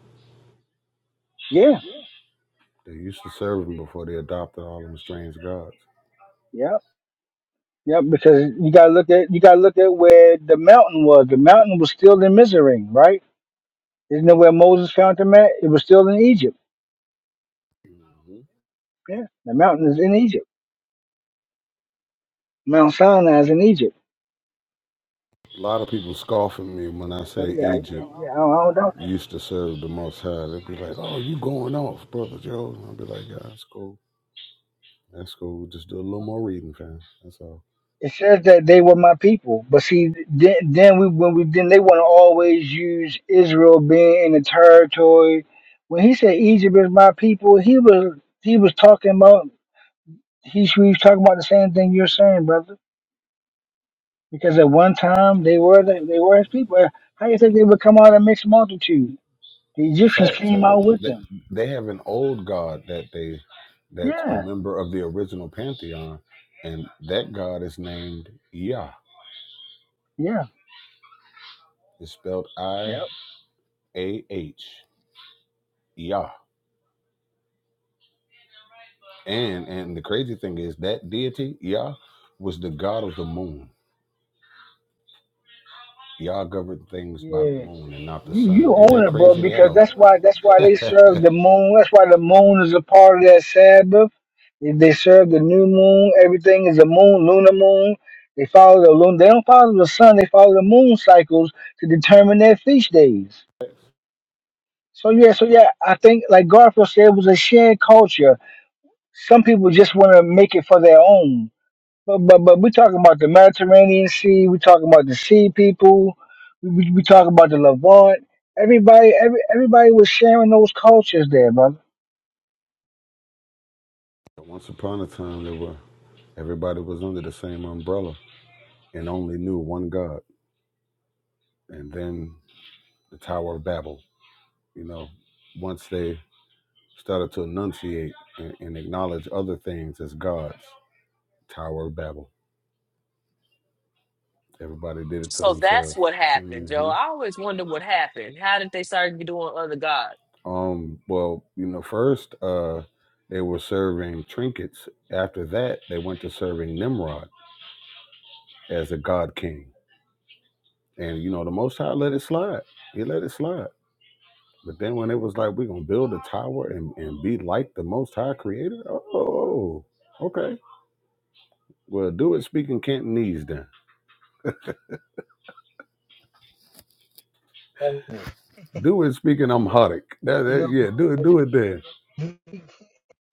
Yeah, They used to serve him before they adopted all them strange gods. yeah, yeah. Because you gotta look at you gotta look at where the mountain was. The mountain was still in Mizraim, right? Isn't it where Moses found the mat? It was still in Egypt. Yeah, the mountain is in Egypt. Mount Sinai is in Egypt. A lot of people scoff at me when I So say yeah, yeah, Egypt yeah I don't I don't doubt that. used to serve the Most High. They'd be like, oh, you going off, Brother Joe. I'd be like, yeah, that's cool. That's cool. Just do a little more reading, fam. That's all. It says that they were my people, but see, then, then we when we then they want to always use Israel being in the territory. When he said Egypt is my people, he was he was talking about he, he was talking about the same thing you're saying, brother. Because at one time they were the, they were his people. Uh, How do you think they would come out a mixed multitude? The Egyptians Facts. came out with them. They have an old god that they that's a Yeah, member of the original pantheon, and that god is named Yah. yeah, It's spelled I yeah. A H Yah. And and the crazy thing is that deity, Yah, was the god of the moon. Yah governed things by the Yeah. moon and not the You you sun. Ain't own that it, bro, crazy? They had because a that's why that's why they *laughs* serve the moon. That's why the moon is a part of that Sabbath. They they serve the new moon. Everything is a moon, lunar moon. They follow the moon. They don't follow the sun. They follow the moon cycles to determine their feast days. So yeah, so yeah, I think like Garfield said, it was a shared culture. Some people just want to make it for their own. But but but we talking about the Mediterranean Sea. We talking about the sea people. We we, we talking about the Levant. Everybody every everybody was sharing those cultures there, brother. once upon a time there were everybody was under the same umbrella and only knew one God. And then the Tower of Babel, you know, once they started to enunciate and, and acknowledge other things as gods, Tower of Babel. Everybody did it to So that's themselves. what happened, Joe. Mm-hmm. I always wonder what happened. How did they start doing other gods? Um, well, you know, first uh they were serving trinkets. After that, they went to serving Nimrod as a god king. And you know, the most high let it slide. He let it slide. But then when it was like we're gonna build a tower and, and be like the most high creator, oh okay. Well do it speaking Cantonese then. And, Mm. Do it speaking Amharic. That, you that know, yeah, do it because do it then. he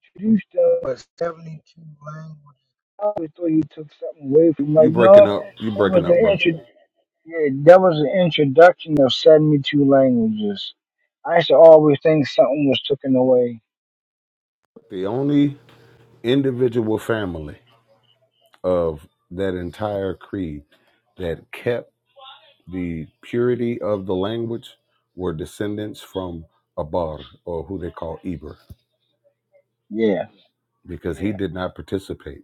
introduced us with seventy two languages. I always thought he took something away You, from you like breaking no, up, you that was breaking up, the bro. intro. Yeah, that was the introduction of seventy two languages. I used to always think something was taken away. The only individual family of that entire creed that kept the purity of the language were descendants from Abar, or who they call Eber, Yeah, because he yeah, did not participate,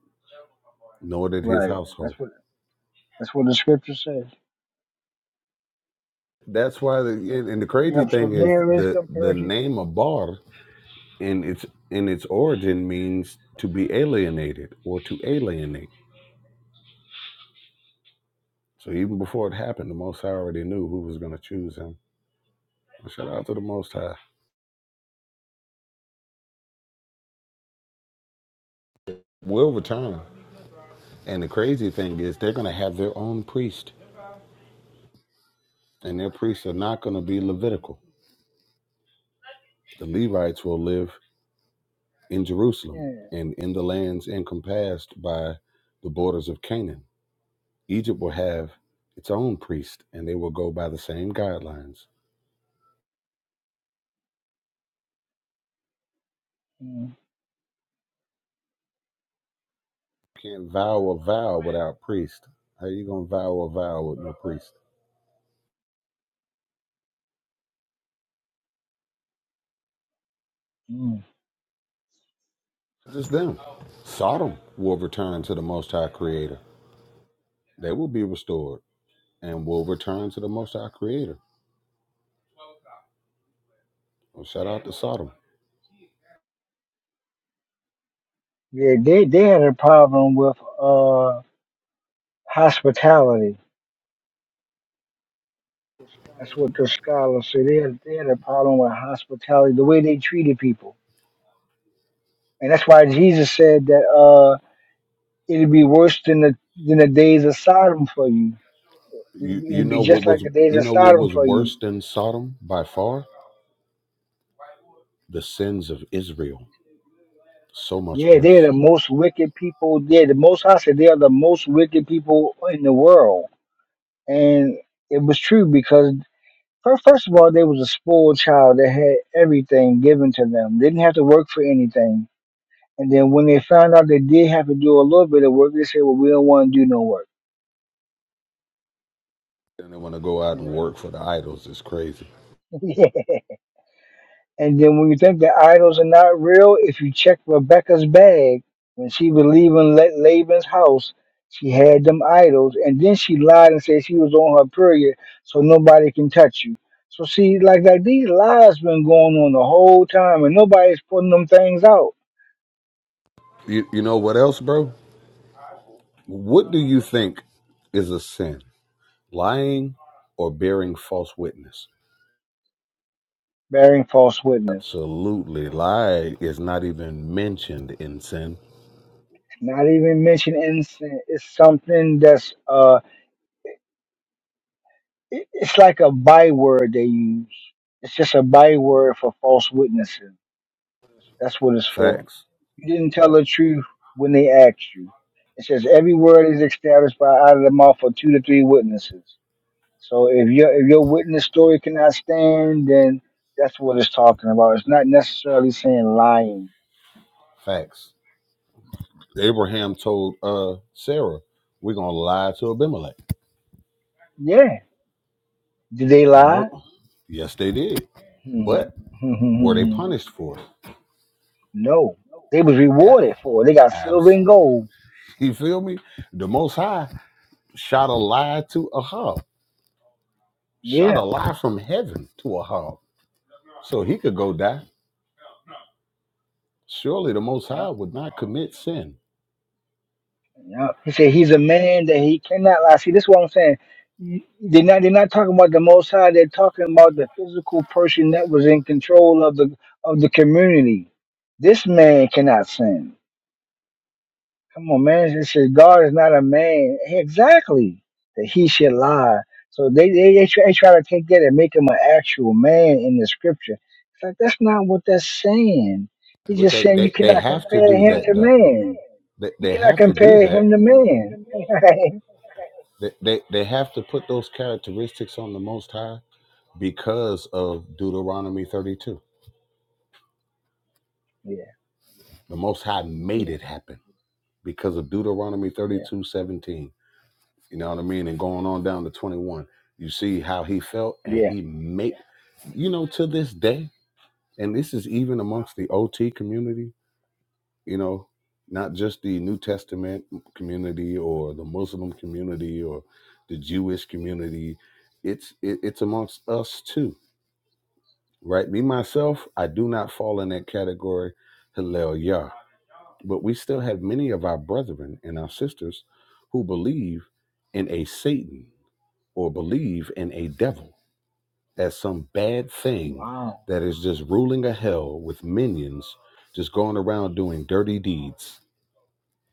nor did his right. That's household. what that's what the scripture says. That's why, the, and and the Yeah, crazy so thing is there is the some the parity to name it. Abar in its in its origin means to be alienated or to alienate. So even before it happened, the Most High already knew who was going to choose him. Shout out to the Most High. Will return, and the crazy thing is they're going to have their own priest and their priests are not going to be Levitical. The Levites will live in Jerusalem and in the lands encompassed by the borders of Canaan. Egypt will have its own priest, and they will go by the same guidelines. Yeah. mm You can't vow a vow without priest. How you gonna vow a vow with no priest? mm. Just them. Sodom will return to the Most High Creator. They will be restored and will return to the Most High Creator. Well, shout out to Sodom. Yeah, they, they had a problem with uh hospitality. That's what the scholars say. They had, they had a problem with hospitality, the way they treated people. And that's why Jesus said that uh it'd be worse than the than the days of Sodom for you. It'd, You you it'd be know what just like was the days you of know what Sodom was for you. worse than Sodom by far? The sins of Israel. So much Yeah, they're worse. the most wicked people. They're the most I said they are the most wicked people in the world. And it was true because Fir- First of all, they was a spoiled child that had everything given to them. They didn't have to work for anything. And then when they found out they did have to do a little bit of work, they said, "Well, we don't want to do no work." And they want to go out You and know. work *laughs* for the idols. It's crazy. Yeah. and then when you think the idols are not real, if you check Rebecca's bag when she was leaving La- Laban's house, she had them idols, and then she lied and said she was on her period, so nobody can touch you. So see, like like these lies been going on the whole time, and nobody's putting them things out. You you know what else, bro? What do you think is a sin? Lying or bearing false witness? bearing false witness. Absolutely. Lie is not even mentioned in sin. Not even mention innocent. It's something that's uh, it- it's like a byword they use. It's just a byword for false witnessing. That's what it's for. Facts. You didn't tell the truth when they asked you. It says every word is established by out of the mouth of two to three witnesses. So if your if your witness story cannot stand, then that's what it's talking about. It's not necessarily saying lying. Facts. Abraham told uh Sarah, We're gonna lie to Abimelech. Yeah. Did they The lie? mo yes they did. but Were they *laughs* punished for it? No, they was rewarded for it. They got silver abs. and *laughs* gold. You feel me? The Most High shot a lie to Ahab, shot a Yeah, lie from heaven to Ahab, so he could go die. Surely the Most yeah, High would not commit sin. yeah. He said he's a man that he cannot lie. See, this is what I'm saying. They're not they're not talking about the Most High. They're talking about the physical person that was in control of the of the community. This man cannot sin. Come on, man. It says God is not a man. Exactly. That he should lie. So they, they, they, try, they try to take that and make him an actual man in the scripture. It's like, that's not what that's saying. He's But just they, saying you they, they cannot have to compare do him that to though. man. They, You they cannot have to do compare that. him to man. *laughs* They, they, they have to put those characteristics on the Most High because of Deuteronomy 32. yeah, The Most High yeah, made it happen because of Deuteronomy yeah, 32 seventeen. You know what I mean? And going on down to 21, you see how he felt, and yeah. he made, you know, to this day, and this is even amongst the OT community, you know, not just the New Testament community or the Muslim community or the Jewish community. It's it, it's amongst us too, right? Me myself, I do not fall in that category, Hillel Yah, but we still have many of our brethren and our sisters who believe in a Satan or believe in a devil as some bad thing Wow. that is just ruling a hell with minions just going around doing dirty deeds.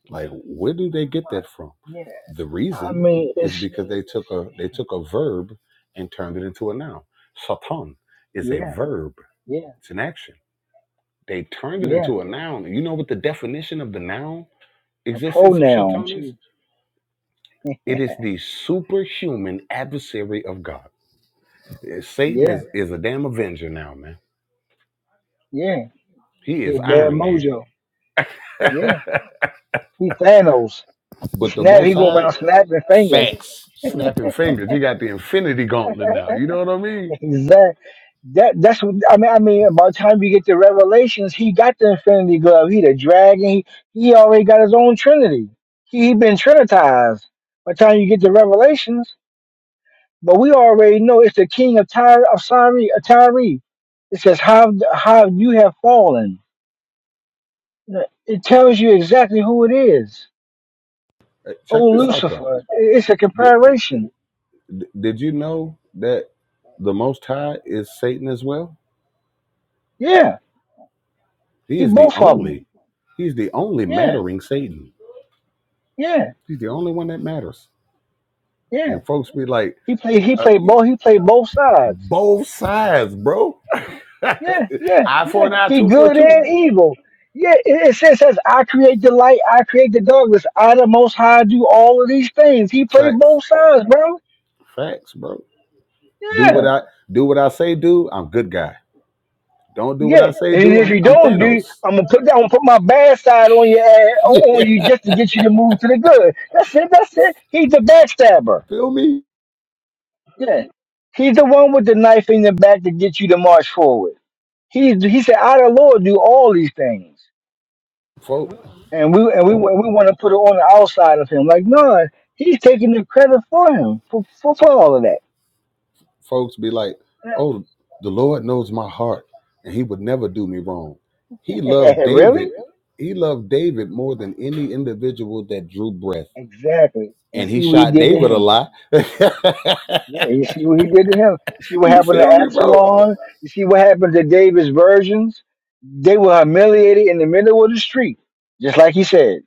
Like where do they get I- that from? Yeah. The I reason mean, is it's, because they took a they took a verb and turned it into a noun. Satan is a yeah, verb. yeah, It's an action. They turned it yeah. into a noun. You know what the definition of the noun A existence of pronoun, Satan is? too. It is the superhuman adversary of God. Yeah, Satan Yeah, is, is a damn Avenger now, man. yeah. He He is a bad Iron Man. mojo. *laughs* Yeah. but He Thanos. He the snap. He Most go High around snapping fingers. facts, snapping fingers. He got the Infinity Gauntlet now. You know what I *laughs* mean? Exact. That that's what I mean. I mean, by the time you get to Revelations, he got the Infinity Glove. He the dragon. He he already got his own Trinity. He, he been trinitized. By the time you get to Revelations, but we already know it's the King of Tyre of Syre, of Tyre. It says how how you have fallen. It tells you exactly who it is. Hey, Check Oh, this out though. Lucifer. It- It's a Did, comparison. did you know that the Most High is Satan as well? Yeah, He he is the both of them. only. He's the only Yeah, mattering Satan. yeah, He's the only one that matters. yeah. And folks be like, He played he uh, played both he played both sides. both sides, bro. *laughs* Yeah, yeah, eye for yeah. an eye, He two for a good two. and evil. Yeah, it, it says says I create the light, I create the darkness, I the most high do all of these things. He played Facts, both sides, bro. facts, bro. Do what Yeah. I do. What I say, do. I'm good guy. Don't do what Yeah. I say, And do. if I'm you I'm don't do, Thanos. *laughs* I'm gonna put that I'm gonna put my bad side on your ass on on Yeah, you just to get you to move to the good. That's it, that's it. He's the backstabber. feel me, Yeah. He's the one with the knife in the back to get you to march forward. He he said, I the Lord do all these things. folks. and we and we we want to put it on the outside of him. Like, no, he's taking the credit for him for for, for all of folks be like, that. "Oh, the Lord knows my heart, and He would never do me wrong." He loved *laughs* David. really? He loved David more than any individual that drew breath, Exactly. And and he see what he shot did to David a him. lot. *laughs* Yeah, you see what he did to him. You see what you happened to feel me, bro? Absalom. You see what happened to David's virgins. They were humiliated in the middle of the street, just like he said.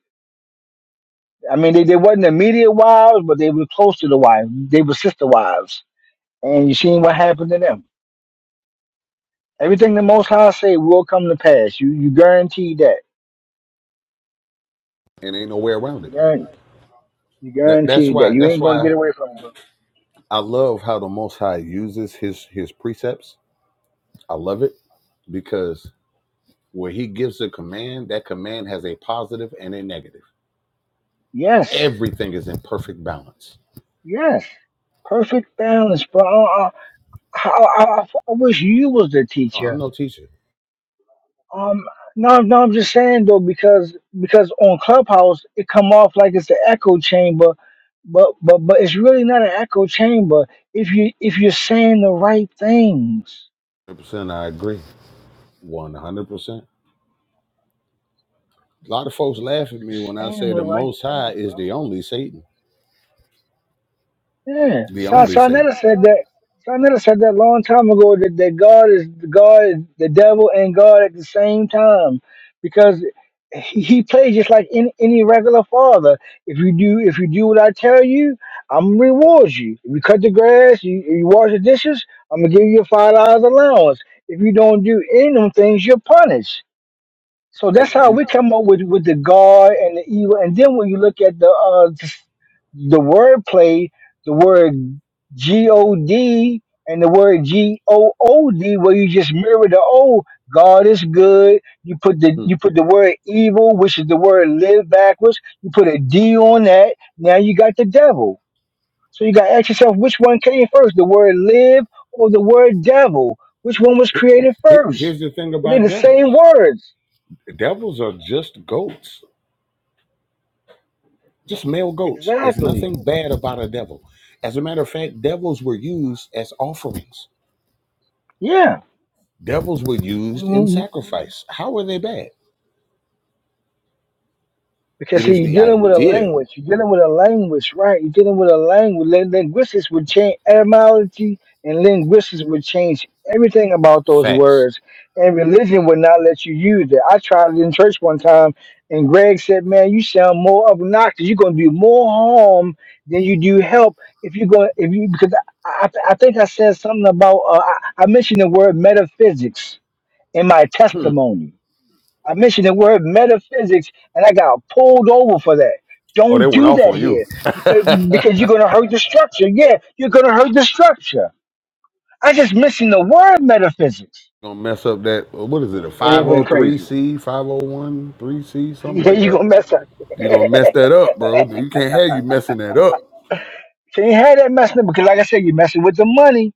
I mean, they, they wasn't immediate wives, but they were close to the wives. They were sister wives. And you seen what happened to them. Everything the Most High say will come to pass. You you guaranteed that And ain't no way around it. Guaran- You That, that's guaranteed that why. you That's ain't gonna why get away from it, bro. I love how the Most High uses his his precepts. I love it because where He gives a command, that command has a positive and a negative. Yes, Everything is in perfect balance. yes, perfect balance, bro. I, I, I, I I wish you was the Oh, I'm teacher. no teacher. Um, no, no, I'm just saying though because because on Clubhouse it come off like it's an echo chamber, but but but it's really not an echo chamber if you if you're saying the right things. 100%, I agree. 100%. A lot of folks laugh at You're me when I saying say the the right Most things, High is bro. the only Satan. Yeah. The Sa- only Satan. Sarnetta said that. Sarnetta said that long time ago that, that God is God, the devil, and God at the same time, because he, he plays just like any, any regular father. If you do if you do what I tell you, I'm gonna reward you. If you cut the grass, you, you wash the dishes, I'm gonna give you a five dollars allowance. If you don't do any of them things, you're punished. So Hey, that's how we come up with, with the God and the evil. And then when you look at the uh, the word play, the word G O D and the word G O O D, where you just mirror the O, God is good. You put the hmm. you put the word evil, which is the word live backwards. You put a D on that. Now you got the devil. So you got to ask yourself, which one came first, the word live or the word devil? Which one was He- created he- first? Here's the thing They're about the same devils words. devils are just goats, just male goats. There's Exactly. nothing bad about a devil. As a matter of fact, devils were used as offerings, Yeah. devils were We- used in sacrifice. How are they bad? Because It see, is you're the dealing with a idea. language. You're dealing with a language, right? You're dealing with a language. Lin- Linguistics would change etymology, and linguistics would change everything about those Facts. words. And religion would not let you use it. I tried it in church one time, and Greg said, "Man, you sound more obnoxious. You're gonna do more harm than you do help if you're going if you because I, I, I think I said something about uh, I, I mentioned the word metaphysics in my Hmm. testimony." I mentioned the word metaphysics, and I got pulled over for that. Oh, they Don't went do off that on you. here because *laughs* because you're gonna hurt the structure. Yeah, you're gonna hurt the structure. I just mentioned the word metaphysics, gonna mess up that what is it a and it went crazy. *laughs* 503c five oh one three c something Yeah, like you that gonna mess up. *laughs* you're gonna mess that up bro you can't have you messing that up Can't have that messing up because, like I said, you're messing with the money.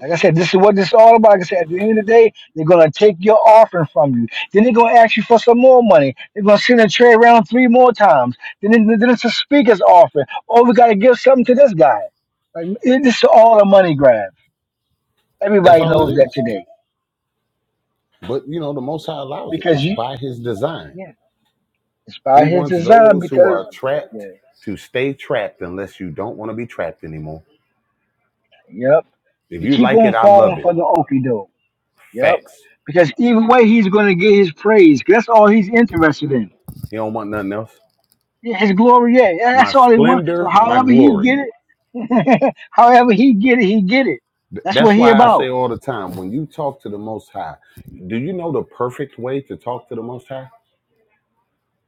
Like I said, this is what this is all about. Like I said, at the end of the day, they're gonna take your offering from you. Then they're gonna ask you for some more money. They're gonna send a tray around three more times. Then, then then it's a speaker's offering. Oh, we gotta give something to this guy. Like it, this is all a money grab. that's Everybody all it knows that is today but you know the most high allows it because it's you by his design yeah, it's by he his wants design. those who are Because yeah, trapped to stay trapped unless you don't want to be trapped anymore yep, if you you keep like on it i love falling it for the okie doke. Yep, facts because either way, he's gonna get his praise. That's all he's interested in. you don't want nothing else Yeah, it's glory. Yeah, Yeah, my that's all they want. So splendor my however he glory get it, *laughs* however he get it, he get it. Th- That's what that's he why i say about. all the time when you talk to the most high do you know the perfect way to talk to the most high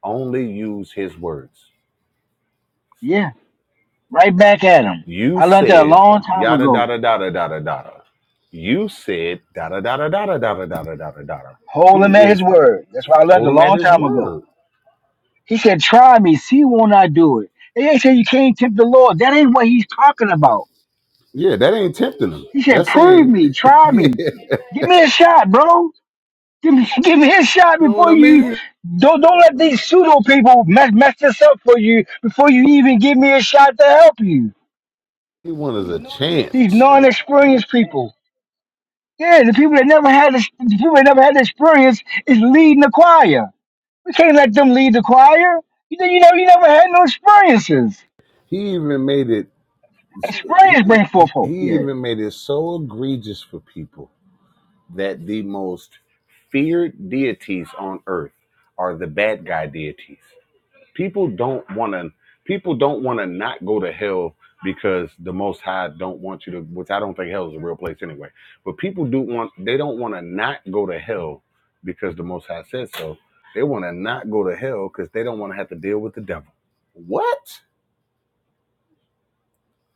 Only use his words. Yeah, right back at him. You I learned that a said long time yada da ago. da da da da da da. You said da da da da da da da da da da da da. Hold He him at his is word. That's what I learned hold a him at long his time ago. word. He said, "Try me, see won't I do it." They ain't say you can't tempt the Lord. That ain't what he's talking about. Yeah, that ain't tempting him. He said, That's "Prove saying, me, *laughs* try yeah, me, you give me a shot, bro." Give me, give me a shot know what before I you. mean. Don't don't let these pseudo people mess mess this up for you before you even give me a shot to help you. He wanted a These chance. non-experienced people. Yeah, the people that never had the people that never had the experience is leading the choir. We can't let them lead the choir. You know, you know, you never had no experiences. He even made it. Experience He, brings he forth hope. he Yeah, even made it so egregious for people that the most feared deities on earth are the bad guy deities. people don't want to people don't want to not go to hell because the most high don't want you to which i don't think hell is a real place anyway but people do want they don't want to not go to hell because the most high said so they want to not go to hell because they don't want to have to deal with the devil what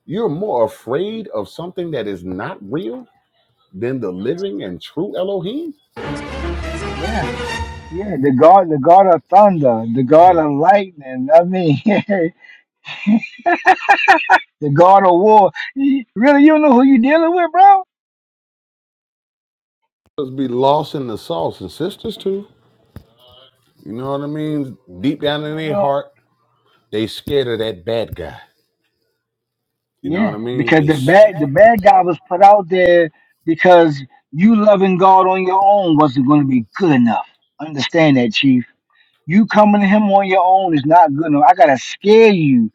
you're more afraid of something that is not real than the living and true elohim yeah, yeah. The God, the God of thunder, the God of lightning. I mean, *laughs* the God of war. You- Really, you don't know who you dealing with, bro. Let's be lost in the sauce and sisters too you know what i mean deep down in You their know. heart they scared of that bad guy You know what Yeah, I mean? because They the bad the bad guy was put out there because you loving God on your own wasn't going to be good enough. Understand that, Chief. You coming to Him on your own is not good enough. I gotta scare you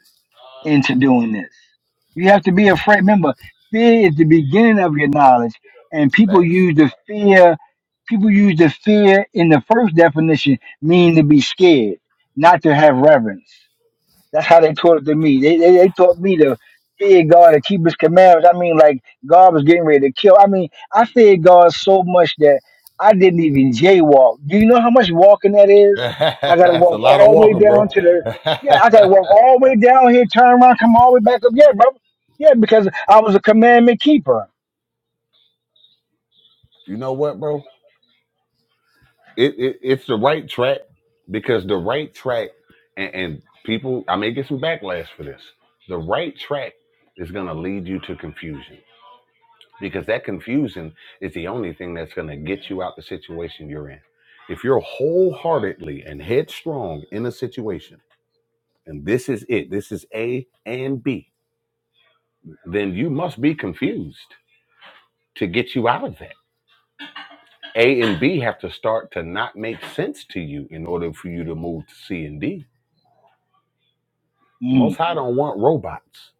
into doing this. You have to be afraid. Remember, fear is the beginning of your knowledge, and people bag. Facts. use the fear. People use the fear in the first definition, meaning to be scared, not to have reverence. That's how they taught it to me. They, they they taught me to fear God and keep His commandments. I mean, like God was getting ready to kill. I mean, I feared God so much that I didn't even jaywalk. Do you know how much walking that *laughs* is? I gotta That's a walk lot of all the way walking, down bro. to the yeah. I *laughs* gotta walk all the way down here, turn around, come all the way back up. Yeah, bro. Yeah, because I was a commandment keeper. you know what, bro? It, it it's the right track because the right track and, and people I may get some backlash for this. The right track is gonna lead you to confusion because that confusion is the only thing that's gonna get you out the situation you're in. If you're wholeheartedly and headstrong in a situation, and this is it, this is A and B then you must be confused to get you out of that. A and B have to start to not make sense to you in order for you to move to C and D. Most Mm, High don't want robots.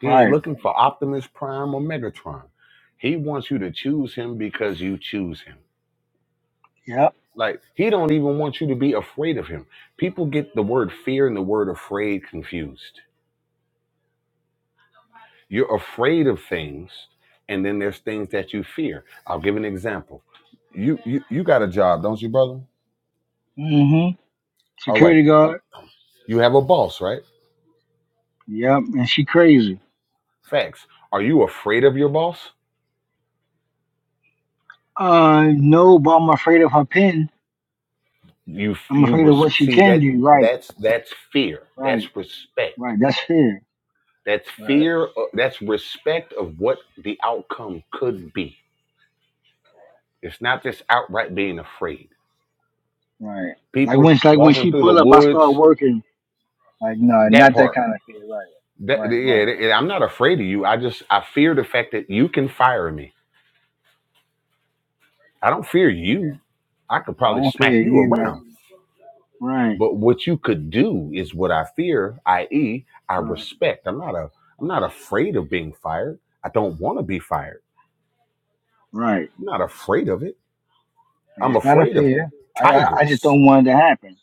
He ain't right. looking for Optimus Prime or Megatron. He wants you to choose him because you choose him. Yep. Like he don't even want you to be afraid of him. People get the word fear and the word afraid confused. You're afraid of things, and then there's things that you fear. I'll give an example. You you, you got a job, don't you, brother? Mm-hmm. All right. Security guard. You have a boss, right? Yep. And she crazy. Facts. Are you afraid of your boss? Uh, no, but I'm afraid of her pen. You I'm you afraid of res- what she see can that do. Right. that's that's fear. Right, That's respect. right. That's fair. That's Right. fear. o- That's respect of what the outcome could be. It's not just outright being afraid. Right. Like People when like when walking she through the pull up, I woods. start working. Like no, That not that part. kind of fear. Right. That, Right. yeah, Right. th- yeah, I'm not afraid of you. I just I fear the fact that you can fire me. I don't fear Yeah. you. I could I probably don't fear smack you you. Right. around. Right. But what you could do is what I fear, i.e., I Right. respect. I'm not a I'm not afraid of being fired. I don't want to be fired. Right. I'm not afraid of it. Yeah, I'm it's not a afraid of fear. I, I I just tigers. don't want it to happen.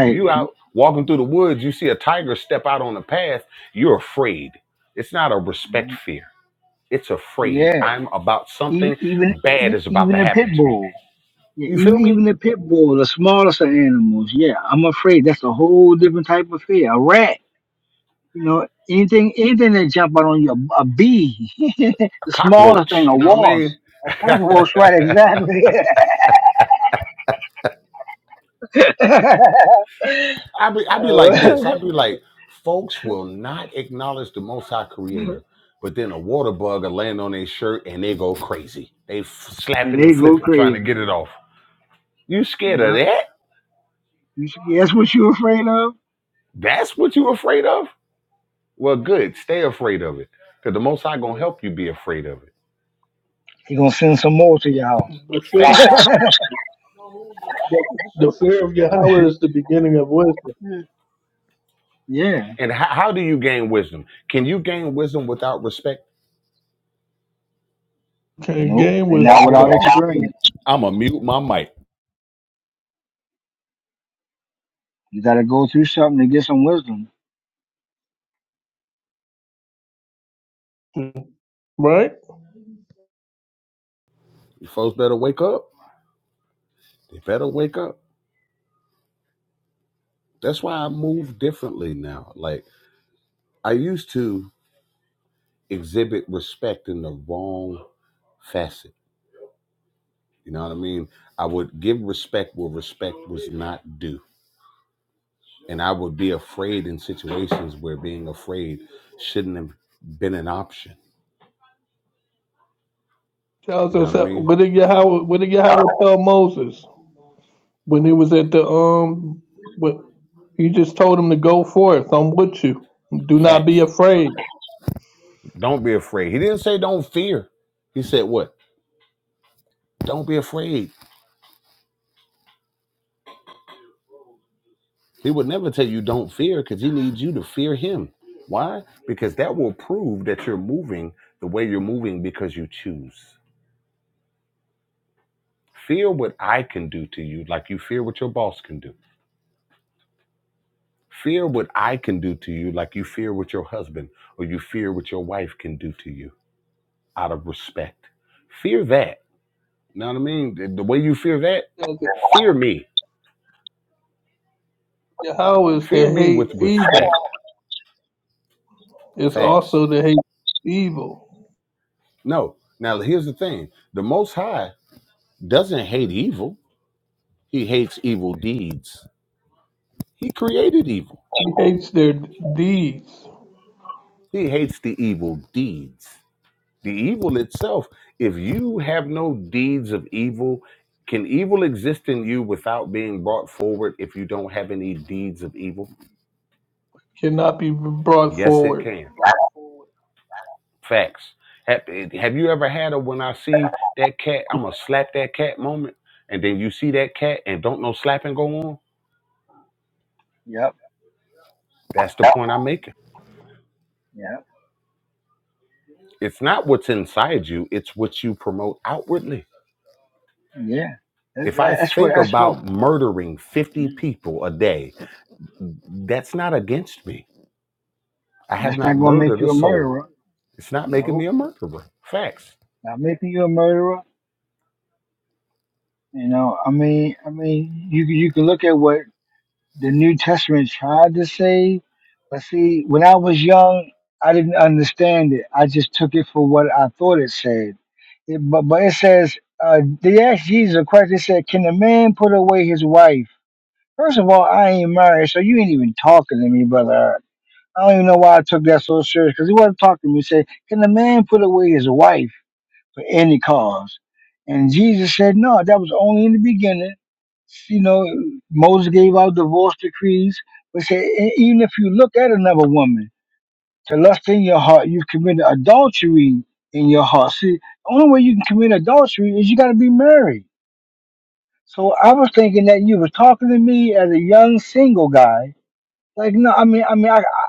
If you *laughs* out walking through the woods, you see a tiger step out on the path, you're afraid. It's not a respect Mhm. fear. It's afraid. Yeah. I'm about Even something even bad e- is about even to the pit happen to me. bull. Yeah. You Even feel even me? the pit bull, the smallest of animals. Yeah. I'm afraid. That's a whole different type of fear. A rat. You know, anything anything that jump out on you, a, bee, *laughs* the A smallest cockroach. thing, a You know what wasp, a cockroach, I right? mean? *laughs* Exactly. *laughs* I be I be Uh, like this. I *laughs* be like, folks will not acknowledge the Most High Creator, but then a water bug will land on their shirt and they go crazy. They f- and slapping they and go flipping, trying crazy. to get it off. You scared of Yeah, that? you, s- that's what you're afraid of. That's what you afraid of? Well, good. Stay afraid of it, because the Most High gonna Yeah, help you be afraid of it. he gonna send some more to your house. The fear, Facts. *laughs* the fear of Yahweh is the beginning of wisdom. yeah, And how, how do you gain wisdom? Can you gain wisdom without respect? Can't nope, gain and wisdom not I'm without without a experience. I'm a mute my mic. You got to go through something to get some wisdom. wisdom, right? You folks better wake up. They better wake up. That's why I move differently now. Like. I used to exhibit respect in the wrong facet. You know what I mean? I would give respect where respect was not due. And I would be afraid in situations where being afraid shouldn't have been an option. Tells You know us what I that- mean? what did Yahweh what did Yahweh tell Moses when he was at the um what he just told him to go forth, I'm with you. Do not Facts. be afraid. Don't be afraid. He didn't say don't fear. He said what? Don't be afraid. He would never tell you don't fear because he needs you to fear him. Why? Because that will prove that you're moving the way you're moving because you choose. Fear what I can do to you like you fear what your boss can do. Fear what I can do to you like you fear what your husband or you fear what your wife can do to you out of respect. Fear that. You know what I mean? The the way you fear that, Tells us fear me. Yahweh is Fear to me hate with evil. respect. It's Facts. also to hate evil. No. Now, here's the thing the Most High doesn't hate evil, He hates evil deeds. He created evil, He hates their deeds. He hates the evil deeds. The evil itself, if you have no deeds of evil, can evil exist in you without being brought forward if you don't have any deeds of evil? cannot be brought Yes, it forward. can. Facts. Have, have you ever had a when I see that cat, I'm going to slap that cat moment? And then you see that cat and don't no slapping go on? Yep, That's the point I'm making. yep, It's not what's inside you, it's what you promote outwardly. yeah. That, If I that- that's what. think That's what. about murdering Yeah. 50 people a day, that's not against me I have That's not not gonna make murdered a you a murderer. soul. It's not making me Nope, a murderer. Facts. not making you a murderer You know, I mean, I mean, you can- you can look at what the New Testament tried to say, but see, when I was young, I didn't understand it. I just took it for what I thought it said. It, but but it says uh, they asked Jesus a question. They said, "Can a man put away his wife?" First of all, I ain't married, so you ain't even talking to me, brother. Eric. I don't even know why I took that so serious because he wasn't talking to me. He said, "Can a man put away his wife for any cause?" And Jesus said, "No, that was only in the beginning." you know, Moses gave out divorce decrees, but said "E- even if you look at another woman to lust in your heart, you've committed adultery in your heart. See, the only way you can commit adultery is you got to be married. So I was thinking that you were talking to me as a young single guy. Like no, I mean, I mean, I, I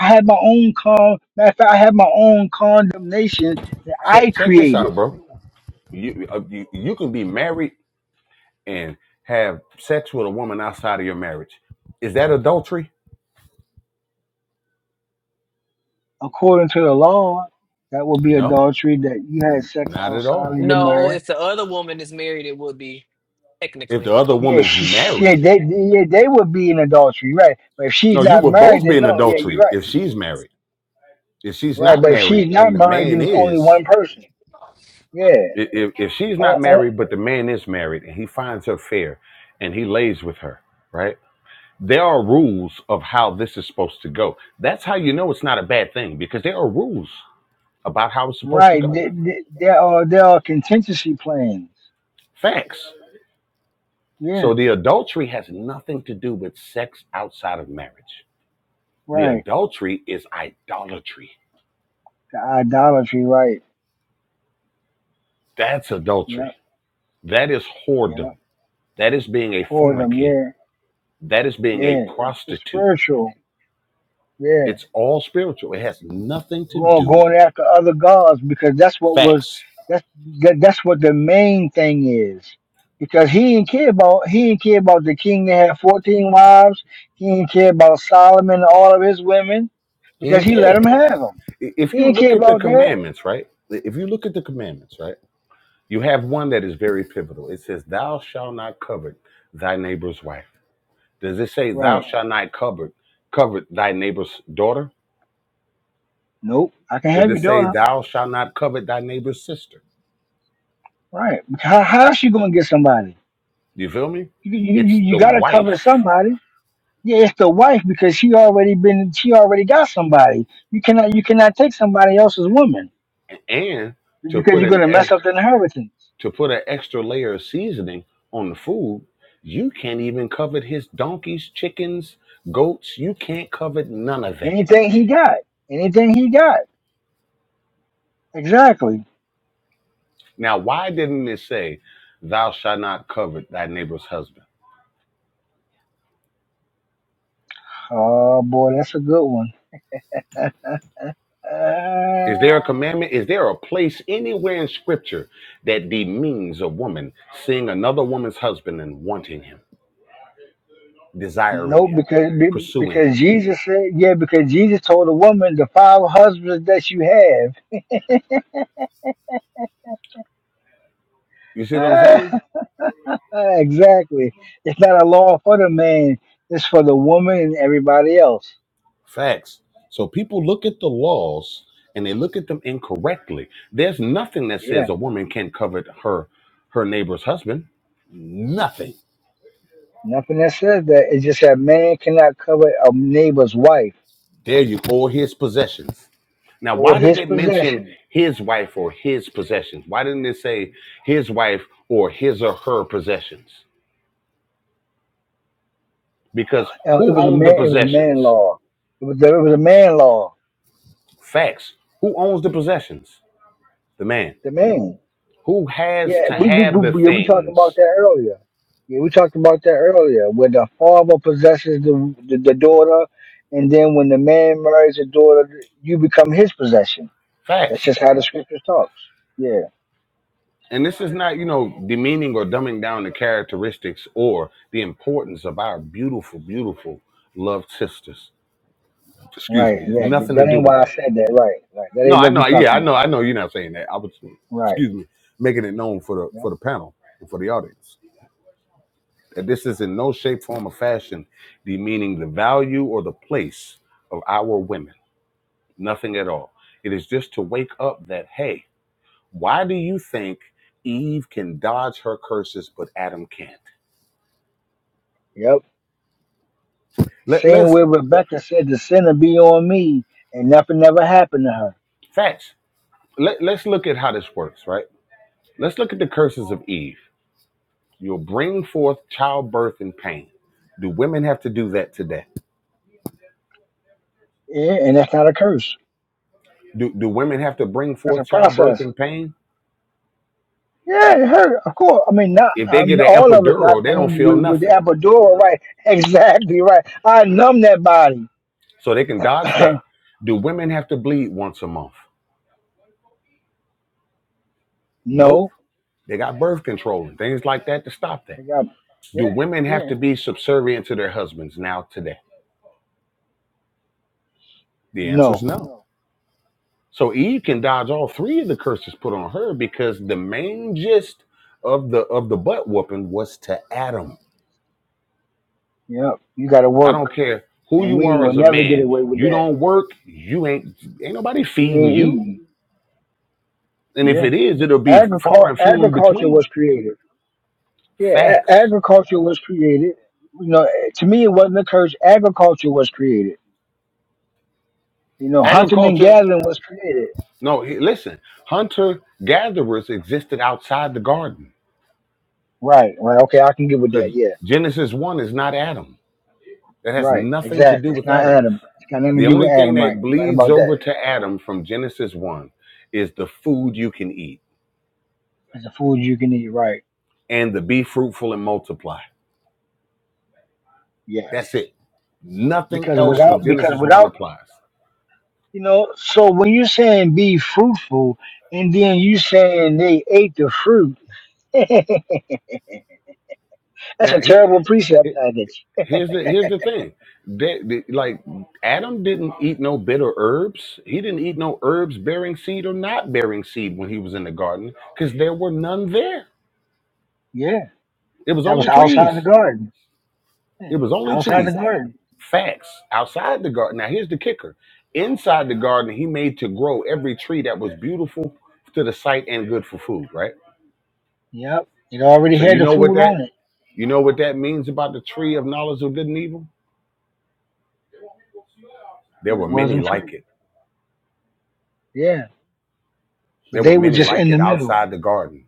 I had my own con. Matter of fact, I had my own condemnation that Check I check this out, created bro. You uh, you, you can be married and have sex with a woman outside of your marriage. Is that adultery? according to the law. That would be No, adultery. That you had sex not at outside of all. your No, marriage if the other woman is married, it would be If technically. the other Yeah, woman's she, she- yeah, married, they, yeah, they would be in adultery, right? But if she's no, you not will married, both then be in no, yeah, you're adultery right, if she's married. If she's right. not But if married she's not and the married, then man it's only is, one person. Yeah, i- if, if she's not oh, oh, married but the man is married and he finds her fair and he lays with her, right? there are rules of how this is supposed to go. That's how you know it's not a bad thing because there are rules about how it's supposed to right. go. They, they, there are there are contingency plans. Facts. Yeah, So the adultery has nothing to do with sex outside of marriage. The right. adultery is idolatry. The idolatry, right? That's adultery. Yep, That is whoredom. yep. That is being a Whoredom, fornicator. yeah, That is being a yeah. It's, it's prostitute. spiritual. Yeah, It's all spiritual. It has nothing to going do going after other gods because that's what was facts. that's that, that's what the main thing is because he didn't care about he didn't care about the king that had 14 wives he didn't care about solomon and all of his women He because didn't he care. let him have them If he you didn't care look at the about that commandments, right? If you look at the commandments, right? You have one that is very pivotal. It says, "Thou shalt not covet thy neighbor's wife." Does it say, "Thou right shalt not covet covet thy neighbor's daughter"? nope i can Does have it your say, daughter "Thou shalt not covet thy neighbor's sister"? right how, how's she gonna get somebody You feel me? you, you, you It's you the gotta cover wife, somebody yeah it's the wife because she already been she already got somebody you cannot you cannot take somebody else's woman and to because put you're going an to mess ex- up the inheritance. to put an extra layer of seasoning on the food, you can't even covet his donkeys, chickens, goats. You can't covet none of that. Anything he got, anything he got. Exactly. Now, why didn't it say, "Thou shalt not covet thy neighbor's husband"? Oh boy, that's a good one. Uh, Is there a commandment? Is there a place anywhere in scripture that demeans a woman seeing another woman's husband and wanting him, desiring no, him, because be- pursuing because him? Jesus said, yeah, because Jesus told the woman the five husbands that you have. You see what I'm saying? Ah, *laughs* ah, exactly. It's not a law for the man; it's for the woman and everybody else. Facts. So people look at the laws and they look at them incorrectly. There's nothing that says Yeah, a woman can't covet her her neighbor's husband. Nothing. nothing that says that. It's just that man cannot covet a neighbor's wife There you or his possessions. Now, or why did his it mention possessions. his wife or his possessions? Why didn't it say his wife or his or her possessions? Because Uh, it who was a owned the man. It was a man possessions? law. It was, it was a man law. Facts. Who owns the possessions? The man. The man. Who has Yeah, to we we we, have the we, yeah, we talked about things? that earlier. Yeah, we talked about that earlier. Where the father possesses the, the the daughter, and then when the man marries the daughter, you become his possession. That's Facts. just how the scriptures talks. Yeah, And this is not, you know, demeaning or dumbing down the characteristics or the importance of our beautiful, beautiful loved sisters. Excuse right. me. It's Yeah, that nothing to that do ain't with why I that said that. Right, right. That No, ain't I what we know. talking Yeah, I know. about. I know you're not saying that. I was, Right. excuse me, making it known for the for Yep. the panel and for the audience that this is in no shape, form, or fashion demeaning the value or the place of our women. Nothing at all. It is just to wake up that hey, why do you think Eve can dodge her curses but Adam can't? Yep. Let, Same let's where Rebecca said the sinner be on me, and nothing never happened to her. facts. Let, let's look at how this works, right? Let's look at the curses of Eve. You'll bring forth childbirth and pain. Do women have to do that today? Yeah, and that's not a curse. Do do women have to bring That's a forth childbirth process. and pain? Yeah, it hurt. Of course. I mean, not If they um, get an all of us epidural, not they don't pain feel with, with the nothing, epidural, right? *laughs* Exactly right. I numb that body. so they can dodge that. *coughs* Do women have to bleed once a month? Nope. no, They got birth control and things like that to stop I that. got Do yeah, women have yeah. to be subservient to their husbands now today? The answer is No, no. So Eve can dodge all three of the curses put on her because the main gist of the of the butt whooping was to Adam. yep. You got to I work, don't care who and you we are will as a never get man. away with You that. don't work. You ain't ain't nobody You feeding ain't you. eating. And if Yeah, it is, it'll be far Agricul- and few in agriculture was between. created. Yeah, a- Facts. agriculture was created. You know, eh, to me, it wasn't the curse. Agriculture was created. You know, hunting and Agriculture, gathering was created. no, listen, hunter gatherers existed outside the garden Right, right. Okay, I can get with that. because Yeah. Genesis 1 is not Adam. That has Right, nothing to exactly. do It's with not Adam. Adam. It's got nothing to The do with only thing Adam, right? that You're right bleeds about that. over to Adam from Genesis 1 is the food you can eat It's the food you can eat, right? and the be fruitful and multiply. Yes. That's it. Nothing Because else from without, because Genesis 1 without, applies. you know, so when you're saying be fruitful, and then you saying they ate the fruit, *laughs* that's Now, a here, terrible here, precept package. Here's the here's the thing. They, they- like Adam didn't eat no bitter herbs. He didn't eat no herbs bearing seed or not bearing seed when he was in the garden because there were none there. Yeah, It was that was only outside the trees. garden. Yeah, It was only Outside the trees. garden. Facts outside the garden. Now here's the kicker. Inside the garden, he made to grow every tree that was beautiful to the sight and good for food. Right. Yep, it already So had you the know what food that on it, you know what that means about the tree of knowledge of good and evil. There and it were many wasn't like fruit. it. Yeah, but There were they were many just like in the it middle. outside the garden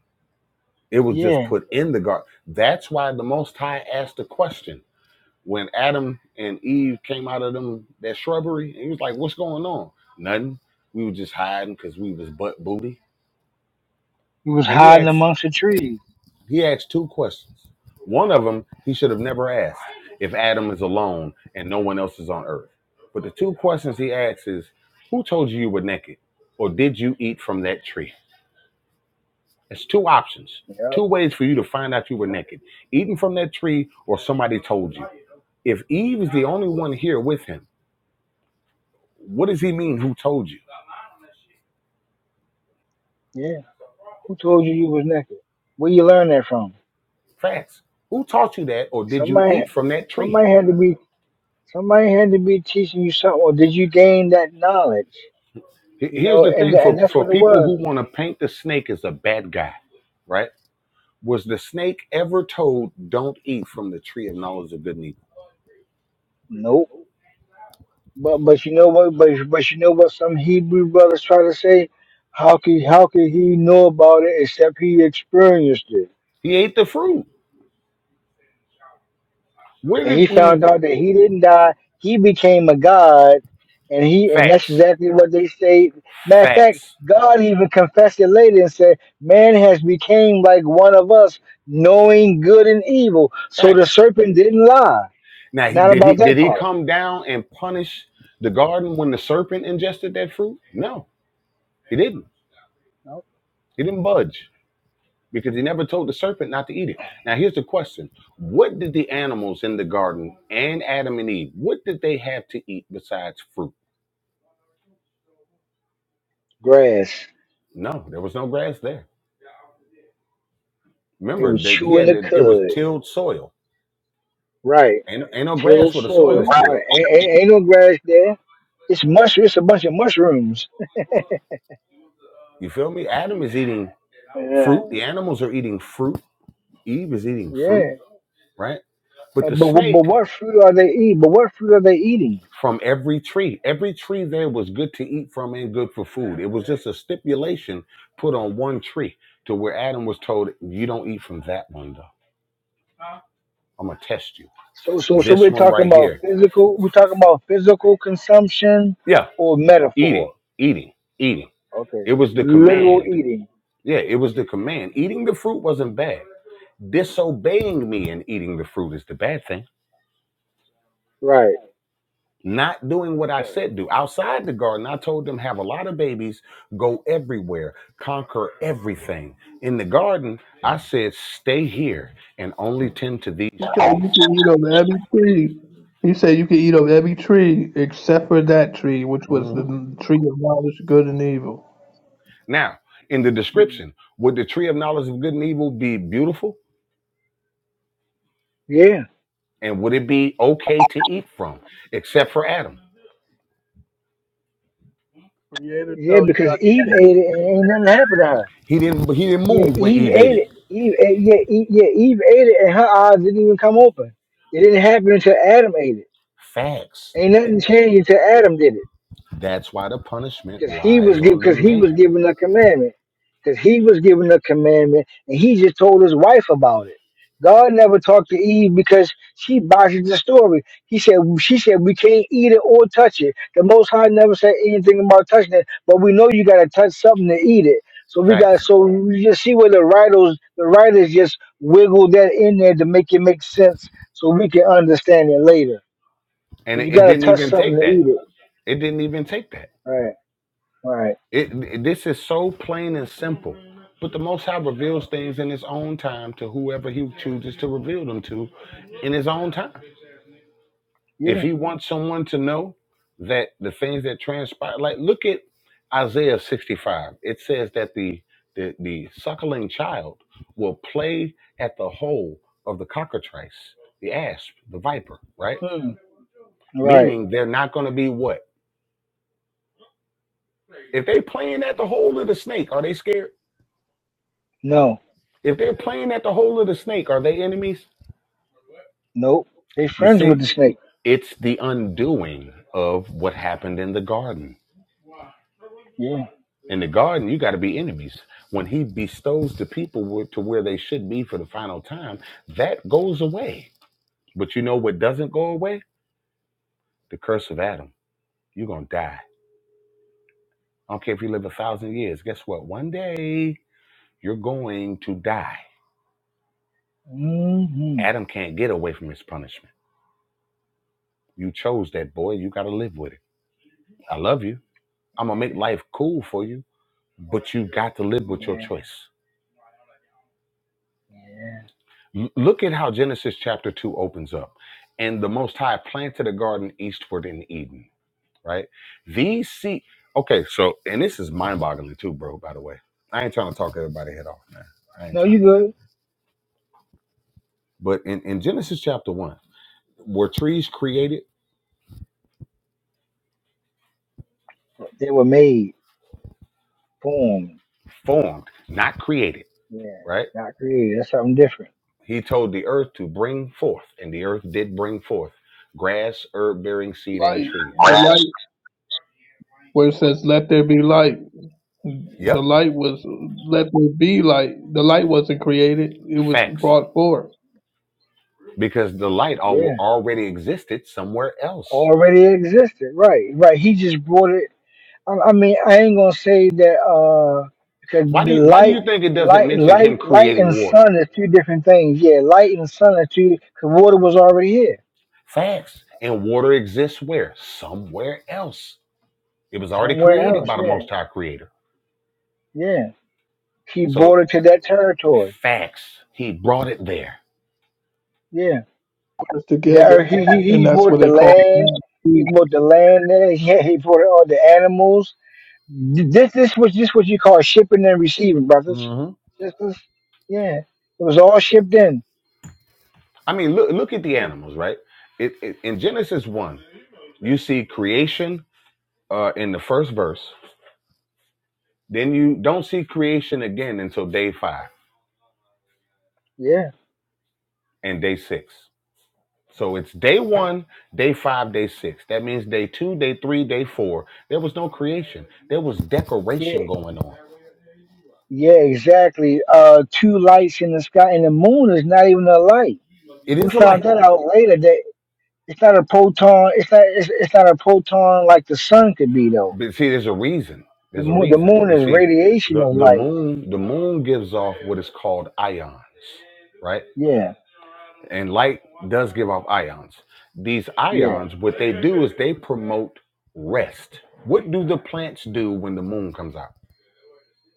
It was just Yeah, put in the garden. That's why the Most High asked the question when Adam and Eve came out of them that shrubbery. And He was like, "What's going on? Nothing. We were just hiding because we was butt booty." it was And he hiding asked amongst the trees. he asked two questions. One of them he should have never asked if Adam is alone and no one else is on earth. But the two questions he asks is, "Who told you you were naked, or did you eat from that tree?" That's two options, Yep. two ways for you to find out you were Yep. naked eating from that tree or somebody told you. If Eve is the only one here with him, what does he mean who told you? Yeah. Who told you you was naked? Where you learn that from? Facts. Who taught you that or did you Somebody, eat from that tree? somebody had to be, somebody had to be teaching you something. Or did you gain that knowledge? He- You Here's know, the and thing tha- for, and that's for what it people was. who want to paint the snake as a bad guy, right? Was the snake ever told, don't eat from the tree of knowledge of good and evil? Nope. But but you know what? But but you know what? Some Hebrew brothers try to say, how could how could he know about it except he experienced it? He ate the fruit. Where and he did found Eve? out that he didn't die. He became a god, and he and that's Facts, exactly what they say. Matter of fact, facts, God even confessed it later and said, "Man has became like one of us, knowing good and evil." So the facts. serpent didn't lie. Now, Not did he about that did he part. come down and punish the garden when the serpent ingested that fruit? No, he didn't. No. He didn't budge because he never told the serpent not to eat it. Now, here's the question: What did the animals in the garden and Adam and Eve? What did they have to eat besides fruit? Grass. No, there was no grass there. They were Remember, that he chewing had the to, it was cud. tilled soil. Right. Ain't, ain't no Till grass where the soil soil. Well, is Right. tilled. Ain't, ain't, ain't no grass there. It's mush. It's a bunch of mushrooms. You feel me? Adam is eating Yeah. fruit. The animals are eating fruit. Eve is eating Yeah. fruit, right? But the And- But, what- snake but what fruit are they eating? But what fruit are they eating? from every tree. Every tree there was good to eat from and good for food. It was just a stipulation put on one tree to where Adam was told, You don't eat from that one, though. I'm going to test you. So, so, so This we're one talking right about here. physical. We're talking about physical consumption Yeah, or eating, metaphor. eating, eating. Okay, It was the literal command. eating. Yeah, it was the command. Eating the fruit wasn't bad. Disobeying me and eating the fruit is the bad thing Right. not doing what I Right. said do. Outside the garden, I told them have a lot of babies, go everywhere, conquer everything. In the garden, I said stay here and only tend to these he said trees. you can eat of every tree. He said you can eat of every tree except for that tree, which was the Mhm. tree of knowledge, good and evil. Now, in the Mm. description, would the tree of knowledge of good and evil be beautiful? Yeah. And would it be okay to eat from, except for Adam? Creator Yeah. tells you Because not to eat Eve of ate it and ain't nothing happened to her. He didn't. He didn't Yeah. move when Eve Eve ate ate it. it. Eve. Ate, yeah. Eve, yeah. Eve ate it and her eyes didn't even come open. It didn't happen until Adam ate it. Facts. Ain't nothing changed until Adam did it. That's why the punishment because he was lies give on the because he was man. given the commandment because he was given the commandment and he just told his wife about it god never talked to eve because she botched the story he said she said we can't eat it or touch it the most high never said anything about touching it but we know you got to touch something to eat it so we got Facts. so you just see where the writers the writers just wiggle that in there to make it make sense so we can understand it later And because you it, it got to didn't touch even something take to that. eat it It didn't even take that. right right It, it- this is so plain and simple. But the Most High reveals things in His own time to whoever He chooses to reveal them to, in His own time. If yeah He wants someone to know that the things that transpire, like look at Isaiah sixty-five. It says that the the, the suckling child will play at the hole of the cockatrice, the asp, the viper, right? Hmm. Right. Meaning they're not going to be what? If they playing at the hole of the snake, are they scared? No. If they're playing at the hole of the snake, are they enemies? Nope. They You friends see, with the snake. it's the undoing of what happened in the garden. Yeah. In the garden, you got to be enemies. When he bestows the people where- to where they should be for the final time, that goes away. But you know what doesn't go away? The curse of Adam. You're going to die. I don't care if you live a thousand years. Guess what? One day you're going to die. hmm Adam can't get away from his punishment. You chose that boy. You got to live with it. I love you. I'm going to make life cool for you but you got to live with your Yeah. choice. Yeah. L- look at how Genesis chapter 2 opens up. And the Most High planted a garden eastward in Eden, right? These see, okay, so, and this is mind boggling too, bro, by the way. I ain't trying to talk everybody head off, man. I ain't No, trying you to do that. good. But in, in Genesis chapter 1, were trees created? They were made, formed. Formed, not created, Yeah. right? Not created. That's something different. He told the earth to bring forth, and the earth did bring forth grass, herb bearing seed, and light. trees. The light where it says, "Let there be light." The Yep. light was, "Let there be light." The light wasn't created; it was Facts brought forth. because the light al- Yeah. already existed somewhere else. Already existed. Right. Right. He just brought it. I, I mean, I ain't gonna say that uh because Why do the you why do light, you think it doesn't light, mention him light, light and creating water? sun are two different things. Yeah. Light and sun are two. Because water was already here Facts. And water exists where? Somewhere else. It was already somewhere created else. by the Yeah. Most High Creator. Yeah. He So brought it to that territory. facts. He brought it there. Yeah. It's The together, earth, he, he, and he that's bought what the they call. land. It. Yeah, He bought the land. There. He, he bought all the animals. Th- This this was this what you call shipping and receiving, brothers. hmm Sisters. Yeah. It was all shipped in. I mean, look look at the Yeah. animals, right? It, it, in Genesis one, you see creation uh, in the first verse. Then you don't see creation again until day five Yeah. and day six. So it's day one, day five, day six. That means day two, day three, day four. There was no creation. There was Yeah. decoration going on. Yeah, exactly. Uh two lights in the sky and the moon is not even a light. It We is a found light. that out later that it's not a proton it's not it's, it's not a proton like the sun could be though. But see, there's a reason. The There's a moon the reason. moon You is see, radiation the, of the light. moon, the moon gives off what is called ions, right? Yeah, And light does give off ions. These Yeah. ions, what they do is they promote rest. What do the plants do when the moon comes out?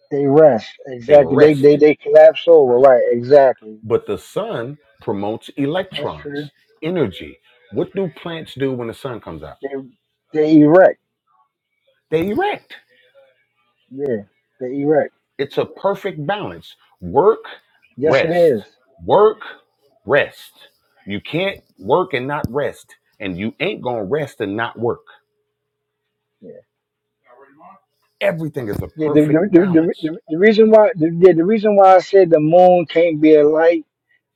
They rest. They Exactly. They rest. they they collapse over. Right. Exactly. But the sun promotes That's electrons, true. energy. What do plants do when the sun comes out? They they erect. They erect. Yeah. They erect. It's a perfect balance. Work, Yes, it rest. is. Work, rest. You can't work and not rest. And you ain't going to rest and not work. Yeah. Everything is a Yeah. The the perfect the, the, balance. the the reason why the, yeah, the reason why I said the moon can't be a light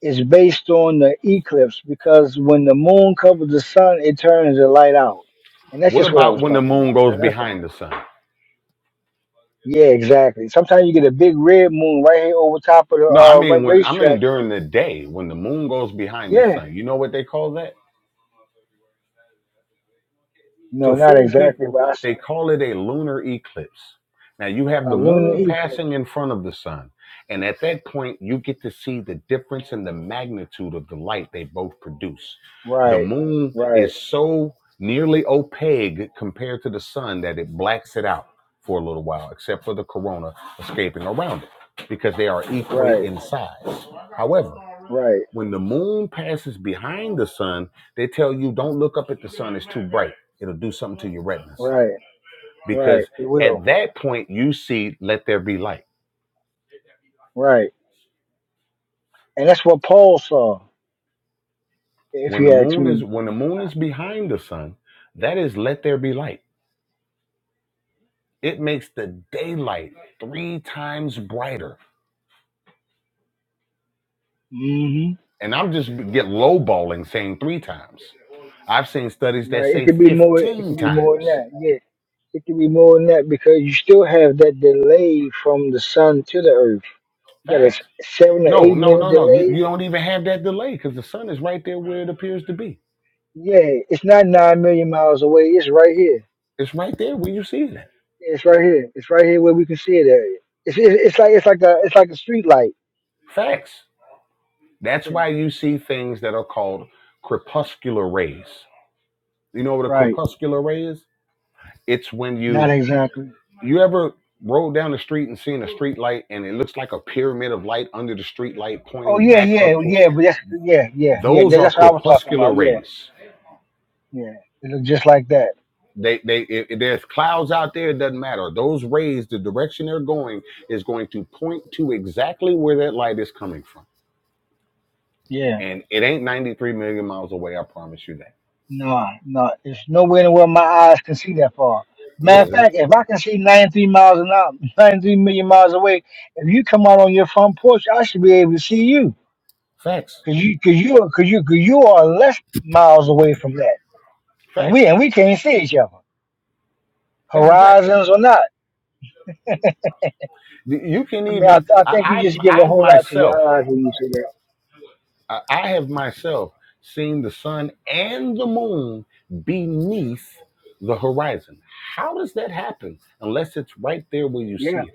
is based on the eclipse because when the moon covers the sun, it turns the light out, and that's What just what I about was when the talking about. moon goes That- That's all. behind the sun? Yeah, exactly. Sometimes you get a big red moon right here over top of the No, I uh, ra- mean when I racetrack. mean during the day when the moon goes behind the Yeah. sun. You know what they call that? to No, not fool exactly, people, but I they see. call it a lunar eclipse. Now you have A the lunar moon passing eclipse. in front of the sun, and at that point, you get to see the difference in the magnitude of the light they both produce. The Right, moon right, is so nearly opaque compared to the sun that it blacks it out for a little while, except for the corona escaping around it, because they are equate right, in size. However, right, when the moon passes behind the sun, they tell you don't look up at the sun, it's too bright. It'll do something to your retinas. right, right. Because It at will. that point you see let there be light. Right. And that's what Paul saw, if When the you ask moon is me. when the moon is behind the sun, that is let there be light. It makes the daylight three times brighter. hmm And I'm just get lowballing saying three times. I've seen studies that Right. It say could be more it 15 could be more than times. that. Yeah. It could be more than that because you still have that delay from the sun to the earth. You got a s- Facts. seven or No, eight no, minute no, no. You, delay. you don't even have that delay because the sun is right there where it appears to be Yeah, it's not nine million miles away. It's right here. It's right there where you see it. It's right here. It's right here where we can see it at. It's, it's, it's like it's like a it's like a street light. Facts. That's Yeah. why you see things that are called crepuscular rays. You know what a Right. crepuscular ray is? It's when Not you exactly. you ever rode down the street and seen a street light and it looks like a pyramid of light under the street light Oh pointing yeah, back up yeah, to it. yeah. But that's yeah, yeah, yeah. those that- are That's what I was talking crepuscular about. Yeah, rays. yeah. It looked just like that. They they if if there's clouds out there, it doesn't matter. Those rays, the direction they're going is going to point to exactly where that light is coming from. Yeah. And it ain't 93 million miles away, I promise you that Nah, nah. It's nowhere in the world my eyes can see that far. Matter Yeah, of fact, if I can see 93 miles an hour, *laughs* 93 million miles away, if you come out on your front porch, I should be able to see you, facts, cause you, cause you, are- cause you, cause you are less miles away from that, and we facts. and we can't see each other, That's a fact. horizons or not. You can I mean, I, even I think you I just give I, a I whole lot to myself your eyes when you say that. I, I have myself seen the sun and the moon beneath the horizon. How does that happen? Unless it's right there where you Yeah. see it.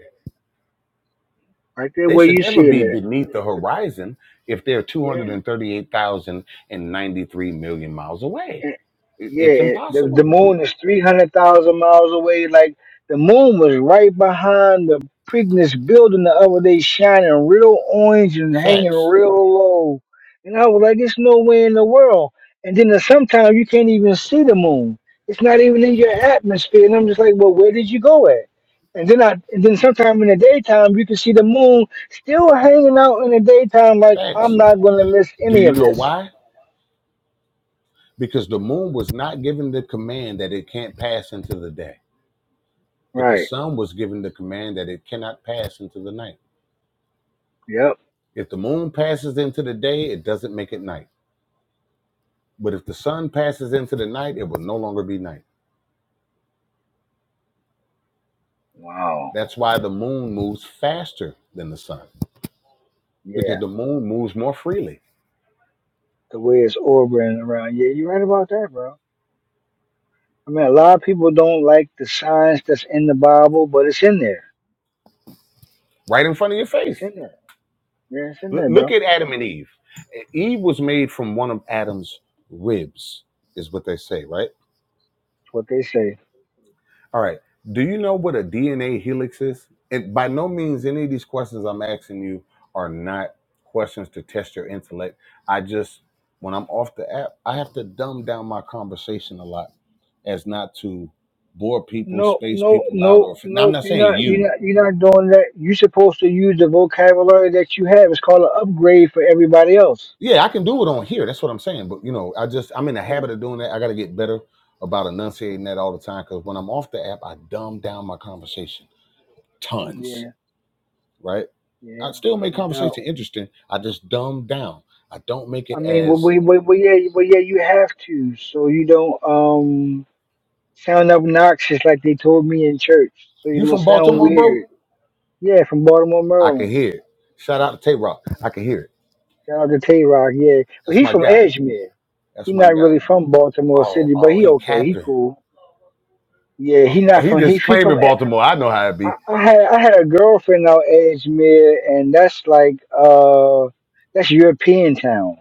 right there They where should you see never it be at. beneath the horizon if they're two hundred Yeah, and thirty-eight thousand and ninety-three million miles away. and- yeah. It's The the impossible. moon is three hundred thousand miles away. Like the moon was right behind the Preakness building the other day, shining real orange and hanging Facts. real low. And I was like, "There's no way in the world." And then sometimes you can't even see the moon. It's not even in your atmosphere. And I'm just like, "Well, where did you go at?" And then I, and then sometime in the daytime you can see the moon still hanging out in the daytime. Like I'm Facts. not gonna miss Do any you of know this. why? because the moon was not given the command that it can't pass into the day, but the Right. sun was given the command that it cannot pass into the night. Yep. If the moon passes into the day, it doesn't make it night. But if the sun passes into the night, it will no longer be night. Wow. That's why the moon moves faster than the sun, because Yeah. the moon moves more freely, The way it's orbiting around. Yeah, you're right about that, bro. I mean, a lot of people don't like the signs that's in the Bible, but it's in there. right in front of your It's face. in there. Yeah, it's in L- there, bro. look at It's Adam and Eve. E, Eve was made from one of Adam's ribs, is what they say, right? what they say. All right. Do you know what a DNA helix is? And by no means, any of these questions I'm asking you are not questions to test your intellect. I just, when I'm off the app, I have to dumb down my conversation a lot as not to bore people, No, space no, people out, no, or now I'm no. not You're saying not. you. You're not. You're not doing that. You're supposed to use the vocabulary that you have. It's called an upgrade for everybody else. Yeah, I can do it on here. That's what I'm saying. But you know, I just I'm in the Yeah. habit of doing that. I got to get better about enunciating that all the time because when I'm off the app, I dumb down my conversation tons Yeah. right? Yeah. I still make No doubt. conversation interesting. I just dumb down. I don't make I it mean, well, as well, well, well, yeah, well, yeah, you have to, so you don't. um, Sound obnoxious like they told me in church, so you you don't from sound Baltimore, weird. bro. Yeah, from Baltimore, I can Maryland. hear it. Shout out to Tay Rock. I can hear it. Shout out to Tay Rock, yeah. But That's he's my from guy. Edgemere. That's He my not guy, really man. from Baltimore Oh, City, but oh, he he okay. He capping. cool. Yeah, he Oh, not he from he, just he from claiming Ed- Baltimore. I know how it I, be. I had I had a girlfriend out Edgemere and that's like uh that's European town.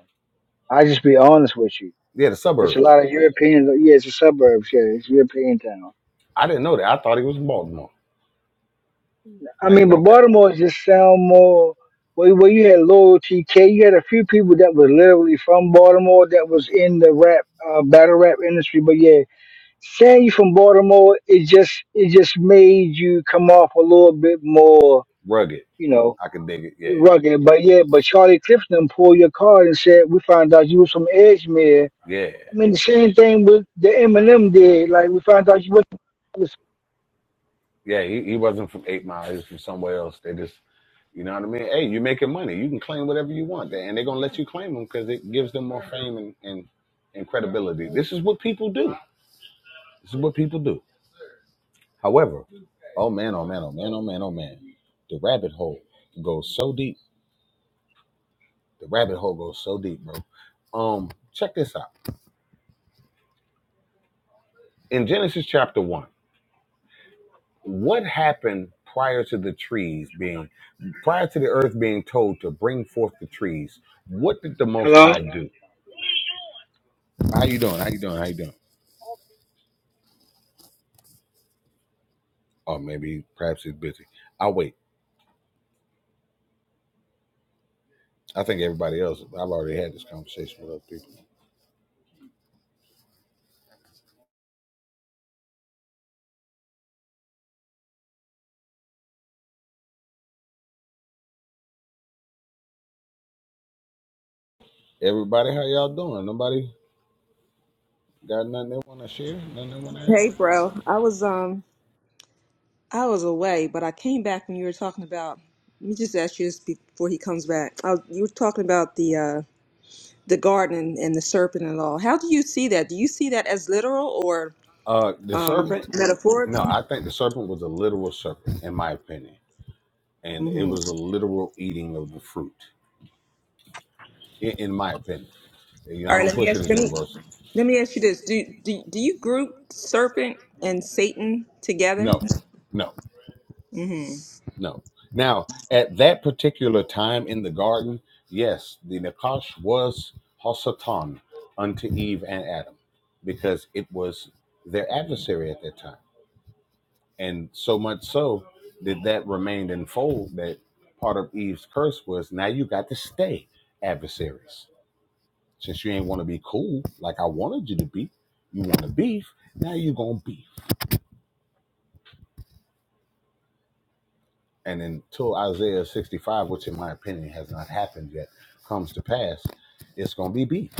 I just be honest with you. Yeah, the It's a suburbs. lot of Europeans yeah, it's a suburbs, yeah, it's European town. I didn't know that. I thought he was from Baltimore. I Not mean, even but gonna cap. Baltimore just sound more where, where you had Lil TK. You had a few people that was literally from Baltimore that was in the rap uh, battle rap industry. But yeah, saying you from Baltimore, it just it just made you come off a little bit more, Rugged. you know, I could dig it. Yeah, rugged. But yeah, but Charlie Clifton pulled your card and said, "We found out you was from Edgemere." yeah, I mean, the same thing with the Eminem did. Like we found out you was. yeah. He, he wasn't from Eight Mile. He was from somewhere else. They just You know what I mean? Hey, you're making money. You can claim whatever you want, and they're gonna let you claim them because it gives them more fame and, and and credibility. This is what people do. This is what people do. However, oh man, oh man, oh man, oh man, oh man, the rabbit hole goes so deep. The rabbit hole goes so deep, bro. Um, check this out. In Genesis chapter one, what happened prior to the trees being prior to the earth being told to bring forth the trees? What did the Most Hello. High do? How you doing? How you doing? How you doing? or maybe perhaps he's busy. I'll wait. I think everybody else, I've already had this conversation with other people. Everybody, how y'all doing? Nobody got nothing they want to share? Nothing they want to ask? Hey, bro. I was um I was away, but I came back when you were talking about. Let me just ask you this before he comes back. I was, you were talking about the uh the garden and, and the serpent and all. How do you see that? Do you see that as literal or Uh, the um serpent? No, metaphorically? I think the serpent was a literal serpent, in my opinion. And it Mm-hmm. was a literal eating of the fruit, in, in my opinion. You know, All I right. don't Let me push it ask. as Let me universal. let me ask you this. Do do do you group serpent and Satan No, together? no. Mm-hmm. No. Now, at that particular time in the garden, yes, the Nakash was Hasatan unto Eve and Adam because it was their adversary at that time. And so much so that that remained in fold that part of Eve's curse was now you got to stay adversaries. Since you ain't want to be cool like I wanted you to be, you want to beef, now you going to beef. And until Isaiah 65, which in my opinion has not happened yet, comes to pass, it's going to be beef.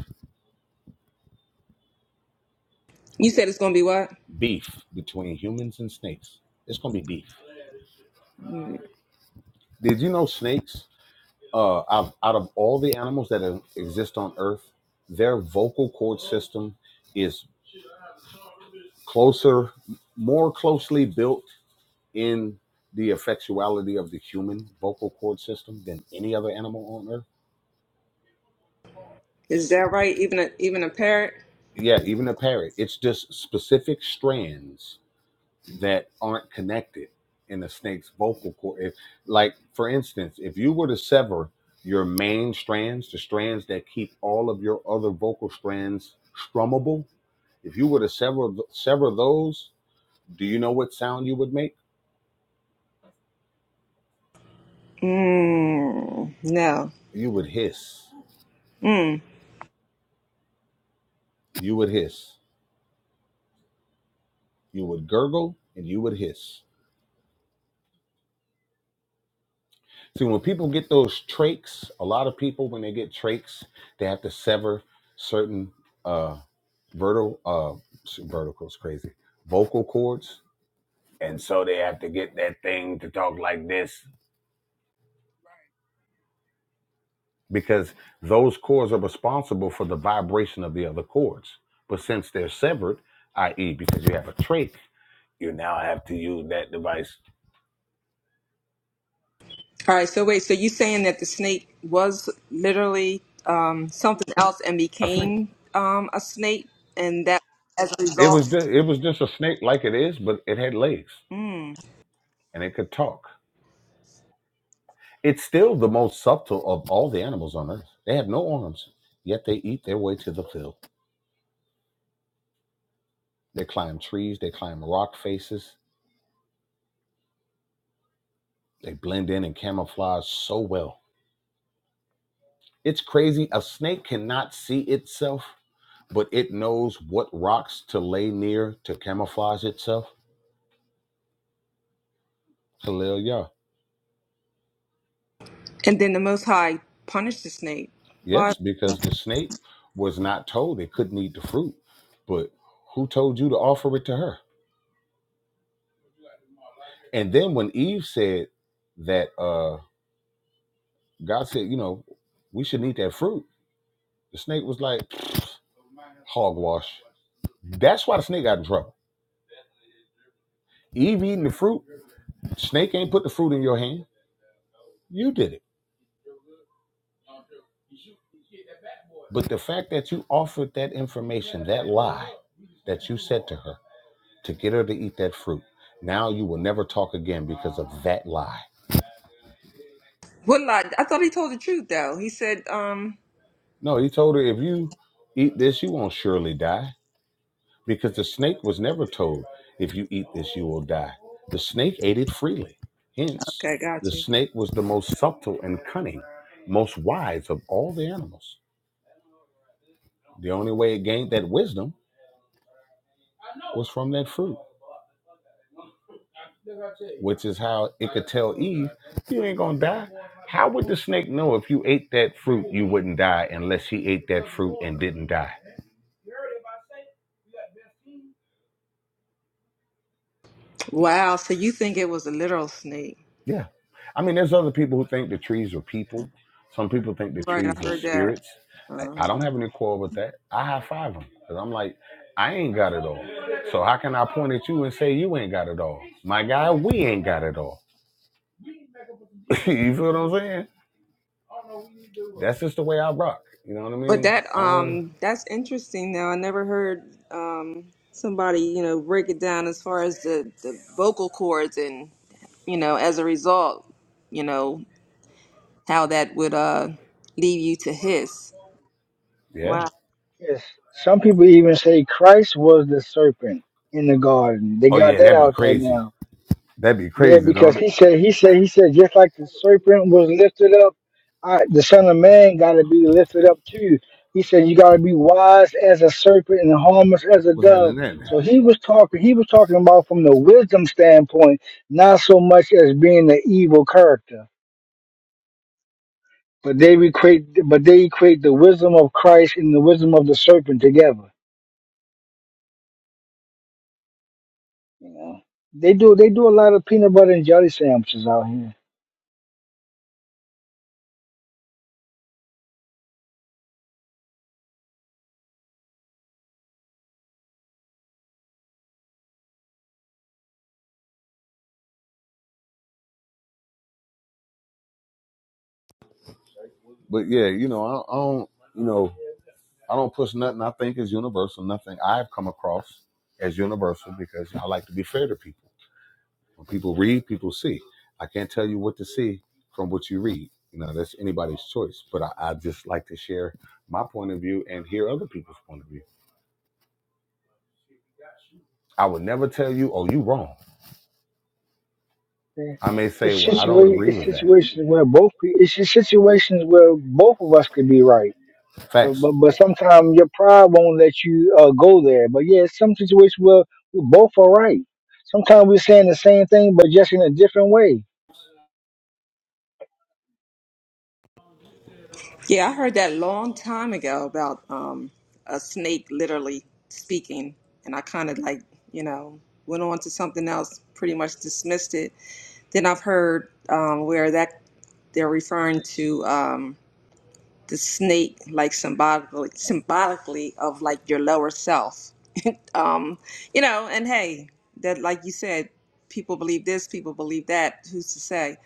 You said it's going to be what? Beef between humans and snakes. It's going to be beef. Did you know snakes, uh, out out of all the animals that e- exist on Earth, their vocal cord system is closer, more closely built in the effectuality of the human vocal cord system than any other animal on Earth? Is that right? Even a even a parrot? Yeah, even a parrot. It's just specific strands that aren't connected in a snake's vocal cord. If, like, for instance, if you were to sever your main strands, the strands that keep all of your other vocal strands strummable, if you were to sever sever those, do you know what sound you would make? Mm, no. You would hiss. Mm. You would hiss. You would gurgle, and you would hiss. See, when people get those trachs, a lot of people when they get trachs, they have to sever certain. uh, vertical uh verticals crazy vocal cords and so they have to get that thing to talk like this because those cords are responsible for the vibration of the other cords but since they're severed i.e because you have a trach you now have to use that device All right, so wait, so you saying that the snake was literally um, something else and a snake became um, a snake, and that as a it was result, ju- it was just a snake like it is but it had legs mm, and it could talk it's still the most subtle of all the animals on earth they have no arms yet they eat their way to the fill they climb trees they climb rock faces They blend in and camouflage so well. It's crazy. A snake cannot see itself, but it knows what rocks to lay near to camouflage itself. Hallelujah. and then the Most High punished the snake. Why? Yes, because the snake was not told it couldn't eat the fruit, but who told you to offer it to her? And then when Eve said that, uh, God said, you know, we shouldn't eat that fruit, the snake was like, hogwash. That's why the snake got in trouble. Eve eating the fruit, snake ain't put the fruit in your hand. You did it. But the fact that you offered that information, that lie that you said to her to get her to eat that fruit, now you will never talk again because of that lie. What lie? I thought he told the truth though. He said, um, No, he told her, if you eat this, you won't surely die because the snake was never told, if you eat this, you will die. The snake ate it freely. Hence, "Okay, got the you." snake was the most subtle and cunning, most wise of all the animals. The only way it gained that wisdom was from that fruit. which is how it could tell Eve, you ain't gonna die. How would the snake know if you ate that fruit you wouldn't die unless he ate that fruit and didn't die? Wow, so you think it was a literal snake, Yeah. I mean, there's other people who think the trees are people. Some people think the right? trees I are heard that. spirits. I, Uh I huh. don't have any quarrel with that. I high five them because I'm like, I ain't got it all. So how can I point at you and say you ain't got it all? My guy, we ain't got it all. *laughs* you feel what I'm saying? That's just the way I rock. You know what I But mean? that I don't. um that's interesting though. I never heard um somebody, you know, break it down as far as the, the vocal cords and you know, as a result, you know, how that would uh lead you to hiss. Yeah. Wow. Yes. Some people even say Christ was the serpent in the garden. They Oh got yeah, that that'd be out there crazy. now. That'd be Yeah, crazy because though. he said, he said, he said, just like the serpent was lifted up, I, the Son of Man got to be lifted up too. He said, you got to be wise as a serpent and harmless as a What's dove. happening then? So he was talking, he was talking about from the wisdom standpoint, not so much as being the evil character. But they equate, but they equate the wisdom of Christ and the wisdom of the serpent together. You know, they do they do a lot of peanut butter and jelly sandwiches out here. But yeah, you know, I, I don't, you know, I don't push nothing I think is universal. Nothing I've come across as universal because I like to be fair to people. When people read, people see. I can't tell you what to see from what you read. You know, that's anybody's choice. But I, I just like to share my point of view and hear other people's point of view. I would never tell you, "Oh, you wrong." Yeah. I may say, It's "Well, I don't situa- agree it's with that." situations where both pe- it's just situations where both of us could be right, but Facts. but but sometimes your pride won't let you uh, go there. But yeah, it's some situations where we both are right. Sometimes we're saying the same thing, but just in a different way. Yeah, I heard that long time ago about um a snake literally speaking and I kinda like, you know, went on to something else, pretty much dismissed it. Then I've heard um where that they're referring to um. the snake like symbolically symbolically of like your lower self *laughs* um you know and hey that like you said people believe this people believe that who's to say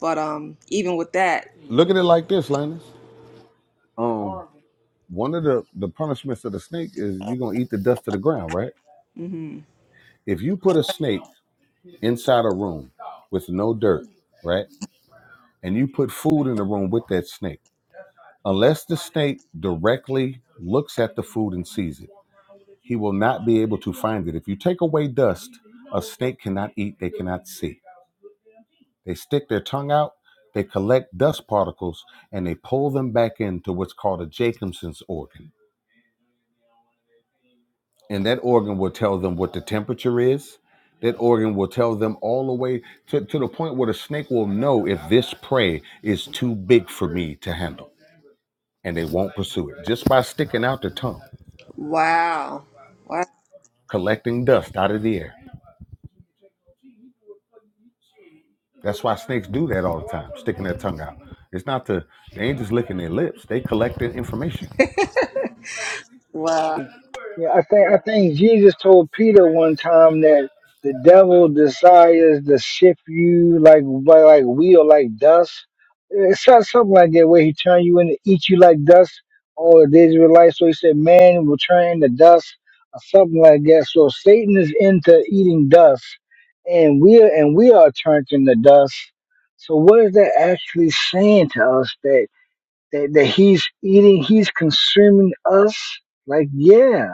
but um even with that Look at it like this, Linus. Um, one of the the punishments of the snake is you're gonna eat the dust of the ground, right? If you put a snake inside a room with no dirt, right, and you put food in the room with that snake, unless the snake directly looks at the food and sees it, he will not be able to find it. If you take away dust, a snake cannot eat; they cannot see. They stick their tongue out. They collect dust particles and they pull them back into what's called a Jacobson's organ and that organ will tell them what the temperature is. That organ will tell them all the way to, to the point where the snake will know if this prey is too big for me to handle, and they won't pursue it just by sticking out their tongue, wow wow collecting dust out of the air. That's why snakes do that all the time, sticking their tongue out. It's not the they ain't just licking their lips; they collecting information. wow. Yeah, I think I think Jesus told Peter one time that the devil desires to shift you like by like wheat or like dust. It's not something like that where he turn you into eat you like dust or the Israelites. So he said, Man will turn into dust or something like that. So Satan is into eating dust and we are and we are turned into dust. So what is that actually saying to us that that, that he's eating, he's consuming us? Like yeah.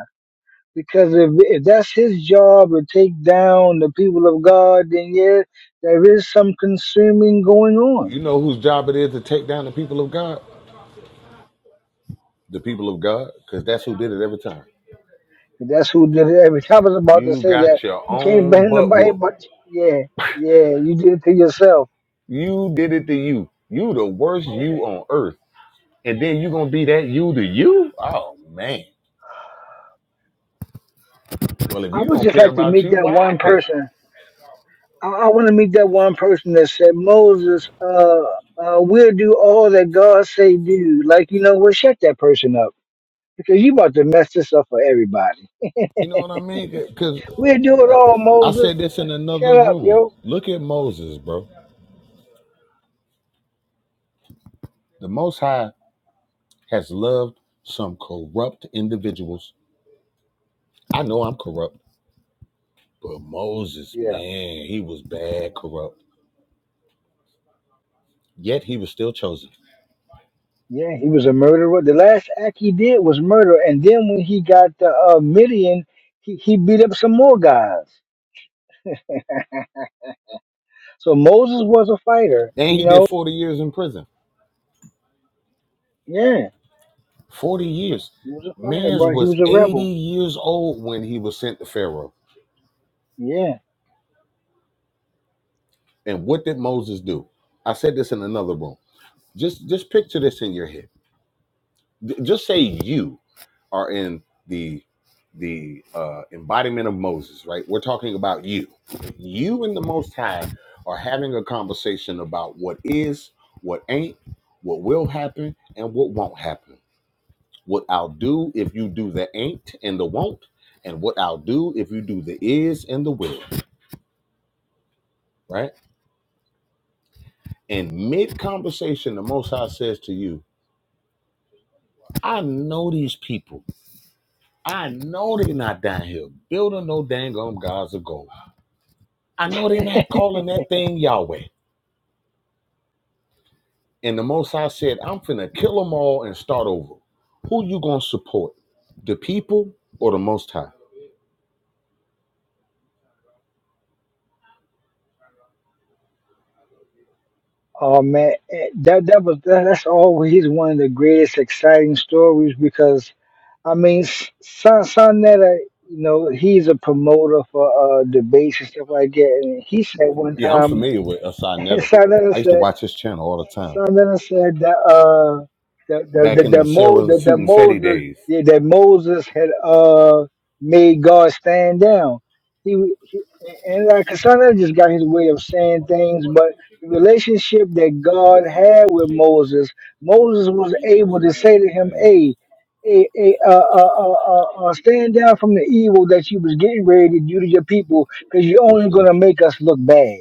Because if, if that's his job to take down the people of God, then yeah, there is some consuming going on. You know whose job it is to take down the people of God? The people of God, because that's who did it every time. That's who did it. I was I was about to You say that got your you can't own blame butt nobody, whoop. but yeah, yeah, you did it to yourself. You did it to you. You the worst Yeah, you on earth. And then you gonna be that you to you? Oh man. Well, if I you would don't just care like to about meet you, that why I one care? person. I, I want to meet that one person that said, Moses, uh, uh, we'll do all that God say do. Like you know, well, shut that person up because you about to mess this up for everybody. You know what I mean? Because We'll do it all, I Moses. said this in another Shut up, room. yo. Look at Moses, bro. The Most High has loved some corrupt individuals. I know I'm corrupt, but Moses, Yeah. man, he was bad corrupt. Yet he was still chosen. Yeah, he was a murderer. Well, The last act he did was murder. And then when he got the uh, Midian, he, he beat up some more guys. So Moses was a fighter, And you he know? did 40 years in prison. Yeah. 40 years. He was a fighter, Mans bro. He was was a 80 rebel. years old when he was sent to Pharaoh. Yeah. And what did Moses do? I said this in another room. Just just picture this in your head. D- Just say you are in the the uh, embodiment of Moses, right? We're talking about you. You and the Most High are having a conversation about what is, what ain't, what will happen, and what won't happen what I'll do if you do the ain't and the won't, and what I'll do if you do the is and the will, right? And mid conversation, the Most High says to you, I know these people. I know they're not down here building no dang on gods of gold. I know they're not calling that thing Yahweh. And the Most High said, I'm finna kill them all and start over. Who you gonna support? The people or the Most High? Oh man, eh, that that was that, that's always one of the greatest exciting stories because I mean, S- Son Sonetta, you know, he's a promoter for uh, debates and stuff like that. And he said one Yeah, I'm time, familiar with Asai *laughs* Netta. Sonetta I used to said. watch his channel all the time Something that said that uh that the the, back in the, the Mo, Sarah and the, the Suit and Fetty Moses days. yeah, that Moses had uh made God stand down. He, w- he and like Cassandra just got his way of saying things, but the relationship that God had with Moses, Moses was able to say to I him, get it. "Hey, hey, hey uh, uh, uh, uh, uh, stand down from the evil that you was getting ready to do to your people, because you're only Appreciate gonna you. make us look bad."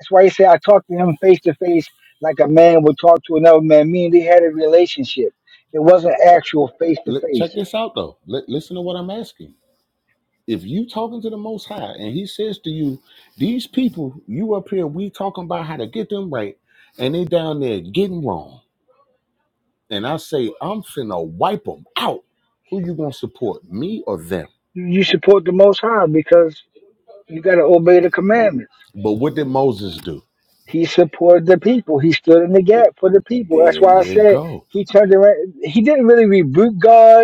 That's why he said, "I talked to him face to face like a man would talk to another man, meaning they had a relationship. It wasn't actual face to Li- face. check this out though. Li- listen to what I'm asking. If you talking to the Most High and He says to you, "These people, you up here, we talking about how to get them right, and they down there getting wrong," and I say, "I'm finna wipe them out." Who you gonna support, me or them? You support the Most High because you got to obey the commandments. But what did Moses do? He supported the people. He stood in the gap for the people. That's There why I you said go. he turned around. He didn't really rebuke God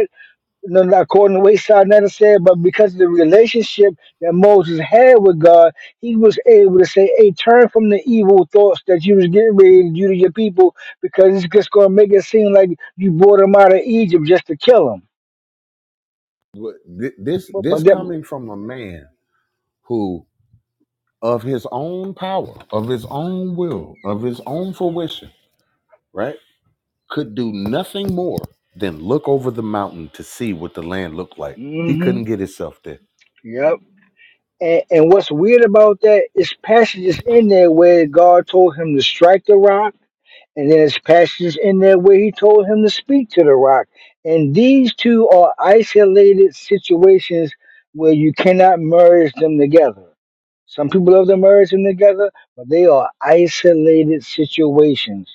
no, not according to what Sarnetta said, but because of the relationship that Moses had with God, he was able to say, Hey, turn from the evil thoughts that you was getting ready to do to your people because it's just gonna make it seem like you brought them out of Egypt just to kill them. What- thi- This But, this but that coming from a man who of his own power, of his own will, of his own fruition, right? Could do nothing more than look over the mountain to see what the land looked like. He hmm couldn't get himself there. yep. And, and what's weird about that is passages in there where God told him to strike the rock And there's passages in there where he told him to speak to the rock. And these two are isolated situations where you cannot merge them together. Some people love to merge them together, but they are isolated situations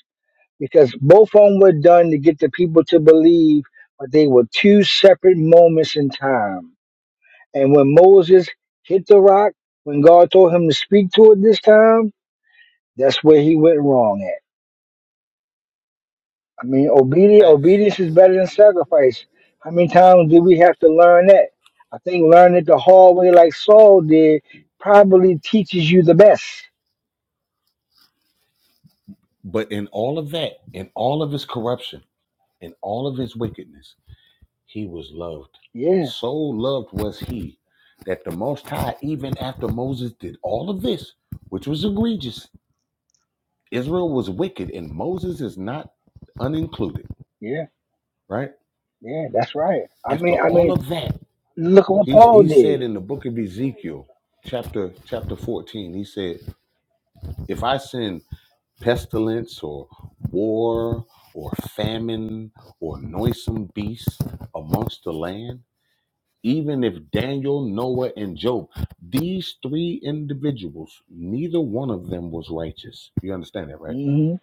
because both of them were done to get the people to believe, but they were two separate moments in time. And when Moses hit the rock, when God told him to speak to it this time, that's where he went wrong at. I mean, obedience, Facts. obedience is better than sacrifice. How many times do we have to learn that? I think learning it the hard way, like Saul did, probably teaches you the best. But in all of that, in all of his corruption, in all of his wickedness, he was loved. Yeah, So loved was he that the Most High, even after Moses did all of this, which was egregious, Israel was wicked and Moses is not unincluded, yeah, right? yeah. That's right. I After mean, I all mean, of that, look what He's Paul he said did. in the book of Ezekiel, chapter chapter 14, he said, if I send pestilence or war or famine or noisome beasts amongst the land, even if Daniel, Noah, and Job, these three individuals, neither one of them was righteous. You understand that, right? hmm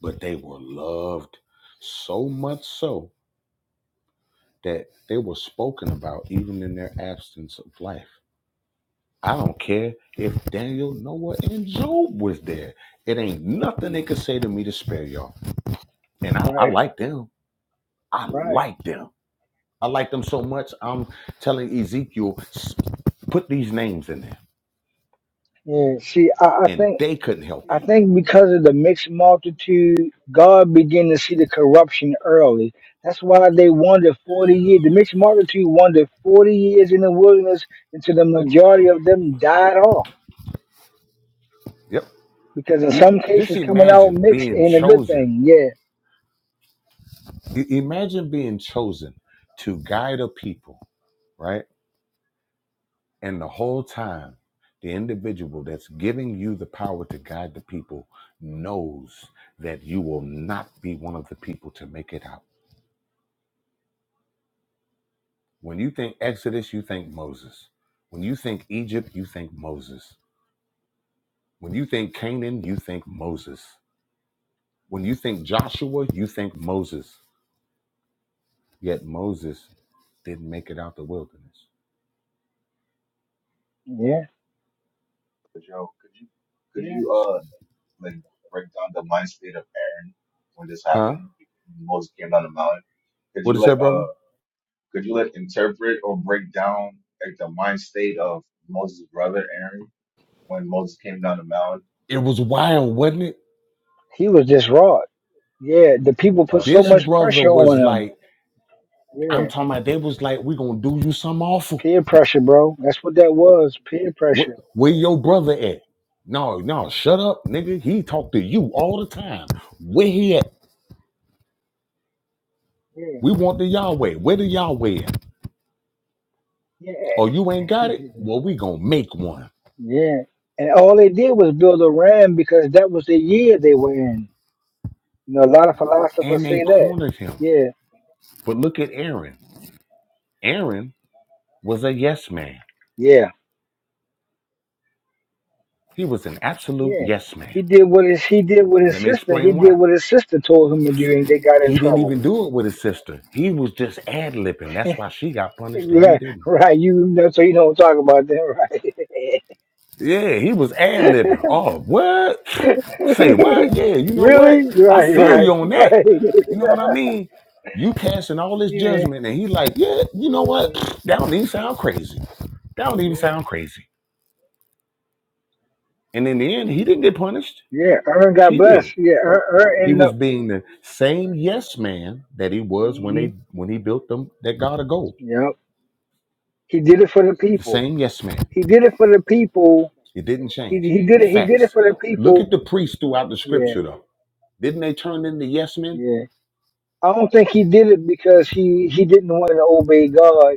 But they were loved so much so that they were spoken about even in their absence of life. I don't care if Daniel, Noah, and Job was there. It ain't nothing they could say to me to spare y'all. And I, I Right, like them. I right. like them. I like them so much. I'm telling Ezekiel, "S- put these names in there, Yeah. See, I, I and think. they couldn't help I you. think because of the mixed multitude, God began to see the corruption early. That's why they wandered 40 years. The mixed multitude wandered 40 years in the wilderness until the majority of them died off. Yep. Because in E- some Just cases, coming out imagine mixed being ain't a good chosen. thing. Yeah, I- Imagine being chosen to guide a people, right? And the whole time, the individual that's giving you the power to guide the people knows that you will not be one of the people to make it out. When you think Exodus, you think Moses. When you think Egypt, you think Moses. When you think Canaan, you think Moses. When you think Joshua, you think Moses. Yet Moses didn't make it out the wilderness. yeah, But yo, could you could yeah. you uh like break down the mind state of Aaron when this Huh? happened? Moses came down the mountain. Could What did you you like say, uh brother? could you like interpret or break down like the mind state of Moses' brother Aaron when Moses came down the mountain? It was wild, wasn't it? He was just raw. Yeah, the people That put was so This great. much brother pressure on was him. like, I'm Yeah, talking about they was like, we gonna do you something awful. peer pressure, bro. That's what that was, peer What pressure. where your brother at? No, no, shut up, nigga. He talk to you all the time. Where he at? Yeah, We want the Yahweh. Where the Yahweh at? yeah. Oh, you ain't got *laughs* it? Well, we gonna make one. Yeah. And all they did was build a ram because that was the year they were in. You know, a lot of philosophers And they say that. cornered him. Yeah, But look at Aaron. Aaron was a yes man. yeah, He was an absolute yeah. yes man. He did what his he did what his Let me sister he explain did why. what his sister told him to do and they got in He didn't trouble. *laughs* even do it with his sister. He was just ad libbing. That's why she got punished and he Right, didn't. right. You know, so you don't talk about that, right? Yeah, he was ad libbing. Oh, what? Say what? Yeah, you *laughs* know what? really? I Right, feel right, you on that. right. You *laughs* know what I mean? You passing all this Yeah, judgment, and he like, yeah, you know what? That don't even sound crazy. That don't even yeah, sound crazy. And in the end, he didn't get punished. yeah. Aaron got She blessed. did. Yeah, Aaron He ended was up. being the same yes man that he was hmm when they when he built them that God of gold. Yep, he did it for the The people. same yes man. He did it for the people. It didn't He change. he did it. He did it Facts. for the Look at people. the priests throughout the Yeah, scripture though. Didn't they turn into yes men? yeah. I don't think he did it because he he didn't want to obey God.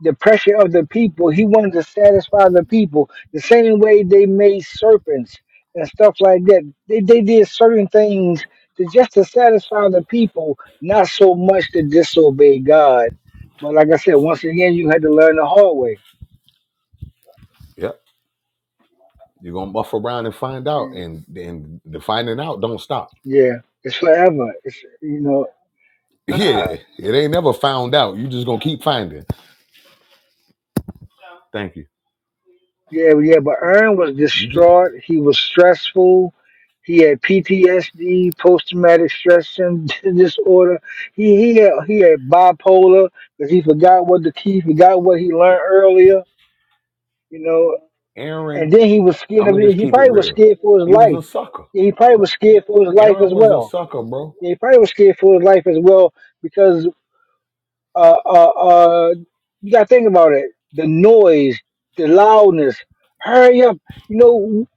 The pressure of the people. He wanted to satisfy the people the same way they made serpents and stuff like that. They they did certain things to just to satisfy the people, not so much to disobey God. But like I said, once again, you had to learn the hard way. Yep You're gonna buff around and find out, and and the finding out don't stop. Yeah, it's forever. It's you know. Yeah, it ain't never found out. You just gonna keep finding. Thank you. Yeah, yeah, but Aaron was You just distraught. He was stressful. He had PTSD, post traumatic stress syn- *laughs* disorder. He he had, he had bipolar because he forgot what the key, forgot what he learned earlier, you know. Aaron. And then he was scared I'm of gonna it. just He keep it probably was real. scared for his He was life. a sucker. Yeah, He probably was scared for his life Aaron as was a well. sucker, bro. Yeah, He probably was scared for his life as well because uh, uh, uh, you got to think about it. The noise, the loudness. Hurry up! You know,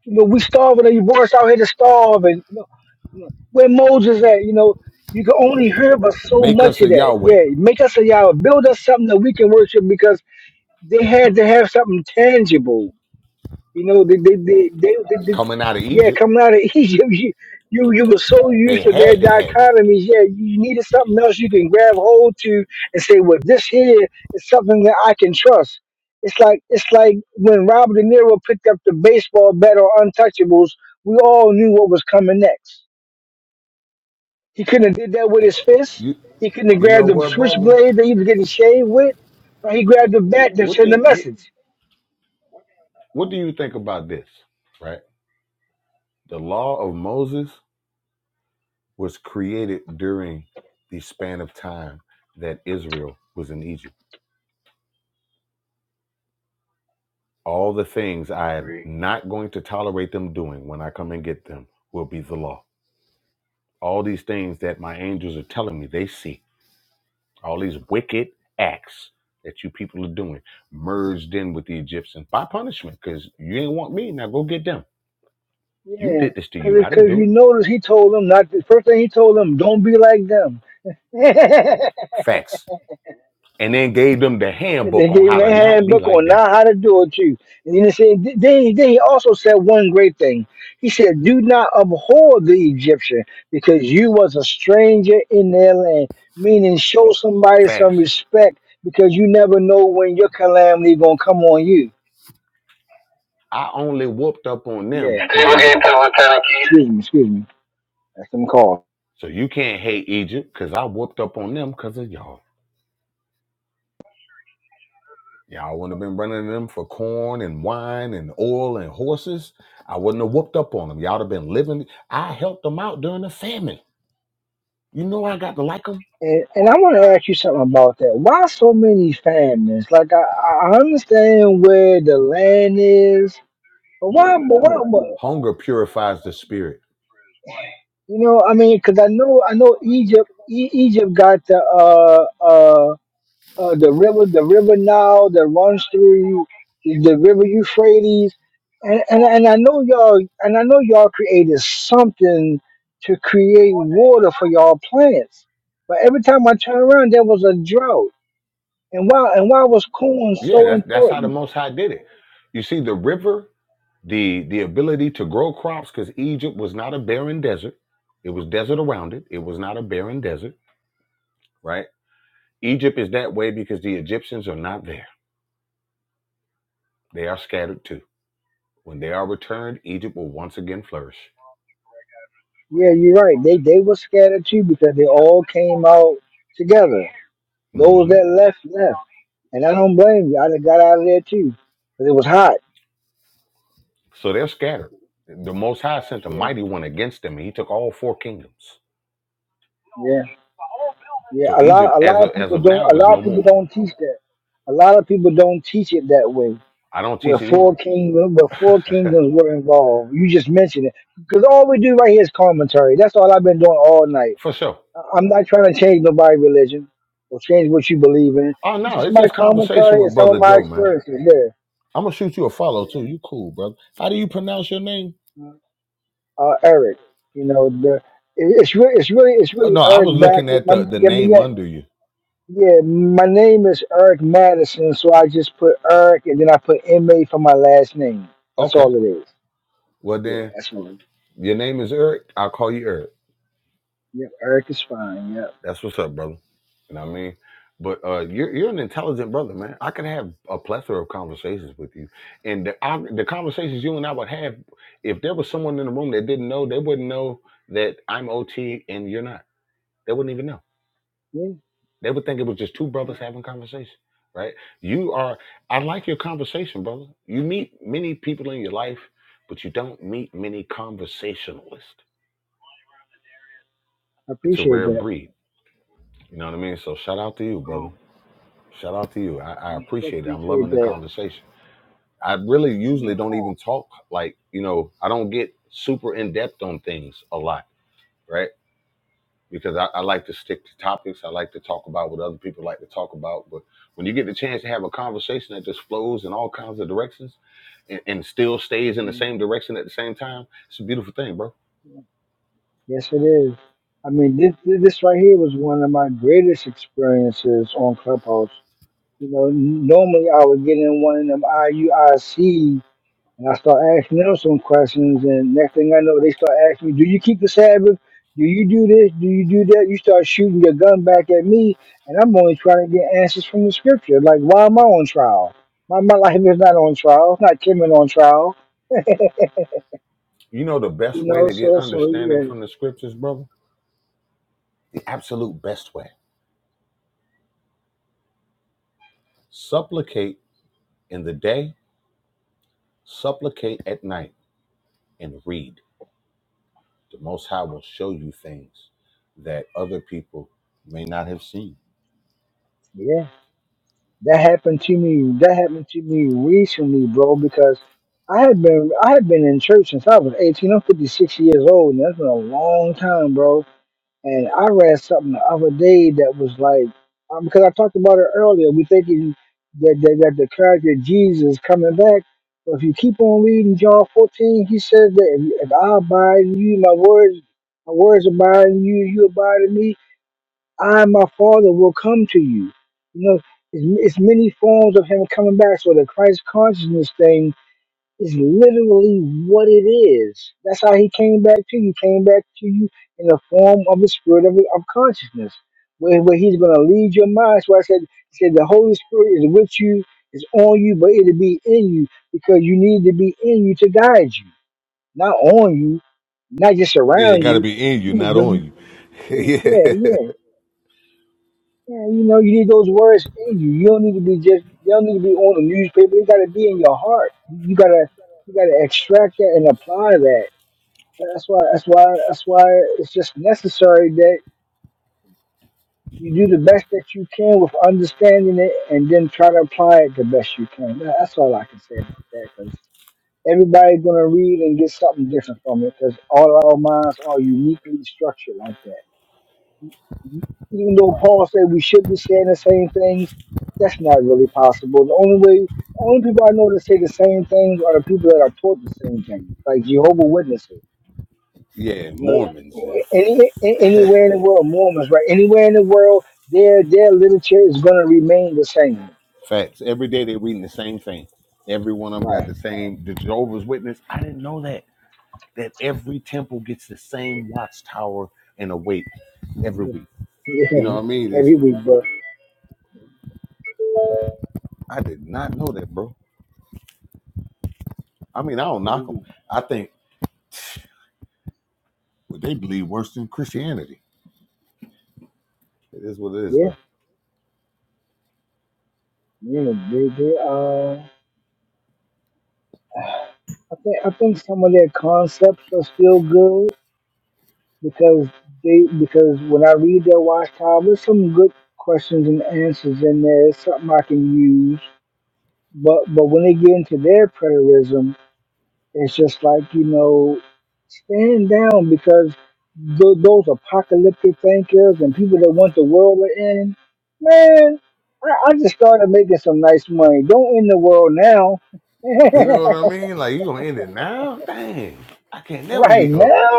you know we starving. You brought us out here to starve, and you know, you know, where Moses at? You know, you can only hear but so Make much us of a that. Yahweh. Yeah, make us a Yahweh, build us something that we can worship because they had to have something tangible you know, they they they, they, they, they Coming out of yeah, Egypt, coming out of *laughs* Egypt, you, you you were so used they to their had to have it. dichotomies. Yeah, you needed something else you can grab hold to and say, well, this here is something that I can trust. It's like it's like when Robert De Niro picked up the baseball bat or Untouchables. We all knew what was coming next. He couldn't have did that with his fist. You He couldn't have you grabbed know the what, brother? switchblade that he was getting shaved with. But he grabbed the bat to What send a do message. what do you think about this? Right, the law of Moses. was created during the span of time that Israel was in Egypt. All the things I am Agree. not going to tolerate them doing when I come and get them will be the law. All these things that my angels are telling me they see, all these wicked acts that you people are doing merged in with the Egyptians by punishment because you ain't want me. Now go get them. You Yeah, did this to because you. I didn't because do you it. notice he told them not. The first thing he told them, don't be like them. *laughs* Facts. And then gave them the And they handbook on gave him how a to not be handbook like on them. now how to do it too. And then he said, then, then he also said one great thing. He said, "Do not abhor the Egyptian, because you was a stranger in their land." Meaning, show somebody some Facts. respect because you never know when your calamity gonna come on you. I only whooped up on them Yeah. because of y'all. Excuse me. Excuse me. That's them calls. So you can't hate Egypt because I whooped up on them because of y'all. Y'all wouldn't have been running to them for corn and wine and oil and horses. I wouldn't have whooped up on them. Y'all would have been living. I helped them out during the famine. You know I got to like them. And, and I want to ask you something about that. Why so many famines? Like I, I understand where the land is, but why? But why? But, Hunger purifies the spirit. you know, I mean, because I know, I know Egypt. E- Egypt got the uh, uh uh the river, the river Nile that runs through the river Euphrates, and and and I know y'all, and I know y'all created something to create water for y'all plants, but every time I turn around, there was a drought. And why and why was Coon Yeah, so that's that's how the important? Most High did it. You see, the river, the the ability to grow crops, because Egypt was not a barren desert. It was desert around it. It was not a barren desert right? Egypt is that way because the Egyptians are not there. They are scattered too. When they are returned, Egypt will once again flourish. Yeah, you're right. They they were scattered too because they all came out together. Those hmm that left left, and I don't blame you. I done got out of there too, too 'cause it was hot. So they're scattered. The Most High sent a Yeah, mighty one against them, and he took all four kingdoms. yeah, yeah. So A Egypt, lot a as lot of of, as people of don't now, a is lot no of people more. don't teach that. A lot of people don't teach it that way. I don't Where teach it four kingdoms, where four either. kingdoms were involved. You just mentioned it because all we do right here is commentary. That's all I've been doing all night *laughs* For sure. I'm not trying to change nobody's religion or change what you believe in. Oh, It's no, just it's my just conversation commentary and with some of Brother my Joe, man. experiences there. I'm going to shoot you a follow, too. You cool, brother. How do you pronounce your name? Uh, Eric, you know, the, it- it's really, it's really, it's Oh, really No, I was Eric back. looking at My, the, the yeah, name yeah, under you. yeah, my name is Eric Madison, so I just put Eric and then I put MA for my last name. That's Okay. all it is. Well, Yeah, then, that's all. it is. your name is Eric. I'll call you Eric. Yep, Eric is fine. Yep. That's what's up, brother. You know what I mean? But uh, you're you're an intelligent brother, man. I could have a plethora of conversations with you, and the I, the conversations you and I would have, if there was someone in the room that didn't know, they wouldn't know that I'm OT and you're not. They wouldn't even know. Yeah, They would think it was just two yeah, brothers having conversation, right? You are. I like your conversation, brother. You meet many people in your life, but you don't meet many conversationalists. I It's a appreciate rare that. breed. You know what I mean? So shout out to you, brother. Um, Shout out to you. I, I I appreciate it. I'm appreciate loving the that. conversation. I really usually You don't even talk like, you know, I don't get super in depth on things a lot, right? Because I, I like to stick to topics. I like to talk about what other people like to talk about. But when you get the chance to have a conversation that just flows in all kinds of directions and, and still stays in know. the same direction at the same time, it's a beautiful thing, bro. Yes, it is. I mean, this this right here was one of my greatest experiences on Clubhouse. You know, n- normally I would get in one of them IUIC and I start asking them some questions, and next thing I know, they start asking me, "Do you keep the Sabbath? Do you do this? Do you do that?" You start shooting your gun back at me, and I'm only trying to get answers from the Scripture. Like, why am I on trial? My my life is not on trial. It's not Kimmin on trial. You know, the You best way know, to get so so understanding yeah, from the scriptures, brother? The absolute best way. Supplicate in the day, supplicate at night and read. The Most High will show you things that other people may not have seen. yeah. That happened to me. That happened to me recently, bro. Because I had been I had been in church since I was eighteen. I'm fifty six years old, and that's been a long time, bro. And I read something the other day that was like, um, because I talked about it earlier. We thinking that that, that the character Jesus coming back. But if you keep on reading John fourteen, he says that if, if I abide in you, my words my words abide in you, you abide in me. I and my Father will come to you. You know, it's, it's many forms of Him coming back. So the Christ consciousness thing is literally what it is. That's how He came back to you. He came back to you in the form of the Spirit of, of consciousness, where, where He's going to lead your mind. So I said, he said the Holy Spirit is with you, is on you, but it'll be in you because you need to be in you to guide you, not on you, not just Yeah, it around got to you. be in you, You, not when you on you. *laughs* yeah, yeah, yeah. yeah. Yeah, you know, you need those words in you. You don't need to be just you don't need to be on the newspaper. You gotta be in your heart. You gotta you gotta extract that and apply that. That's why that's why that's why it's just necessary that you do the best that you can with understanding it and then try to apply it the best you can. That- That's all I can say about that because everybody's gonna read and get something different from it because all our minds are uniquely structured like that. even though Paul said we should be saying the same things, that's not really possible. The only way, the only people I know that say the same things are the people that are taught the same things, like Jehovah Witnesses. Yeah, You know, Mormons and any, a- anywhere in the world, Mormons, right? Anywhere in the world, their their literature is going to remain the same, facts. Every day they're reading the same thing. Every one of them got right? the *laughs* same. The Jehovah's Witness. I didn't know that. That every temple gets the same watchtower and a wait every week. Yeah, You know yeah. what I mean? every It's, week, bro. I did not know that, bro. I mean, I don't Every knock them. week. I think well, they believe worse than Christianity. It is what it is, though. Yeah, yeah. They, they, uh, I think I think some of their concepts are still good. because they because when I read their watch time, there's some good questions and answers in there. It's something I can use. But but when they get into their preterism, it's just like you know, stand down because th- those apocalyptic thinkers and people that want the world to end, man. I, I just started making some nice money. Don't end the world now. *laughs* You know what I mean? Like you gonna end it now? Dang, I can't never right be up. now.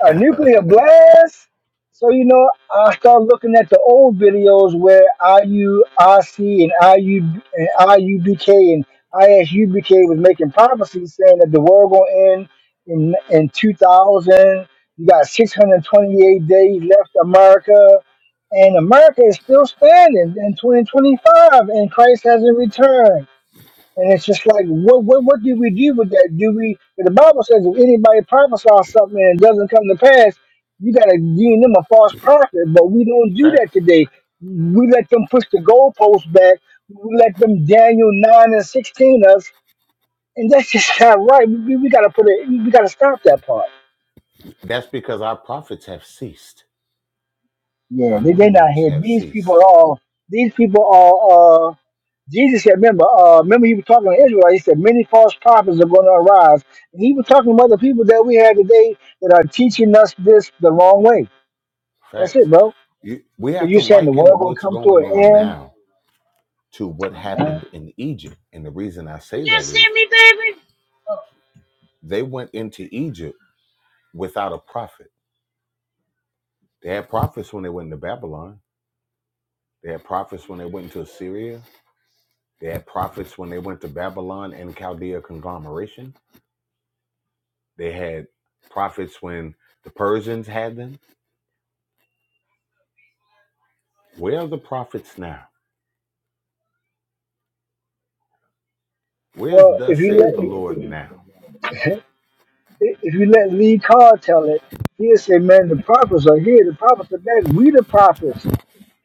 a nuclear blast. So you know, I start looking at the old videos where IURC and IU and IUBK and ISUBK was making prophecies saying that the world gonna end in in 2000. You got 628 days left, America, and America is still standing in 2025, and Christ hasn't returned and it's just like, what, what, what do we do with that? Do we? The Bible says if anybody prophesies something and it doesn't come to pass, you got to deem them a false prophet. But we don't do that Facts. today. We let them push the goalposts back. We let them Daniel nine and sixteen us, and that's just *laughs* not right. We, we got to put it. We got to stop that part. That's because our prophets have ceased. Yeah, Our they new they not moons here. have These people are. ceased. all. These people are. Uh, Jesus said, remember, uh, remember he was talking to Israel. He said, many false prophets are going to arise. And he was talking about the people that we have today that are teaching us this the wrong way. That's it, Facts. bro. You, we Because have you're to saying the world liken going to what's come to going on an now to what end. happened in Egypt. And the reason I say that is they went into Egypt without a prophet. They had prophets when they went to Babylon. They had prophets when they went to Assyria. They had prophets when they went to Babylon and Chaldea conglomeration. They had prophets when the Persians had them. Where are the prophets now? Where's Well, if thus you saith let the Lord now? *laughs* if, if you let Lee Carr tell it, he'll say, man, the prophets are here. The prophets are back. We the prophets.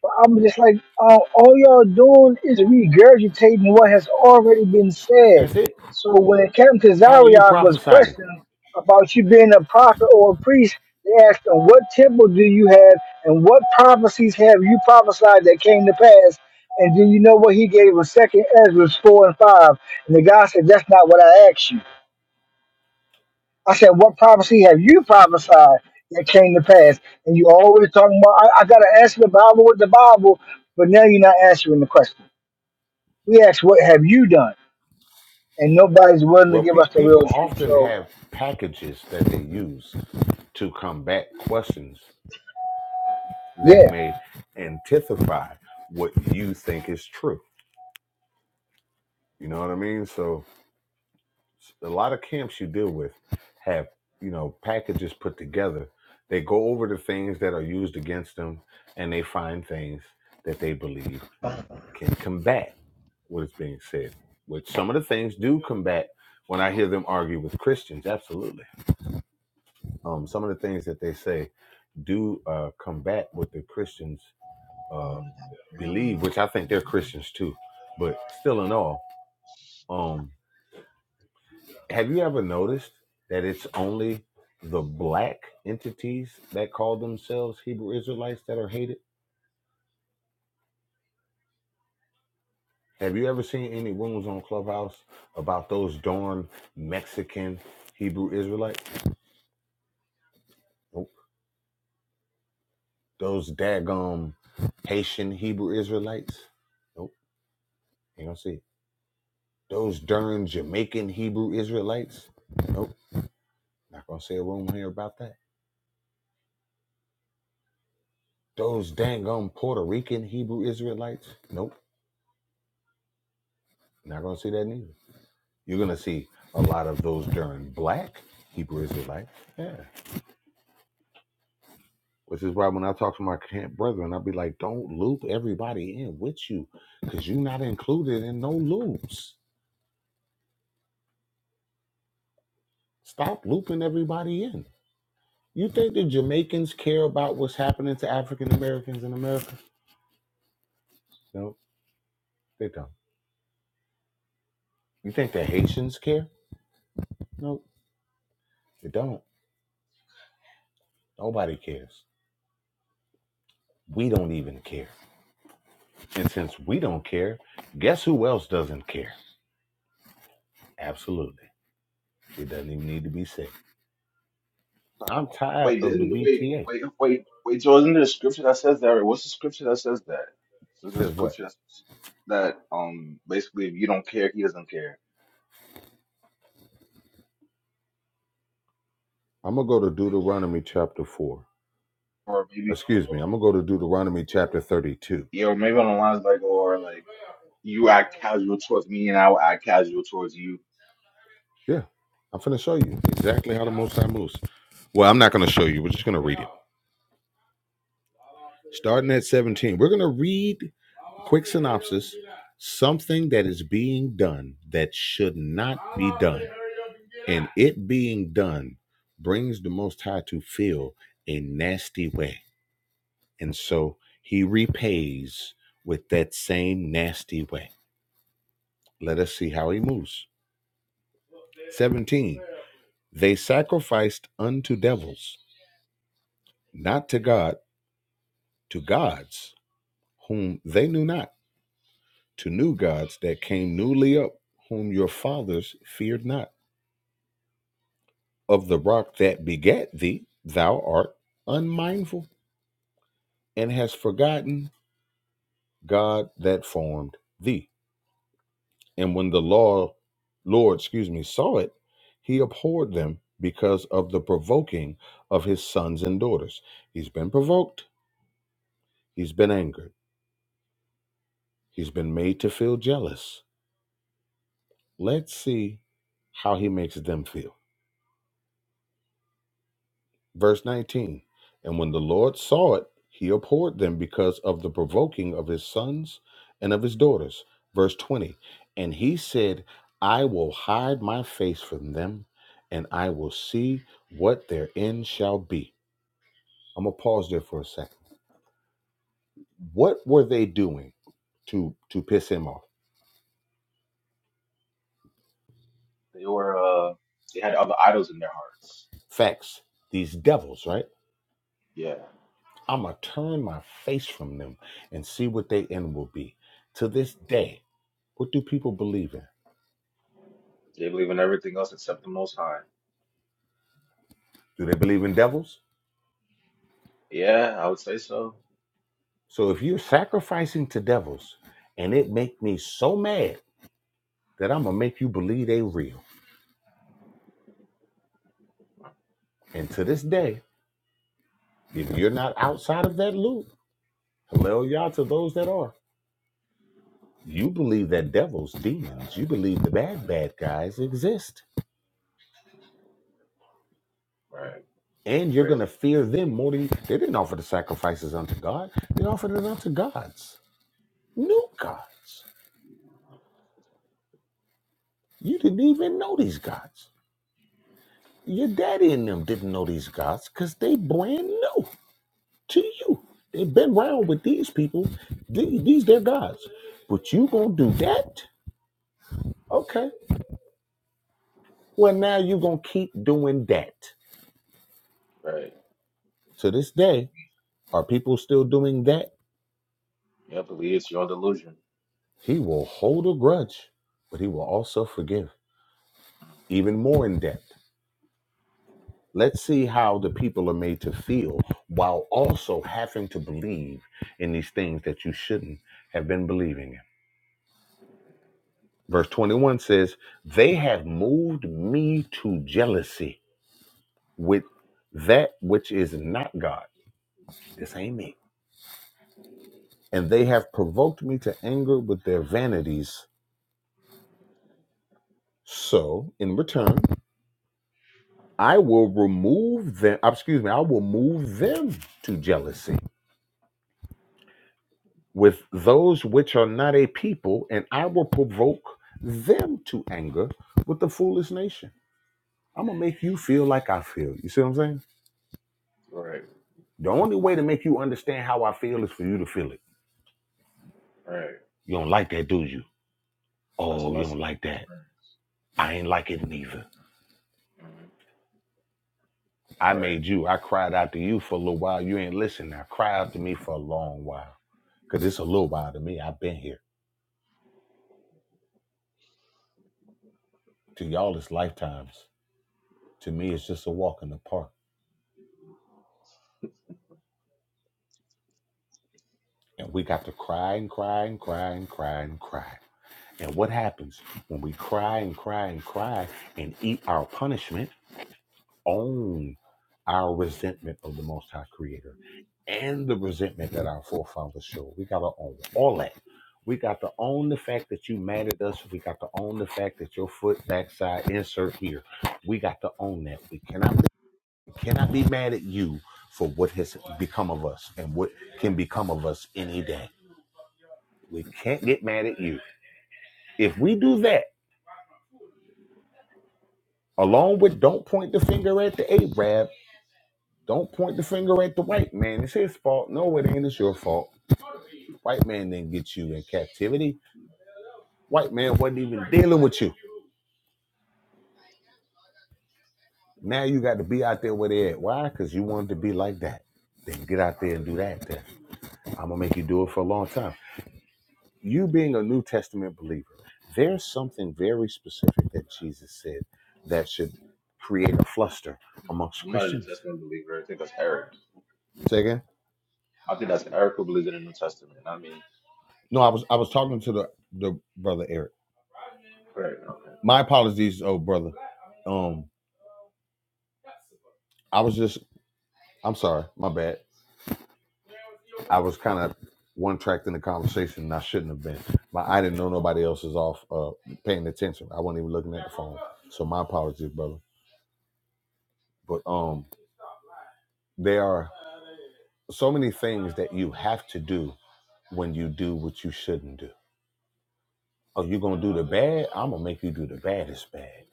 But I'm just like, uh, all y'all doing is regurgitating what has already been said. That's it. So when Captain How are you Kazariak was prophesying? questioned about you being a prophet or a priest, they asked him, What temple do you have and what prophecies have you prophesied that came to pass? And do you know what he gave a second Ezra 4 and 5? And the guy said, That's not what I asked you. I said, what prophecy have you prophesied that came to pass? And you always talking about, I, I got to answer the Bible with the Bible, but now you're not answering the question. We asked, what have you done? And nobody's willing to Well, give us pe- the people real truth. often So, have packages that they use to combat questions that yeah. may antithesize what you think is true. You know what I mean? So a lot of camps you deal with have you know packages put together they go over the things that are used against them and they find things that they believe can combat what is being said which some of the things do combat when i hear them argue with christians absolutely um, some of the things that they say do uh, combat what the christians Oh, uh, they got Trello. believe which i think they're christians too but still in all um. Have you ever noticed that it's only the black entities that call themselves Hebrew Israelites that are hated? Have you ever seen any rooms on Clubhouse about those darn Mexican Hebrew Israelites? Nope. Those daggum Haitian Hebrew Israelites? Nope. Ain't gonna see it. Those darn Jamaican Hebrew Israelites? Nope. Not gonna see a room here about that. Those dangum Puerto Rican Hebrew Israelites? Nope. Not gonna see that neither. You're gonna see a lot of those during Black Hebrew Israelite. Yeah, which is why when I talk to my camp brethren, I'll be like, don't loop everybody in with you, because you're not included in no loops. Stop looping everybody in. You think the Jamaicans care about what's happening to African Americans in America? No, they don't. You think the Haitians care? No, they don't. Nobody cares. We don't even care. And since we don't care, guess who else doesn't care? Absolutely. It doesn't even need to be said. Fine. I'm tired Wait, of the didn't wait BTA. wait wait wait. So isn't there a scripture that says that? Or what's the scripture that says that? There's a Says what? scripture that says that um basically if you don't care, he doesn't care. I'm gonna go to Deuteronomy chapter four. or maybe. Excuse me. I'm gonna go to Deuteronomy chapter thirty-two. Yeah, or maybe on the lines like, or like you act casual towards me and I will act casual towards you. Yeah, I'm finna show you exactly how the Most High moves. Well, I'm not gonna show you. We're just gonna read it. Starting at seventeen, we're gonna read quick synopsis. Something that is being done that should not be done, and it being done brings the Most High to feel a nasty way. And so he repays with that same nasty way. Let us see how he moves. 17. They sacrificed unto devils, not to God, to gods whom they knew not, to new gods that came newly up, whom your fathers feared not. Of the rock that begat thee, thou art unmindful and hast forgotten God that formed thee. And when the law Lord, excuse me, saw it, he abhorred them because of the provoking of his sons and daughters. He's been provoked, he's been angered, he's been made to feel jealous. Let's see how he makes them feel. Verse 19 And when the Lord saw it, he abhorred them because of the provoking of his sons and of his daughters. Verse 20 And he said, I will hide my face from them, and I will see what their end shall be. I'm going to pause there for a second. What were they doing to, to piss him off? They were, uh, they had other idols in their hearts. Facts. These devils, right? Yeah. I'm going to turn my face from them and see what their end will be. To this day, what do people believe in? They believe in everything else except the Most High. Do they believe in devils? Yeah, I would say so. So if you're sacrificing to devils and it make me so mad that I'm gonna make you believe they real. And to this day, if you're not outside of that loop, hello y'all to those that are. You believe that devils, demons, you believe the bad, bad guys exist. Right. And you're gonna Crazy. fear them more than you. they didn't offer the sacrifices unto God. They offered it unto gods. New gods. You didn't even know these gods. Your daddy and them didn't know these gods because they brand new. to you. They've been around with these people. These, these their gods. But you gonna do that? Okay. Well, now you gonna keep doing that. Right. To this day, are people still doing that? Yeah, believe it's your own delusion. He will hold a grudge, but he will also forgive. Even more in depth. Let's see how the people are made to feel while also having to believe in these things that you shouldn't have been believing in. Verse 21 says, They have moved me to jealousy with that which is not God. This ain't me. And they have provoked me to anger with their vanities. So in return, I will remove them, uh, excuse me, I will move them to jealousy with those which are not a people, and I will provoke them to anger with the foolish nation. I'm gonna make you feel like I feel. You see what I'm saying? Right. The only way to make you understand how I feel is for you to feel it. Right. You don't like that, do you? Best Oh, you don't lesson. like that. Experience. I ain't like it neither. Mhm. I Right. made you. I cried out to you for a little while. You ain't listen now. Cry out to me for a long while. Cause it's a little while to me. I've been here. To y'all, it's lifetimes. To me, it's just a walk in the park. And we got to cry and cry and cry and cry and cry. And what happens when we cry and cry and cry and eat our punishment? own our resentment of the Most High Creator and the resentment that our forefathers showed. We got to own all that. We got to own the fact that you mad at us. We got to own the fact that your foot backside insert here. We got to own that. We cannot we cannot be mad at you for what has become of us and what can become of us any day. We can't get mad at you. If we do that, along with don't point the finger at the Arab Don't point the finger at the white man. It's his fault. No, it ain't. It's your fault. White man didn't get you in captivity. White man wasn't even dealing with you. Now you got to be out there where they at. Why? Because you wanted to be like that. Then get out there and do that. Then I'm gonna make you do it for a long time. You being a New Testament believer, there's something very specific that Jesus said that should create a fluster Yeah. amongst I'm not a New Christians. Testament believer. I think that's Eric. Say again? I think that's Eric who believes in the New Testament. Not me. No, I was I was talking to the the brother Eric. Right. Okay. My apologies, old brother. Um. I was just, I'm sorry, my bad. I was kind of one tracked in the conversation and I shouldn't have been. My, I didn't know nobody else is off uh, paying attention. I wasn't even looking at the phone. So my apologies, brother. But um, there are so many things that you have to do when you do what you shouldn't do. Oh, you're going to do the bad? I'm going to make you do the baddest bad.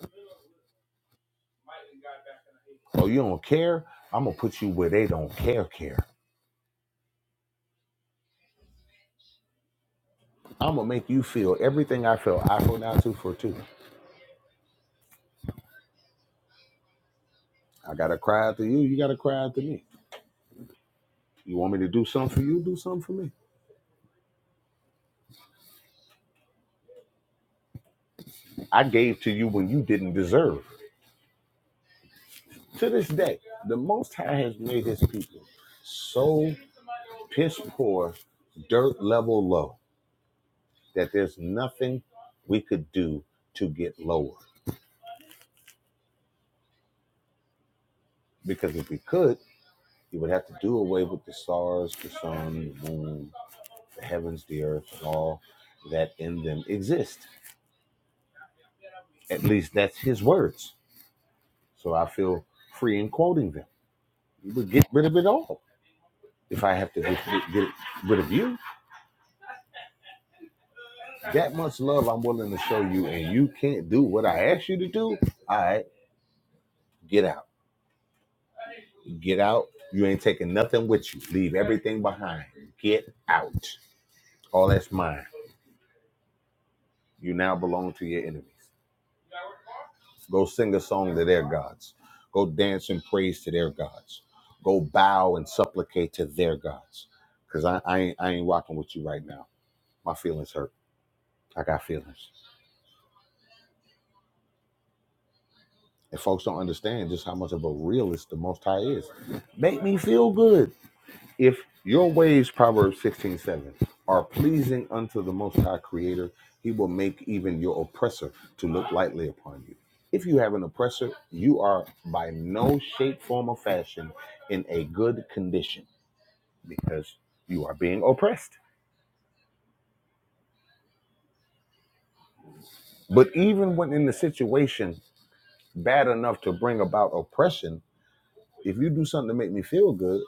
Oh, you don't care? I'm going to put you where they don't care, care. I'm going to make you feel everything I felt. I feel now, two for two. I got to cry out to you. You got to cry out to me. You want me to do something for you? Do something for me. I gave to you when you didn't deserve. To this day, the Most High has made his people so piss poor, dirt level low, that there's nothing we could do to get lower. Because if we could, you would have to do away with the stars, the sun, the moon, the heavens, the earth, and all that in them exist. At least that's his words. So I feel free in quoting them. You would get rid of it all if I have to get, get, rid of you, that much love I'm willing to show you, and you can't do what I asked you to do, all right, get out. Get out. You ain't taking nothing with you. Leave everything behind. Get out. All that's mine. You now belong to your enemies. Go sing a song to their gods. Go dance and praise to their gods. Go bow and supplicate to their gods. Because I, I, ain't, I ain't rocking with you right now. My feelings hurt. I got feelings. And folks don't understand just how much of a realist the Most High is. Make me feel good. If your ways, Proverbs 16 7, are pleasing unto the Most High Creator, He will make even your oppressor to look lightly upon you. If you have an oppressor, you are by no shape, form, or fashion in a good condition because you are being oppressed. But even when in the situation bad enough to bring about oppression, If you do something to make me feel good,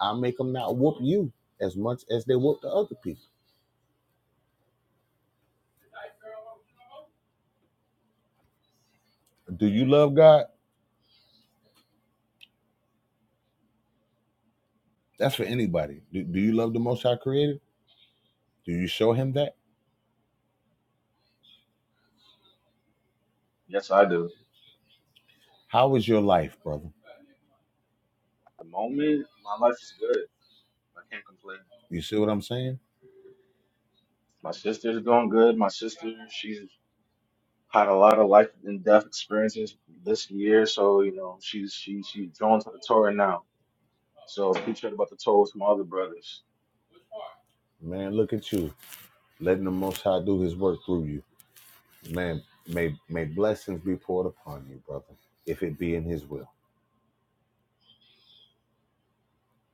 I'll make them not whoop you as much as they whoop the other people. Do you love God? That's for anybody. Do, do you love the Most High Creator? Do you show Him that? Yes, I do. How is your life, brother? At the moment, my life is good. I can't complain. You see what I'm saying? My sister's doing good. My sister, she's had a lot of life and death experiences this year, so you know she's she she's drawn to the Torah now. So appreciate about the Torah with my other brothers. Man, look at you, letting the Most High do His work through you. Man, may may blessings be poured upon you, brother, if it be in His will.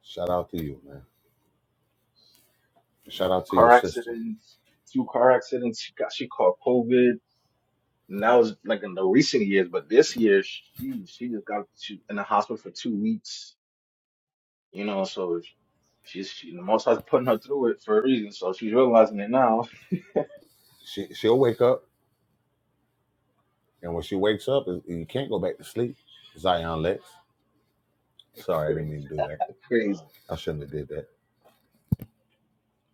Shout out to you, man. Shout out to your Car sister. accidents, two car accidents. She got she caught COVID, and that was like in the recent years. But this year, she she just got she, in the hospital for two weeks. You know, so she's she, the most I was putting her through it for a reason. So she's realizing it now. She she'll wake up, and when she wakes up, you can't go back to sleep. Zion Lex. *laughs* Sorry, I didn't Crazy, mean to do that. crazy. I shouldn't have did that.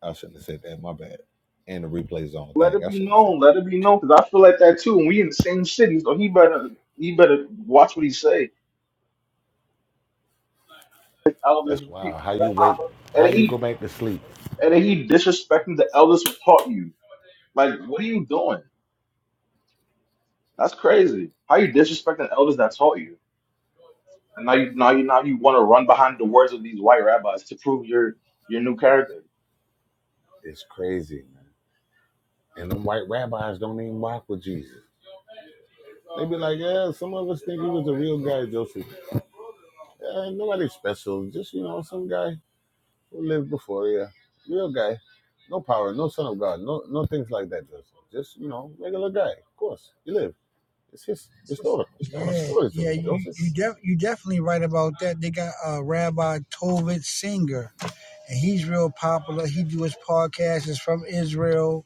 I shouldn't have said that. My bad. And the replay's on. Let Dang, it I be shouldn't have said known. that. Let it be known, because I feel like that too. And we in the same city, so he better he better watch what he say. Like elders That's and people. wild. How Like you wake? how How and you he go back to sleep? and he disrespecting the elders who taught you. Like what are you doing? That's crazy. How you disrespecting the elders that taught you? And now you now you now you want to run behind the words of these white rabbis to prove your your new character. It's crazy, man. And them white rabbis don't even rock with Jesus. They be like, yeah, some of us think he was a real guy, Joseph. Yeah, ain't nobody special. Just you know, some guy who lived before Yeah, Real guy. No power. No son of God. No, no things like that, Joseph. Just you know, regular guy. Of course, he lived. It's his historical. The Yeah, stories of yeah, him, you Joseph. you def, you definitely right about that. They got uh, Rabbi Tovit Singer, and he's real popular. He do his podcast. It's from Israel.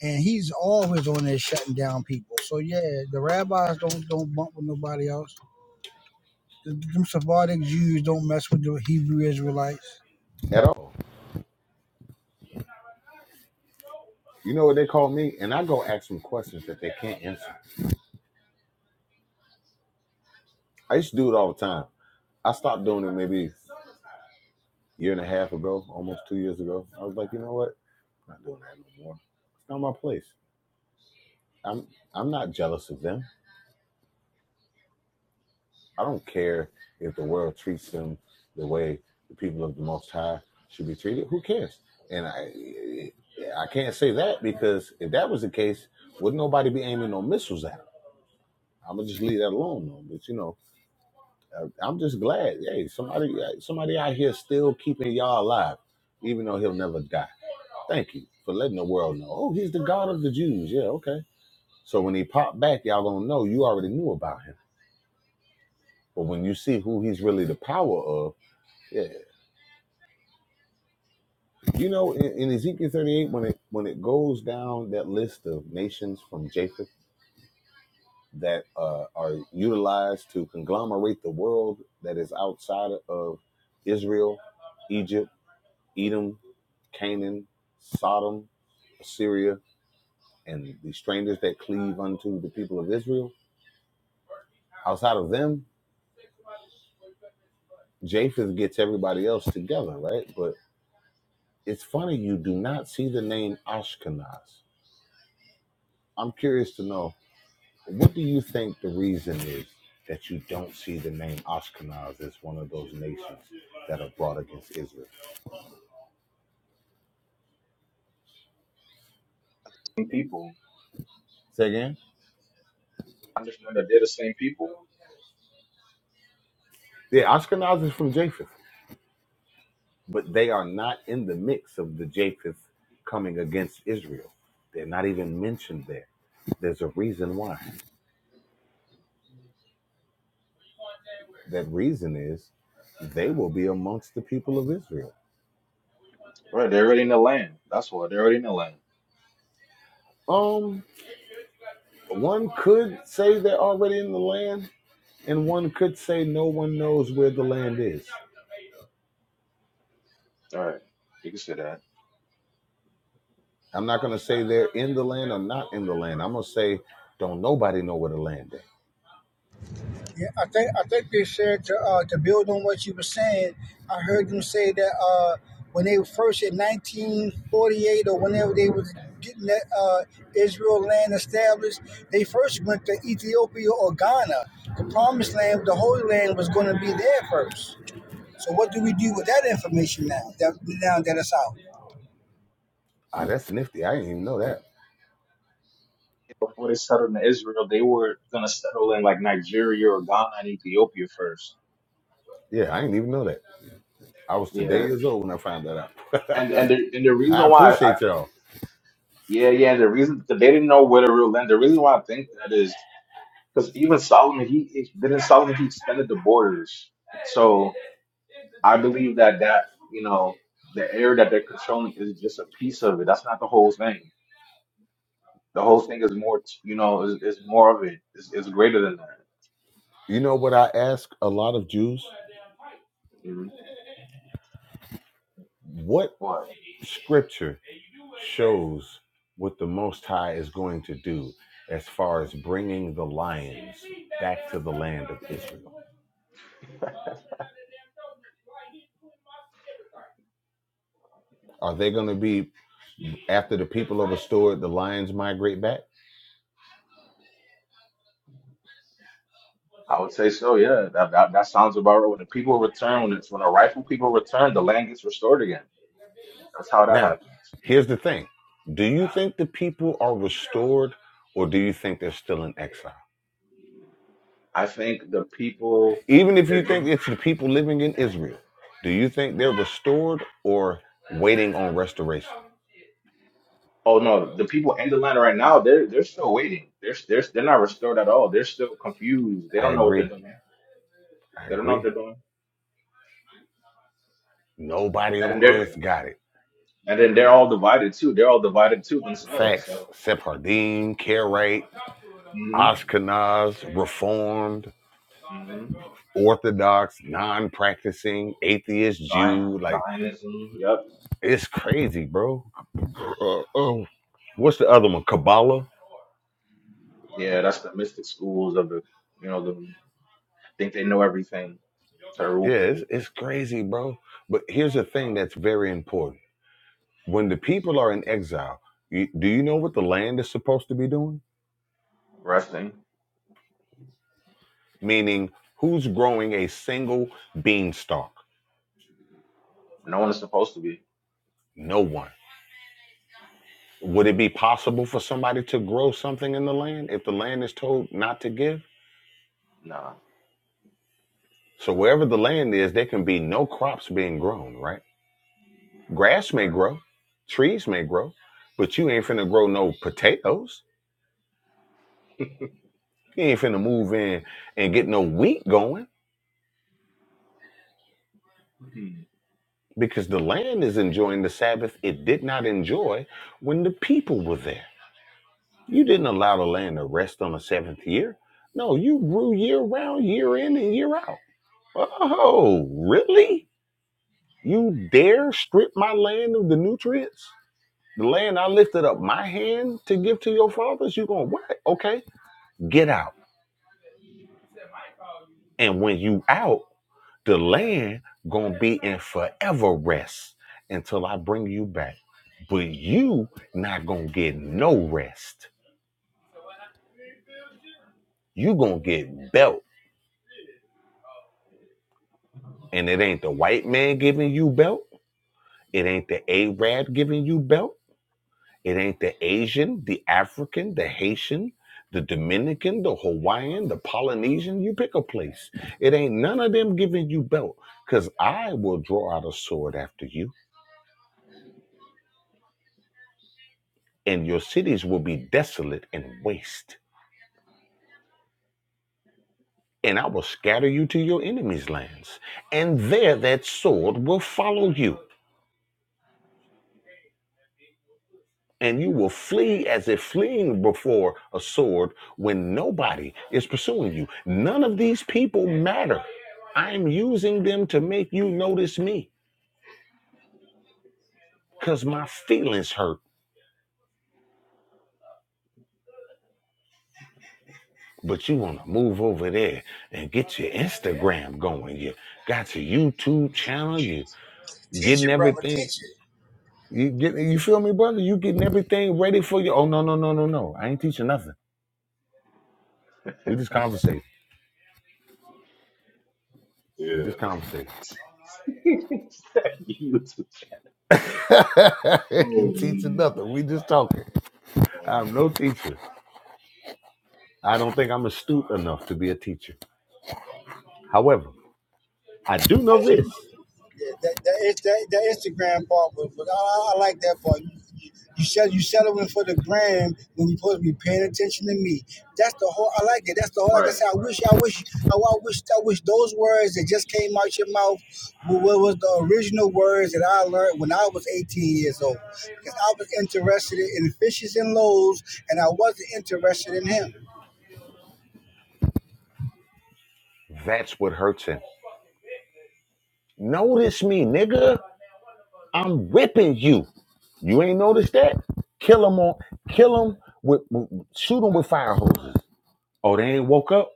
and he's always on there shutting down people. So yeah, the rabbis don't don't bump with nobody else. The, them Sephardic Jews don't mess with the Hebrew Israelites. At all. You know what they call me? And I go ask them questions that they can't answer. I used to do it all the time. I stopped doing it maybe a year and a half ago, almost two years ago. I was like, you know what? I'm not doing that no more. It's not my place. I'm I'm not jealous of them. I don't care if the world treats them the way the people of the Most High should be treated. Who cares? And I I can't say that because if that was the case, would nobody be aiming no missiles at them? I'm gonna just leave that alone, though. But you know. I- I'm just glad. Hey, somebody, uh, somebody out here still keeping y'all alive, even though he'll never die. Thank you for letting the world know. Oh, he's the God of the Jews. Yeah, okay. So when he popped back, y'all gonna know you already knew about him. But when you see who he's really the power of, yeah, you know, in, in Ezekiel 38, when it when it goes down that list of nations from Japheth that uh, are utilized to conglomerate the world that is outside of Israel, Egypt. Edom, Canaan, Sodom, Assyria, and the strangers that cleave unto the people of Israel. Outside of them, Japheth gets everybody else together, right? But it's funny you do not see the name Ashkenaz. I'm curious to know what do you think the reason is that you don't see the name Ashkenaz as one of those nations that are brought against Israel? Same people. Say again? I Understand that they're the same people. Yeah, Ashkenaz is from Japheth. but they are not in the mix of the Japheth coming against Israel. They're not even mentioned there. There's a reason why. That reason is they will be amongst the people of Israel. Right, they're already in the land. That's why they're already in the land. Um, one could say they're already in the land, and one could say no one knows where the land is. All right, you can say that. I'm not gonna say they're in the land or not in the land. I'm gonna say don't nobody know where the land is. Yeah, I think I think they said to uh, to build on what you were saying. I heard them say that uh, when they were first in 1948 or whenever they was getting that uh, Israel land established, they first went to Ethiopia or Ghana. The Promised Land, the Holy Land, was going to be there first. So what do we do with that information now? That now that it's out. Ah, that's nifty. I didn't even know that. before they settled in Israel, they were gonna settle in like Nigeria or Ghana and Ethiopia first. Yeah, I didn't even know that. I was today Yeah, years old when I found that out. *laughs* and and the and the reason I why I appreciate y'all. yeah yeah the reason that they didn't know where to real land. The reason why I think that is because even Solomon he he- didn't Solomon he extended the borders. So I believe that that you know the area that they're controlling is just a piece of it. That's not the whole thing. The whole thing is more t- you know is, is more of it. It's, it's greater than that. You know what I ask a lot of Jews? Mhm. What scripture shows what the Most High is going to do as far as bringing the lions back to the land of Israel? Are they going to be, after the people are restored, the lions migrate back? I would say so, yeah. That, that that sounds about right. When the people return, when it's when the rightful people return, the land gets restored again. That's how that Now, happens. here's the thing do you think the people are restored or do you think they're still in exile? I think the people Even if they're you think giving. it's the people living in Israel, do you think they're Mhm. restored or waiting on restoration? Oh no, the people in the land right now, they're they're still waiting. They're they're they're not restored at all. They're still confused. They I don't know what they're agree. doing. I They don't know what agree. they're doing. Nobody And on then they're earth got it. and then they're all divided too. They're all divided too themselves. Facts. So, Sephardim, Karaite, mm-hmm. Ashkenaz, Reformed, Mm-hmm. Orthodox, non practicing, atheist, Zion, Jew. Like, Zionism. Yep. it's crazy, bro. Uh, oh, what's the other one? Kabbalah? Yeah, that's the mystic schools of the you know the think they know everything. Yeah, Terrible it's, people. it's crazy, bro. But here's the thing that's very important when the people are in exile, you, do you know what the land is supposed to be doing? Resting. Meaning, who's growing a single beanstalk? No one is supposed to be. No one. Would it be possible for somebody to grow something in the land if the land is told not to give? Nah. So, wherever the land is, there can be no crops being grown, right? Grass may bruh. grow, trees may grow, but you ain't finna grow no potatoes. You ain't finna move in and get no wheat going Hmm. because the land is enjoying the Sabbath it did not enjoy when the people were there. You didn't allow the land to rest on the seventh year. No, you grew year round, year in and year out. Oh, really? You dare strip my land of the nutrients? The land I lifted up my hand to give to your fathers? You going, what? Okay, get out. And when you out, The land gonna be in forever rest until I bring you back. But you not gonna get no rest. You gonna get belt. And it ain't the white man giving you belt. It ain't the Arab giving you belt. It ain't the Asian, the African, the Haitian, the Dominican, the Hawaiian, the Polynesian. You pick a place. It ain't none of them giving you belt. Cause I will draw out a sword after you, and your cities will be desolate and waste and I will scatter you to your enemies' lands, and there that sword will follow you, and you will flee as if fleeing before a sword when nobody is pursuing you. None of these people matter. I'm using them to make you notice me, because my feelings hurt. But you want to move over there and get your Instagram going. You got your YouTube channel. You Teach getting it, brother. everything Teach You get you feel me, brother? You getting everything ready for you. Oh no, no, no, no, no. I ain't teaching nothing. We just conversating. We Yeah. just conversating. *laughs* You too. *laughs* you Oh teaching man. nothing. We just talking. Oh I'm man. no teacher. I don't think I'm astute enough to be a teacher. However, I do know it. this. Yeah, that that is that, that Instagram part but but I, I like that part. You, you, you sell you settling for the gram when you supposed to be paying attention to me. That's the whole. I like it. That's the whole. Like right. You're I right said, I wish, I wish, I, I wish, I wish those words that just came out your mouth were was the original words that I learned when I was 18 years old. Because I was interested in fishes and loaves, and I wasn't interested in him. That's what hurts him. Notice me, nigga. I'm ripping you. You ain't noticed that? Kill him on kill him with, with shoot him with fire hoses. Oh, they ain't woke up?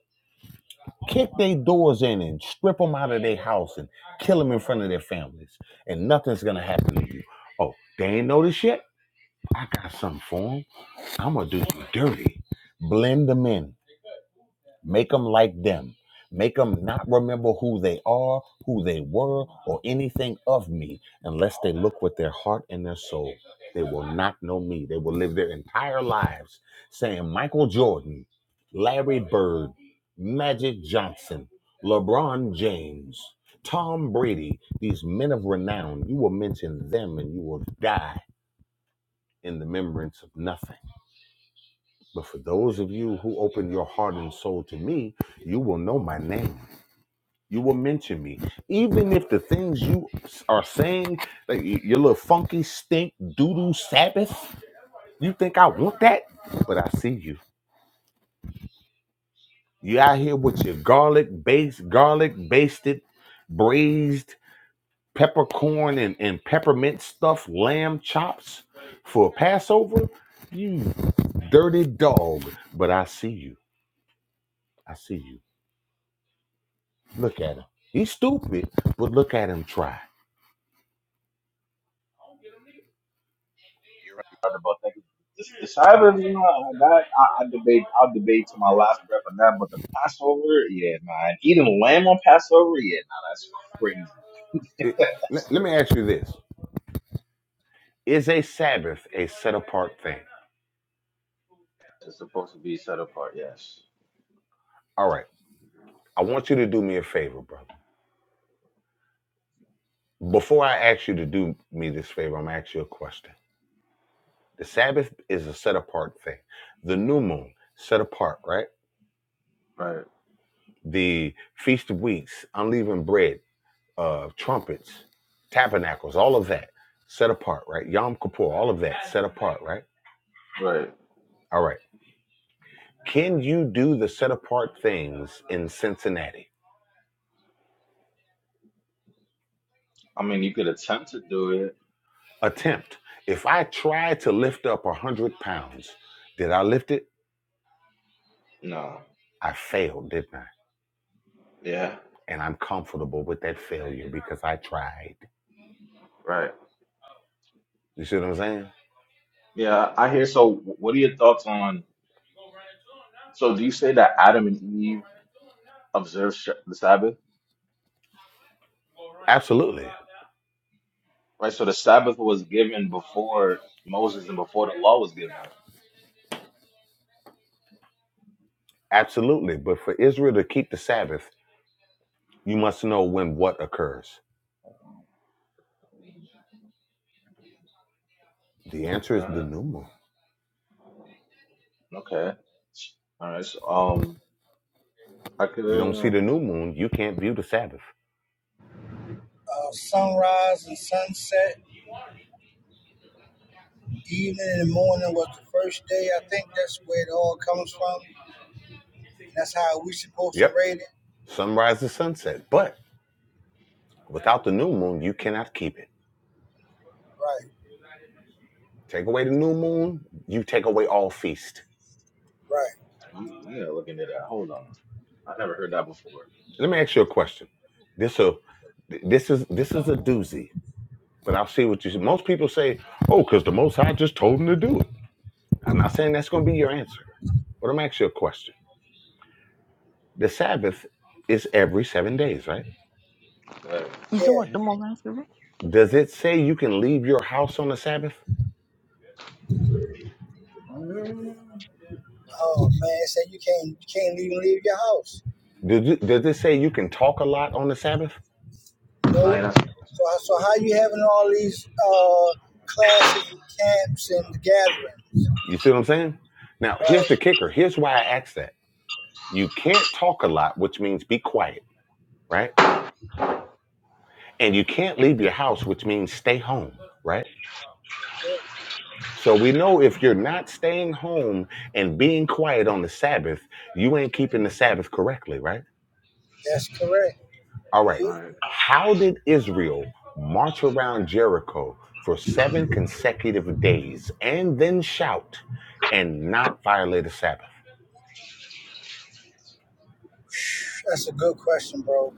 kick their doors in and strip them out of their house and kill them in front of their families. And nothing's gonna happen to you. Oh, they ain't noticed yet? I got something for them. I'm gonna do you dirty. Blend them in. Make them like them. Make them not remember who they are, who they were, or anything of me unless they look with their heart and their soul. They will not know me. They will live their entire lives saying Michael Jordan, Larry Bird, Magic Johnson, LeBron James, Tom Brady, these men of renown. You will mention them and you will die in the remembrance of nothing. But for those of you who open your heart and soul to me, you will know my name. You will mention me, even if the things you are saying, like your little funky stink doodoo Sabbath. You think I want that? But I see you. You out here with your garlic based, garlic basted, braised peppercorn and, and peppermint stuffed lamb chops for Passover. You dirty dog. But I see you. I see you. Look at him. He's stupid, but look at him try. You're right about that. The, the Shabbos, you know, that I, I debate. I'll debate to my last breath on that. But the Passover, yeah, man. Eating lamb on Passover, yeah, nah, that's crazy. *laughs* It, that's let, let me crazy. ask you this: Is a Sabbath a set apart thing? It's supposed to be set apart. Yes. All right. I want you to do me a favor, brother. Before I ask you to do me this favor, I'm gonna ask you a question. The Sabbath is a set apart thing. The new moon, set apart, right? Right. The feast of weeks, unleavened bread, uh, trumpets, tabernacles, all of that, set apart, right? Yom Kippur, all of that, set apart, right? Right. All right. Can you do the set apart things in Cincinnati? I mean, you could attempt to do it. attempt. If I tried to lift up a 100 pounds, did I lift it? No. I failed, didn't I? Yeah, And I'm comfortable with that failure because I tried. right. You see what I'm saying? Yeah, I hear. So, wh- what are your thoughts on? So, do you say that Adam and Eve observed sh- the Sabbath? Absolutely. Right. So, the Sabbath was given before Moses and before the law was given. Absolutely. But for Israel to keep the Sabbath, you must know when what occurs. The answer is the Uh, new moon. okay. All right. So, um, I could. You don't see Uh, the new moon, you can't view the Sabbath. uh, sunrise and sunset, evening and morning was the first day. I think that's where it all comes from. And That's how we supposed to Yep. rate it. Sunrise to sunset. But without the new moon, you cannot keep it. Right, Take away the new moon, you take away all feast. right. I'm, I'm gonna look into that. Hold on. I never heard that before. Let me ask you a question. This a this is this is a doozy, but I'll see what you. say. Most people say, "Oh, because the Most High just told them to do it." I'm not saying that's going to be your answer, but I'm asking you a question. The Sabbath is every seven days, right? Like, You still Yeah. want the more last week? Does it say you can leave your house on the Sabbath? um, Oh man, say you can't you can't even leave your house. Does it, does it say you can talk a lot on the Sabbath? no, No. you're not supposed. So to. so how you having all these uh classes and camps and gathering? You see what I'm saying? Now, here's Right. the kicker. Here's why I asked that. You can't talk a lot, which means be quiet, right? And you can't leave your house, which means stay home, right? Yeah, So we know if you're not staying home and being quiet on the Sabbath, you ain't keeping the Sabbath correctly, right? that's correct. All right. All right. How did Israel march around Jericho for seven consecutive days and then shout and not violate the Sabbath? That's a good question, bro.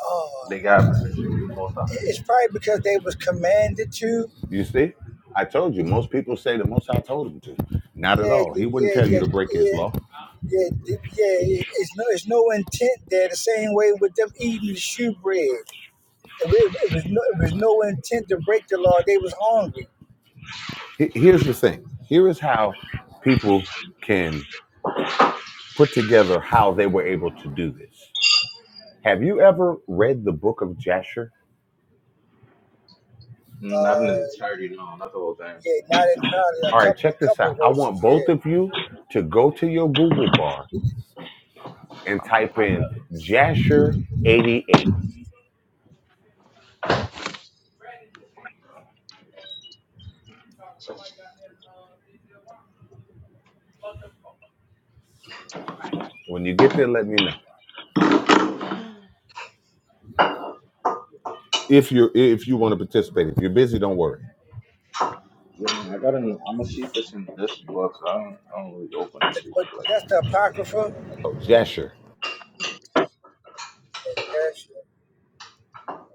Oh, They got permission from the Most High. it's probably because they was commanded to. You see, I told you, most people say the most I told him to. Not at Yeah, all. He wouldn't yeah, tell you yeah, to break his yeah. law. Yeah, th- yeah. it- It's no, it's no intent there. The same way with them eating the shoe bread, it, wa- it was no, it was no intent to break the law. They was hungry. He- Here's the thing here is how people can put together how they were able to do this Have you ever read the book of Jasher? Mm, Not in the Uh, entirety, no, not the whole thing. yeah, not entirely. A All right, couple, check a this couple out. I want verses. both of Yeah, you to go to your Google bar and I'm not type having in Jasher 88. that. When you get there, let me know. If you are if you want to participate. If you're busy, don't worry. You know, I gotta. I'm gonna see if it's in this book. I don't. I don't really open this but book like. that's the apocrypha. Oh, Jasher. Yeah, that's,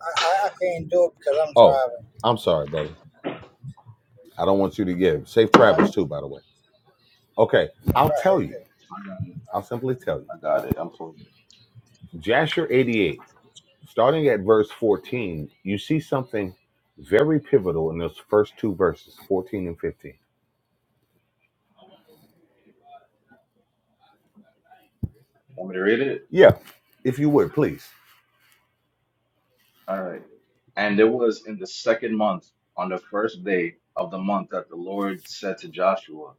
I, I, I can't do it because I'm Oh, driving. I'm sorry, brother. I don't want you to give. Safe travels Right. too, by the way. Okay, I'll Right. tell you. I got it. I'll simply tell you. I got it. I'm pulling it. Jasher 88, starting at verse 14, you see something very pivotal in those first two verses, 14 and 15 Want me to read it? Yeah, if you would, please. All right. And it was in the second month, on the first day of the month, that the Lord said to Joshua.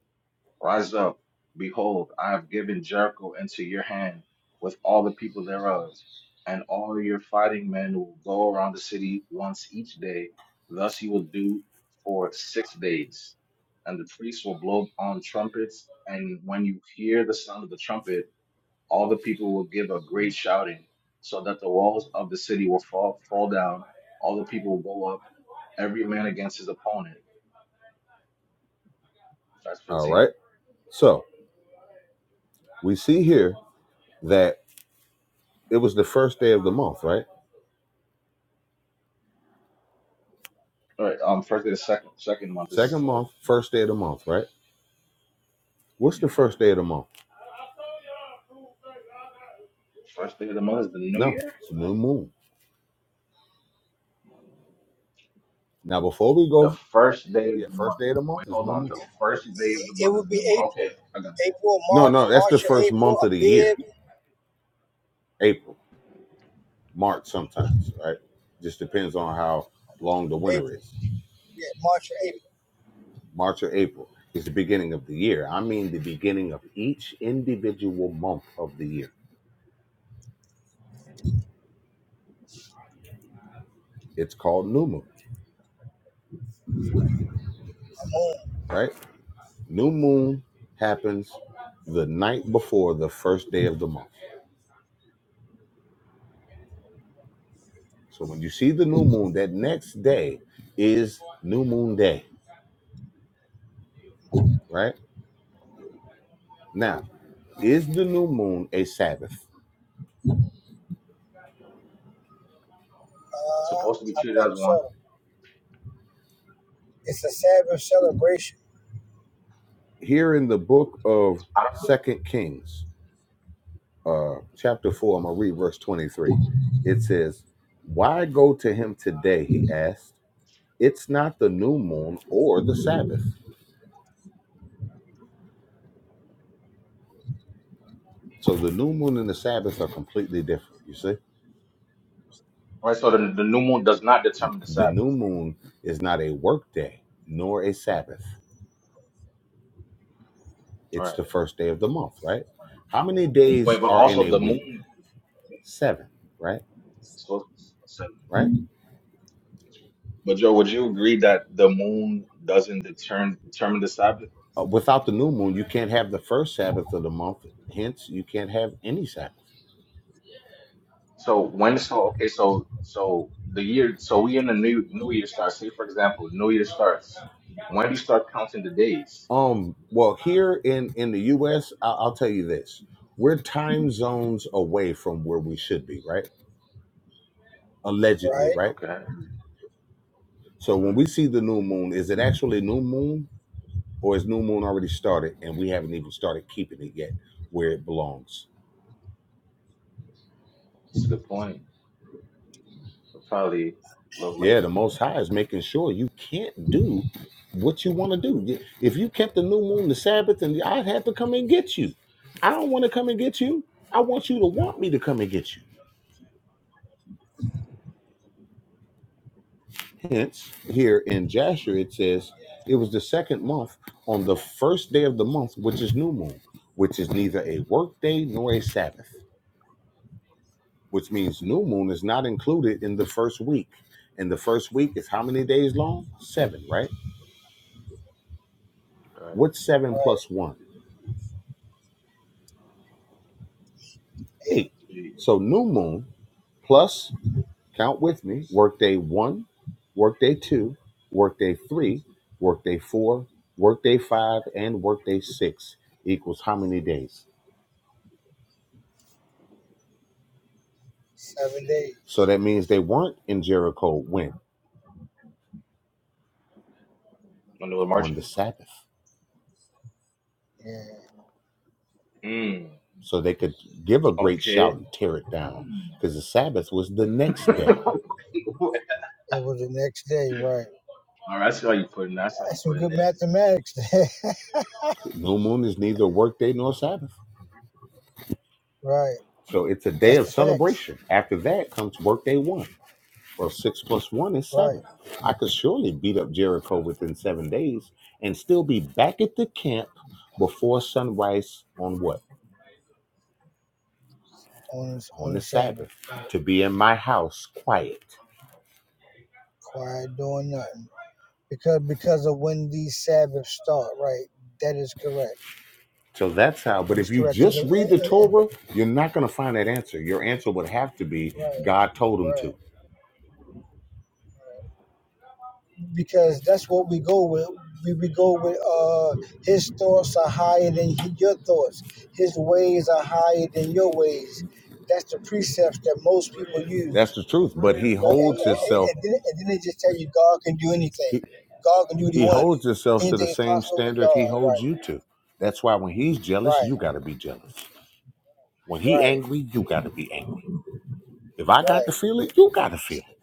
Rise up. Behold, I have given Jericho into your hand with all the people thereof, and all your fighting men will go around the city once each day. Thus you will do for six days. And the priests will blow on trumpets, and when you hear the sound of the trumpet, all the people will give a great shouting, so that the walls of the city will fall, fall down, all the people will go up, every man against his opponent. Verse All right. 15. So we see here that it was the first day of the month, right? All right, um, first day of the second second month Second is uh, month, first day of the month, right? What's the yeah. first day of the month? First day of the month is the new No, year. it's new moon. Now, before we The go, first day of yeah, the first month. day of the month Wait, is hold new on. moon. The first day of the It month is would the new be moon. Okay, April, I got that. April, No, March, no, that's the March or first April, month a of the year, bib, April, March sometimes, right? Just depends on how long the winter April. is. Yeah, March or April. March or April is the beginning of the year. I mean, the beginning of each individual month of the year. It's called new moon. right? New moon happens the night before the first day of the month. So when you see the new moon, that next day is new moon day, right? Now, is the new moon a Sabbath? It's supposed to be Uh, I treated as think one. so. It's a Sabbath celebration, Here in the book of I don't, Second Kings, uh, chapter four, I'm gonna read verse 23. It says, Why go to him today? He asked. It's not the new moon or the Sabbath. So the new moon and the Sabbath are completely different, you see? all right, so the, the new moon does not determine the The Sabbath. new moon is not a work day nor a Sabbath. All It's right, the first day of the month, right? all right. How many Wait, days but are in also a the week? moon Seven, right? is supposed to be seven. Right? But Joe, would you agree that the moon doesn't determine determine the Sabbath? Uh, Without the new moon, you can't have the first Sabbath of the month. Hence, you can't have any Sabbath. So when so okay so so the year so we in the new new year starts. Say for example, new year starts. When do you start counting the days? Um. Well, here in in the U.S., I'll tell you this: we're time zones away from where we should be, right? Allegedly, right? right? Okay, So when Mhm. we see the new moon, is it actually new moon? or is new moon already started and we haven't even started keeping it yet where it belongs that's a good point. We're probably a little yeah late. the most high is making sure you can't do what you want to do if you kept the new moon the sabbath and i'd have to come and get you i don't want to come and get you i want you to want me to come and get you hence here in jasher it says it was the second month on the first day of the month which is new moon which is neither a work day nor a sabbath which means new moon is not included in the first week. And the first week is how many days long? Seven, right? Uh, What's seven plus Right. one? Eight. you So new moon plus, count with me, workday one, workday two, workday three, workday four, workday five, and workday six equals how many days? Seven So days. that means they weren't in Jericho when? wonder what On the margin? Sabbath. Yeah. Mm, So they could give a great shout okay. and tear it down Hmm. because the Sabbath was the next day. *laughs* All It was the next day, right. right, that's how you putting. That's how you That's some good putting it. mathematics there. New moon is neither work day nor Sabbath. *laughs* right. So Hmm. it's a day That's of the facts. celebration. After that comes workday one. Well, six plus one is Right. seven. I could surely beat up Jericho within seven days and still be back at the camp before sunrise on what? On the, On on the the Sabbath Sabbath. Right. to be in my house quiet. Quiet doing nothing. Because because of when these Sabbaths start, right? That is correct. So that's how. That But is if you correct. Cause just of, read the eh, eh, eh, Torah, you're not going to find that answer. Your answer would have to be right, God told him to. right. Because that's what we go with. We, we go with uh, his thoughts are higher than your thoughts. His ways are higher than your ways. That's the precepts that most people use That's the truth. But he But it, holds it, it, himself. it didn't, just tell you God can do anything. He, God can do what he He want to do. holds himself to the Anything is same possible with standard he God. holds Right, you to. That's why when he's jealous, right, you gotta be jealous. When he right, angry, you gotta be angry. If I got to right. feel it, you gotta feel it.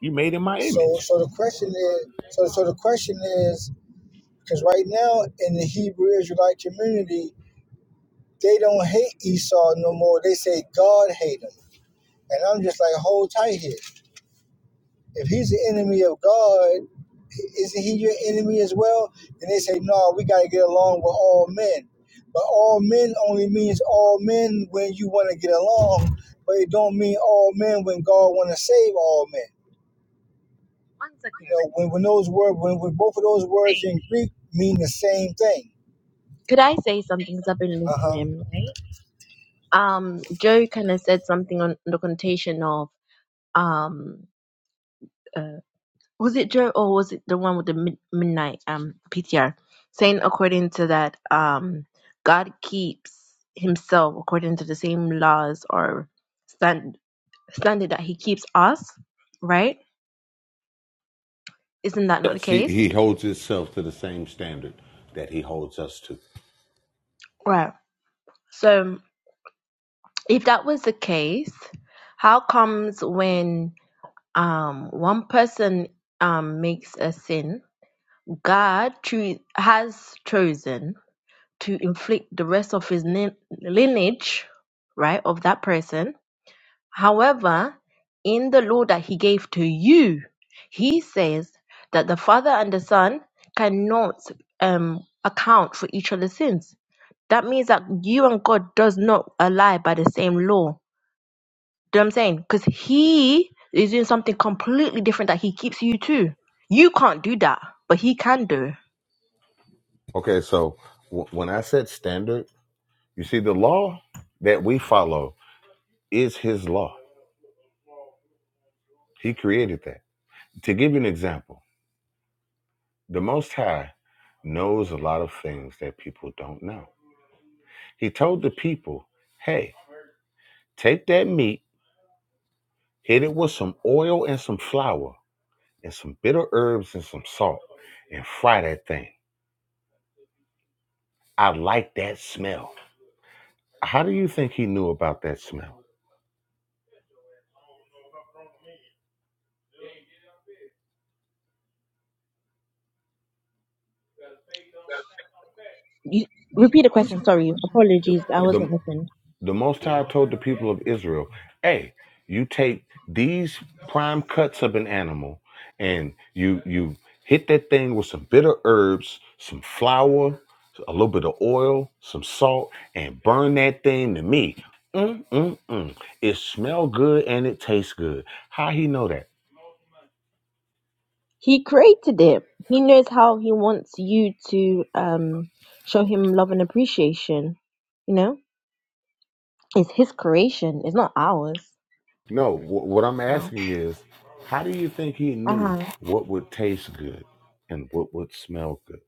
You made in my So image. so the question is so so the question is because right now in the Hebrew Israelite community, they don't hate Esau no more. They say God hate him. And I'm just like, hold tight here. If he's the enemy of God, isn't he your enemy as well? And they say, no, we got to get along with all men. But all men only means all men when you want to get along, but it don't mean all men when God want to save all men. You know, when, when those words, when, when both of those words in Greek mean the same thing. Could I say something? Because I've been Uh huh. listening, right? Um, Joe kind of said something on the connotation of um, uh, was it Joe or was it the one with the mid- midnight um PTR saying according to that um God keeps himself according to the same laws or stand standard that he keeps us, right? Isn't that not the Yes, he, case? he holds himself to the same standard that he holds us to. Right. So if that was the case, how comes when? um one person um makes a sin god choo- has chosen to inflict the rest of his lin- lineage right of that person however in the law that he gave to you he says that the father and the son cannot um account for each other's sins that means that you and god does not ally by the same law do you know what I'm saying? Because he is doing something completely different that he keeps you to. You can't do that, but he can do. Okay, so w- when I said standard, you see, the law that we follow is his law. He created that. To give you an example, the Most High knows a lot of things that people don't know He told the people, Hey, take that meat, hit it with some oil and some flour and some bitter herbs and some salt and fry that thing. I like that smell. How do you think he knew about that smell? You repeat the question. Sorry, apologies. I The wasn't listening. The Most High told the people of Israel, "Hey, you take these prime cuts of an animal, and you you hit that thing with some bitter herbs, some flour, a little bit of oil, some salt, and burn that thing to me. Mm, mm, mm. It smell good and it tastes good. How he know that? He created it. He knows how he wants you to um, show him love and appreciation. You know, it's his creation. It's not ours. No, wh- what I'm You know, asking is, how do you think he knew uh-huh. what would taste good and what would smell good?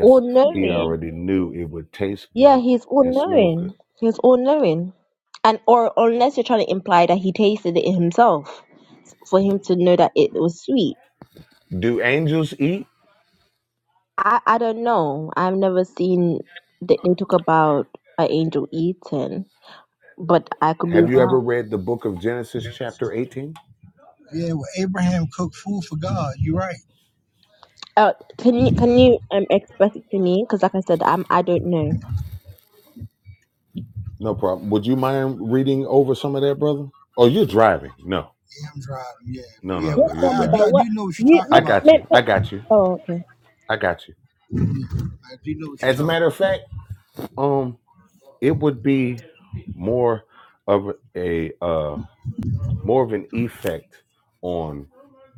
all he knowing. already knew it would taste Yeah, good he's all and smell good. knowing. He's all knowing. And or unless you're trying to imply that he tasted it himself for him to know that it was sweet. Do angels eat? I I don't know. I've never seen that they talk about an angel eating, but I could be Have you wrong. ever read the book of Genesis, chapter 18? Yeah, well, Abraham cooked food for God. You're right. Uh, can you can you um express it to me? Because like I said, I'm I don't know. No problem. Would you mind reading over some of that, brother? Oh, you're driving. No, Yeah, I'm driving. Yeah, but no, yeah, no, no. What You're I, I number? driving. do. I What? do know what you're You, talking I me, about. got you. me, me. I got you. Oh, okay. I got you. Yeah, I do know what As you're a talking matter of fact, um, it would be more of a uh more of an effect on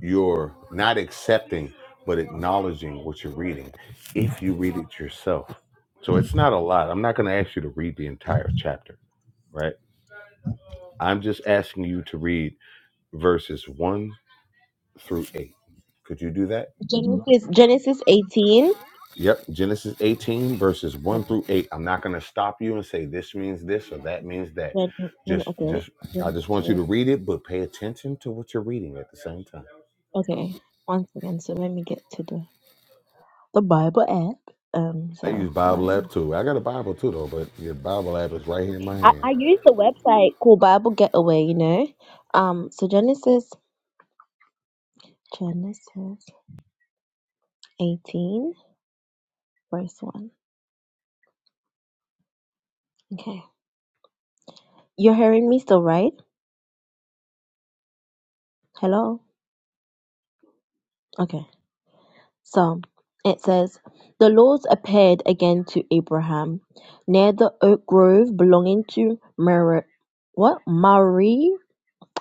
your not accepting but acknowledging what you're reading if you read it yourself. So it's not a lot. I'm not going to ask you to read the entire chapter, right? I'm just asking you to read verses 1 through 8. Could you do that? Genesis Genesis 18. Yep, Genesis 18 verses Okay, 1 through 8. I'm not going to stop you and say this means this or that means that. then, then, Just okay, wait. just I just want you Genesis. to read it but pay attention to what you're reading at the same time. Okay, once again. So let me get to the the Bible app. Um, I so use Bible Bible. app too. I got a Bible too though, but your Bible app is right here in my I, hand. I use the website called Bible Getaway, you know. Um, so Genesis, Genesis 18, verse 1. Okay. You're hearing me still, right? Hello? Okay. So it says, The Lord appeared again to Abraham near the oak grove belonging to Mer what? Mari?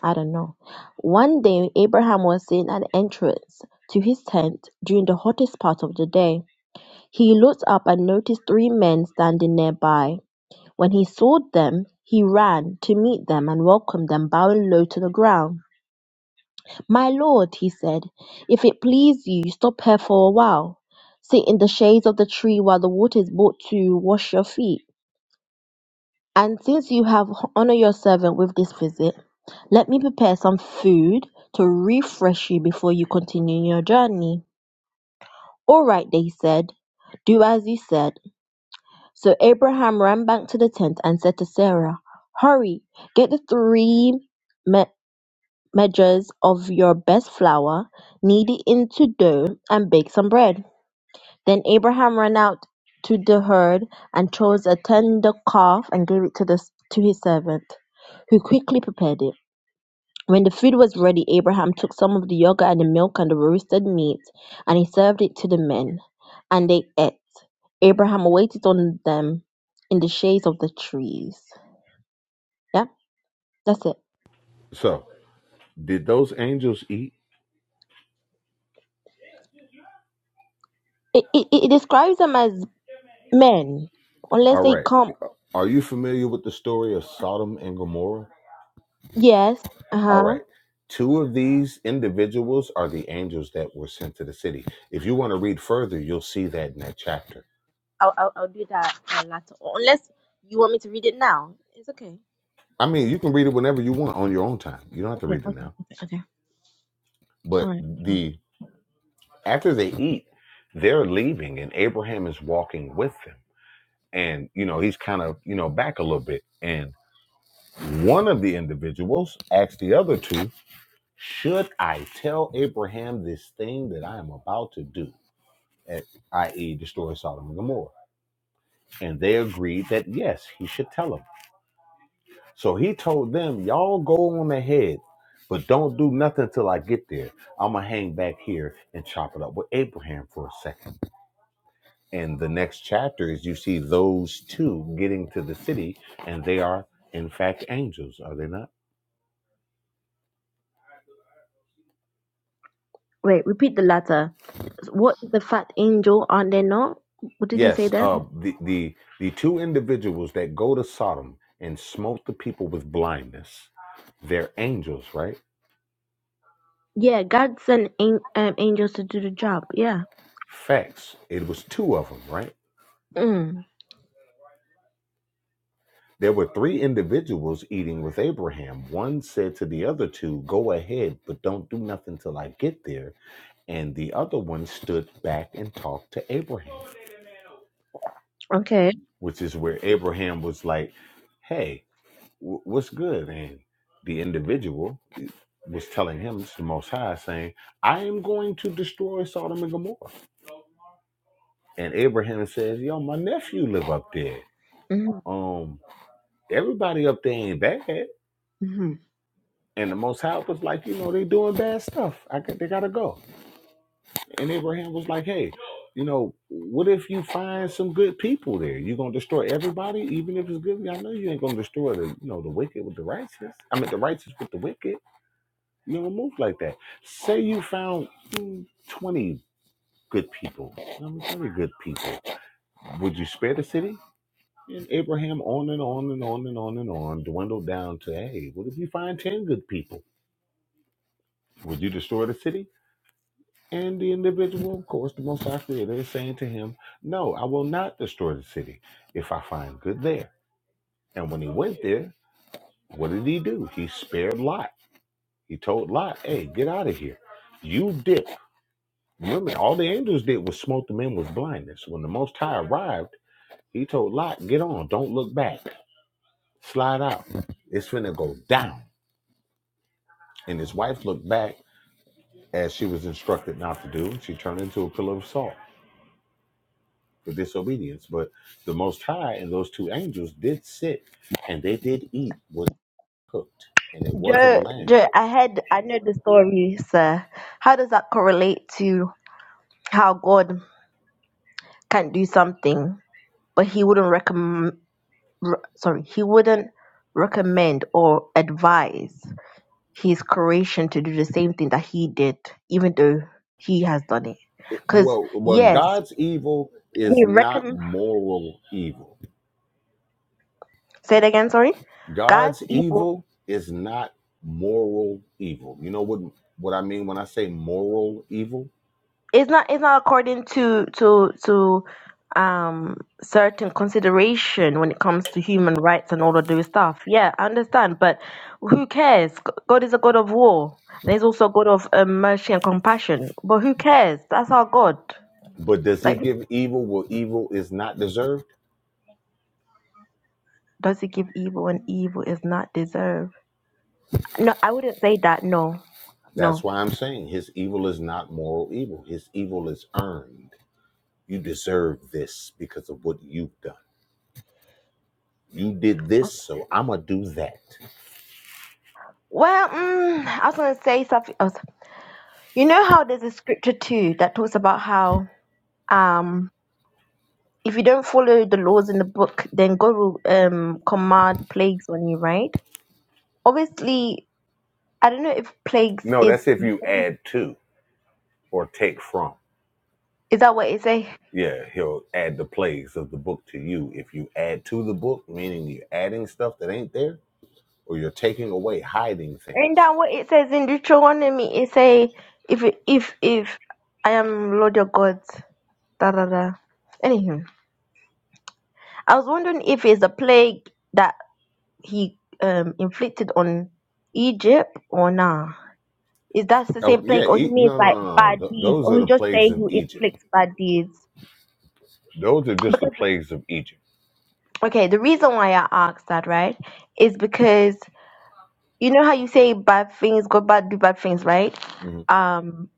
I don't know. One day, Abraham was sitting at the entrance to his tent during the hottest part of the day. He looked up and noticed three men standing nearby. When he saw them, he ran to meet them and welcomed them, bowing low to the ground. My lord, he said, if it please you, stop here for a while. Sit in the shades of the tree while the water is brought to wash your feet. And since you have honored your servant with this visit, let me prepare some food to refresh you before you continue your journey. All right, they said, do as you said. So Abraham ran back to the tent and said to Sarah, Hurry, get the three me- measures of your best flour, knead it into dough, and bake some bread. Then Abraham ran out to the herd and chose a tender calf and gave it to, the, to his servant, who quickly prepared it. When the food was ready, Abraham took some of the yogurt and the milk and the roasted meat, and he served it to the men. And they ate. Abraham waited on them in the shades of the trees. Yeah, that's it. So, did those angels eat? It, it, it describes them as men, unless All they right. come. Are you familiar with the story of Sodom and Gomorrah? Yes, uh All huh. right. Two of these individuals are the angels that were sent to the city. If you want to read further, you'll see that in that chapter. I'll, I'll I'll do that uh, later. Unless you want me to read it now, it's okay. I mean, you can read it whenever you want on your own time. You don't have to Okay, read it okay, now. okay, okay. All But right. Sure. the after they eat, they're leaving and Abraham is walking with them. And you know, he's kind of, you know, back a little bit and One of the individuals asked the other two, Should I tell Abraham this thing that I am about to do? Eh, i.e., destroy Sodom and Gomorrah. And they agreed that yes, he should tell them. So he told them, Y'all go on ahead, but don't do nothing till I get there. I'm going to hang back here and chop it up with Abraham for a second." And the next chapter is you see those two getting to the city, and they are, in fact, angels, are they not? Wait, repeat the latter. What is the fat angel? Are they not? What did he say Yes, there? uh, the the the two individuals that go to Sodom and smote the people with blindness, they're angels, right? Yeah, God sent an, um, angels to do the job. Yeah. Facts. It was two of them, right? Mm. There were three individuals eating with Abraham. One said to the other two, "Go ahead, but don't do nothing till I get there." And the other one stood back and talked to Abraham, Okay. which is where Abraham was like, "Hey, w- what's good?" And the individual was telling him, it's the Most High, saying, I am going to destroy Sodom and Gomorrah. And Abraham says, Yo, my nephew live up there. Um, everybody up there ain't bad. Mm-hmm. And the Most High was like, you know, they doing bad stuff. I got, they gotta go. And Abraham was like, hey, you know, what if you find some good people there? You gonna destroy everybody, even if it's good? I know you ain't gonna destroy the, you know, the wicked with the righteous. I mean, the righteous with the wicked. You don't move like that. Say you found mm, 20 good people. I'm very good people. Would you spare the city? And Abraham on and on and on and on and on dwindled down to, hey, what if you find 10 good people? Would you destroy the city? And the individual, of course, the Most High Creator is saying to him, no, I will not destroy the city if I find good there. And when he went there, what did he do? He spared Lot. He told Lot, hey, get out of here. You dip. Remember, all the angels did was smote the men with blindness. When the Most High arrived, He told Lot, get on, don't look back, slide out. It's finna go down. And his wife looked back as she was instructed not to do. She turned into a pillar of salt for disobedience. But the Most High and those two angels did sit and they did eat what they cooked, and it wasn't Joe, lamb. Joe, I heard, I know the story, sir. How does that correlate to how God can do something, but He wouldn't recommend? Sorry, He wouldn't recommend or advise His creation to do the same thing that He did, even though He has done it. It, Because well, well, yes, God's evil is He not recommend. moral evil. Say it again. Sorry, God's God's evil. evil is not moral evil. You know what what I mean when I say moral evil? it's not it's not according to to to um certain consideration when it comes to human rights and all of those stuff yeah i understand but who cares G- god is a god of war and he's also a god of um, mercy and compassion but who cares that's our god But does he like give evil where evil is not deserved? does he give evil when evil is not deserved no i wouldn't say that no That's no why I'm saying his evil is not moral evil. His evil is earned. You deserve this because of what you've done. You did this, so I'm going to do that. well mm, i was gonna say something else you know how there's a scripture too that talks about how um if you don't follow the laws in the book, then God will um, command plagues on you, right? Obviously, I don't know if plagues No, is that's if you add to or take from. is that what it say? Yeah, he'll add the plagues of the book to you. If you add to the book, meaning you're adding stuff that ain't there, or you're taking away, hiding And things. that what it says in Deuteronomy, it say if if if I am Lord your God, da da da. Anywho, I was wondering if it's a plague that he um inflicted on Egypt or nah. Is that the Oh, same yeah, plague, or he e- means no, no, like no, no. bad Th- deeds, those or are he the just plagues say of who Egypt. inflicts bad deeds? Those are just the plagues of Egypt Okay, the reason why I asked that, right, is because you know how you say bad things, good bad, do bad things, right? Mhm. Um,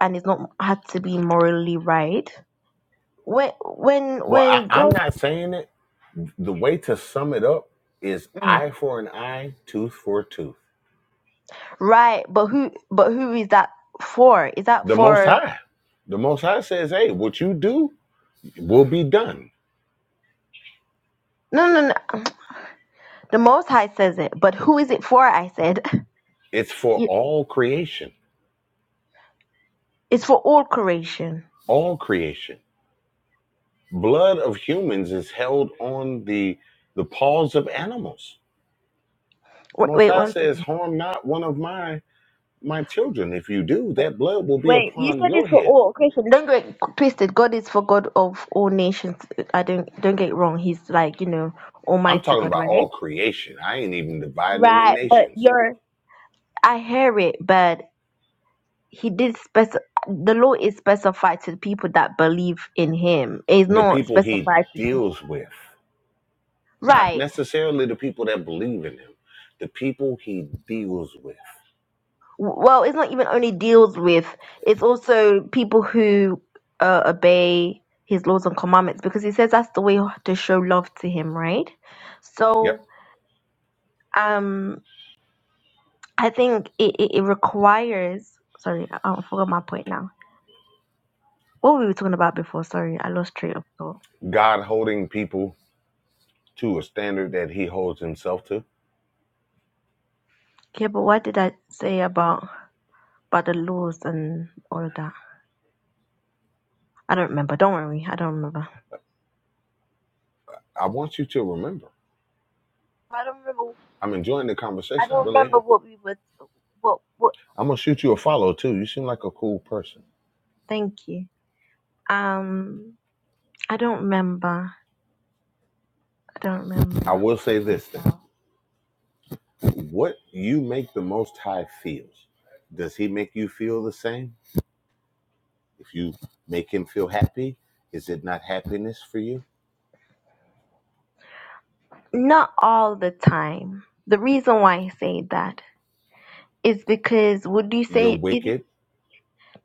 and it's not had to be morally right. When when Well, I, when I'm God, not saying it. The way to sum it up is mm, eye for an eye, tooth for a tooth. right? But who but who is that for? Is that The Most for? High. The Most High says, hey, what you do will be done. No, no, no. The Most High says it, but who is it for? I said It's *laughs* for You- all creation, it's for all creation. all creation. Blood of humans is held on the the paws of animals. The Wait, Most wait High one second. says, harm not one of my my children. If you do, that blood will be Wait, you upon said your it's for head. all Christian. Don't get twisted. God is for God of all nations. I don't don't get it wrong. He's like you know I'm Almighty talking God, about right? all creation. I ain't even dividing them in Right, but nations. you're. I hear it, but he did spec. The law is specified to the people that believe in Him. It's the not people he specified to just deals with, not right. necessarily the people that believe in him, the people he deals with. W- Well, it's not even only deals with. It's also people who uh, obey His laws and commandments because He says that's the way to show love to Him, right? So Yep. Um, I think it, it, it requires. Sorry, I, I forgot my point now. What were we talking about before? Sorry, I lost track of thought. God holding people to a standard that he holds himself to. Okay, but what did I say about about the laws and all of that? I don't remember. Don't worry, I don't remember. I want you to remember. I don't remember. I'm enjoying the I conversation. I don't really remember am. what we were. What what? I'm going to shoot you a follow too. You seem like a cool person. Thank you. Um, I don't remember. I don't I remember. will say this then. What you make the Most High feels, does he make you feel the same? If you make him feel happy, is it not happiness for you? Not all the time. The reason why I say that is because would you You're say it? wicked.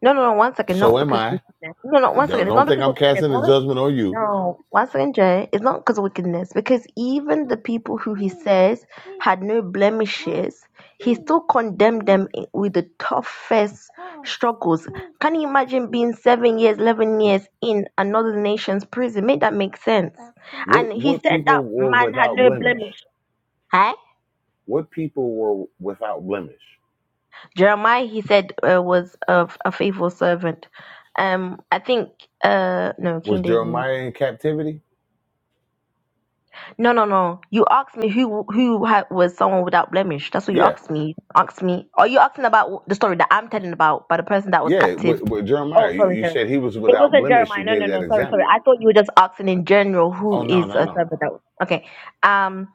No, no, no. One second. Not So am because of I. wickedness. No, no. One don't, second. It's not don't think because I'm of wickedness. casting a Hold up. judgment on you. No. One second, Jay. It's not because of wickedness. Because even the people who he says had no blemishes, he still condemned them i- with the toughest struggles. Can you imagine being seven years, 11 years in another nation's prison? Make that make sense. And What he what said that people were man had without no blemish? blemish. Huh? What people were without blemish? Jeremiah, he said, uh, was a, a faithful servant. Um, I think, uh, no, Was King David, no. Jeremiah in captivity? No, no, no. You asked me who who ha- was someone without blemish. That's what you Yeah, asked me. Asked me. Are you asking about the story that I'm telling about by the person that was yeah. captive? With, with Jeremiah, Oh, you, sorry, you sorry. said he was It without wasn't blemish. You Jeremiah. No, gave no, that no. Sorry, sorry. example. I thought you were just asking in general who Oh no, is no, a no. servant that was. Okay. Um,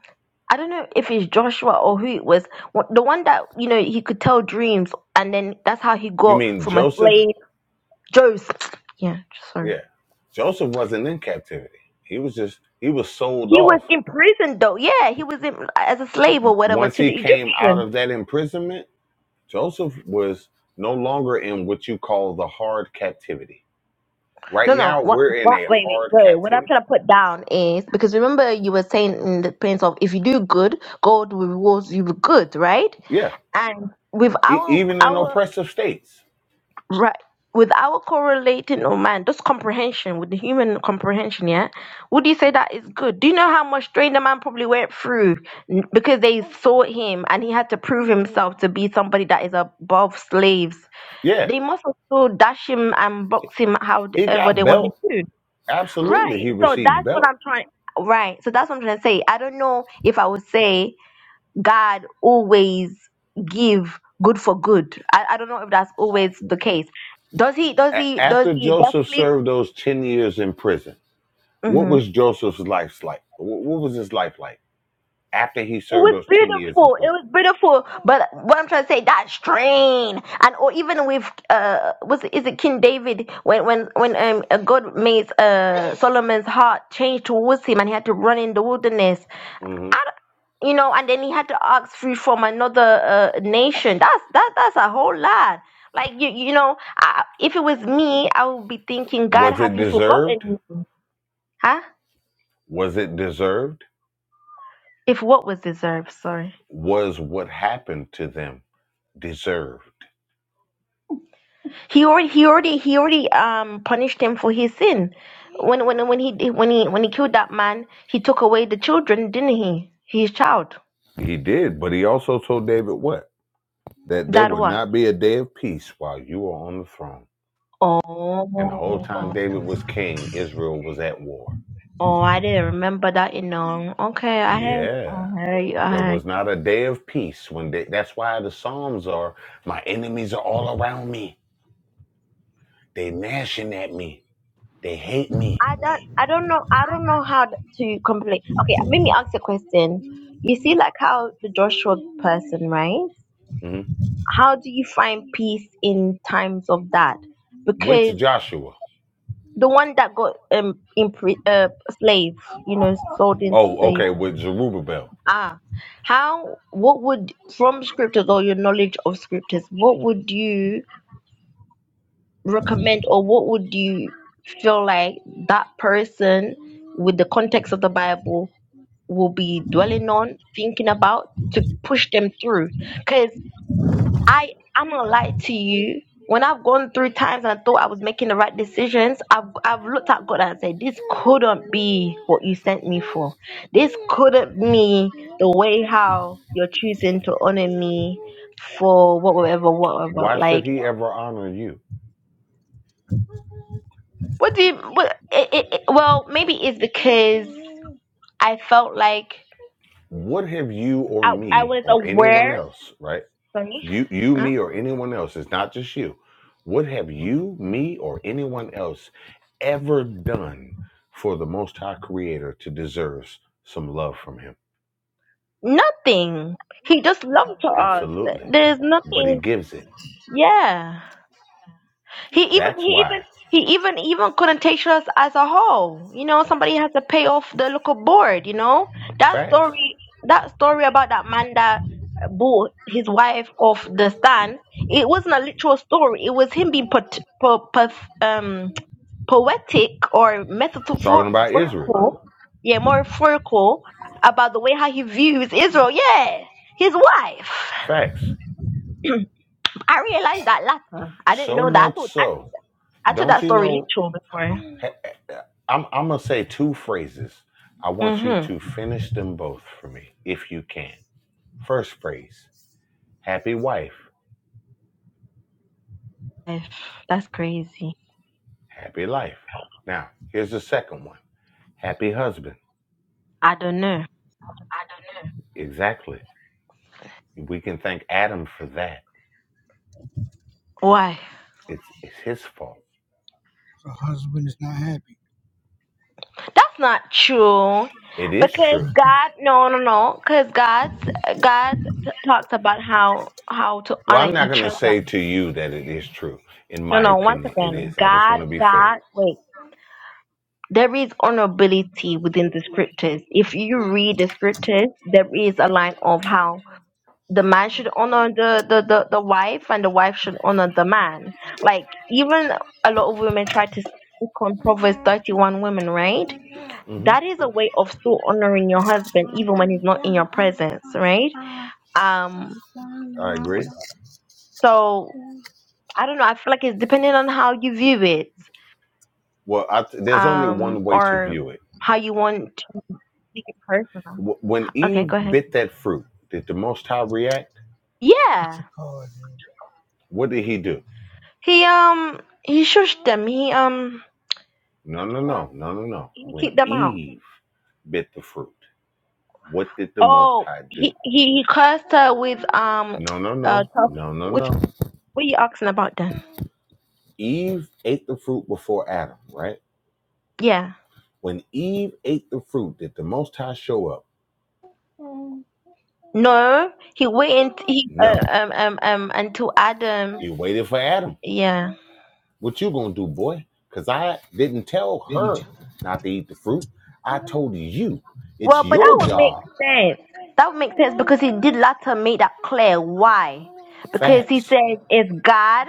I don't know if it's Joshua or who it was. Wh- The one that you know he could tell dreams, and then that's how he You got mean from a Joseph? slave. Joseph. Yeah. Sorry. Yeah, Joseph wasn't in captivity. He was just he was sold He was off. in prison though. Yeah, he was in as a slave or whatever Once to he the came Egyptian. out of that imprisonment, Joseph was no longer in what you call the hard captivity Right No, no. now, What? we're in What? a Wait, wait, hard wait. What I'm captivity. trying to put down is because remember you were saying in the points of if you do good, God will reward you with good, right? Yeah. And with E- our even in our oppressive states. right, with our correlating oh man, just comprehension with the human comprehension, yeah. Would you say that is good? Do you know how much strain the man probably went through N- because they saw him and he had to prove himself to be somebody that is above slaves? Yeah. They must also dash him and box him He however they got want to belt. do. Absolutely. Right. He So received that's what belt. I'm trying. Right. So that's what I'm trying to say. I don't know if I would say God always give good for good. I, I don't know if that's always the case. Does he? Does he? A- Does after he Joseph definitely? served those 10 years in prison, what hmm was Joseph's life like? Wh- what was his life like after he It served was those 10 years in beautiful. It prison? was beautiful. But what I'm trying to say, that strain, and or even with uh, was is it King David when when when um God made uh Solomon's heart change towards him, and he had to run in the wilderness hmm I d- you know, and then he had to ask free from another uh, nation. That's that that's a whole lot. Like you you know, I, if it was me, I would be thinking, God, Was have it you forgotten deserved? me? Huh? Was it deserved? If what was deserved, sorry. Was what happened to them deserved? He already he already he already um punished him for his sin. When when when he when he when he killed that man, he took away the children, didn't he? His child. He did, but he also told David what? That there That would what? not be a day of peace while you are on the throne. And the whole Oh, time David was king, Israel was at war. oh, I didn't remember that, you know. Okay, I heard, Yeah. I heard, you, I There heard. was not a day of peace when they, that's why the Psalms are my enemies are all around me. They gnashing at me. They hate me. I don't I don't know I don't know how to complete. Okay, let me ask a question. You see like how the Joshua person, right? Mhm. How do you find peace in times of that? With Because Joshua. the one that got um in uh, slave, you know, sold into Oh, okay, slavery. with Zerubbabel. Ah, how what would from scriptures or your knowledge of scriptures, what would you recommend or what would you feel like that person with the context of the Bible will be dwelling on, thinking about to push them through? Because I, I'm gonna lie to you. When I've gone through times and I thought I was making the right decisions, I've I've looked at God and said, "This couldn't be what you sent me for. This couldn't be the way how you're choosing to honor me for whatever, whatever." Why Like should he ever honor you? What do you? What? It, it, it- well, maybe it's because I felt like What have you or I I me was or anyone aware. else, right? Sorry. you you Huh? me or anyone else it's not just you what have you me or anyone else ever done for the most high creator to deserve some love from him Nothing. He just loved to us. absolutely There's but he nothing. gives it Yeah. He even that's he even why he even even couldn't take us as a whole. You know, somebody has to pay off the local board. You know that facts story. That story about that man that bought his wife off the stand. It wasn't a literal story. It was him being put, put, um poetic or we're talking about israel metaphorical, yeah, metaphorical about the way how he views Israel. Yeah, his wife. facts *clears throat* I realized that latter. I didn't so know that. I much thought I, so thought- I took don't that you story know literal before. ha- ha- i'm, I'm gonna say two phrases i want you Mhm. to finish them both for me if you can first phrase happy wife If- That's crazy. happy life. Now, here's the second one happy husband. I don't know about. Exactly. We can thank Adam for that. why. It's, it's his fault. The husband is not happy. That's not true. It is Because true. God, no, no, no. Because God, God t- talks about how how to Well, honor I'm not going each to other. say to you that it is true. In No, my no. One opinion, it second. is. I just God, want to be fair. God. Wait. There is honorability within the scriptures. If you read the scriptures, there is a line of how the man should honor the, the, the, the wife and the wife should honor the man. Like, even a lot of women try to stick on Proverbs 31 women, right? hmm That is a way of still honoring your husband even when he's not in your presence, right? Um, I agree. so I don't know. I feel like it's depending on how you view it, Well, I th- there's only um, one way to or view it. how you want Make it personal. W- when Okay, Eve go ahead. bit that fruit, did the Most High react? Put Yeah. your card in, What did he do? He um he shushed them. He um No, no, uh, no, no, no, no. he When kicked them out. Eve bit the fruit, what did the Most Oh, High do? he he, he cursed her with um No, no, uh no, tough. no, no, Which no. what are you asking about then? Eve ate the fruit before Adam, right? Yeah. When Eve ate the fruit, did the Most High show up? No, he waited. He No, uh, um um um until Adam. he waited for Adam. Yeah. What you gonna do, boy? Cause I didn't tell her not to eat the fruit. I told you. Well, It's but that your would make job. sense. That would make sense because he did later make that clear. Why? Because he Facts, said it's God,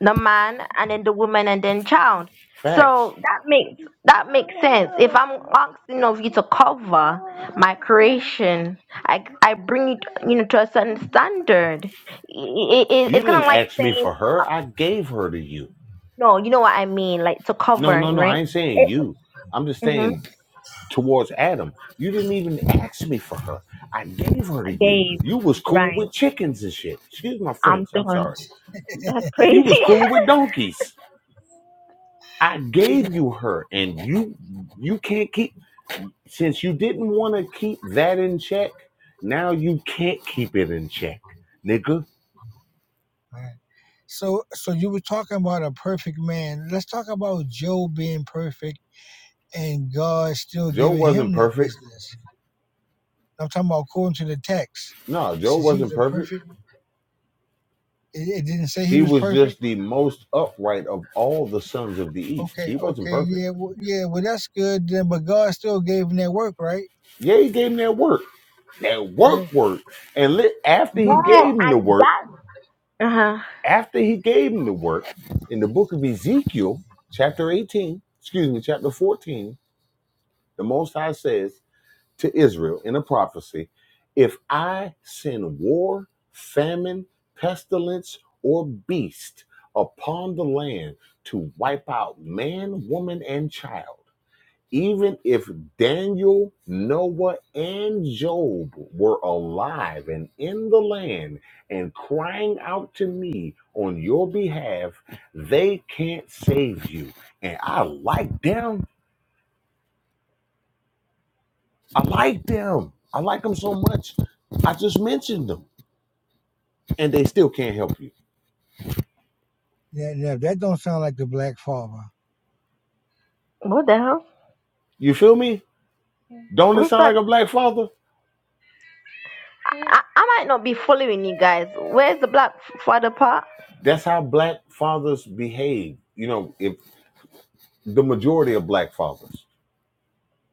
the man, and then the woman, and then child. facts. So that makes that makes sense. If I'm asking of you to cover my creation, I I bring it you know to a certain standard. It, it, You it's kind didn't of like ask me saying for her. I gave her to you. no. You know what I mean? Like to No, cover, no, no. I right? ain't saying It, you. I'm just hmm saying towards Adam. You didn't even ask me for her. I gave her to you. Gabe, You was cool right? with chickens and shit. Excuse my French. I'm I'm done. sorry. That's You crazy. was *laughs* cool with donkeys. I gave you her, and you you can't keep since you didn't want to keep that in check. Now you can't keep it in check, nigga. right? So, so you were talking about a perfect man. Let's talk about Job being perfect and God still Joe giving him wasn't that perfect. business. I'm talking about according to the text. No, It Joe says he was wasn't a perfect. perfect. It, it didn't say he He was was perfect. just the most upright of all the sons of the East. Okay, He wasn't okay, perfect. yeah, well, yeah. Well, that's good. Then, but God still gave him that work, right? Yeah, he gave him that work. that work Yeah. work. And lit, after he gave Well, him I the work, got. Uh huh. after he gave him the work, in the book of Ezekiel, chapter 18, excuse me, chapter 14, the Most High says to Israel in a prophecy, if I send war, famine, pestilence, or beast upon the land to wipe out man, woman, and child even if Daniel, Noah, and Job were alive and in the land and crying out to me on your behalf, they can't save you. And I like them. I like them. I like them so much. I just mentioned them and they still can't help you. Yeah, yeah, that don't sound like the black father. What the hell? You feel me? Don't it What's sound like that? a black father? I, I I might not be following you guys. Where's the black f- father part? That's how black fathers behave. You know, if the majority of black fathers.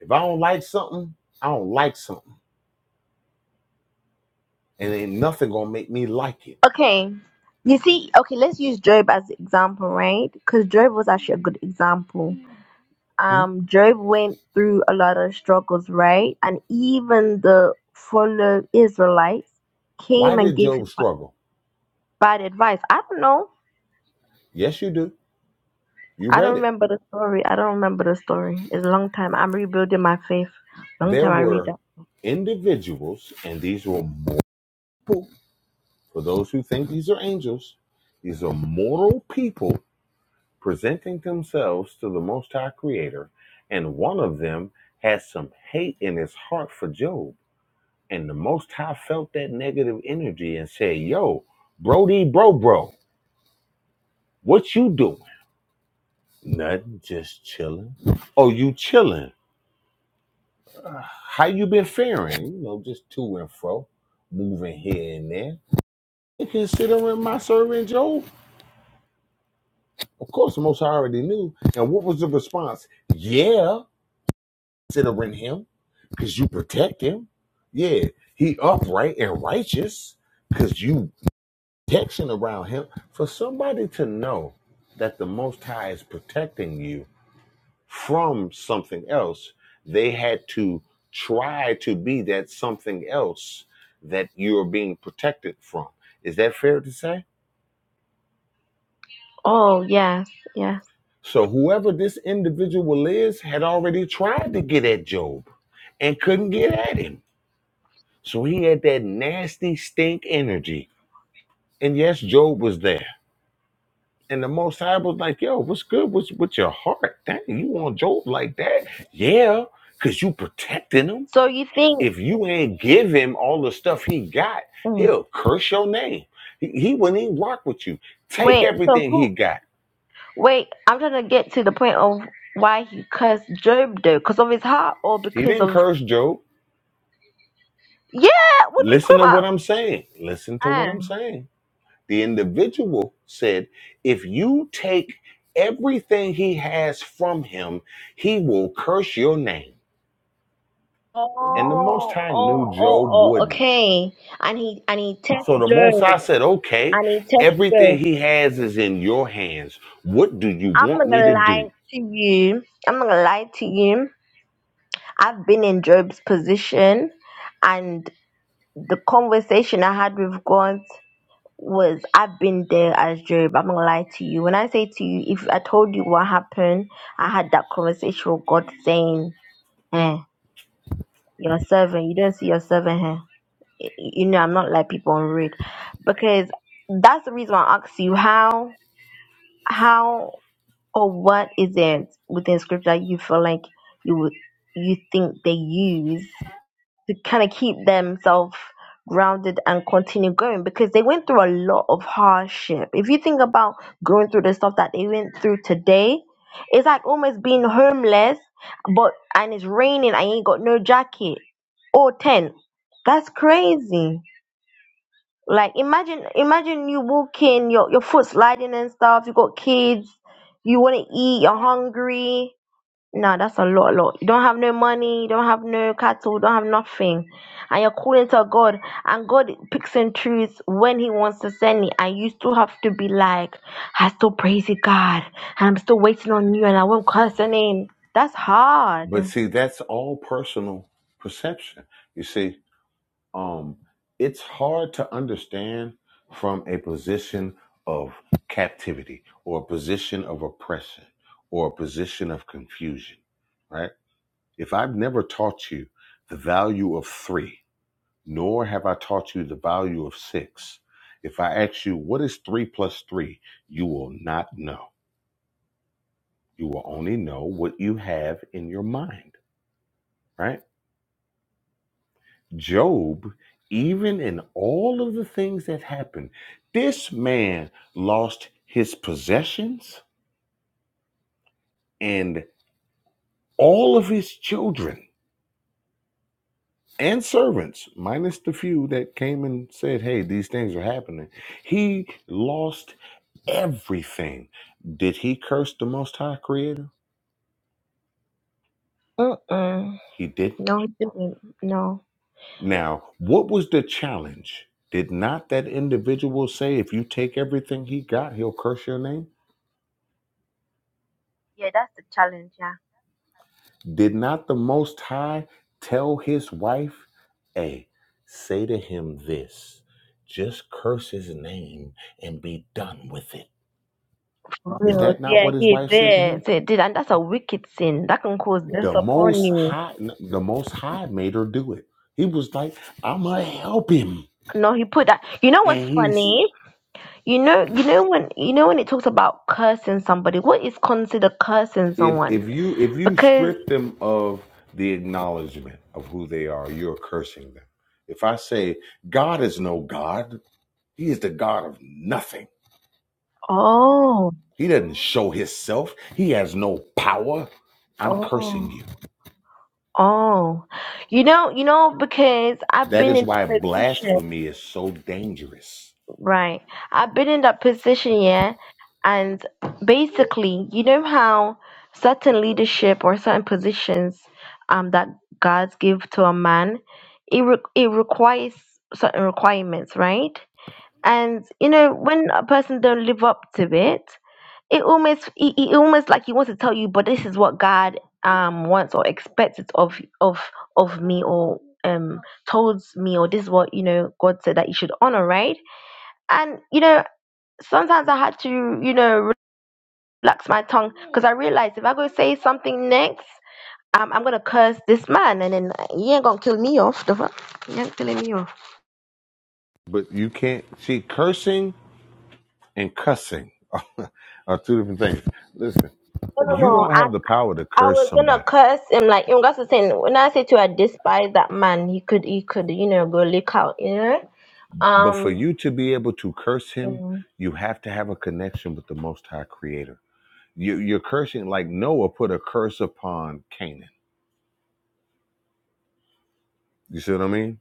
If I don't like something, I don't like something. And ain't nothing gonna make me like it. Okay. You see, okay, let's use Job as an example, right? Because Job was actually a good example. Hmm? Um, Job went through a lot of struggles, right? And even the fellow Israelites Why came and did gave him Job b- struggle? bad advice. I don't know. Yes, you do. You I don't read it. remember the story. I don't remember the story. It's a long time. I'm rebuilding my faith. Long There time I read that. were individuals, and these were mor- for those who think these are angels, these are mortal people presenting themselves to the Most High Creator, and one of them had some hate in his heart for Job. And the Most High felt that negative energy and said, Yo, Brody, bro, bro, what you doing? Nothing, just chilling. Oh, you chilling? Uh, How you been faring? You know, just to and fro, moving here and there. And considering my servant Job, of course, the most High already knew. And what was the response? Yeah, considering him, because you protect him. Yeah, he upright and righteous, because you protection around him. For somebody to know that the Most High is protecting you from something else. They had to try to be that something else that you're being protected from. Is that fair to say? Oh, yes, yes. So, whoever this individual is had already tried to get at Job and couldn't get at him. So, he had that nasty stink energy. And yes, Job was there. And the Most High was like, yo, what's good with, with your heart? Dang, you want Job like that? Yeah, because you protecting him So you think, if you ain't give him all the stuff he got, mm, he'll curse your name. He, he wouldn't even rock with you. Take wait, so everything he who, got. wait, I'm trying to get to the point of why he cursed Job though, because of his heart or He because didn't of, curse Job. yeah, what are you talking Listen to what about? I'm saying. Listen to what Ah. I'm saying. The individual said, if you take everything he has from him, he will curse your name. And the Most Oh, High knew oh, oh, Job oh, wouldn't. okay. And he, and he tests So the Most High Job, said, okay, and he tests everything Job. he has is in your hands. What do you I'm want not me gonna to lie do? to you. I'm not gonna lie to you. I've been in Job's position, and the conversation I had with God. was I've been there as Job. I'm not gonna lie to you. When I say to you, if I told you what happened, I had that conversation with God saying, "Eh, your servant, you don't see your servant here. Y- You know, I'm not like people on read, because that's the reason why I asked you how, how or what is it within scripture you feel like you would, you think they use to kind of keep themselves grounded and continue going because they went through a lot of hardship. If you think about going through the stuff that they went through today, it's like almost being homeless, but and it's raining. I ain't got no jacket or tent. That's crazy. Like imagine, imagine you walking, your your foot sliding and stuff. You got kids. You want to eat. You're hungry no, that's a lot, lot. You don't have no money, you don't have no cattle, you don't have nothing. And you're calling to God, and God picks and chooses when He wants to send it. And you still have to be like, I still praise you, God, and I'm still waiting on you, and I won't curse your name. That's hard. But see, that's all personal perception. You see, um, it's hard to understand from a position of captivity or a position of oppression or a position of confusion, right? If I've never taught you the value of three, nor have I taught you the value of six, if I ask you, what is three plus three, you will not know. You will only know what you have in your mind, right? Job, even in all of the things that happened, this man lost his possessions and all of his children and servants, minus the few that came and said, Hey, these things are happening. He lost everything. Did he curse the Most High Creator? Mm-mm. He didn't. No, He didn't. No. Now, what was the challenge? Did not that individual say, If you take everything he got, he'll curse your name? Yeah, that's the challenge, yeah. Did not the Most High tell his wife, Hey, say to him this, just curse his name and be done with it." Is Real. that not Yeah, what his He wife said to him? did. So He did. And that's a wicked sin. That can cause death The upon Most you. High, the Most High made her do it. He was like, I'm gonna help him, No, He put that. You know what's and he's funny? You know, you know when you know when it talks about cursing somebody, what is considered cursing if someone? if you if you Because strip them of the acknowledgement of who they are, you're cursing them. If I say God is no God, He is the God of nothing oh, He doesn't show himself. He has no power. I'm cursing oh, you. oh, you know, you know, because I've That been is in that why position, blasphemy is so dangerous. right? I've been in that position, yeah, and basically, you know how certain leadership or certain positions, um, that God give to a man, it re- it requires certain requirements, right? And you know, when a person don't live up to it, it almost it, it almost like he wants to tell you, but this is what God um wants or expects it of of of me or um told me or this is what you know God said that you should honor, right? And you know, sometimes I had to you know relax my tongue because I realized if I go say something next. Um, I'm gonna curse this man, and then he ain't gonna kill me off. The fuck, he ain't killing me off. But you can't see cursing and cussing *laughs* are two different things. Listen, No, you no, don't no. have the power to I curse was gonna somebody. curse him, like you know, that's the thing. When I say to I despise that man, he could he could, you know, go leak out, you know? But for Um you to be able to curse him, mm, you have to have a connection with the Most High Creator. You, you're cursing like Noah put a curse upon Canaan. You see what I mean?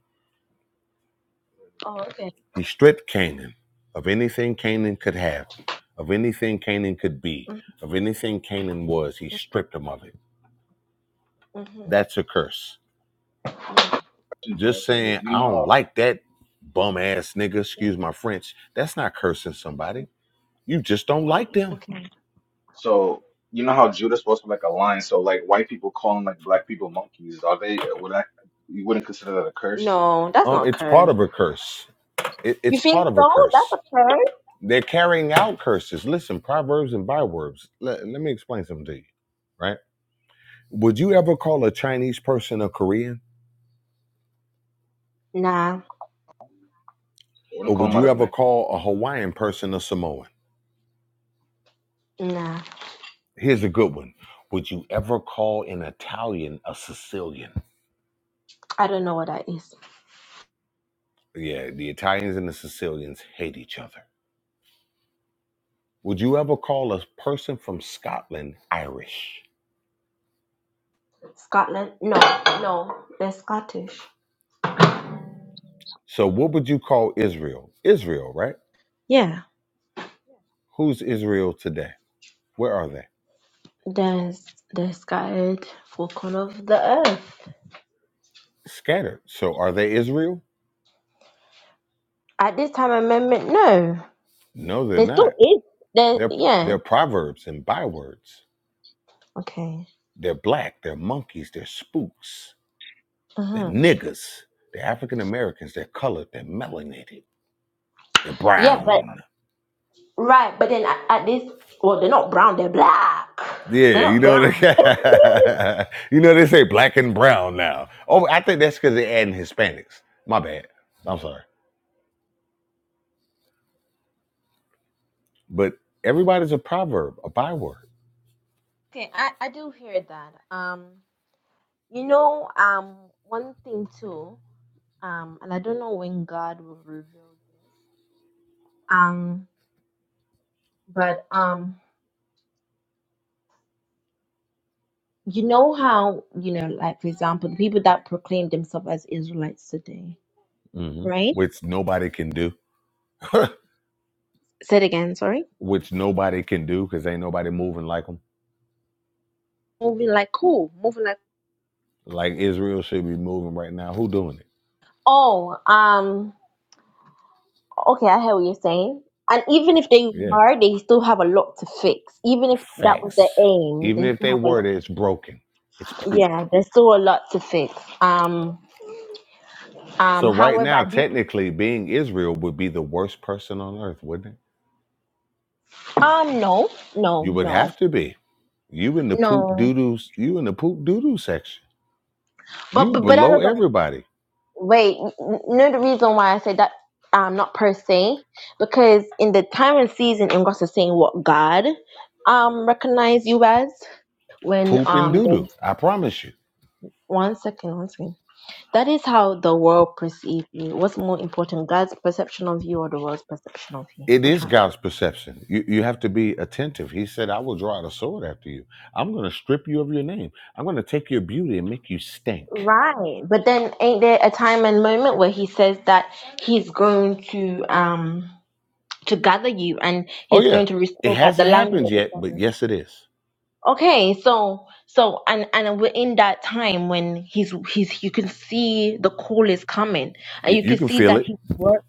oh okay. He stripped Canaan of anything Canaan could have, of anything Canaan could be, of anything Canaan was. He stripped him of it. Mm-hmm. That's a curse. Just saying, You I don't know like that bum ass nigga, excuse my French. That's not cursing somebody. You just don't how? like them. Okay. So you know how Judas was like a lion. So like white people calling like black people monkeys. Are they? Would I? You wouldn't consider that a curse? No, that's Um, not it's part curse. of a curse. It, You it's part think of a so? curse. That's a curse? They're carrying out curses. Listen, proverbs and bywords. Let, let me explain something to you, right? Would you ever call a Chinese person a Korean? Nah, I wouldn't Or call would him out you his ever name. call a Hawaiian person a Samoan? nah. Here's a good one. Would you ever call an Italian a Sicilian? I don't know what that is. Yeah, the Italians and the Sicilians hate each other. Would you ever call a person from Scotland Irish? Scotland? No, no. They're Scottish. So, what would you call Israel? Israel, right? Yeah. Who's Israel today? Where are they? There's they're scattered for corner of the earth. Scattered. So, are they Israel? At this time amendment, no. No, they're There still not. is there They're yeah. they're proverbs and bywords. Okay. They're black. They're monkeys. They're spooks. The niggas, the African Americans, they're colored, they're melanated, they're Yeah, but brown. right, but then at, at this, well, they're not brown, they're black. They're Yeah, you not know they, brown. *laughs* you know they say black and brown now. Oh, I think that's because they're adding Hispanics. My bad. I'm sorry, but everybody's a proverb, a byword, Okay, I I do hear that. Um, you know, um, one thing too, um, and I don't know when God will reveal this. Um, but um, you know how you know, like for example, the people that proclaim themselves as Israelites today, hmm right? which nobody can do, Say it again. Sorry. *laughs* which nobody can do because ain't nobody moving like them. Moving like cool, moving like Like Israel should be moving right now. Who doing it? oh, um. Okay, I hear what you're saying. And even if they Yeah, are, they still have a lot to fix. Even if that was their facts. aim, Even they if still they have a were, lot. it's broken. It's poop. Yeah, there's still a lot to fix. Um, um. So right However, now, I do. technically, being Israel would be the worst person on earth, wouldn't it? Um, no, no, You would no, have to be. You in the poop no. doo You in the poop doo doo section. But You but but that below doesn't. everybody. Wait, n- n- no. The reason why I say that, um, not per se, because in the time and season, in God is saying what God, um, recognize you as when Poop and um. doo doo. There's I promise you. one second, one second. That is how the world perceived you. What's more important, God's perception of you or the world's perception of you? It Which is one? God's perception. You you have to be attentive. He said, "I will draw out a sword after you. I'm going to strip you of your name. I'm going to take your beauty and make you stink." Right. But then ain't there a time and moment where he says that he's going to um to gather you and Oh he's yeah, going to it restore back the hasn't happened language. yet, but yes, it is. Okay, so so and and we're in that time when he's he's you can see the call is coming and Y- you You can can see feel that it. he's work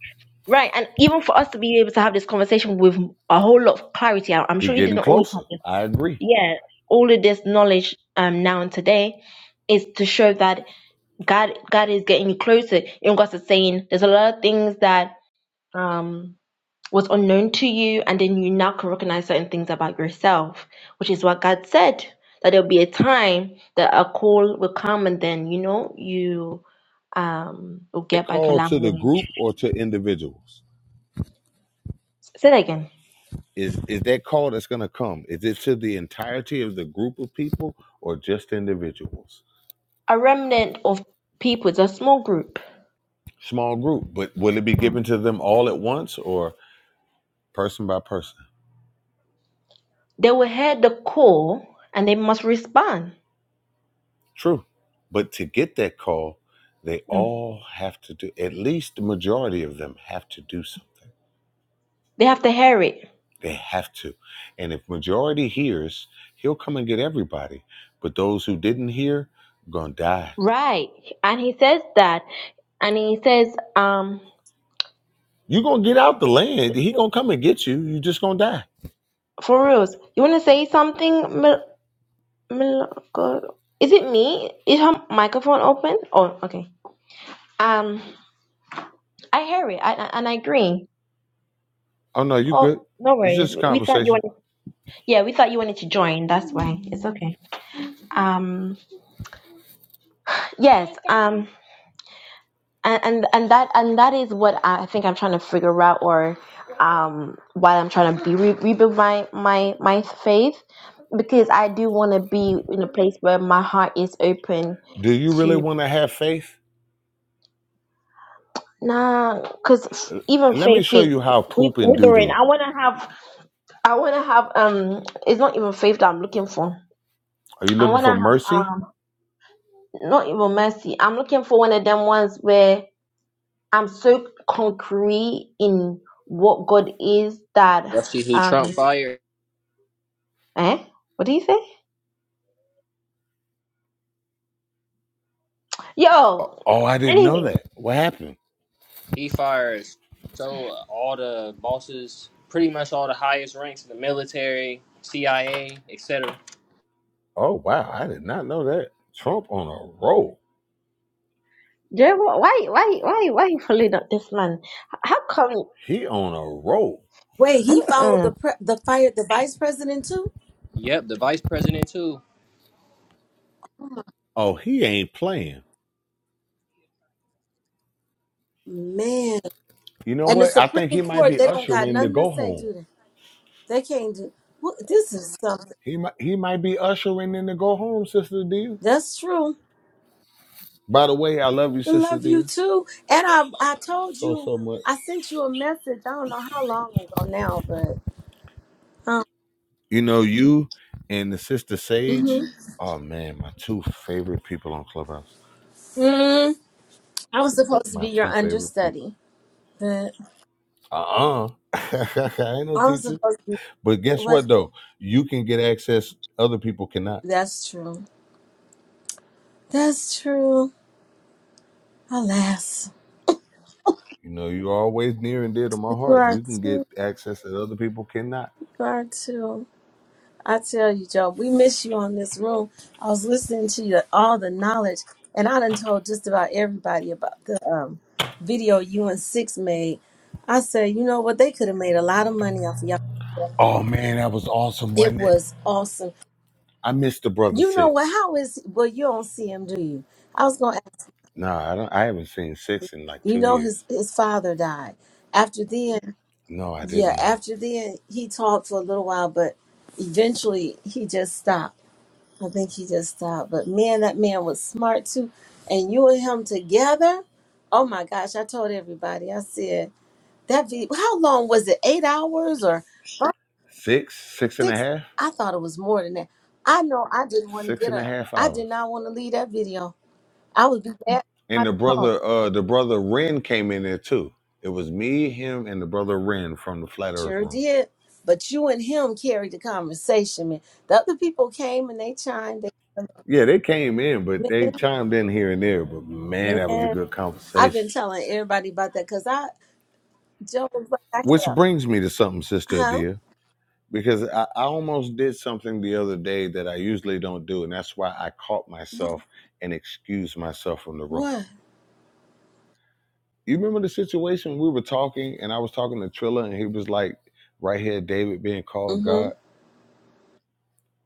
right and even for us to be able to have this conversation with a whole lot of clarity I- I'm He sure you getting didn't always closer. have I agree. yeah all of this knowledge um now and today is to show that god god is getting closer you know god is saying there's a lot of things that um was unknown to you and then you now can recognize certain things about yourself which is what god said that there'll be a time that a call will come and then you know you um will that get back your call to the language group or to individuals? say that again Is is that call that's going to come? Is it to the entirety of the group of people or just individuals? a remnant of people it's a small group Small group, but will it be Mm. given to them all at once or person by person? they will hear the call and they must respond True, but to get that call, they all have to do. At least the majority of them have to do something. They have to hear it. They have to, and if majority hears, he'll come and get everybody. But those who didn't hear, gonna die Right. And he says that. And he says, um, you gonna get out the land. He gonna come and get you. You just gonna die. for reals, you want to say something? Mil- Mil- God? Is it me? Is her microphone open? Oh, okay. Um, I hear it. I, I, and I agree. Oh no, you Oh, good. no It's worries. just a We we thought you conversation. wanted, yeah, we thought you wanted to join. That's why. It's okay. Um, yes. um, and and and that and that is what I think I'm trying to figure out, or um, why I'm trying to be re- rebuild my my my faith, because I do want to be in a place where my heart is open Do you really to want to have faith? nah, because L- even Let me faith show is you how poop wavering. and doo doo. I want to have I want to have um, it's not even faith that I'm looking for. Are you I looking want to for have mercy? um, not even mercy. I'm looking for one of them ones where I'm so concrete in what God is that. Y'all see who Um. Trump fired? Eh? What do you say? O- Yo, Oh, I didn't know anyway, that. What happened? He fires so uh, all the bosses, pretty much all the highest ranks in the military, CIA, etc. Oh wow, I did not know that. Trump on a roll. Jerry, why, why, why, why you following up this man? How come? He on a roll. Wait, he followed Uh-uh. the pre- the fired the vice president too? Yep, the vice president too. Oh, he ain't playing. Man. You know And the what? I think Supreme he might Court, be they don't got ushering the nothing to go say, home. do they? They can't do. Well, this is something. He might he might be ushering in the go home, sister dear. That's true. By the way, I love you, I sister love you dear, too. And I, I told so you, so much. I sent you a message. I don't know how long ago now, but um, You know, you and the sister Sage. mhm. Oh man, my two favorite people on Clubhouse. mm, I was supposed to My be two your favorite people. understudy, but Uh uh *laughs* I ain't no I was teacher. supposed to. Be, But guess what? what though? You can get access other people cannot. That's true. That's true. Alas, You know, you're always near and dear to my you heart. are You can get too. access that other people cannot. You are too. I tell you, Joe, we miss you on this room. I was listening to you, all the knowledge, and I done told just about everybody about the um, video you and Six made. I said, you know what? They could have made a lot of money off of y'all. It was awesome. I miss the brother You know what? six. How is well? You don't see him, do you? I was gonna ask. Nah, I don't I haven't seen six in like You two know years. his his father died. After then, No, I yeah. didn't know. After then, he talked for a little while, but eventually he just stopped. I think he just stopped. But man, that man was smart too. And you and him together. Oh my gosh, I told everybody. I said that video how long was it? Eight hours or Six, six and a six? half, I thought it was more than that. I know I didn't want to six get and a up. half I hours. did not want to leave that video. I would be bad by And the the problem. brother, uh, the brother Ren came in there too. It was me, him, and the brother Ren from the Flat Earth Sure Room. did. But you and him carried the conversation, man. The other people came and they chimed. Yeah, they came in, but They, they chimed in here and there. But man, that was a man, good I've been conversation. telling everybody about that because I, Joe was like, I Which had brings me to something, Sister a, Adia, because I, I almost did something the other day that I usually don't do, and that's why I caught huh? myself and excused myself from the room. What? You remember the situation we were talking, and I was talking to Trilla, and he was like, right here, David being called God. Mm-hmm.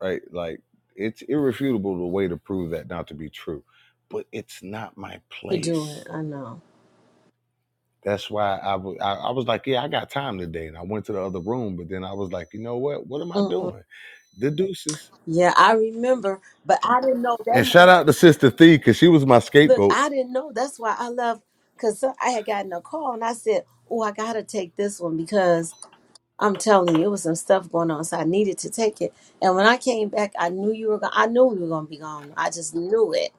right? Like it's irrefutable the way to prove that not to be true, but it's not my To do it, place. I know. That's why I wa- I I was like, yeah, I got time today, and I went to the other room. But then I was like, you know what? What am I Mm-mm. doing? The deuces. Yeah, I remember, but I didn't know And that. had- shout out to Sister Thee because she was my Look, scapegoat. I didn't know. That's why I love because I had gotten a call and I said, "Oh, I gotta take this one because I'm telling you, it was some stuff going on, so I needed to take it." And when I came back, I knew you were. Gonna, I knew we were gonna be gone. I just knew it.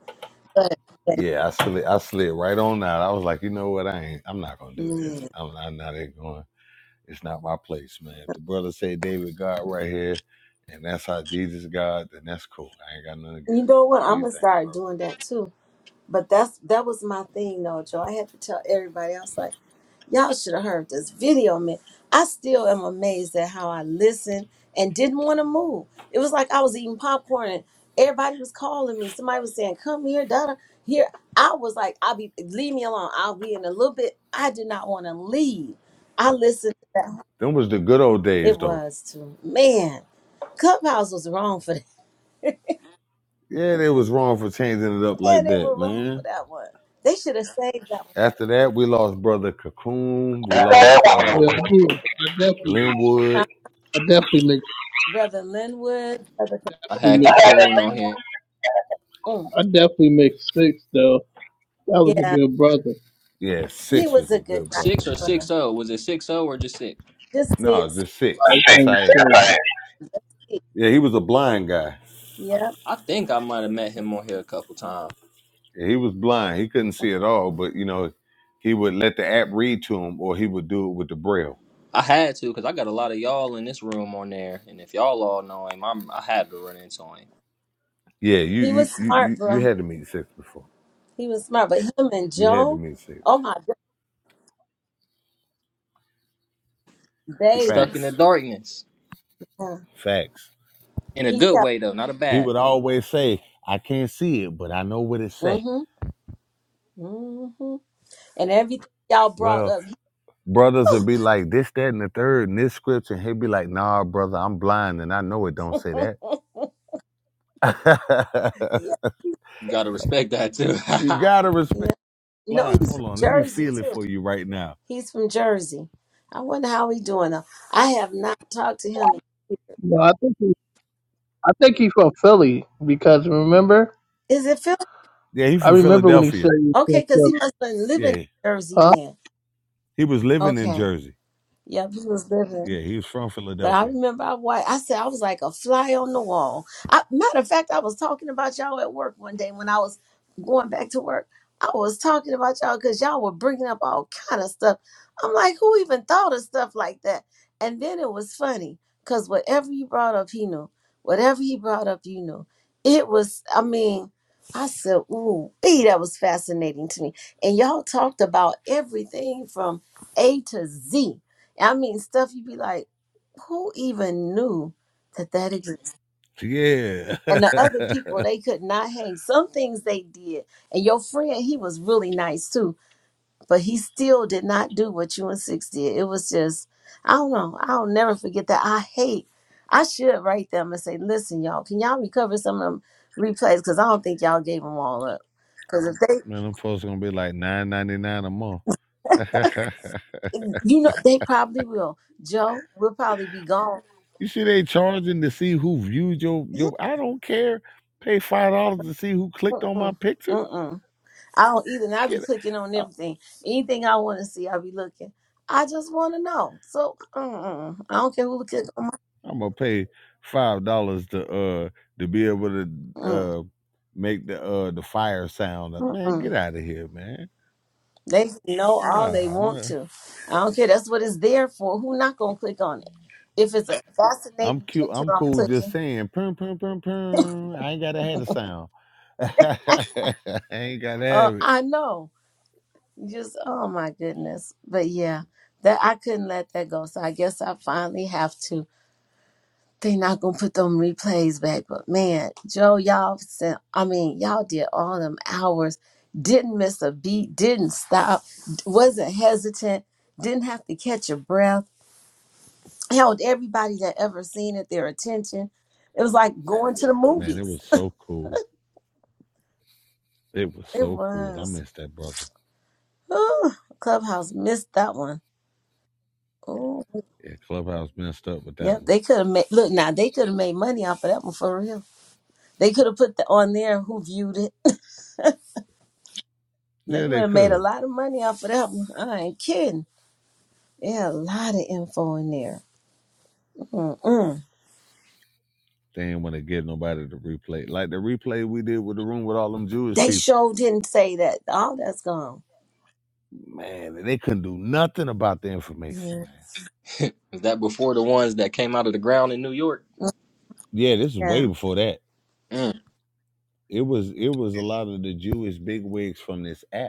But, but Yeah, I slid I slid right on out. I was like, you know what? I ain't. I'm not gonna do this. yeah. I'm, I'm not even going. It's not my place, man. If the brother said David God right here, and that's how Jesus God, then that's cool. I ain't got nothing you against know what? it. Do I'm you gonna think, bro? start doing that too. But that's that was my thing, though, Joe. I had to tell everybody else like. Y'all should have heard this video, man. I still am amazed at how I listened and didn't want to move. It was like I was eating popcorn and everybody was calling me. Somebody was saying, Come here, Donna. Here. I was like, I'll be, leave me alone. I'll be in a little bit. I did not want to leave. I listened to that. Them was the good old days, It though. was too. Man, Clubhouse was wrong for that. Yeah, they was wrong for changing it up *laughs* Man, like they that, were wrong for man. that one. They should have saved that After that, we lost brother Cocoon. We lost I uh do. I definitely, one. Uh, Linwood. I definitely mix, Brother Linwood. Brother, I we had mix. Cocoon on here. Mm, I definitely mixed six though. That was a yeah, good brother. Yeah, he six was was a a good good brother, Six or guy. man. six zero? Was it six zero or just six? Just No, six. just I six. think S was I X. cool. Yeah, he was a blind guy. Yeah. I think I might have met him on here a couple times. Yeah, he was blind. He couldn't see at all. But you know, he would let the app read to him, or he would do it with the braille. I had to because I got a lot of y'all in this room on there, and if y'all all know him, I'm, I had to run into him. Yeah, you He you was you smart, you you bro. had to meet six before. He was smart. But him and You had to Joe, meet six. oh my good He's baby. stuck in the Facts. darkness Yeah. Facts. in a He good kept way though, not a He bad. would always say, I can't see it, but I know what it say. mm-hmm. Mm-hmm. And everything y'all brought Well, up. brothers would be like this, that, and the third, and this scripture, and he'd be like, nah, brother, I'm blind and I know it don't say *laughs* that. *laughs* yeah. gotta respect that too. you *laughs* gotta respect Yeah. No, blind. he's from Hold on, let me Jersey feel it too. for you right now. He's from Jersey. I wonder how he doing though. I have not talked to him. No, I think he, I think he's from Philly because remember, Is it Phil? Yeah, he I from remember when he said Philadelphia. he was from Okay, because Philly, he must have been living in Yeah. Jersey huh? then. He was living in Okay. Jersey. Yep, he was living. Yeah, he was from But I Philadelphia. remember I wa I said I was like a fly on the wall. I, matter of fact, I was talking about y'all at work one day when I was going back to work. I was talking about y'all because y'all were bringing up all kind of stuff. I'm like, who even thought of stuff like that? And then it was funny because whatever you brought up, he knew. Whatever he brought up, you knew. It was, I mean, I said, ooh, ee, that was fascinating to me. And y'all talked about everything from A to Z. I mean, stuff you'd be like who even knew that that exists? And the other Yeah. *laughs* people, they could not hang. Some things they did. And your friend, he was really nice too, but he still did not do what you and Six did. It was just, I don't know. I'll never forget that. I hate, I should write them and say, listen, y'all, can y'all recover some of them replays? Because I don't think y'all gave them all up. Because if they, Man, them folks gonna be like nine ninety nine a month. *laughs* you know, they probably will. Joe, we'll probably be gone. you see, they charging to see who viewed your your. I don't care. Pay five dollars to see who clicked on my Mm-mm. picture. Mm-mm. I don't either. And I be Get it. clicking on I- everything. Anything I want to see, I be looking. I just want to know. So mm-mm. I don't care who click on my. I'm gonna pay five dollars to uh to be able to Mm, uh make the uh the fire sound. Uh, Man, get mm-mm. out of here, man. They can know all Nah, they I'm want gonna to. I don't care. That's what it's there for. Who not gonna click on it? If it's a I'm fascinating cute. picture, I'm I'm cool. Just clicking. saying, pum pum pum pum. I ain't gotta have the sound. *laughs* I ain't gotta Uh, have it. I know. Just oh my goodness. But yeah, that I couldn't let that go. So I guess I finally have to. They not gonna put them replays back, but man, Joe, y'all sent. I mean, y'all did all them hours, didn't miss a beat, didn't stop, wasn't hesitant, didn't have to catch a breath, held everybody that ever seen it their attention. It was like going to the Man, it movies. was so cool. It was It so cool. I was. miss that brother. Whew, Clubhouse missed that one. Oh, Yeah, Clubhouse messed up with that yep. one. They could have made look now. They could have made money off of that one for real. They could have put the, on there who viewed it They Yeah, would they have made could a have. lot of money off of that one. I ain't kidding. They had a lot of info in there. Mm-mm. They didn't want to give nobody the replay. Like the replay we did with the room with all them Jewish They people. sure didn't say that. All that's gone. Man, they couldn't do nothing about the information, Yeah. man. Is that before the ones that came out of the ground in New York? Yeah, this is Yeah. way before that. Mm. It was it was a lot of the Jewish bigwigs from this app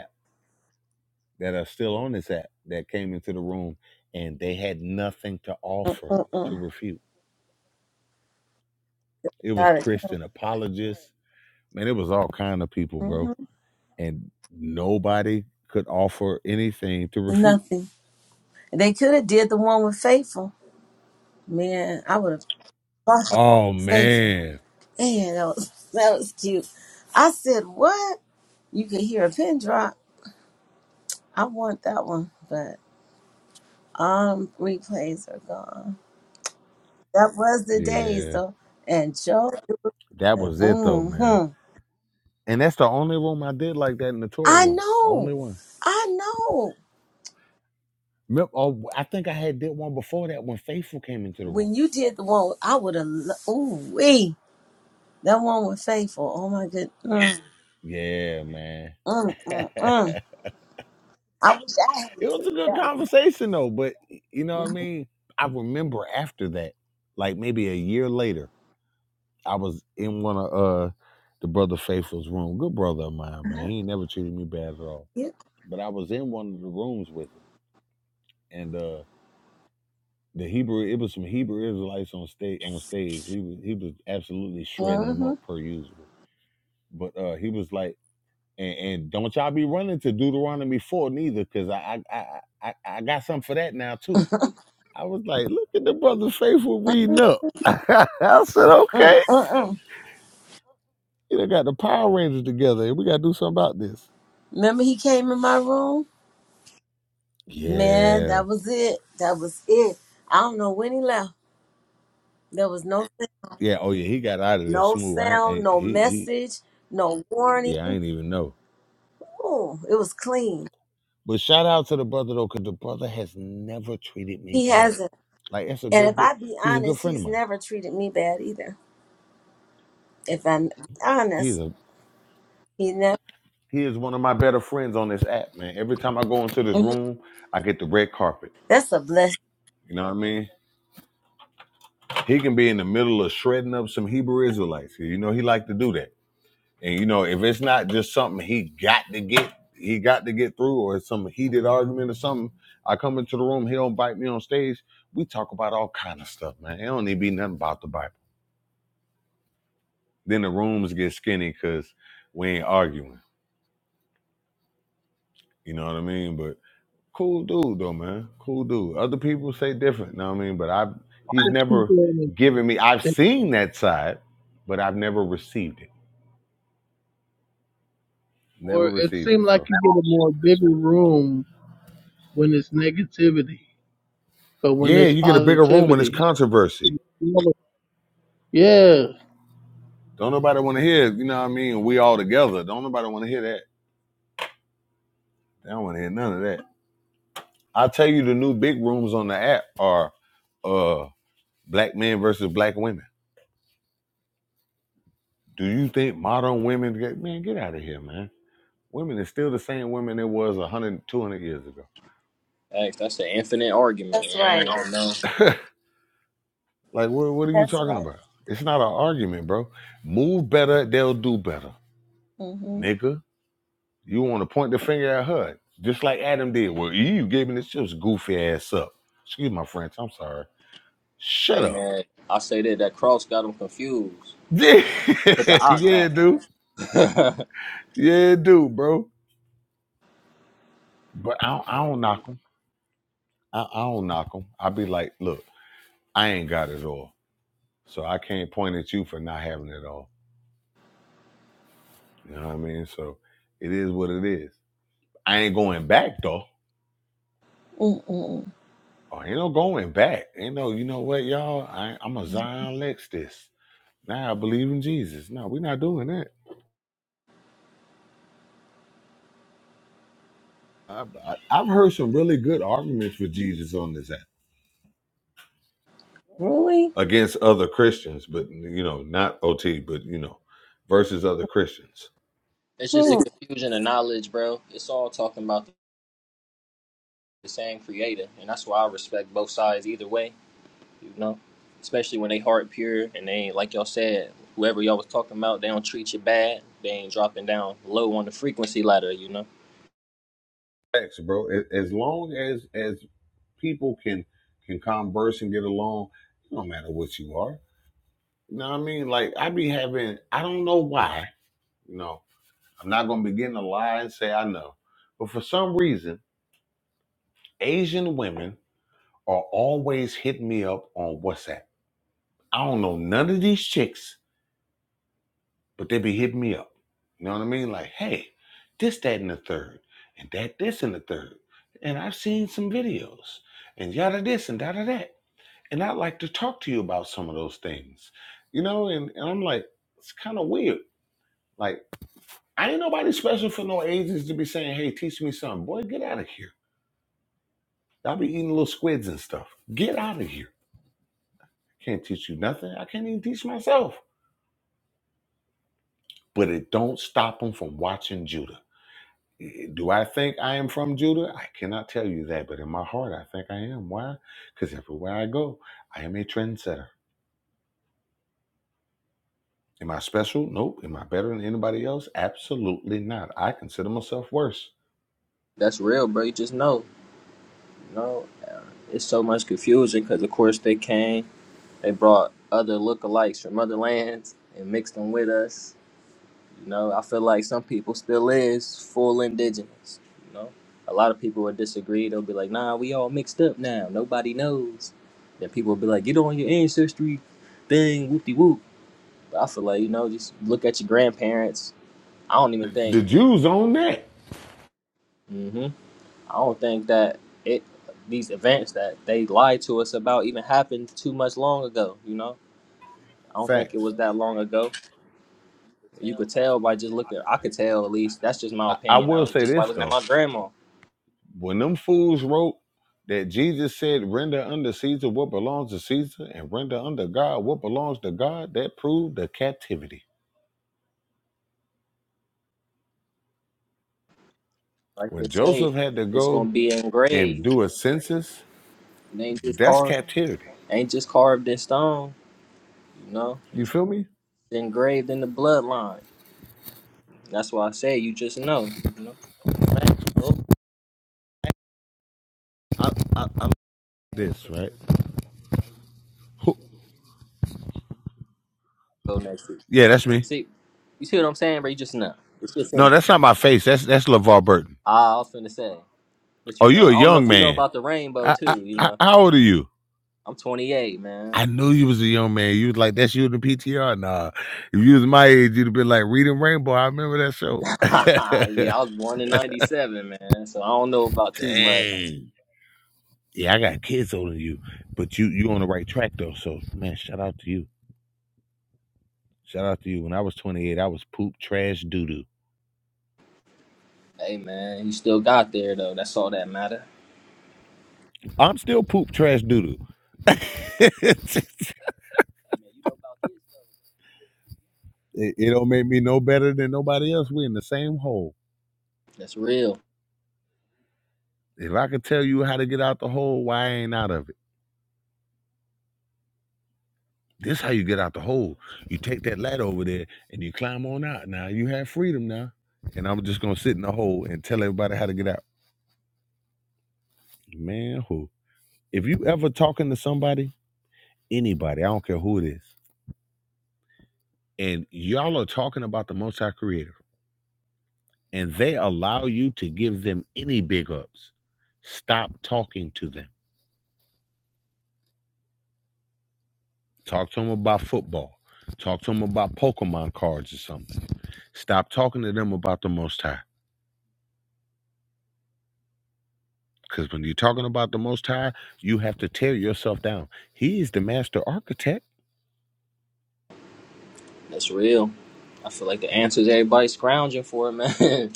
that are still on this app that came into the room and they had nothing to offer to Mm-mm. refute. It was Got it. Christian apologists. Man, it was all kind of people, hmm bro. And nobody could offer anything to refute. Nothing. They could have did the one with Faithful. Man, I would have bought the one Oh with Faithful. man. Man, that was, *laughs* that was cute. I said, what? You could hear a pin drop. I want that one, but um, replays are gone. That was the days, Yeah. though. And Joe That was it though, Mm man. hmm And that's the only room I did like that in the Torah I room. The know. only one. I know. Remember, oh, I think I had did one before that when Faithful came into the room. When you did the one, I would have. Ooh, wee. That one was faithful. Oh my goodness. Mm, Yeah, man. mm, mm, *laughs* mm. I wish I It had was a taken good that one. conversation though, but you know what I hmm mean? I remember after that, like maybe a year later, I was in one of uh the brother Faithful's room. Good brother of mine, man. He ain't never treated me bad at all. Yeah. But I was in one of the rooms with him and uh the Hebrew it was some Hebrew Israelites on stage on stage. He was he was absolutely shredding them Mm-hmm. up per usual. But uh he was like and, and don't y'all be running to Deuteronomy four neither, because I I, I I I got something for that now too I was like, look at the brother Faithful reading up. *laughs* I said, Mm, okay. mm, mm. You know, got the Power Rangers together and we got to do something about this. Remember he came in my room? Man, Yeah. that was it. That was it. I don't know when he left. There was no Yeah. Oh, yeah. He got out of there no smooth. I ain't, sound, ain't- no he, he, message, no warning. yeah, I ain't even know. Ooh, it was clean. But shout out to the brother, though, because the brother has never treated me He bad. hasn't. Like, that's a And good if dude. I be He's a good honest, friend of he's mine. never treated me bad either. If I'm He's honest, a, he never. he is one of my better friends on this app, man. Every time I go into this Mhm. room, I get the red carpet. That's a blessing. You know what I mean? He can be in the middle of shredding up some Hebrew Israelites. You know, he like to do that. And you know, if it's not just something he got to get, he got to get through, or it's some heated argument or something. I come into the room, he don't bite me on stage. We talk about all kind of stuff, man. It don't need to be nothing about the Bible. Then the rooms get skinny because we ain't arguing. You know what I mean? But cool dude though, man. Cool dude. Other people say different, you know what I mean? But I he's never given me I've seen that side, but I've never received it. Never Or it received it. seemed like So you get a more bigger room when it's negativity, but when yeah, it's you get a bigger room when it's positivity, controversy. yeah. Don't nobody want to hear, you know what I mean? We all together. Don't nobody want to hear that. They don't want to hear none of that. I tell you, the new big rooms on the app are uh black men versus black women. Do you think modern women get man, get out of here, man. Women is still the same women it was 100, 200 years ago. Hey, that's an infinite argument, That's man. I right. don't even know. *laughs* like, what, what are you That's talking right. about? It's not an argument, bro. Move better, they'll do better, Mm-hmm. nigga. You want to point the finger at her, just like Adam did. Well, you gave me this just goofy ass up. Excuse my French. I'm sorry. Hey, Shut up. *laughs* man, I say that that cross got them confused. Yeah, Put the ox yeah, back. dude. *laughs* Yeah, dude, bro. But I don't, I don't knock them. I, I don't knock them. I be like, look, I ain't got it all, so I can't point at you for not having it all. You know what I mean? So it is what it is. I ain't going back though. Mm-mm. Oh, ain't no going back. Ain't no, you know what, y'all? I, I'm a Zion Lex this. Now I believe in Jesus. No, we're not doing that. I've, I- have i have heard some really good arguments for Jesus on this app Really? against other Christians, but you know, not OT, but you know, versus other Christians. it's just a confusion of knowledge, bro. It's all talking about the same creator, and that's why I respect both sides either way. You know, especially when they heart pure and they ain't like y'all said. Whoever y'all was talking about, they don't treat you bad. They ain't dropping down low on the frequency ladder. You know, Thanks, bro. A- As long as as people can can converse and get along, no matter what you are. You know what I mean? Like I be having, I don't know why. You know, I'm not gonna begin to lie and say I know, but for some reason, Asian women are always hitting me up on WhatsApp. I don't know none of these chicks but they be hitting me up. You know what I mean? Like, hey, this, that, and the third, and that, this, and the third. And I've seen some videos, and yada this and yada that. And I'd like to talk to you about some of those things. You know, and, and I'm like, it's kind of weird. Like, I ain't nobody special for no agents to be saying, hey, teach me something. Boy, get out of here. I'll be eating little squids and stuff. Get out of here. Can't teach you nothing. I can't even teach myself. But it don't stop them from watching Judah. Do I think I am from Judah? I cannot tell you that, but in my heart, I think I am. Why? Because everywhere I go, I am a trendsetter. Am I special? Nope. Am I better than anybody else? Absolutely not. I consider myself worse. that's real, bro. You just know. you know. it's so much confusion because of course they came they brought other lookalikes from other lands and mixed them with us you know i feel like some people still is full indigenous you know a lot of people would disagree they'll be like nah we all mixed up now nobody knows then people will be like get on your ancestry thing whoop de whoop but i feel like you know just look at your grandparents i don't even think The Jews own that. hmm i don't think that it these events that they lied to us about even happened too much long ago you know I don't think it Facts. was that long ago. You could tell by just looking. I could tell at least. That's just my I, I opinion, will though. say Just by this, looking at though. my grandma. When them fools wrote that Jesus said, render unto Caesar what belongs to Caesar and render unto God what belongs to God, that proved the captivity. Like they When say, Joseph had to it's gonna go be and engraved. do a census, It ain't just That's carved. captivity. Ain't just carved in stone. You know, You it's feel me? engraved in the bloodline. That's why I say you just know. You know. I, I, this right? Who, Go next week. yeah, that's me. See, you see what I'm saying, bro? You just know. It's just No, in. that's not my face. That's that's LeVar Burton. Ah, I was finna say, but you Oh, know, I you a don't know young if you know man. about the rainbow I, I, too. You I, know, how old are you? I'm 28, man. I knew you was a young man. You was like, that's you in the PTR. Nah, if you was my age, you'd have been like reading Rainbow. I remember that show. *laughs* *laughs* yeah, I was born in '97, man. So I don't know about too much. Dang. Yeah, I got kids older than you, but you you on the right track though. So man, shout out to you. Shout out to you. When I was 28, I was poop, trash, doo doo. Hey, man, you still got there though. That's all that matter. I'm still poop trash doodoo. *laughs* it, it don't make me no better than nobody else. We in the same hole. That's real. If I could tell you how to get out the hole, why I ain't out of it? This how you get out the hole. You take that ladder over there and you climb on out. Now you have freedom now. And I'm just gonna sit in the hole and tell everybody how to get out. Man, who? If you ever talking to somebody, anybody, I don't care who it is, and y'all are talking about the multi Creator and they allow you to give them any big ups, stop talking to them. Talk to them about football. Talk to them about Pokemon cards or something. Stop talking to them about the Most High. Because when you're talking about the Most High, you have to tear yourself down. He is the master architect. That's real. I feel like the answers everybody's scrounging for, man. *laughs*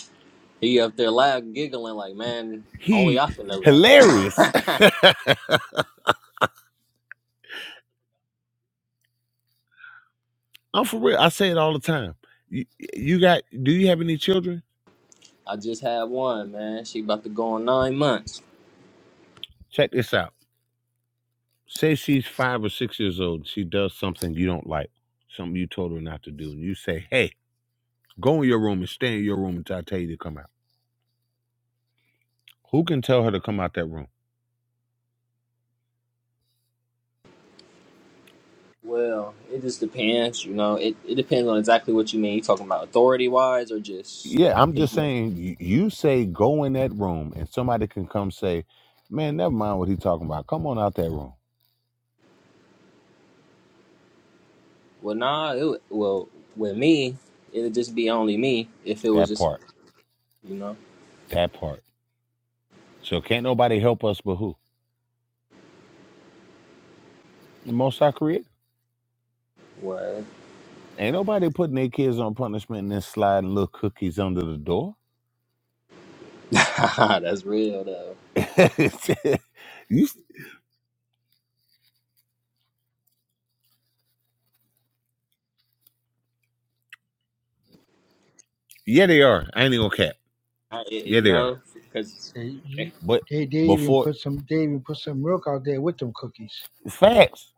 he up there laughing, giggling like, man, only He I can know that. hilarious. *laughs* I'm for real. I say it all the time. You, you got? Do you have any children? I just had one, man. She about to go on nine months. Check this out. say she's five or six years old, she does something you don't like, something you told her not to do, and you say, Hey, go in your room and stay in your room until I tell you to come out. Who can tell her to come out that room? Well, it just depends, you know. It it depends on exactly what you mean. You talking about authority wise or just Yeah, I'm 'cause, just you know. saying, y- you say go in that room, and somebody can come say, Man, never mind what he's talking about. Come on out that room. Well, nah, it wa- well with me, it'd just be only me if it was That just part, you know that part. So can't nobody help us but who? The most High creator. what. Ain't nobody putting their kids on punishment and then sliding little cookies under the door. *laughs* That's real though. *laughs* You- yeah, they are. I ain't even gonna cap. I, it- Yeah, you they are. know, because They, you, But they, they even before put some, they even put some milk out there with them cookies. facts,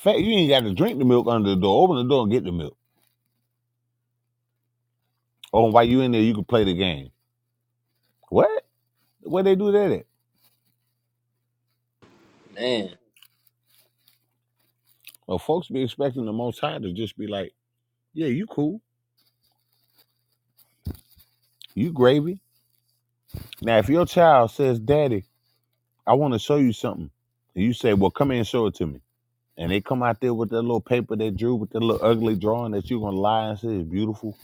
fact, you ain't got to drink the milk under the door. Open the door and get the milk. Oh, while you in there, you can play the game. What? Where they do that at? man, Well, folks be expecting the Most High to just be like, "Yeah, you cool, you gravy." Now, if your child says, "Daddy, I want to show you something," and you say, "Well, come here and show it to me," and they come out there with that little paper they drew with that little ugly drawing that you are gonna lie and say is beautiful.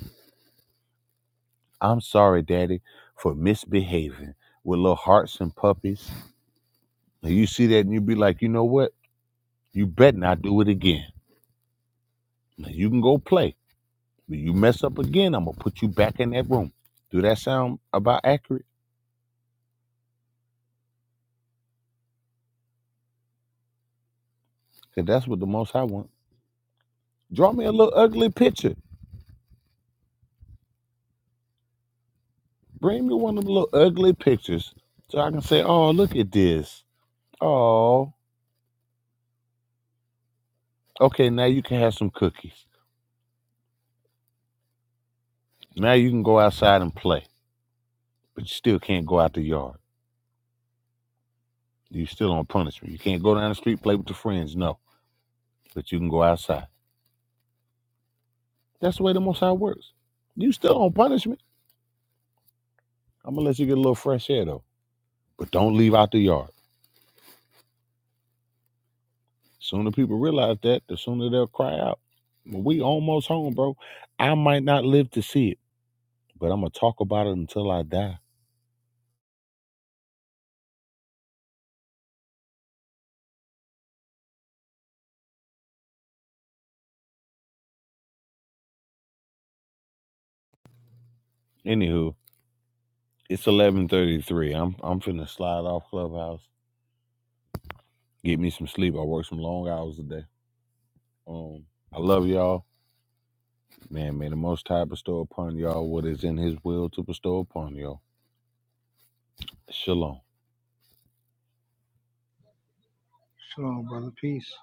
I'm sorry, Daddy, for misbehaving with little hearts and puppies And you see that and you be like, you know what? You bet not do it again. Now you can go play. But you mess up again, I'm gonna put you back in that room. Do that sound about accurate? Cause that's what the most High want. Draw me a little ugly picture. Bring me one of the little ugly pictures so I can say, oh, look at this. Oh, okay, now you can have some cookies. Now you can go outside and play, but you still can't go out the yard. You still on punishment. You can't go down the street, play with your friends, no. But you can go outside. That's the way the Most High works. You still on punishment. I'm gonna let you get a little fresh air though, but don't leave out the yard. Sooner people realize that, the sooner they'll cry out. Well, We almost home, bro. I might not live to see it, but I'm gonna talk about it until I die. Anywho, it's 11:33. I'm I'm finna slide off clubhouse, get me some sleep. I work some long hours today. Um, I love y'all, man. May the Most High bestow upon y'all what is in His will to bestow upon y'all. Shalom. Shalom, brother. Peace.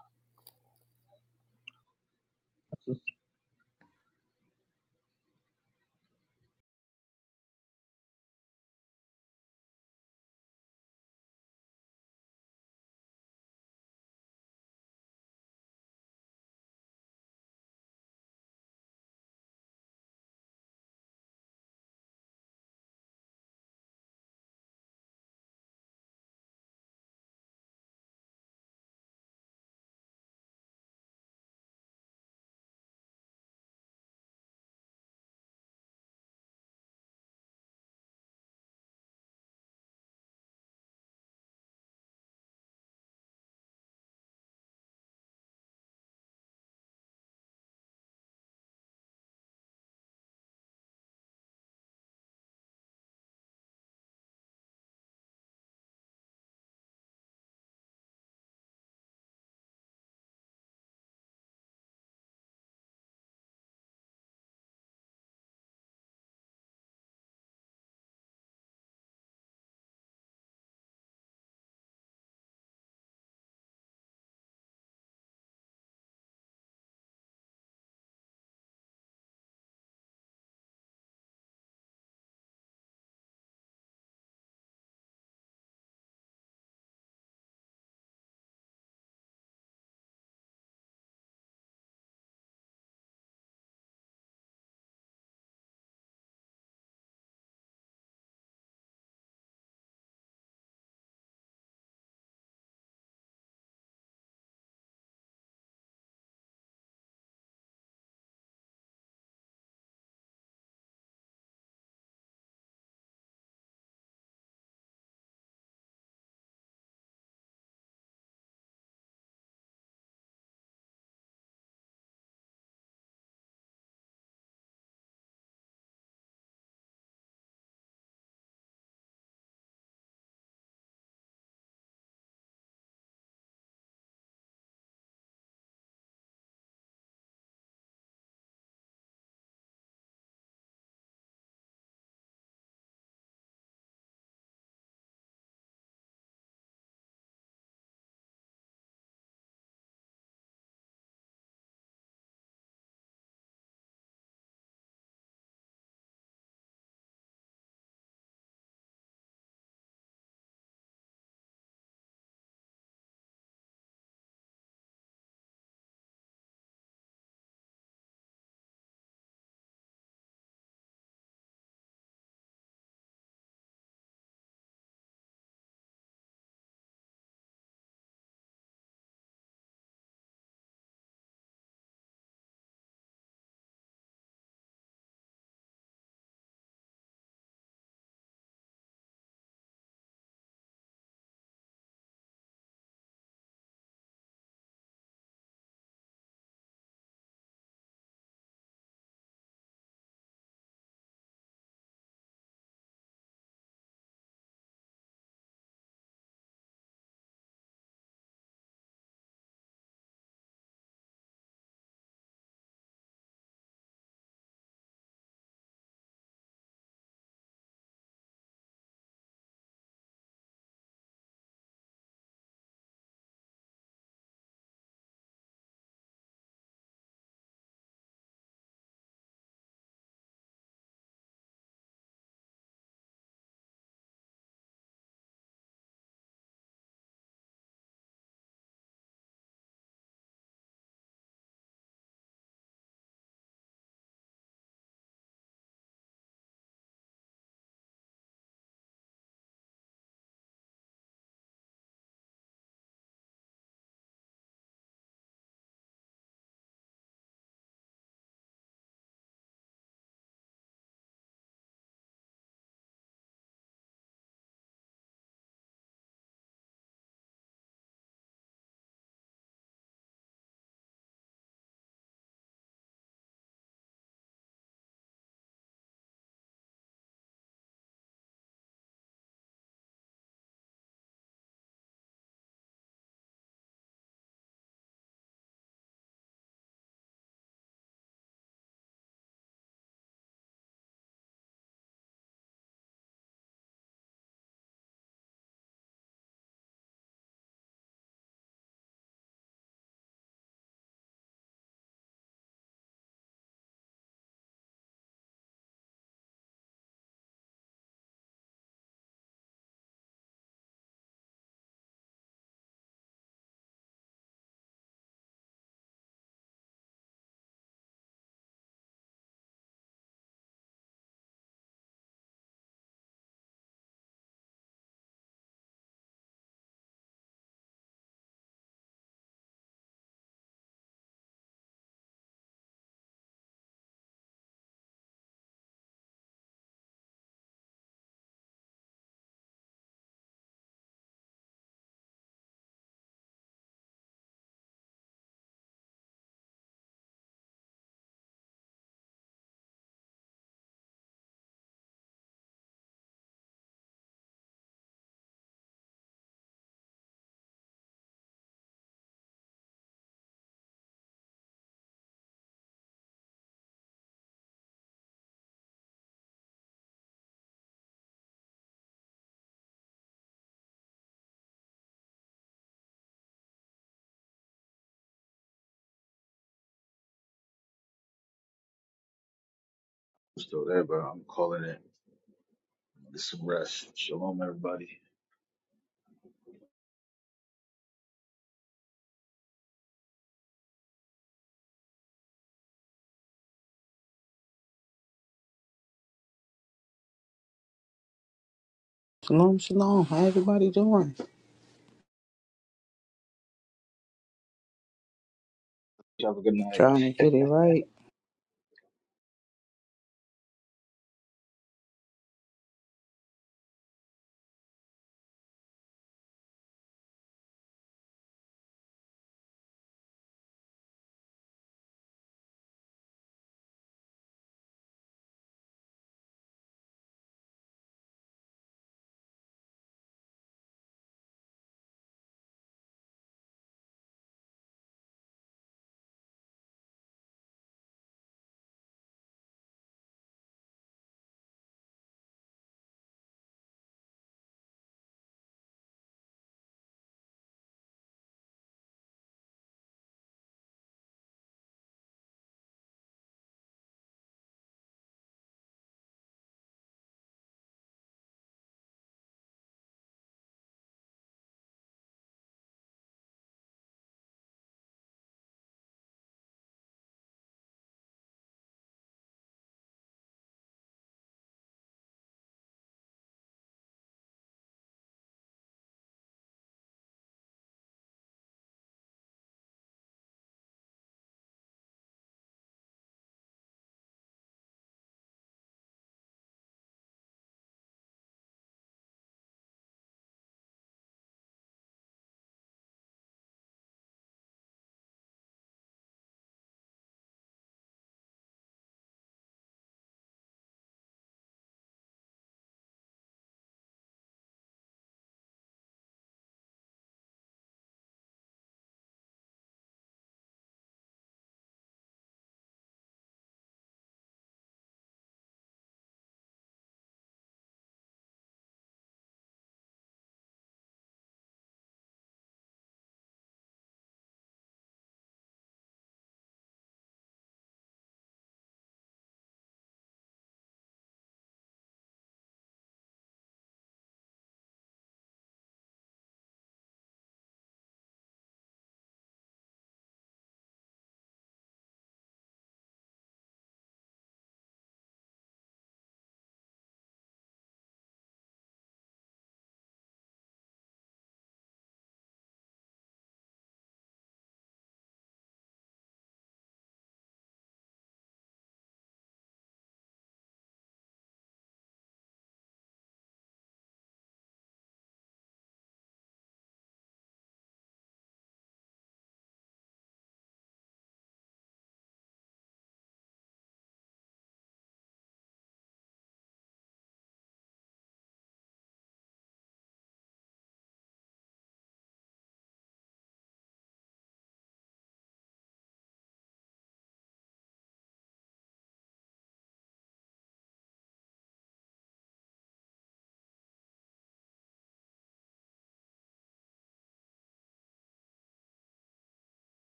I'm still there, bro. I'm calling it. Get some rest. Shalom, everybody. Shalom, shalom. How everybody doing? Have a good night. Trying to get it right.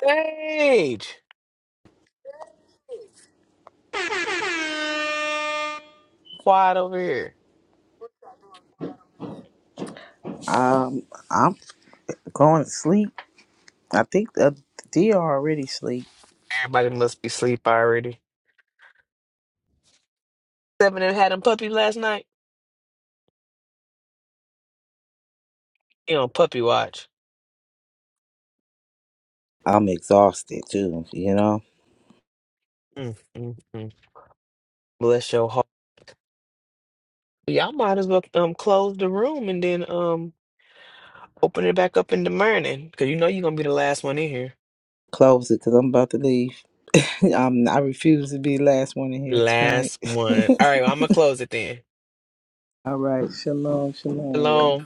Sage, quiet over here. Um, I'm going to sleep. I think the DR already sleep. Everybody must be asleep already. Seven and had them puppy last night. You know, puppy watch. I'm exhausted too, you know. Mm, mm, mm. Bless your heart. Y'all might as well um close the room and then um Open it back up in the morning, because you know you're gonna be the last one in here. Close it because I'm about to leave. *laughs* I'm, I refuse to be the last one in here tonight. Last *laughs* one. All right, well, I'm gonna close it then. All right. Shalom, shalom, y'all. Shalom.